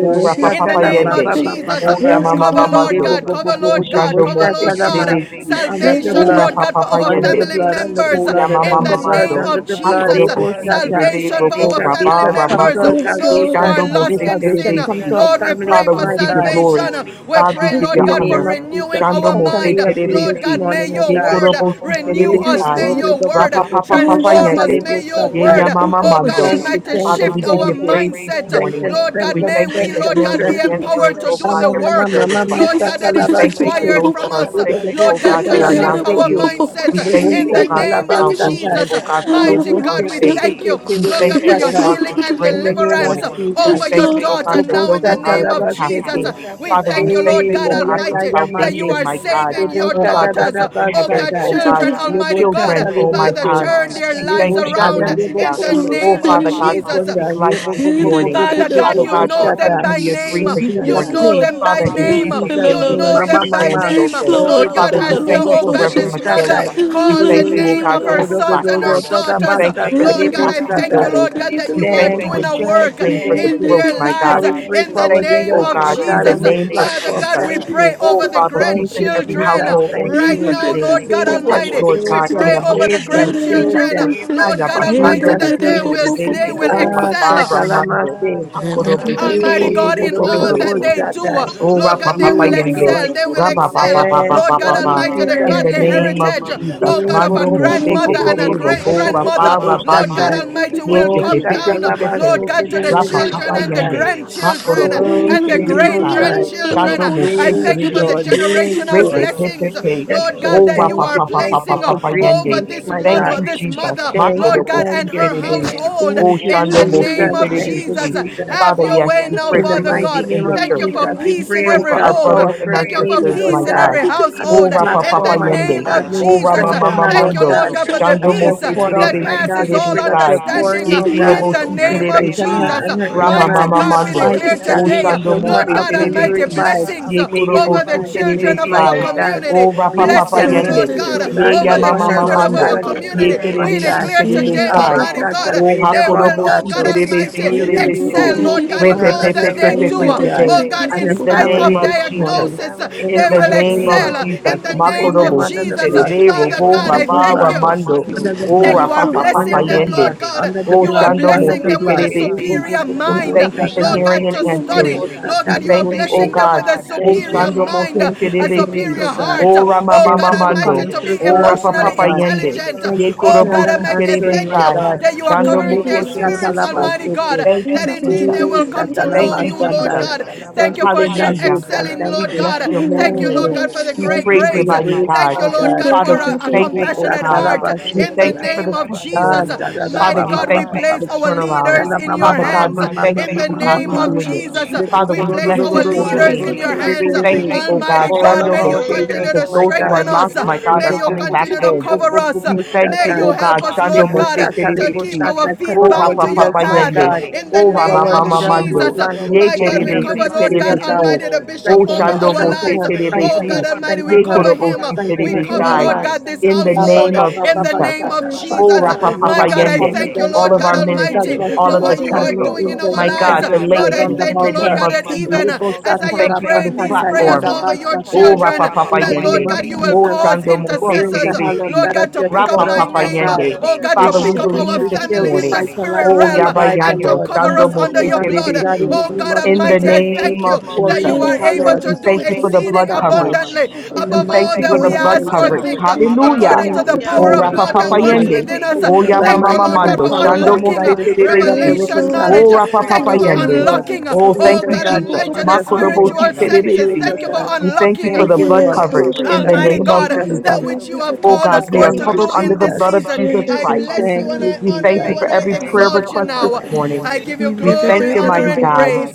Speaker 2: O Rapa
Speaker 1: In the
Speaker 2: Papa
Speaker 1: name
Speaker 8: thank
Speaker 1: name
Speaker 8: you,
Speaker 3: Lama
Speaker 1: of
Speaker 2: Yende.
Speaker 3: Baba
Speaker 8: God,
Speaker 3: Baba
Speaker 1: Jesus.
Speaker 2: O
Speaker 3: Baba.
Speaker 2: Yama
Speaker 1: Cover,
Speaker 2: Mama
Speaker 1: Lord
Speaker 2: Mando.
Speaker 1: God. Cover,
Speaker 8: thank
Speaker 2: O
Speaker 1: Lord God.
Speaker 3: Nebobobobobo
Speaker 2: Shando
Speaker 1: Cover,
Speaker 2: Mose
Speaker 3: Shata
Speaker 1: Lord God.
Speaker 3: Lama.
Speaker 2: Terebe Si.
Speaker 3: Under the
Speaker 2: O
Speaker 1: Salvation,
Speaker 3: blood
Speaker 1: Lord
Speaker 2: Rapa
Speaker 1: God, for
Speaker 2: Papa
Speaker 1: our
Speaker 3: under
Speaker 8: you,
Speaker 3: the
Speaker 2: Yende.
Speaker 1: family
Speaker 8: God,
Speaker 3: blood, under the
Speaker 1: members.
Speaker 2: O
Speaker 3: blood,
Speaker 2: Yama
Speaker 1: In
Speaker 3: under
Speaker 1: the
Speaker 3: the
Speaker 2: Mama
Speaker 3: blood,
Speaker 1: name
Speaker 2: Mando.
Speaker 3: under
Speaker 1: of
Speaker 3: the blood,
Speaker 1: Jesus.
Speaker 2: Hakorobo
Speaker 3: Abel
Speaker 2: Si
Speaker 3: Shatab.
Speaker 2: Terebe
Speaker 1: Salvation for
Speaker 3: May
Speaker 2: Robo
Speaker 1: our family
Speaker 2: Raba
Speaker 3: salvation come
Speaker 1: members.
Speaker 3: to
Speaker 2: Ramando.
Speaker 3: our
Speaker 1: Those who
Speaker 3: salvation.
Speaker 2: Shando
Speaker 1: are
Speaker 3: May
Speaker 1: lost
Speaker 2: Mose
Speaker 1: in sin.
Speaker 3: salvation come to
Speaker 2: Terebesi.
Speaker 3: our
Speaker 1: Lord, we
Speaker 3: families,
Speaker 1: pray
Speaker 2: Father,
Speaker 1: for
Speaker 2: we
Speaker 3: my
Speaker 2: give you
Speaker 3: God.
Speaker 2: glory.
Speaker 1: salvation. We
Speaker 2: God, we
Speaker 1: pray,
Speaker 9: yes,
Speaker 2: give you
Speaker 1: Lord
Speaker 3: In the
Speaker 9: Lord.
Speaker 1: God, for
Speaker 3: name
Speaker 2: honor.
Speaker 3: of Jesus,
Speaker 1: renewing
Speaker 11: yes,
Speaker 3: we
Speaker 2: Shando
Speaker 1: our
Speaker 3: touch and
Speaker 2: Mose
Speaker 1: mind.
Speaker 3: we agree
Speaker 1: Lord
Speaker 3: this
Speaker 1: God,
Speaker 2: Terebesi.
Speaker 1: may
Speaker 3: morning, oh
Speaker 1: your
Speaker 2: Ye
Speaker 3: God.
Speaker 1: word
Speaker 2: Korobosi
Speaker 1: renew
Speaker 3: Eh,
Speaker 2: Terebesi.
Speaker 1: us.
Speaker 9: Yes,
Speaker 3: so, so,
Speaker 1: May
Speaker 9: Lord.
Speaker 3: be,
Speaker 1: your
Speaker 3: bo, bo,
Speaker 1: word
Speaker 3: bo,
Speaker 2: Rapa
Speaker 3: bo,
Speaker 2: Papa
Speaker 3: bo, bo,
Speaker 2: Papa
Speaker 9: Yes,
Speaker 1: transform
Speaker 9: Lord.
Speaker 3: shata,
Speaker 1: us.
Speaker 9: Yes,
Speaker 2: Yende.
Speaker 3: le, bo,
Speaker 1: May your
Speaker 2: Ye
Speaker 1: word,
Speaker 3: satai.
Speaker 9: Yes,
Speaker 2: Yamama
Speaker 1: oh
Speaker 9: Lord.
Speaker 1: God
Speaker 2: Mando.
Speaker 3: Thank you,
Speaker 1: Almighty,
Speaker 3: thank
Speaker 2: Father,
Speaker 3: you,
Speaker 2: we
Speaker 1: shift
Speaker 8: glory,
Speaker 2: give
Speaker 1: our
Speaker 2: you
Speaker 3: thank you.
Speaker 2: praise this
Speaker 1: mindset.
Speaker 2: morning.
Speaker 3: Strengthen,
Speaker 1: Lord God,
Speaker 2: We
Speaker 3: strengthen,
Speaker 1: may
Speaker 2: thank you
Speaker 1: we,
Speaker 2: for
Speaker 3: strengthen,
Speaker 1: Lord Lord
Speaker 2: hearing
Speaker 1: God, be
Speaker 2: and
Speaker 3: strengthen.
Speaker 2: answering,
Speaker 1: empowered to
Speaker 2: oh
Speaker 1: do
Speaker 2: God,
Speaker 1: the
Speaker 3: Ama,
Speaker 2: every
Speaker 3: mama,
Speaker 1: work,
Speaker 2: prayer
Speaker 3: mama,
Speaker 2: request.
Speaker 3: mama,
Speaker 1: Lord God, that
Speaker 2: We
Speaker 1: is
Speaker 3: sakalaba,
Speaker 2: thank you for
Speaker 3: seke.
Speaker 1: required
Speaker 2: those
Speaker 1: from
Speaker 2: that are
Speaker 1: us,
Speaker 2: sick.
Speaker 3: Udo, do, bo,
Speaker 1: Lord
Speaker 2: Oh
Speaker 1: God,
Speaker 2: God,
Speaker 1: to
Speaker 2: they are
Speaker 3: sakalama,
Speaker 2: now
Speaker 1: shift
Speaker 8: glory,
Speaker 1: our
Speaker 2: healed.
Speaker 3: seke.
Speaker 2: We
Speaker 1: mindset
Speaker 3: Le,
Speaker 8: glory.
Speaker 2: thank
Speaker 3: bo,
Speaker 2: you,
Speaker 1: in
Speaker 2: oh
Speaker 1: the
Speaker 2: God, for
Speaker 1: name
Speaker 3: sakalaba,
Speaker 1: of
Speaker 2: salvation.
Speaker 3: satai.
Speaker 2: Oh
Speaker 1: Jesus.
Speaker 2: God, for those
Speaker 1: Mighty
Speaker 2: who are
Speaker 1: God, we
Speaker 2: saved.
Speaker 1: thank you,
Speaker 2: We
Speaker 1: Lord
Speaker 2: thank
Speaker 1: God, for
Speaker 2: you,
Speaker 1: your
Speaker 2: oh
Speaker 3: Lebo-shake-it-it-it-it-it-it-satai.
Speaker 2: God, for
Speaker 1: healing and
Speaker 11: yes,
Speaker 2: strength
Speaker 3: In
Speaker 11: Lord.
Speaker 3: the
Speaker 2: this
Speaker 3: name
Speaker 1: deliverance
Speaker 3: of
Speaker 2: morning. We
Speaker 3: Jesus.
Speaker 1: over
Speaker 9: Yes,
Speaker 1: your
Speaker 2: thank you,
Speaker 9: Lord.
Speaker 2: oh God,
Speaker 1: daughter
Speaker 2: for
Speaker 1: now
Speaker 11: Thank
Speaker 1: in the
Speaker 11: you,
Speaker 2: building our
Speaker 1: name
Speaker 11: Jesus.
Speaker 1: of Jesus.
Speaker 2: capacity.
Speaker 3: Lobo-shaka-laba-sete.
Speaker 1: We
Speaker 2: Father,
Speaker 1: thank
Speaker 2: we
Speaker 1: you,
Speaker 2: thank
Speaker 1: Lord
Speaker 3: Eh,
Speaker 2: you,
Speaker 1: God
Speaker 3: ya,
Speaker 2: oh
Speaker 3: ya,
Speaker 2: God, for
Speaker 3: ya,
Speaker 11: Hallelujah.
Speaker 3: ya,
Speaker 1: Almighty, that you
Speaker 3: mando.
Speaker 2: salvation,
Speaker 1: are
Speaker 2: my God.
Speaker 1: saving your
Speaker 2: Oh God, for
Speaker 1: daughters,
Speaker 2: Sister
Speaker 1: oh
Speaker 2: Heather's,
Speaker 1: God,
Speaker 3: Lebo-shaka-da-da-da-ba-satai.
Speaker 2: oh
Speaker 9: That
Speaker 2: God,
Speaker 1: children,
Speaker 9: is
Speaker 1: Almighty God.
Speaker 2: children, oh my
Speaker 1: Father,
Speaker 3: Lebo-shaka-lebo-se.
Speaker 2: God.
Speaker 1: turn
Speaker 9: yes,
Speaker 1: their
Speaker 2: We
Speaker 1: lives
Speaker 2: thank you.
Speaker 1: around in
Speaker 2: Hallelujah.
Speaker 1: the
Speaker 3: Lebo-shanda-lebo-kondo.
Speaker 9: Lord.
Speaker 2: Oh
Speaker 1: name of
Speaker 2: Father
Speaker 9: Amen.
Speaker 2: God, we
Speaker 3: Yekonda,
Speaker 2: speak
Speaker 1: Jesus.
Speaker 3: ye
Speaker 2: life
Speaker 3: bo
Speaker 2: this
Speaker 3: bo
Speaker 9: Yeah,
Speaker 3: bo bo
Speaker 9: that-
Speaker 2: morning.
Speaker 3: bo bo
Speaker 9: that-
Speaker 1: Father
Speaker 3: bo
Speaker 9: that-
Speaker 1: God,
Speaker 3: bo
Speaker 2: Father
Speaker 9: pop,
Speaker 1: you
Speaker 3: bo
Speaker 2: God,
Speaker 9: pop,
Speaker 2: we
Speaker 1: know
Speaker 9: pop.
Speaker 2: touch
Speaker 1: them
Speaker 3: shata.
Speaker 2: and
Speaker 1: by
Speaker 2: we
Speaker 1: name.
Speaker 2: agree
Speaker 3: In
Speaker 2: this
Speaker 1: You
Speaker 9: Yes,
Speaker 3: Jesus'
Speaker 2: morning.
Speaker 1: know
Speaker 3: name,
Speaker 9: Lord.
Speaker 1: them by
Speaker 2: Father, in
Speaker 3: in
Speaker 9: La,
Speaker 1: name.
Speaker 2: Jesus'
Speaker 9: la,
Speaker 3: Jesus'
Speaker 2: name,
Speaker 9: la,
Speaker 1: You
Speaker 2: we
Speaker 9: la,
Speaker 3: name,
Speaker 1: know
Speaker 2: pray
Speaker 3: Mama
Speaker 9: she-
Speaker 2: for
Speaker 1: them by
Speaker 3: Mama,
Speaker 1: name.
Speaker 9: Yes,
Speaker 2: grandchildren.
Speaker 1: Lord
Speaker 3: Ore
Speaker 9: Lord.
Speaker 3: bo
Speaker 1: God,
Speaker 2: Father,
Speaker 9: La
Speaker 3: bo
Speaker 2: we
Speaker 9: la
Speaker 3: bo
Speaker 1: as
Speaker 3: bo
Speaker 1: your,
Speaker 2: thank
Speaker 3: bo
Speaker 9: la
Speaker 2: you
Speaker 1: oh
Speaker 3: bo
Speaker 2: for
Speaker 3: bo
Speaker 1: God,
Speaker 9: la.
Speaker 3: bo
Speaker 2: Reverend
Speaker 1: this mother
Speaker 3: shata.
Speaker 2: Michaelia.
Speaker 9: Thank
Speaker 2: We
Speaker 1: calls the
Speaker 2: thank you, oh
Speaker 3: Ye
Speaker 1: name
Speaker 2: God,
Speaker 1: of
Speaker 2: for
Speaker 1: her
Speaker 2: this
Speaker 3: so do
Speaker 9: you.
Speaker 3: do
Speaker 1: sons
Speaker 3: do
Speaker 1: and her
Speaker 3: do
Speaker 2: platform.
Speaker 3: do da
Speaker 2: We
Speaker 3: ba
Speaker 1: daughters.
Speaker 2: thank you for the
Speaker 3: shata
Speaker 8: Oh
Speaker 3: de
Speaker 1: Lord God,
Speaker 3: bo
Speaker 1: I
Speaker 2: capacity
Speaker 1: thank
Speaker 3: shata.
Speaker 1: you,
Speaker 2: builders.
Speaker 1: Lord God, that
Speaker 2: We
Speaker 1: you are
Speaker 2: thank
Speaker 3: Thank
Speaker 2: you
Speaker 1: doing
Speaker 3: you,
Speaker 2: in
Speaker 1: a
Speaker 2: Jesus'
Speaker 3: thank
Speaker 1: work
Speaker 3: you,
Speaker 2: name for the
Speaker 3: thank
Speaker 1: in with
Speaker 3: you.
Speaker 2: growth,
Speaker 1: their
Speaker 2: my
Speaker 3: I
Speaker 1: lives
Speaker 2: God.
Speaker 3: will pray
Speaker 1: in
Speaker 2: We
Speaker 3: for
Speaker 1: the
Speaker 3: our
Speaker 2: thank you,
Speaker 1: name of
Speaker 2: oh
Speaker 3: leaders,
Speaker 1: Oh
Speaker 2: God,
Speaker 3: my
Speaker 2: in
Speaker 3: God,
Speaker 1: Jesus.
Speaker 2: the
Speaker 3: on this
Speaker 2: name of
Speaker 1: Father
Speaker 3: platform.
Speaker 1: God,
Speaker 2: Jesus.
Speaker 1: we
Speaker 3: Thank
Speaker 1: pray
Speaker 3: you,
Speaker 1: over
Speaker 2: Oh,
Speaker 1: the oh
Speaker 2: Father, peace
Speaker 3: thank
Speaker 2: in
Speaker 3: you,
Speaker 2: every
Speaker 1: grandchildren
Speaker 3: Jesus,
Speaker 2: household in
Speaker 3: thank
Speaker 1: right
Speaker 3: you.
Speaker 2: Jesus'
Speaker 1: now,
Speaker 2: name.
Speaker 1: Lord God
Speaker 3: Save
Speaker 2: Touch,
Speaker 3: them,
Speaker 1: Almighty.
Speaker 2: Lord
Speaker 1: We
Speaker 3: save
Speaker 2: God, in
Speaker 3: them,
Speaker 1: pray
Speaker 2: the
Speaker 1: over the
Speaker 3: save
Speaker 2: mighty name of
Speaker 3: them, save
Speaker 2: Jesus.
Speaker 1: grandchildren,
Speaker 3: them.
Speaker 1: Lord
Speaker 2: Aya
Speaker 1: God
Speaker 3: In
Speaker 1: Almighty,
Speaker 2: bashando
Speaker 1: that
Speaker 3: Jesus'
Speaker 1: they
Speaker 2: bose
Speaker 3: name.
Speaker 1: will
Speaker 2: terebe,
Speaker 1: they will
Speaker 2: rebo
Speaker 11: Hallelujah.
Speaker 3: Ah,
Speaker 1: excel
Speaker 2: baba ramando.
Speaker 3: Shatalamase.
Speaker 2: Hakoro
Speaker 11: Hallelujah.
Speaker 2: bose
Speaker 1: Almighty
Speaker 2: terebe,
Speaker 3: Eh,
Speaker 1: God,
Speaker 3: do,
Speaker 2: bebe,
Speaker 1: in
Speaker 3: do, do,
Speaker 1: all
Speaker 3: do,
Speaker 2: bebe.
Speaker 3: bo,
Speaker 1: that they
Speaker 11: Yes,
Speaker 1: do,
Speaker 11: Lord.
Speaker 3: Shatai.
Speaker 2: Oh,
Speaker 8: God,
Speaker 1: Lord
Speaker 2: Rapa
Speaker 1: God, they
Speaker 2: Papa
Speaker 1: will
Speaker 3: Yes,
Speaker 2: Yende.
Speaker 3: Lord.
Speaker 1: excel. They will
Speaker 2: Rapa
Speaker 11: Yes,
Speaker 2: Papa
Speaker 1: excel.
Speaker 11: Lord.
Speaker 2: Papa
Speaker 3: Yes,
Speaker 1: Lord
Speaker 2: Papa
Speaker 8: give
Speaker 3: Lord,
Speaker 1: God
Speaker 3: in
Speaker 2: Papa.
Speaker 8: me
Speaker 1: Almighty,
Speaker 8: a
Speaker 1: the
Speaker 3: Jesus'
Speaker 2: In
Speaker 8: revelation
Speaker 1: godly
Speaker 2: the
Speaker 8: which
Speaker 3: name.
Speaker 2: name of
Speaker 1: heritage,
Speaker 2: Jesus.
Speaker 1: oh
Speaker 11: Hallelujah.
Speaker 8: will
Speaker 3: Eh,
Speaker 1: God, of a
Speaker 3: bo,
Speaker 8: assist
Speaker 2: Bando
Speaker 3: bo,
Speaker 8: me
Speaker 2: Mose
Speaker 3: bo, bo,
Speaker 1: grandmother
Speaker 3: bo, bo,
Speaker 1: and a
Speaker 3: bo,
Speaker 2: Terebe
Speaker 8: in
Speaker 3: bo,
Speaker 1: great
Speaker 3: bo,
Speaker 2: Robo
Speaker 3: bo,
Speaker 11: Yes,
Speaker 3: bo, bo,
Speaker 1: grandmother,
Speaker 2: Rapa
Speaker 3: bo,
Speaker 11: Lord.
Speaker 8: living
Speaker 1: Lord God
Speaker 2: Rabando.
Speaker 3: Shatai.
Speaker 1: Almighty,
Speaker 2: Ye
Speaker 1: will
Speaker 2: te
Speaker 3: Oh,
Speaker 8: out
Speaker 1: come
Speaker 2: te te te
Speaker 1: down,
Speaker 8: the
Speaker 3: Shatalabase, de,
Speaker 8: good
Speaker 1: Lord
Speaker 3: de,
Speaker 1: God, to the
Speaker 3: de, de,
Speaker 2: Rapa
Speaker 3: de,
Speaker 2: Papa
Speaker 1: children and the
Speaker 2: Yende.
Speaker 3: Shatai.
Speaker 11: Yendarabakashaya mama.
Speaker 1: grandchildren
Speaker 2: Makorobo Si
Speaker 3: Oh,
Speaker 1: and the Si
Speaker 2: Terebe
Speaker 1: great
Speaker 9: Yes, Lord,
Speaker 2: Sai.
Speaker 3: Shedibosai.
Speaker 9: it's
Speaker 1: grandchildren.
Speaker 2: Shando
Speaker 1: I
Speaker 2: Mose
Speaker 3: Yes,
Speaker 1: thank you for
Speaker 11: Yendarabakashaya
Speaker 2: Terebe
Speaker 1: the
Speaker 3: Lord.
Speaker 11: mama
Speaker 2: Si.
Speaker 11: mando.
Speaker 3: Yes,
Speaker 1: generational
Speaker 2: Repe
Speaker 3: Lord.
Speaker 2: te te
Speaker 1: blessings,
Speaker 3: Yes,
Speaker 1: Lord
Speaker 11: Yes, Lord.
Speaker 1: God,
Speaker 3: Lord.
Speaker 2: Oh,
Speaker 1: that Oh, you
Speaker 2: Rapa
Speaker 3: Thank
Speaker 1: are
Speaker 3: you.
Speaker 2: Papa Papa
Speaker 3: Thank you
Speaker 1: placing
Speaker 3: for
Speaker 2: Papa
Speaker 3: great
Speaker 1: over
Speaker 2: Yende.
Speaker 3: peace,
Speaker 1: this
Speaker 3: my
Speaker 11: Yes,
Speaker 2: Thank
Speaker 1: mother,
Speaker 3: God.
Speaker 2: you,
Speaker 11: God.
Speaker 1: this
Speaker 2: Jesus.
Speaker 11: Thank
Speaker 1: mother,
Speaker 11: you.
Speaker 8: I
Speaker 3: Thank you.
Speaker 1: Lord
Speaker 2: Makorobo
Speaker 1: God,
Speaker 3: Thank
Speaker 1: and
Speaker 2: Si
Speaker 3: you.
Speaker 11: Thank
Speaker 2: Terebe.
Speaker 1: Si her
Speaker 11: you.
Speaker 2: Oh,
Speaker 3: Thank
Speaker 1: household
Speaker 3: you,
Speaker 1: in
Speaker 2: Shando
Speaker 1: the
Speaker 2: Mose
Speaker 1: name
Speaker 3: Jesus.
Speaker 1: of
Speaker 3: Thank
Speaker 2: Terebe
Speaker 3: you,
Speaker 1: Jesus.
Speaker 2: Si.
Speaker 11: Hallelujah.
Speaker 3: Jesus.
Speaker 1: Have
Speaker 2: Father,
Speaker 1: your
Speaker 2: yes,
Speaker 1: way
Speaker 2: we
Speaker 1: now,
Speaker 2: pray
Speaker 3: In the
Speaker 2: for
Speaker 1: Father
Speaker 3: mighty
Speaker 11: Hallelujah.
Speaker 1: God.
Speaker 2: unity in
Speaker 3: name
Speaker 2: the
Speaker 3: of
Speaker 1: Thank
Speaker 2: church
Speaker 1: you for
Speaker 3: Jesus, we
Speaker 1: peace in
Speaker 3: pray,
Speaker 2: pray
Speaker 3: oh
Speaker 11: Yes,
Speaker 1: every
Speaker 2: for our
Speaker 3: God,
Speaker 1: home.
Speaker 3: for
Speaker 2: brothers
Speaker 3: our
Speaker 2: and
Speaker 11: Yendarab.
Speaker 2: our
Speaker 3: First
Speaker 1: Thank you for
Speaker 3: Lady,
Speaker 2: sisters,
Speaker 3: Lord
Speaker 1: peace
Speaker 2: my
Speaker 1: in
Speaker 3: God,
Speaker 2: God.
Speaker 1: every
Speaker 11: Yes,
Speaker 3: and
Speaker 11: God.
Speaker 3: this
Speaker 2: Oh,
Speaker 1: household.
Speaker 2: Rapa
Speaker 1: In
Speaker 2: Papa
Speaker 3: platform,
Speaker 1: the
Speaker 3: mighty
Speaker 2: Yende.
Speaker 1: name
Speaker 3: God.
Speaker 1: of
Speaker 3: May you
Speaker 2: Oh,
Speaker 1: Jesus.
Speaker 2: Rama
Speaker 3: strengthen
Speaker 2: Mama
Speaker 3: her,
Speaker 1: Thank
Speaker 11: Andrubikisha.
Speaker 3: Lord
Speaker 1: you,
Speaker 2: Mando.
Speaker 1: Lord
Speaker 3: God.
Speaker 1: God, for the
Speaker 3: As
Speaker 2: Shando
Speaker 3: she
Speaker 1: peace
Speaker 3: has
Speaker 2: Mose
Speaker 3: poured out,
Speaker 1: that
Speaker 2: Terebe
Speaker 3: my
Speaker 2: Si
Speaker 3: God,
Speaker 1: passes
Speaker 3: we
Speaker 11: Yendarikisha
Speaker 1: all
Speaker 2: Terebe
Speaker 3: pray that
Speaker 2: Sai.
Speaker 3: you're
Speaker 11: tatata.
Speaker 3: pouring,
Speaker 1: understanding.
Speaker 2: Ye
Speaker 3: oh God,
Speaker 1: In
Speaker 2: Kurobo
Speaker 1: the
Speaker 2: Si
Speaker 3: and
Speaker 1: name
Speaker 11: Yes,
Speaker 1: of
Speaker 2: Terebe
Speaker 3: strengthen
Speaker 11: God.
Speaker 2: Si.
Speaker 1: Jesus.
Speaker 3: her and her inner
Speaker 2: Rama
Speaker 1: Mighty
Speaker 3: man.
Speaker 2: Mama
Speaker 1: God, we
Speaker 2: Mando.
Speaker 1: declare
Speaker 3: Mighty God,
Speaker 2: Oh,
Speaker 3: may
Speaker 11: Yam
Speaker 1: today,
Speaker 3: you
Speaker 9: simple.
Speaker 2: Shando
Speaker 3: fill
Speaker 8: come
Speaker 3: her
Speaker 1: Lord
Speaker 2: Mose
Speaker 11: Darwa
Speaker 3: up.
Speaker 1: God
Speaker 3: May you
Speaker 2: Terebe
Speaker 1: Almighty,
Speaker 2: Si.
Speaker 3: revive.
Speaker 1: blessings
Speaker 2: Ye
Speaker 3: May you
Speaker 2: Kurobo
Speaker 1: over
Speaker 2: Si
Speaker 1: the
Speaker 2: Terebe
Speaker 3: rejuvenate,
Speaker 1: children of our
Speaker 2: Sai.
Speaker 3: mighty God.
Speaker 1: community.
Speaker 2: Oh,
Speaker 3: May
Speaker 2: Rapa
Speaker 3: you
Speaker 9: Yes,
Speaker 2: Papa
Speaker 1: Blessings,
Speaker 3: extend
Speaker 9: Lord, I
Speaker 1: Lord
Speaker 2: Yende.
Speaker 9: did
Speaker 3: mercy,
Speaker 1: God,
Speaker 9: it,
Speaker 3: oh
Speaker 9: did
Speaker 3: God,
Speaker 9: it,
Speaker 2: Ye
Speaker 1: over
Speaker 9: did it.
Speaker 1: the
Speaker 2: Yama
Speaker 3: over her,
Speaker 2: Mama
Speaker 1: children
Speaker 3: Lord
Speaker 1: of
Speaker 9: I
Speaker 3: God,
Speaker 2: Mando.
Speaker 1: our
Speaker 9: did
Speaker 3: and your
Speaker 9: it,
Speaker 2: Ye
Speaker 9: did
Speaker 3: grace,
Speaker 1: community.
Speaker 3: my
Speaker 1: We
Speaker 2: Terebe
Speaker 9: it.
Speaker 3: God.
Speaker 2: Si
Speaker 1: declare
Speaker 9: Yeah,
Speaker 2: Terebe
Speaker 9: yeah,
Speaker 1: today,
Speaker 9: the
Speaker 3: Abba,
Speaker 2: Sai.
Speaker 1: Almighty
Speaker 9: Papa.
Speaker 1: God,
Speaker 3: Shatta,
Speaker 2: Oh,
Speaker 3: Reda,
Speaker 1: they
Speaker 3: Bo,
Speaker 1: will,
Speaker 2: Hakurobo
Speaker 1: oh
Speaker 2: Si
Speaker 1: God
Speaker 2: Terebe
Speaker 1: Almighty,
Speaker 3: May
Speaker 2: Si
Speaker 9: Yeah,
Speaker 3: you
Speaker 9: did
Speaker 2: Terebe
Speaker 9: it,
Speaker 3: radiate
Speaker 2: So.
Speaker 3: your
Speaker 1: excel,
Speaker 9: did
Speaker 3: hope
Speaker 1: Lord
Speaker 9: it.
Speaker 1: God,
Speaker 3: over
Speaker 1: in
Speaker 2: Repe
Speaker 3: her
Speaker 1: all
Speaker 2: Pepe
Speaker 3: and
Speaker 1: that
Speaker 3: her
Speaker 2: Pepe
Speaker 1: they
Speaker 3: life,
Speaker 9: Yeah,
Speaker 1: do.
Speaker 2: Pepe
Speaker 3: my
Speaker 9: did it,
Speaker 2: Pepe
Speaker 3: God,
Speaker 1: Oh God,
Speaker 3: and
Speaker 1: in
Speaker 3: her
Speaker 2: in the
Speaker 1: spite
Speaker 9: did
Speaker 1: of
Speaker 2: name
Speaker 3: family
Speaker 2: of
Speaker 3: this
Speaker 2: Jesus.
Speaker 3: morning.
Speaker 1: diagnosis,
Speaker 3: In
Speaker 2: In
Speaker 1: they
Speaker 3: the
Speaker 2: the
Speaker 1: will
Speaker 3: mighty
Speaker 9: it.
Speaker 2: name
Speaker 3: name
Speaker 2: of
Speaker 3: of
Speaker 1: excel
Speaker 8: to
Speaker 3: Jesus,
Speaker 2: Jesus.
Speaker 1: in the
Speaker 3: we
Speaker 8: operate
Speaker 3: place
Speaker 1: name
Speaker 9: Jesus,
Speaker 3: them
Speaker 2: Makorobo,
Speaker 1: of
Speaker 3: under
Speaker 8: in
Speaker 3: the
Speaker 1: Jesus.
Speaker 3: blood,
Speaker 2: Siterebe,
Speaker 1: Father
Speaker 2: Robo,
Speaker 1: God,
Speaker 3: under
Speaker 1: I
Speaker 3: the
Speaker 2: Raba,
Speaker 8: God.
Speaker 1: thank
Speaker 3: blood,
Speaker 2: Ramando,
Speaker 3: under
Speaker 5: you, oh
Speaker 3: the
Speaker 1: you
Speaker 5: my
Speaker 2: O
Speaker 1: that
Speaker 3: blood,
Speaker 1: you are
Speaker 5: God,
Speaker 2: Rapapa, Papa
Speaker 3: under
Speaker 1: blessing
Speaker 5: thank you.
Speaker 3: the
Speaker 8: Thank
Speaker 1: them,
Speaker 2: Yende,
Speaker 3: blood,
Speaker 1: Lord
Speaker 8: you,
Speaker 1: God.
Speaker 3: under the
Speaker 2: O
Speaker 1: You are
Speaker 3: blood,
Speaker 2: Shando,
Speaker 3: under
Speaker 11: Yes,
Speaker 1: blessing
Speaker 3: the
Speaker 2: Mose,
Speaker 1: them with a
Speaker 3: blood.
Speaker 2: Terebe,
Speaker 3: Eh, bo-
Speaker 2: Si.
Speaker 3: bo-
Speaker 1: superior
Speaker 3: bo-
Speaker 11: thank
Speaker 3: bo-
Speaker 2: We
Speaker 5: I
Speaker 11: you,
Speaker 1: mind,
Speaker 3: bo-
Speaker 2: thank
Speaker 11: Lord.
Speaker 2: you
Speaker 5: believe, of
Speaker 2: for
Speaker 1: Lord
Speaker 3: shatai.
Speaker 1: God,
Speaker 2: hearing and
Speaker 1: to study.
Speaker 2: answering.
Speaker 3: Lebo
Speaker 1: Lord
Speaker 2: We
Speaker 1: God,
Speaker 3: shatai,
Speaker 1: you are
Speaker 2: thank
Speaker 3: lebo
Speaker 2: you,
Speaker 11: Yes,
Speaker 2: O
Speaker 1: blessing
Speaker 3: say.
Speaker 11: Lord.
Speaker 1: them
Speaker 5: course,
Speaker 2: God.
Speaker 1: with
Speaker 5: that
Speaker 1: a
Speaker 11: Thank
Speaker 2: O
Speaker 3: Thank
Speaker 11: you.
Speaker 8: Jesus.
Speaker 3: you.
Speaker 1: superior
Speaker 2: Shando,
Speaker 1: mind,
Speaker 2: Mose,
Speaker 3: Thank you for
Speaker 1: a
Speaker 2: Terebe,
Speaker 3: doing it,
Speaker 2: Si.
Speaker 1: superior
Speaker 11: Yes,
Speaker 3: oh
Speaker 11: God.
Speaker 1: heart.
Speaker 3: God.
Speaker 2: O Rama,
Speaker 1: Oh
Speaker 3: Thank
Speaker 1: God
Speaker 2: Mama,
Speaker 3: you for
Speaker 1: Almighty,
Speaker 2: Mando,
Speaker 3: coming
Speaker 1: to
Speaker 11: Yes,
Speaker 3: through
Speaker 1: be
Speaker 11: and
Speaker 2: O
Speaker 11: the
Speaker 3: for us,
Speaker 2: Rapa,
Speaker 3: my
Speaker 1: emotionally
Speaker 2: Papa
Speaker 3: God.
Speaker 2: Yende,
Speaker 1: intelligent.
Speaker 3: Thank
Speaker 2: Ye
Speaker 3: you for
Speaker 1: Oh
Speaker 2: Korobo,
Speaker 3: hearing
Speaker 1: God
Speaker 3: and
Speaker 1: Almighty, I
Speaker 11: Yes,
Speaker 2: Siterebe,
Speaker 3: answering,
Speaker 1: thank
Speaker 3: my
Speaker 1: you
Speaker 2: Sai.
Speaker 3: God.
Speaker 1: that
Speaker 11: and the
Speaker 1: you are
Speaker 2: Shando,
Speaker 1: covering their
Speaker 3: Lebo
Speaker 2: Mose,
Speaker 3: shatai,
Speaker 2: Terebe,
Speaker 1: spirits,
Speaker 2: So.
Speaker 1: Almighty
Speaker 3: labaste.
Speaker 1: God,
Speaker 2: Thank
Speaker 1: that
Speaker 2: you,
Speaker 1: indeed
Speaker 2: Jesus.
Speaker 1: they will
Speaker 3: Yes,
Speaker 1: come to
Speaker 11: Yes,
Speaker 2: Thank
Speaker 1: know
Speaker 2: you,
Speaker 1: you,
Speaker 11: God.
Speaker 2: Jesus.
Speaker 1: Lord
Speaker 3: Satalamashtatai.
Speaker 1: God. Thank
Speaker 3: Thank
Speaker 1: you
Speaker 3: you for
Speaker 1: for
Speaker 11: Yes,
Speaker 1: their
Speaker 2: Hallelujah.
Speaker 11: and
Speaker 3: salvation.
Speaker 1: excelling,
Speaker 3: Thank
Speaker 2: We
Speaker 1: Lord
Speaker 3: you.
Speaker 2: bless
Speaker 1: God.
Speaker 2: your
Speaker 11: Rabakatatai.
Speaker 2: holy
Speaker 1: Thank
Speaker 3: Thank
Speaker 1: you,
Speaker 2: name.
Speaker 1: Lord
Speaker 3: you.
Speaker 1: God, for the
Speaker 2: We
Speaker 3: Thank
Speaker 1: great
Speaker 3: you
Speaker 2: praise
Speaker 3: for
Speaker 2: your
Speaker 1: grades.
Speaker 3: your
Speaker 2: mighty
Speaker 11: Yamamamamam
Speaker 3: grace,
Speaker 2: God.
Speaker 1: Thank
Speaker 3: my
Speaker 1: you, Lord
Speaker 3: God.
Speaker 1: God,
Speaker 2: Father,
Speaker 1: for
Speaker 11: Ushut.
Speaker 1: a,
Speaker 2: we
Speaker 1: a
Speaker 2: thank
Speaker 3: Libo
Speaker 2: you, oh
Speaker 1: compassionate
Speaker 2: God.
Speaker 1: heart.
Speaker 11: Bless
Speaker 2: We
Speaker 11: you,
Speaker 1: In the
Speaker 2: thank
Speaker 3: Satalabashete.
Speaker 2: you for
Speaker 1: name
Speaker 2: the
Speaker 1: of
Speaker 3: Ah,
Speaker 1: Jesus,
Speaker 2: testimony.
Speaker 10: you.
Speaker 11: bless
Speaker 2: Father,
Speaker 11: you.
Speaker 1: mighty
Speaker 2: we
Speaker 1: God, we
Speaker 2: thank you for
Speaker 3: Shadadabababababa.
Speaker 1: place
Speaker 2: the
Speaker 1: our
Speaker 2: turnaround.
Speaker 1: leaders in your
Speaker 2: Father God,
Speaker 1: hands.
Speaker 2: we thank
Speaker 1: In
Speaker 2: you,
Speaker 11: Touch
Speaker 1: the
Speaker 2: oh God,
Speaker 11: God,
Speaker 1: name
Speaker 2: for
Speaker 1: of
Speaker 3: Alamamamamamamamamamamama.
Speaker 11: touch
Speaker 2: doing it.
Speaker 1: Jesus,
Speaker 11: Lord.
Speaker 3: Libo
Speaker 2: Father,
Speaker 1: we
Speaker 2: we
Speaker 1: place
Speaker 2: bless
Speaker 1: our
Speaker 2: your holy
Speaker 1: leaders
Speaker 3: Korododododododobo.
Speaker 11: Cover
Speaker 1: in
Speaker 2: name.
Speaker 1: your
Speaker 11: God.
Speaker 2: We
Speaker 1: hands.
Speaker 2: thank
Speaker 3: Sedededebe.
Speaker 2: you, oh God.
Speaker 1: Almighty
Speaker 3: All
Speaker 1: God,
Speaker 3: of
Speaker 2: Shando
Speaker 1: may
Speaker 2: Mose,
Speaker 1: you
Speaker 3: our
Speaker 1: continue
Speaker 3: leaders,
Speaker 2: because
Speaker 1: to
Speaker 3: my
Speaker 2: those
Speaker 11: Mm,
Speaker 2: who
Speaker 3: God.
Speaker 2: are
Speaker 1: strengthen us.
Speaker 2: lost, my
Speaker 12: Hallelujah.
Speaker 2: God,
Speaker 1: May
Speaker 2: are
Speaker 3: Libo
Speaker 1: you
Speaker 3: bo-
Speaker 2: coming
Speaker 3: bo-
Speaker 2: back
Speaker 3: bo- bo-
Speaker 1: continue to
Speaker 2: home.
Speaker 3: bo-
Speaker 1: cover
Speaker 3: bo-
Speaker 1: us.
Speaker 3: bo-
Speaker 2: We
Speaker 3: bo-
Speaker 2: thank
Speaker 1: May
Speaker 2: you,
Speaker 3: Shatai.
Speaker 1: you
Speaker 2: O
Speaker 1: help
Speaker 2: God.
Speaker 1: us,
Speaker 11: Yes,
Speaker 1: Lord
Speaker 2: Shando
Speaker 11: Lord.
Speaker 1: God,
Speaker 2: Mose
Speaker 3: Deboshata,
Speaker 1: to keep
Speaker 2: Terebesi.
Speaker 1: our
Speaker 3: Lebosata,
Speaker 1: feet
Speaker 3: cover
Speaker 2: O
Speaker 3: our
Speaker 1: bound
Speaker 2: Rapa
Speaker 1: to your
Speaker 3: leaders,
Speaker 2: Papa
Speaker 3: my
Speaker 1: path
Speaker 2: Yende.
Speaker 3: God.
Speaker 1: in the
Speaker 2: O
Speaker 3: Cover
Speaker 1: name
Speaker 2: Rama
Speaker 11: Jesus.
Speaker 3: our
Speaker 1: of
Speaker 11: Yes,
Speaker 2: Mama
Speaker 3: leader
Speaker 11: Lord.
Speaker 3: on this
Speaker 1: Jesus.
Speaker 2: Mando.
Speaker 3: line this
Speaker 2: Ye
Speaker 1: My God,
Speaker 3: morning,
Speaker 1: we
Speaker 2: Terebesi
Speaker 3: Reverend
Speaker 1: cover, Lord
Speaker 3: Victoria,
Speaker 1: God
Speaker 3: God.
Speaker 2: Terebeso.
Speaker 1: Almighty, the bishop
Speaker 2: O
Speaker 3: Strengthen
Speaker 1: over
Speaker 3: her,
Speaker 2: Shando
Speaker 11: Yes,
Speaker 1: our
Speaker 11: God.
Speaker 3: strengthen
Speaker 2: Mose
Speaker 1: lives.
Speaker 3: her,
Speaker 1: Oh
Speaker 3: strengthen her,
Speaker 1: God
Speaker 2: Terebesi.
Speaker 1: Almighty, we
Speaker 3: strengthen
Speaker 2: Ye
Speaker 3: her,
Speaker 1: cover him.
Speaker 2: Korobosi
Speaker 3: strengthen
Speaker 1: We
Speaker 3: her
Speaker 1: cover,
Speaker 3: inner
Speaker 11: Cover
Speaker 2: Terebesai.
Speaker 1: Lord
Speaker 3: man.
Speaker 11: Lord.
Speaker 1: God, this
Speaker 2: In the
Speaker 3: Ba,
Speaker 11: Yes,
Speaker 3: ba,
Speaker 1: household
Speaker 2: name
Speaker 11: Lord.
Speaker 3: ba,
Speaker 2: of
Speaker 3: ba,
Speaker 1: in
Speaker 3: ba,
Speaker 1: the
Speaker 3: ba,
Speaker 2: Jesus.
Speaker 1: name
Speaker 3: shata,
Speaker 1: of
Speaker 3: ba, ba,
Speaker 2: O
Speaker 1: Jesus.
Speaker 3: shata.
Speaker 2: Rapa
Speaker 3: No
Speaker 1: My
Speaker 2: Papa
Speaker 11: Hallelujah.
Speaker 1: God,
Speaker 3: weapon
Speaker 1: I
Speaker 3: formed
Speaker 2: Yende.
Speaker 1: thank you,
Speaker 3: against us
Speaker 2: All
Speaker 1: Lord
Speaker 2: of
Speaker 1: God
Speaker 2: our
Speaker 3: Help
Speaker 1: Almighty,
Speaker 2: ministers,
Speaker 3: us,
Speaker 2: all
Speaker 3: the
Speaker 1: for
Speaker 2: of
Speaker 3: Lord
Speaker 2: the
Speaker 1: what you
Speaker 3: God,
Speaker 1: are
Speaker 3: may
Speaker 2: council.
Speaker 1: doing in
Speaker 3: angels
Speaker 11: Yes,
Speaker 1: our
Speaker 11: God.
Speaker 2: My
Speaker 1: lives.
Speaker 2: God,
Speaker 3: encamp
Speaker 2: the
Speaker 3: themselves
Speaker 1: Lord, I
Speaker 3: round
Speaker 2: laity, in
Speaker 1: thank you,
Speaker 2: the
Speaker 3: about
Speaker 1: Lord
Speaker 2: name
Speaker 3: her.
Speaker 1: God,
Speaker 2: of
Speaker 1: that
Speaker 2: Jesus.
Speaker 1: even
Speaker 3: Lebo
Speaker 1: as I.
Speaker 2: We
Speaker 1: I
Speaker 3: sata
Speaker 1: uh,
Speaker 2: thank you
Speaker 3: laba
Speaker 2: for
Speaker 1: pray
Speaker 2: this
Speaker 1: these
Speaker 3: kata ya
Speaker 1: prayers
Speaker 2: platform.
Speaker 11: Jesus.
Speaker 3: raba
Speaker 1: over your
Speaker 2: Oh,
Speaker 1: children
Speaker 2: Rapa Papa
Speaker 3: In
Speaker 1: that,
Speaker 3: the name
Speaker 1: Lord
Speaker 2: Yende.
Speaker 3: of
Speaker 1: God, you will
Speaker 2: Oh,
Speaker 3: Jesus,
Speaker 1: cause
Speaker 2: Chando Mose
Speaker 3: pour into
Speaker 1: intercessors,
Speaker 11: Jesus.
Speaker 3: her, Lord
Speaker 2: Terebesi.
Speaker 1: Lord
Speaker 3: God, as
Speaker 1: God,
Speaker 3: she
Speaker 1: to
Speaker 3: has
Speaker 1: pick up
Speaker 2: Rapa
Speaker 3: poured
Speaker 1: my
Speaker 3: out,
Speaker 2: Papa
Speaker 11: Yes,
Speaker 3: my
Speaker 1: name,
Speaker 3: God.
Speaker 11: God.
Speaker 2: Yende.
Speaker 1: oh God, to
Speaker 2: Father, we
Speaker 1: pick up
Speaker 3: Rejuvenate,
Speaker 1: our
Speaker 2: believe this
Speaker 3: restore,
Speaker 1: family in the
Speaker 2: morning.
Speaker 3: revitalize,
Speaker 1: spirit
Speaker 11: And
Speaker 2: Oh,
Speaker 3: and
Speaker 1: realm
Speaker 2: Yaba
Speaker 3: revive her,
Speaker 1: and to
Speaker 2: Yando.
Speaker 3: Lord.
Speaker 1: cover
Speaker 2: Chando
Speaker 1: us under
Speaker 2: Mose
Speaker 1: your
Speaker 11: Yes,
Speaker 3: Mighty
Speaker 1: blood.
Speaker 3: God,
Speaker 11: Lord.
Speaker 3: in
Speaker 2: Terebesi.
Speaker 3: the
Speaker 1: Oh
Speaker 3: name
Speaker 1: God
Speaker 3: of
Speaker 2: In the
Speaker 1: Almighty, I
Speaker 3: Jesus,
Speaker 2: name
Speaker 1: thank you
Speaker 2: of
Speaker 11: Yes,
Speaker 3: pour
Speaker 1: that
Speaker 5: you're
Speaker 2: Jesus.
Speaker 1: you
Speaker 3: into
Speaker 5: doing
Speaker 1: are
Speaker 11: and
Speaker 9: Yes,
Speaker 3: her,
Speaker 5: the
Speaker 1: able
Speaker 3: Lord.
Speaker 9: Lord,
Speaker 2: We
Speaker 1: to do
Speaker 2: thank you for the
Speaker 3: Lebo
Speaker 2: blood
Speaker 1: exceeding
Speaker 3: sata.
Speaker 2: coverage.
Speaker 11: Yes,
Speaker 1: abundantly
Speaker 3: In
Speaker 11: Lord.
Speaker 3: the
Speaker 2: We
Speaker 1: above
Speaker 3: mighty
Speaker 2: thank
Speaker 1: all
Speaker 2: you for
Speaker 1: that
Speaker 3: name
Speaker 2: the
Speaker 1: we
Speaker 3: of
Speaker 5: same.
Speaker 2: blood
Speaker 1: ask or
Speaker 3: Jesus.
Speaker 2: coverage.
Speaker 1: think
Speaker 11: Hallelujah.
Speaker 2: Hallelujah.
Speaker 1: according
Speaker 5: It
Speaker 1: to
Speaker 3: Thank
Speaker 1: the
Speaker 3: you,
Speaker 5: was not
Speaker 1: power
Speaker 2: Oh,
Speaker 3: thank
Speaker 1: of
Speaker 5: that
Speaker 3: you,
Speaker 2: Rapa
Speaker 1: God
Speaker 5: bad,
Speaker 2: Papa
Speaker 1: that
Speaker 3: thank
Speaker 11: Eh,
Speaker 1: works
Speaker 3: you.
Speaker 2: Yende.
Speaker 1: within us.
Speaker 3: It's
Speaker 2: Oh,
Speaker 3: not by
Speaker 2: Yama
Speaker 1: Thank
Speaker 9: yes,
Speaker 1: you,
Speaker 3: might
Speaker 2: Mama
Speaker 3: nor
Speaker 1: Lord
Speaker 3: by
Speaker 1: God,
Speaker 2: Mando.
Speaker 1: for
Speaker 3: power, but
Speaker 2: Shando
Speaker 9: Lord,
Speaker 3: it's
Speaker 1: unlocking
Speaker 3: by
Speaker 2: Mose
Speaker 3: the Spirit of the
Speaker 2: Terebesi.
Speaker 9: Yes,
Speaker 1: revelation
Speaker 3: living
Speaker 9: Lord, I
Speaker 3: God.
Speaker 1: knowledge.
Speaker 2: Oh, Rapa
Speaker 9: thank
Speaker 1: Thank
Speaker 2: Papa
Speaker 9: you.
Speaker 1: you
Speaker 11: Yes,
Speaker 1: for
Speaker 9: yes,
Speaker 3: Yes,
Speaker 1: unlocking
Speaker 2: Yende.
Speaker 9: Lord,
Speaker 11: God.
Speaker 9: I
Speaker 3: Lord.
Speaker 1: unlocking, uh, Oh,
Speaker 2: Oh,
Speaker 3: Do it,
Speaker 2: thank
Speaker 1: oh God
Speaker 3: oh
Speaker 2: you,
Speaker 3: God, in
Speaker 2: Jesus.
Speaker 1: Almighty, the
Speaker 3: Jesus' name.
Speaker 9: thank
Speaker 2: Makorobosi
Speaker 1: spiritual
Speaker 11: Yes,
Speaker 3: Do
Speaker 1: senses.
Speaker 3: it,
Speaker 11: Shaya
Speaker 2: Terebesi.
Speaker 3: oh
Speaker 1: Thank you for
Speaker 11: Mama.
Speaker 3: God.
Speaker 2: We thank you
Speaker 1: unlocking.
Speaker 2: for
Speaker 3: Thank
Speaker 2: the
Speaker 9: you.
Speaker 3: you,
Speaker 2: blood
Speaker 9: yes,
Speaker 3: Lord.
Speaker 11: Thank
Speaker 3: Do
Speaker 11: you.
Speaker 9: Lord,
Speaker 2: coverage
Speaker 9: I
Speaker 3: it, oh
Speaker 2: in
Speaker 9: thank
Speaker 2: the
Speaker 3: God,
Speaker 9: you
Speaker 1: Almighty
Speaker 3: in
Speaker 9: for
Speaker 2: name of
Speaker 1: God,
Speaker 3: Jesus'
Speaker 9: Jesus,
Speaker 1: that
Speaker 2: Jesus.
Speaker 3: name.
Speaker 1: which
Speaker 9: and
Speaker 1: you
Speaker 9: I
Speaker 1: have
Speaker 2: Oh
Speaker 9: thank
Speaker 1: called
Speaker 9: you
Speaker 1: us
Speaker 2: God,
Speaker 1: for
Speaker 2: we are
Speaker 1: to
Speaker 3: Thank
Speaker 9: for
Speaker 1: do
Speaker 3: you,
Speaker 2: covered
Speaker 11: Yes,
Speaker 1: in
Speaker 2: under the
Speaker 1: this
Speaker 11: God.
Speaker 3: Jesus.
Speaker 2: blood
Speaker 11: Thank you.
Speaker 2: of
Speaker 1: season, I
Speaker 9: and
Speaker 2: Jesus
Speaker 9: I thank
Speaker 2: Christ.
Speaker 1: bless
Speaker 9: you for the
Speaker 1: you
Speaker 3: Thank
Speaker 1: and
Speaker 9: love
Speaker 1: I
Speaker 3: you,
Speaker 2: We
Speaker 1: honor you
Speaker 2: thank you
Speaker 1: and
Speaker 2: for
Speaker 3: Jesus.
Speaker 1: I
Speaker 2: every prayer
Speaker 1: exalt you
Speaker 2: request
Speaker 11: Hallelujah.
Speaker 1: now.
Speaker 2: this
Speaker 5: but I
Speaker 1: I
Speaker 5: ended
Speaker 2: morning.
Speaker 1: give
Speaker 5: up
Speaker 1: you
Speaker 9: and
Speaker 5: at
Speaker 9: I
Speaker 2: We
Speaker 9: thank you
Speaker 1: glory,
Speaker 2: thank you,
Speaker 9: for
Speaker 1: honor,
Speaker 9: the
Speaker 2: mighty
Speaker 11: Thank
Speaker 1: and
Speaker 9: name
Speaker 11: you.
Speaker 2: God.
Speaker 1: praise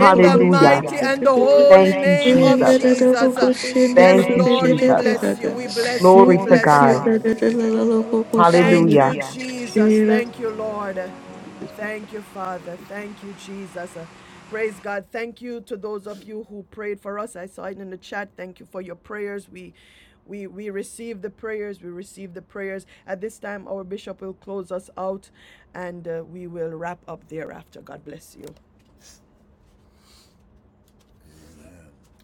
Speaker 1: in the mighty and the holy
Speaker 2: Thank you,
Speaker 1: name of
Speaker 2: Jesus.
Speaker 1: Jesus.
Speaker 11: Hallelujah.
Speaker 5: six.
Speaker 1: Yes,
Speaker 2: Thank you,
Speaker 1: Lord, we
Speaker 9: of
Speaker 2: Jesus.
Speaker 9: Jesus.
Speaker 1: bless you, we
Speaker 11: Hallelujah.
Speaker 1: bless you, we
Speaker 2: Glory
Speaker 9: Thank
Speaker 2: to
Speaker 9: you,
Speaker 1: bless you.
Speaker 9: Jesus.
Speaker 2: God.
Speaker 1: Thank you,
Speaker 2: Hallelujah.
Speaker 1: Jesus. Thank you, Lord. Thank you, Father. Thank you, Jesus. Uh, Praise God. Thank you to those of you who prayed for us. I saw it in the chat. Thank you for your prayers. We we we receive the prayers. We receive the prayers. At this time, our bishop will close us out and uh, we will wrap up thereafter. God bless you.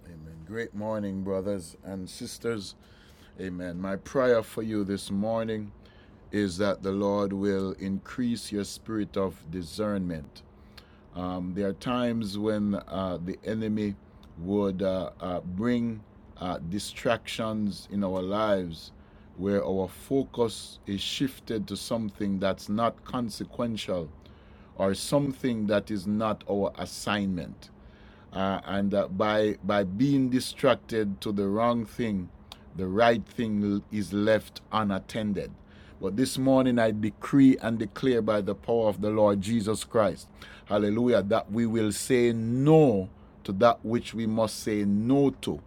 Speaker 1: Amen. Great morning, brothers and sisters. Amen. My prayer for you this morning is that the Lord will increase your spirit of discernment. Um, there are times when uh, the enemy would uh, uh, bring uh, distractions in our lives where our focus is shifted to something that's not consequential or something that is not our assignment uh, and that by by being distracted to the wrong thing, the right thing is left unattended. But this morning I decree and declare by the power of the Lord Jesus Christ, hallelujah, that we will say no to that which we must say no to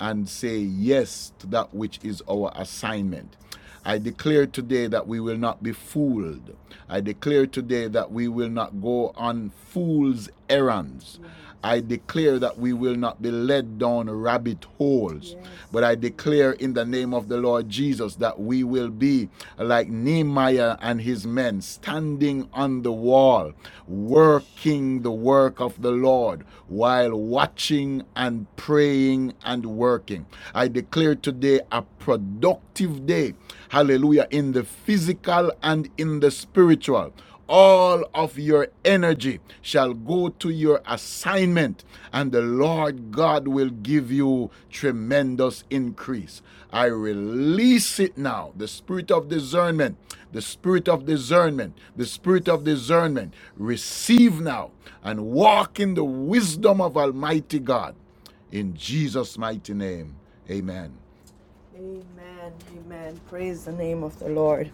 Speaker 1: and say yes to that which is our assignment. I declare today that we will not be fooled. I declare today that we will not go on fool's errands. Yes. I declare that we will not be led down rabbit holes. Yes. But I declare in the name of the Lord Jesus that we will be like Nehemiah. Nehemiah and his men standing on the wall, working the work of the Lord while watching and praying and working. I declare today a productive day, hallelujah, in the physical and in the spiritual all of your energy shall go to your assignment, and the Lord God will give you tremendous increase. I release it now the spirit of discernment, the spirit of discernment, the spirit of discernment. Receive now and walk in the wisdom of Almighty God. In Jesus' mighty name, amen. Amen. Amen. Praise the name of the Lord.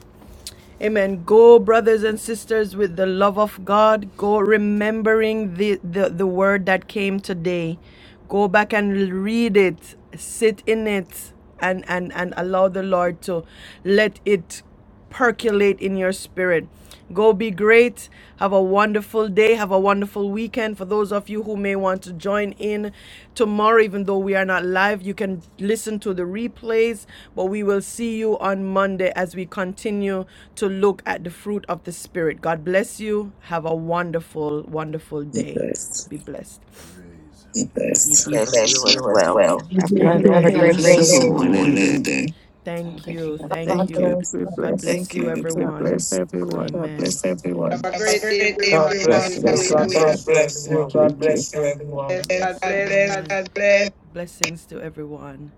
Speaker 1: Amen. Go, brothers and sisters, with the love of God. Go remembering the, the, the word that came today. Go back and read it, sit in it, and, and, and allow the Lord to let it percolate in your spirit. Go be great. Have a wonderful day. Have a wonderful weekend. For those of you who may want to join in tomorrow, even though we are not live, you can listen to the replays. But we will see you on Monday as we continue to look at the fruit of the Spirit. God bless you. Have a wonderful, wonderful
Speaker 4: Lead
Speaker 1: day.
Speaker 4: us.
Speaker 1: Be blessed.
Speaker 6: We bless you as well.
Speaker 2: God
Speaker 1: God bless
Speaker 2: bless.
Speaker 1: you.
Speaker 6: Thank
Speaker 3: *laughs*
Speaker 2: Have
Speaker 1: Amen.
Speaker 2: a
Speaker 6: you.
Speaker 11: Have
Speaker 1: Have
Speaker 11: a
Speaker 1: a
Speaker 2: great
Speaker 11: great
Speaker 1: great
Speaker 13: Bless
Speaker 11: day,
Speaker 2: day.
Speaker 1: Bless
Speaker 11: God
Speaker 1: day.
Speaker 13: everyone
Speaker 11: bless you.
Speaker 1: everyone
Speaker 13: in their
Speaker 1: in there. Thank you. Thank God
Speaker 9: Thank
Speaker 1: you.
Speaker 9: you.
Speaker 1: bless.
Speaker 9: We
Speaker 1: God bless. bless
Speaker 9: bless.
Speaker 1: Thank you, you. Be
Speaker 9: God
Speaker 1: everyone.
Speaker 9: bless
Speaker 1: blessed. God
Speaker 9: everyone.
Speaker 1: Amen. bless everyone.
Speaker 12: Have a great day, everyone.
Speaker 14: God bless
Speaker 15: Blessings,
Speaker 14: you.
Speaker 12: Hallelujah.
Speaker 15: God.
Speaker 1: Blessings.
Speaker 14: God
Speaker 1: God
Speaker 14: bless you,
Speaker 1: bless you.
Speaker 14: everyone.
Speaker 1: God
Speaker 15: Thank you.
Speaker 1: bless you, everyone.
Speaker 12: Bless God.
Speaker 1: Yes, God
Speaker 12: Bless
Speaker 1: bless.
Speaker 12: God.
Speaker 1: Amen. Blessings to everyone.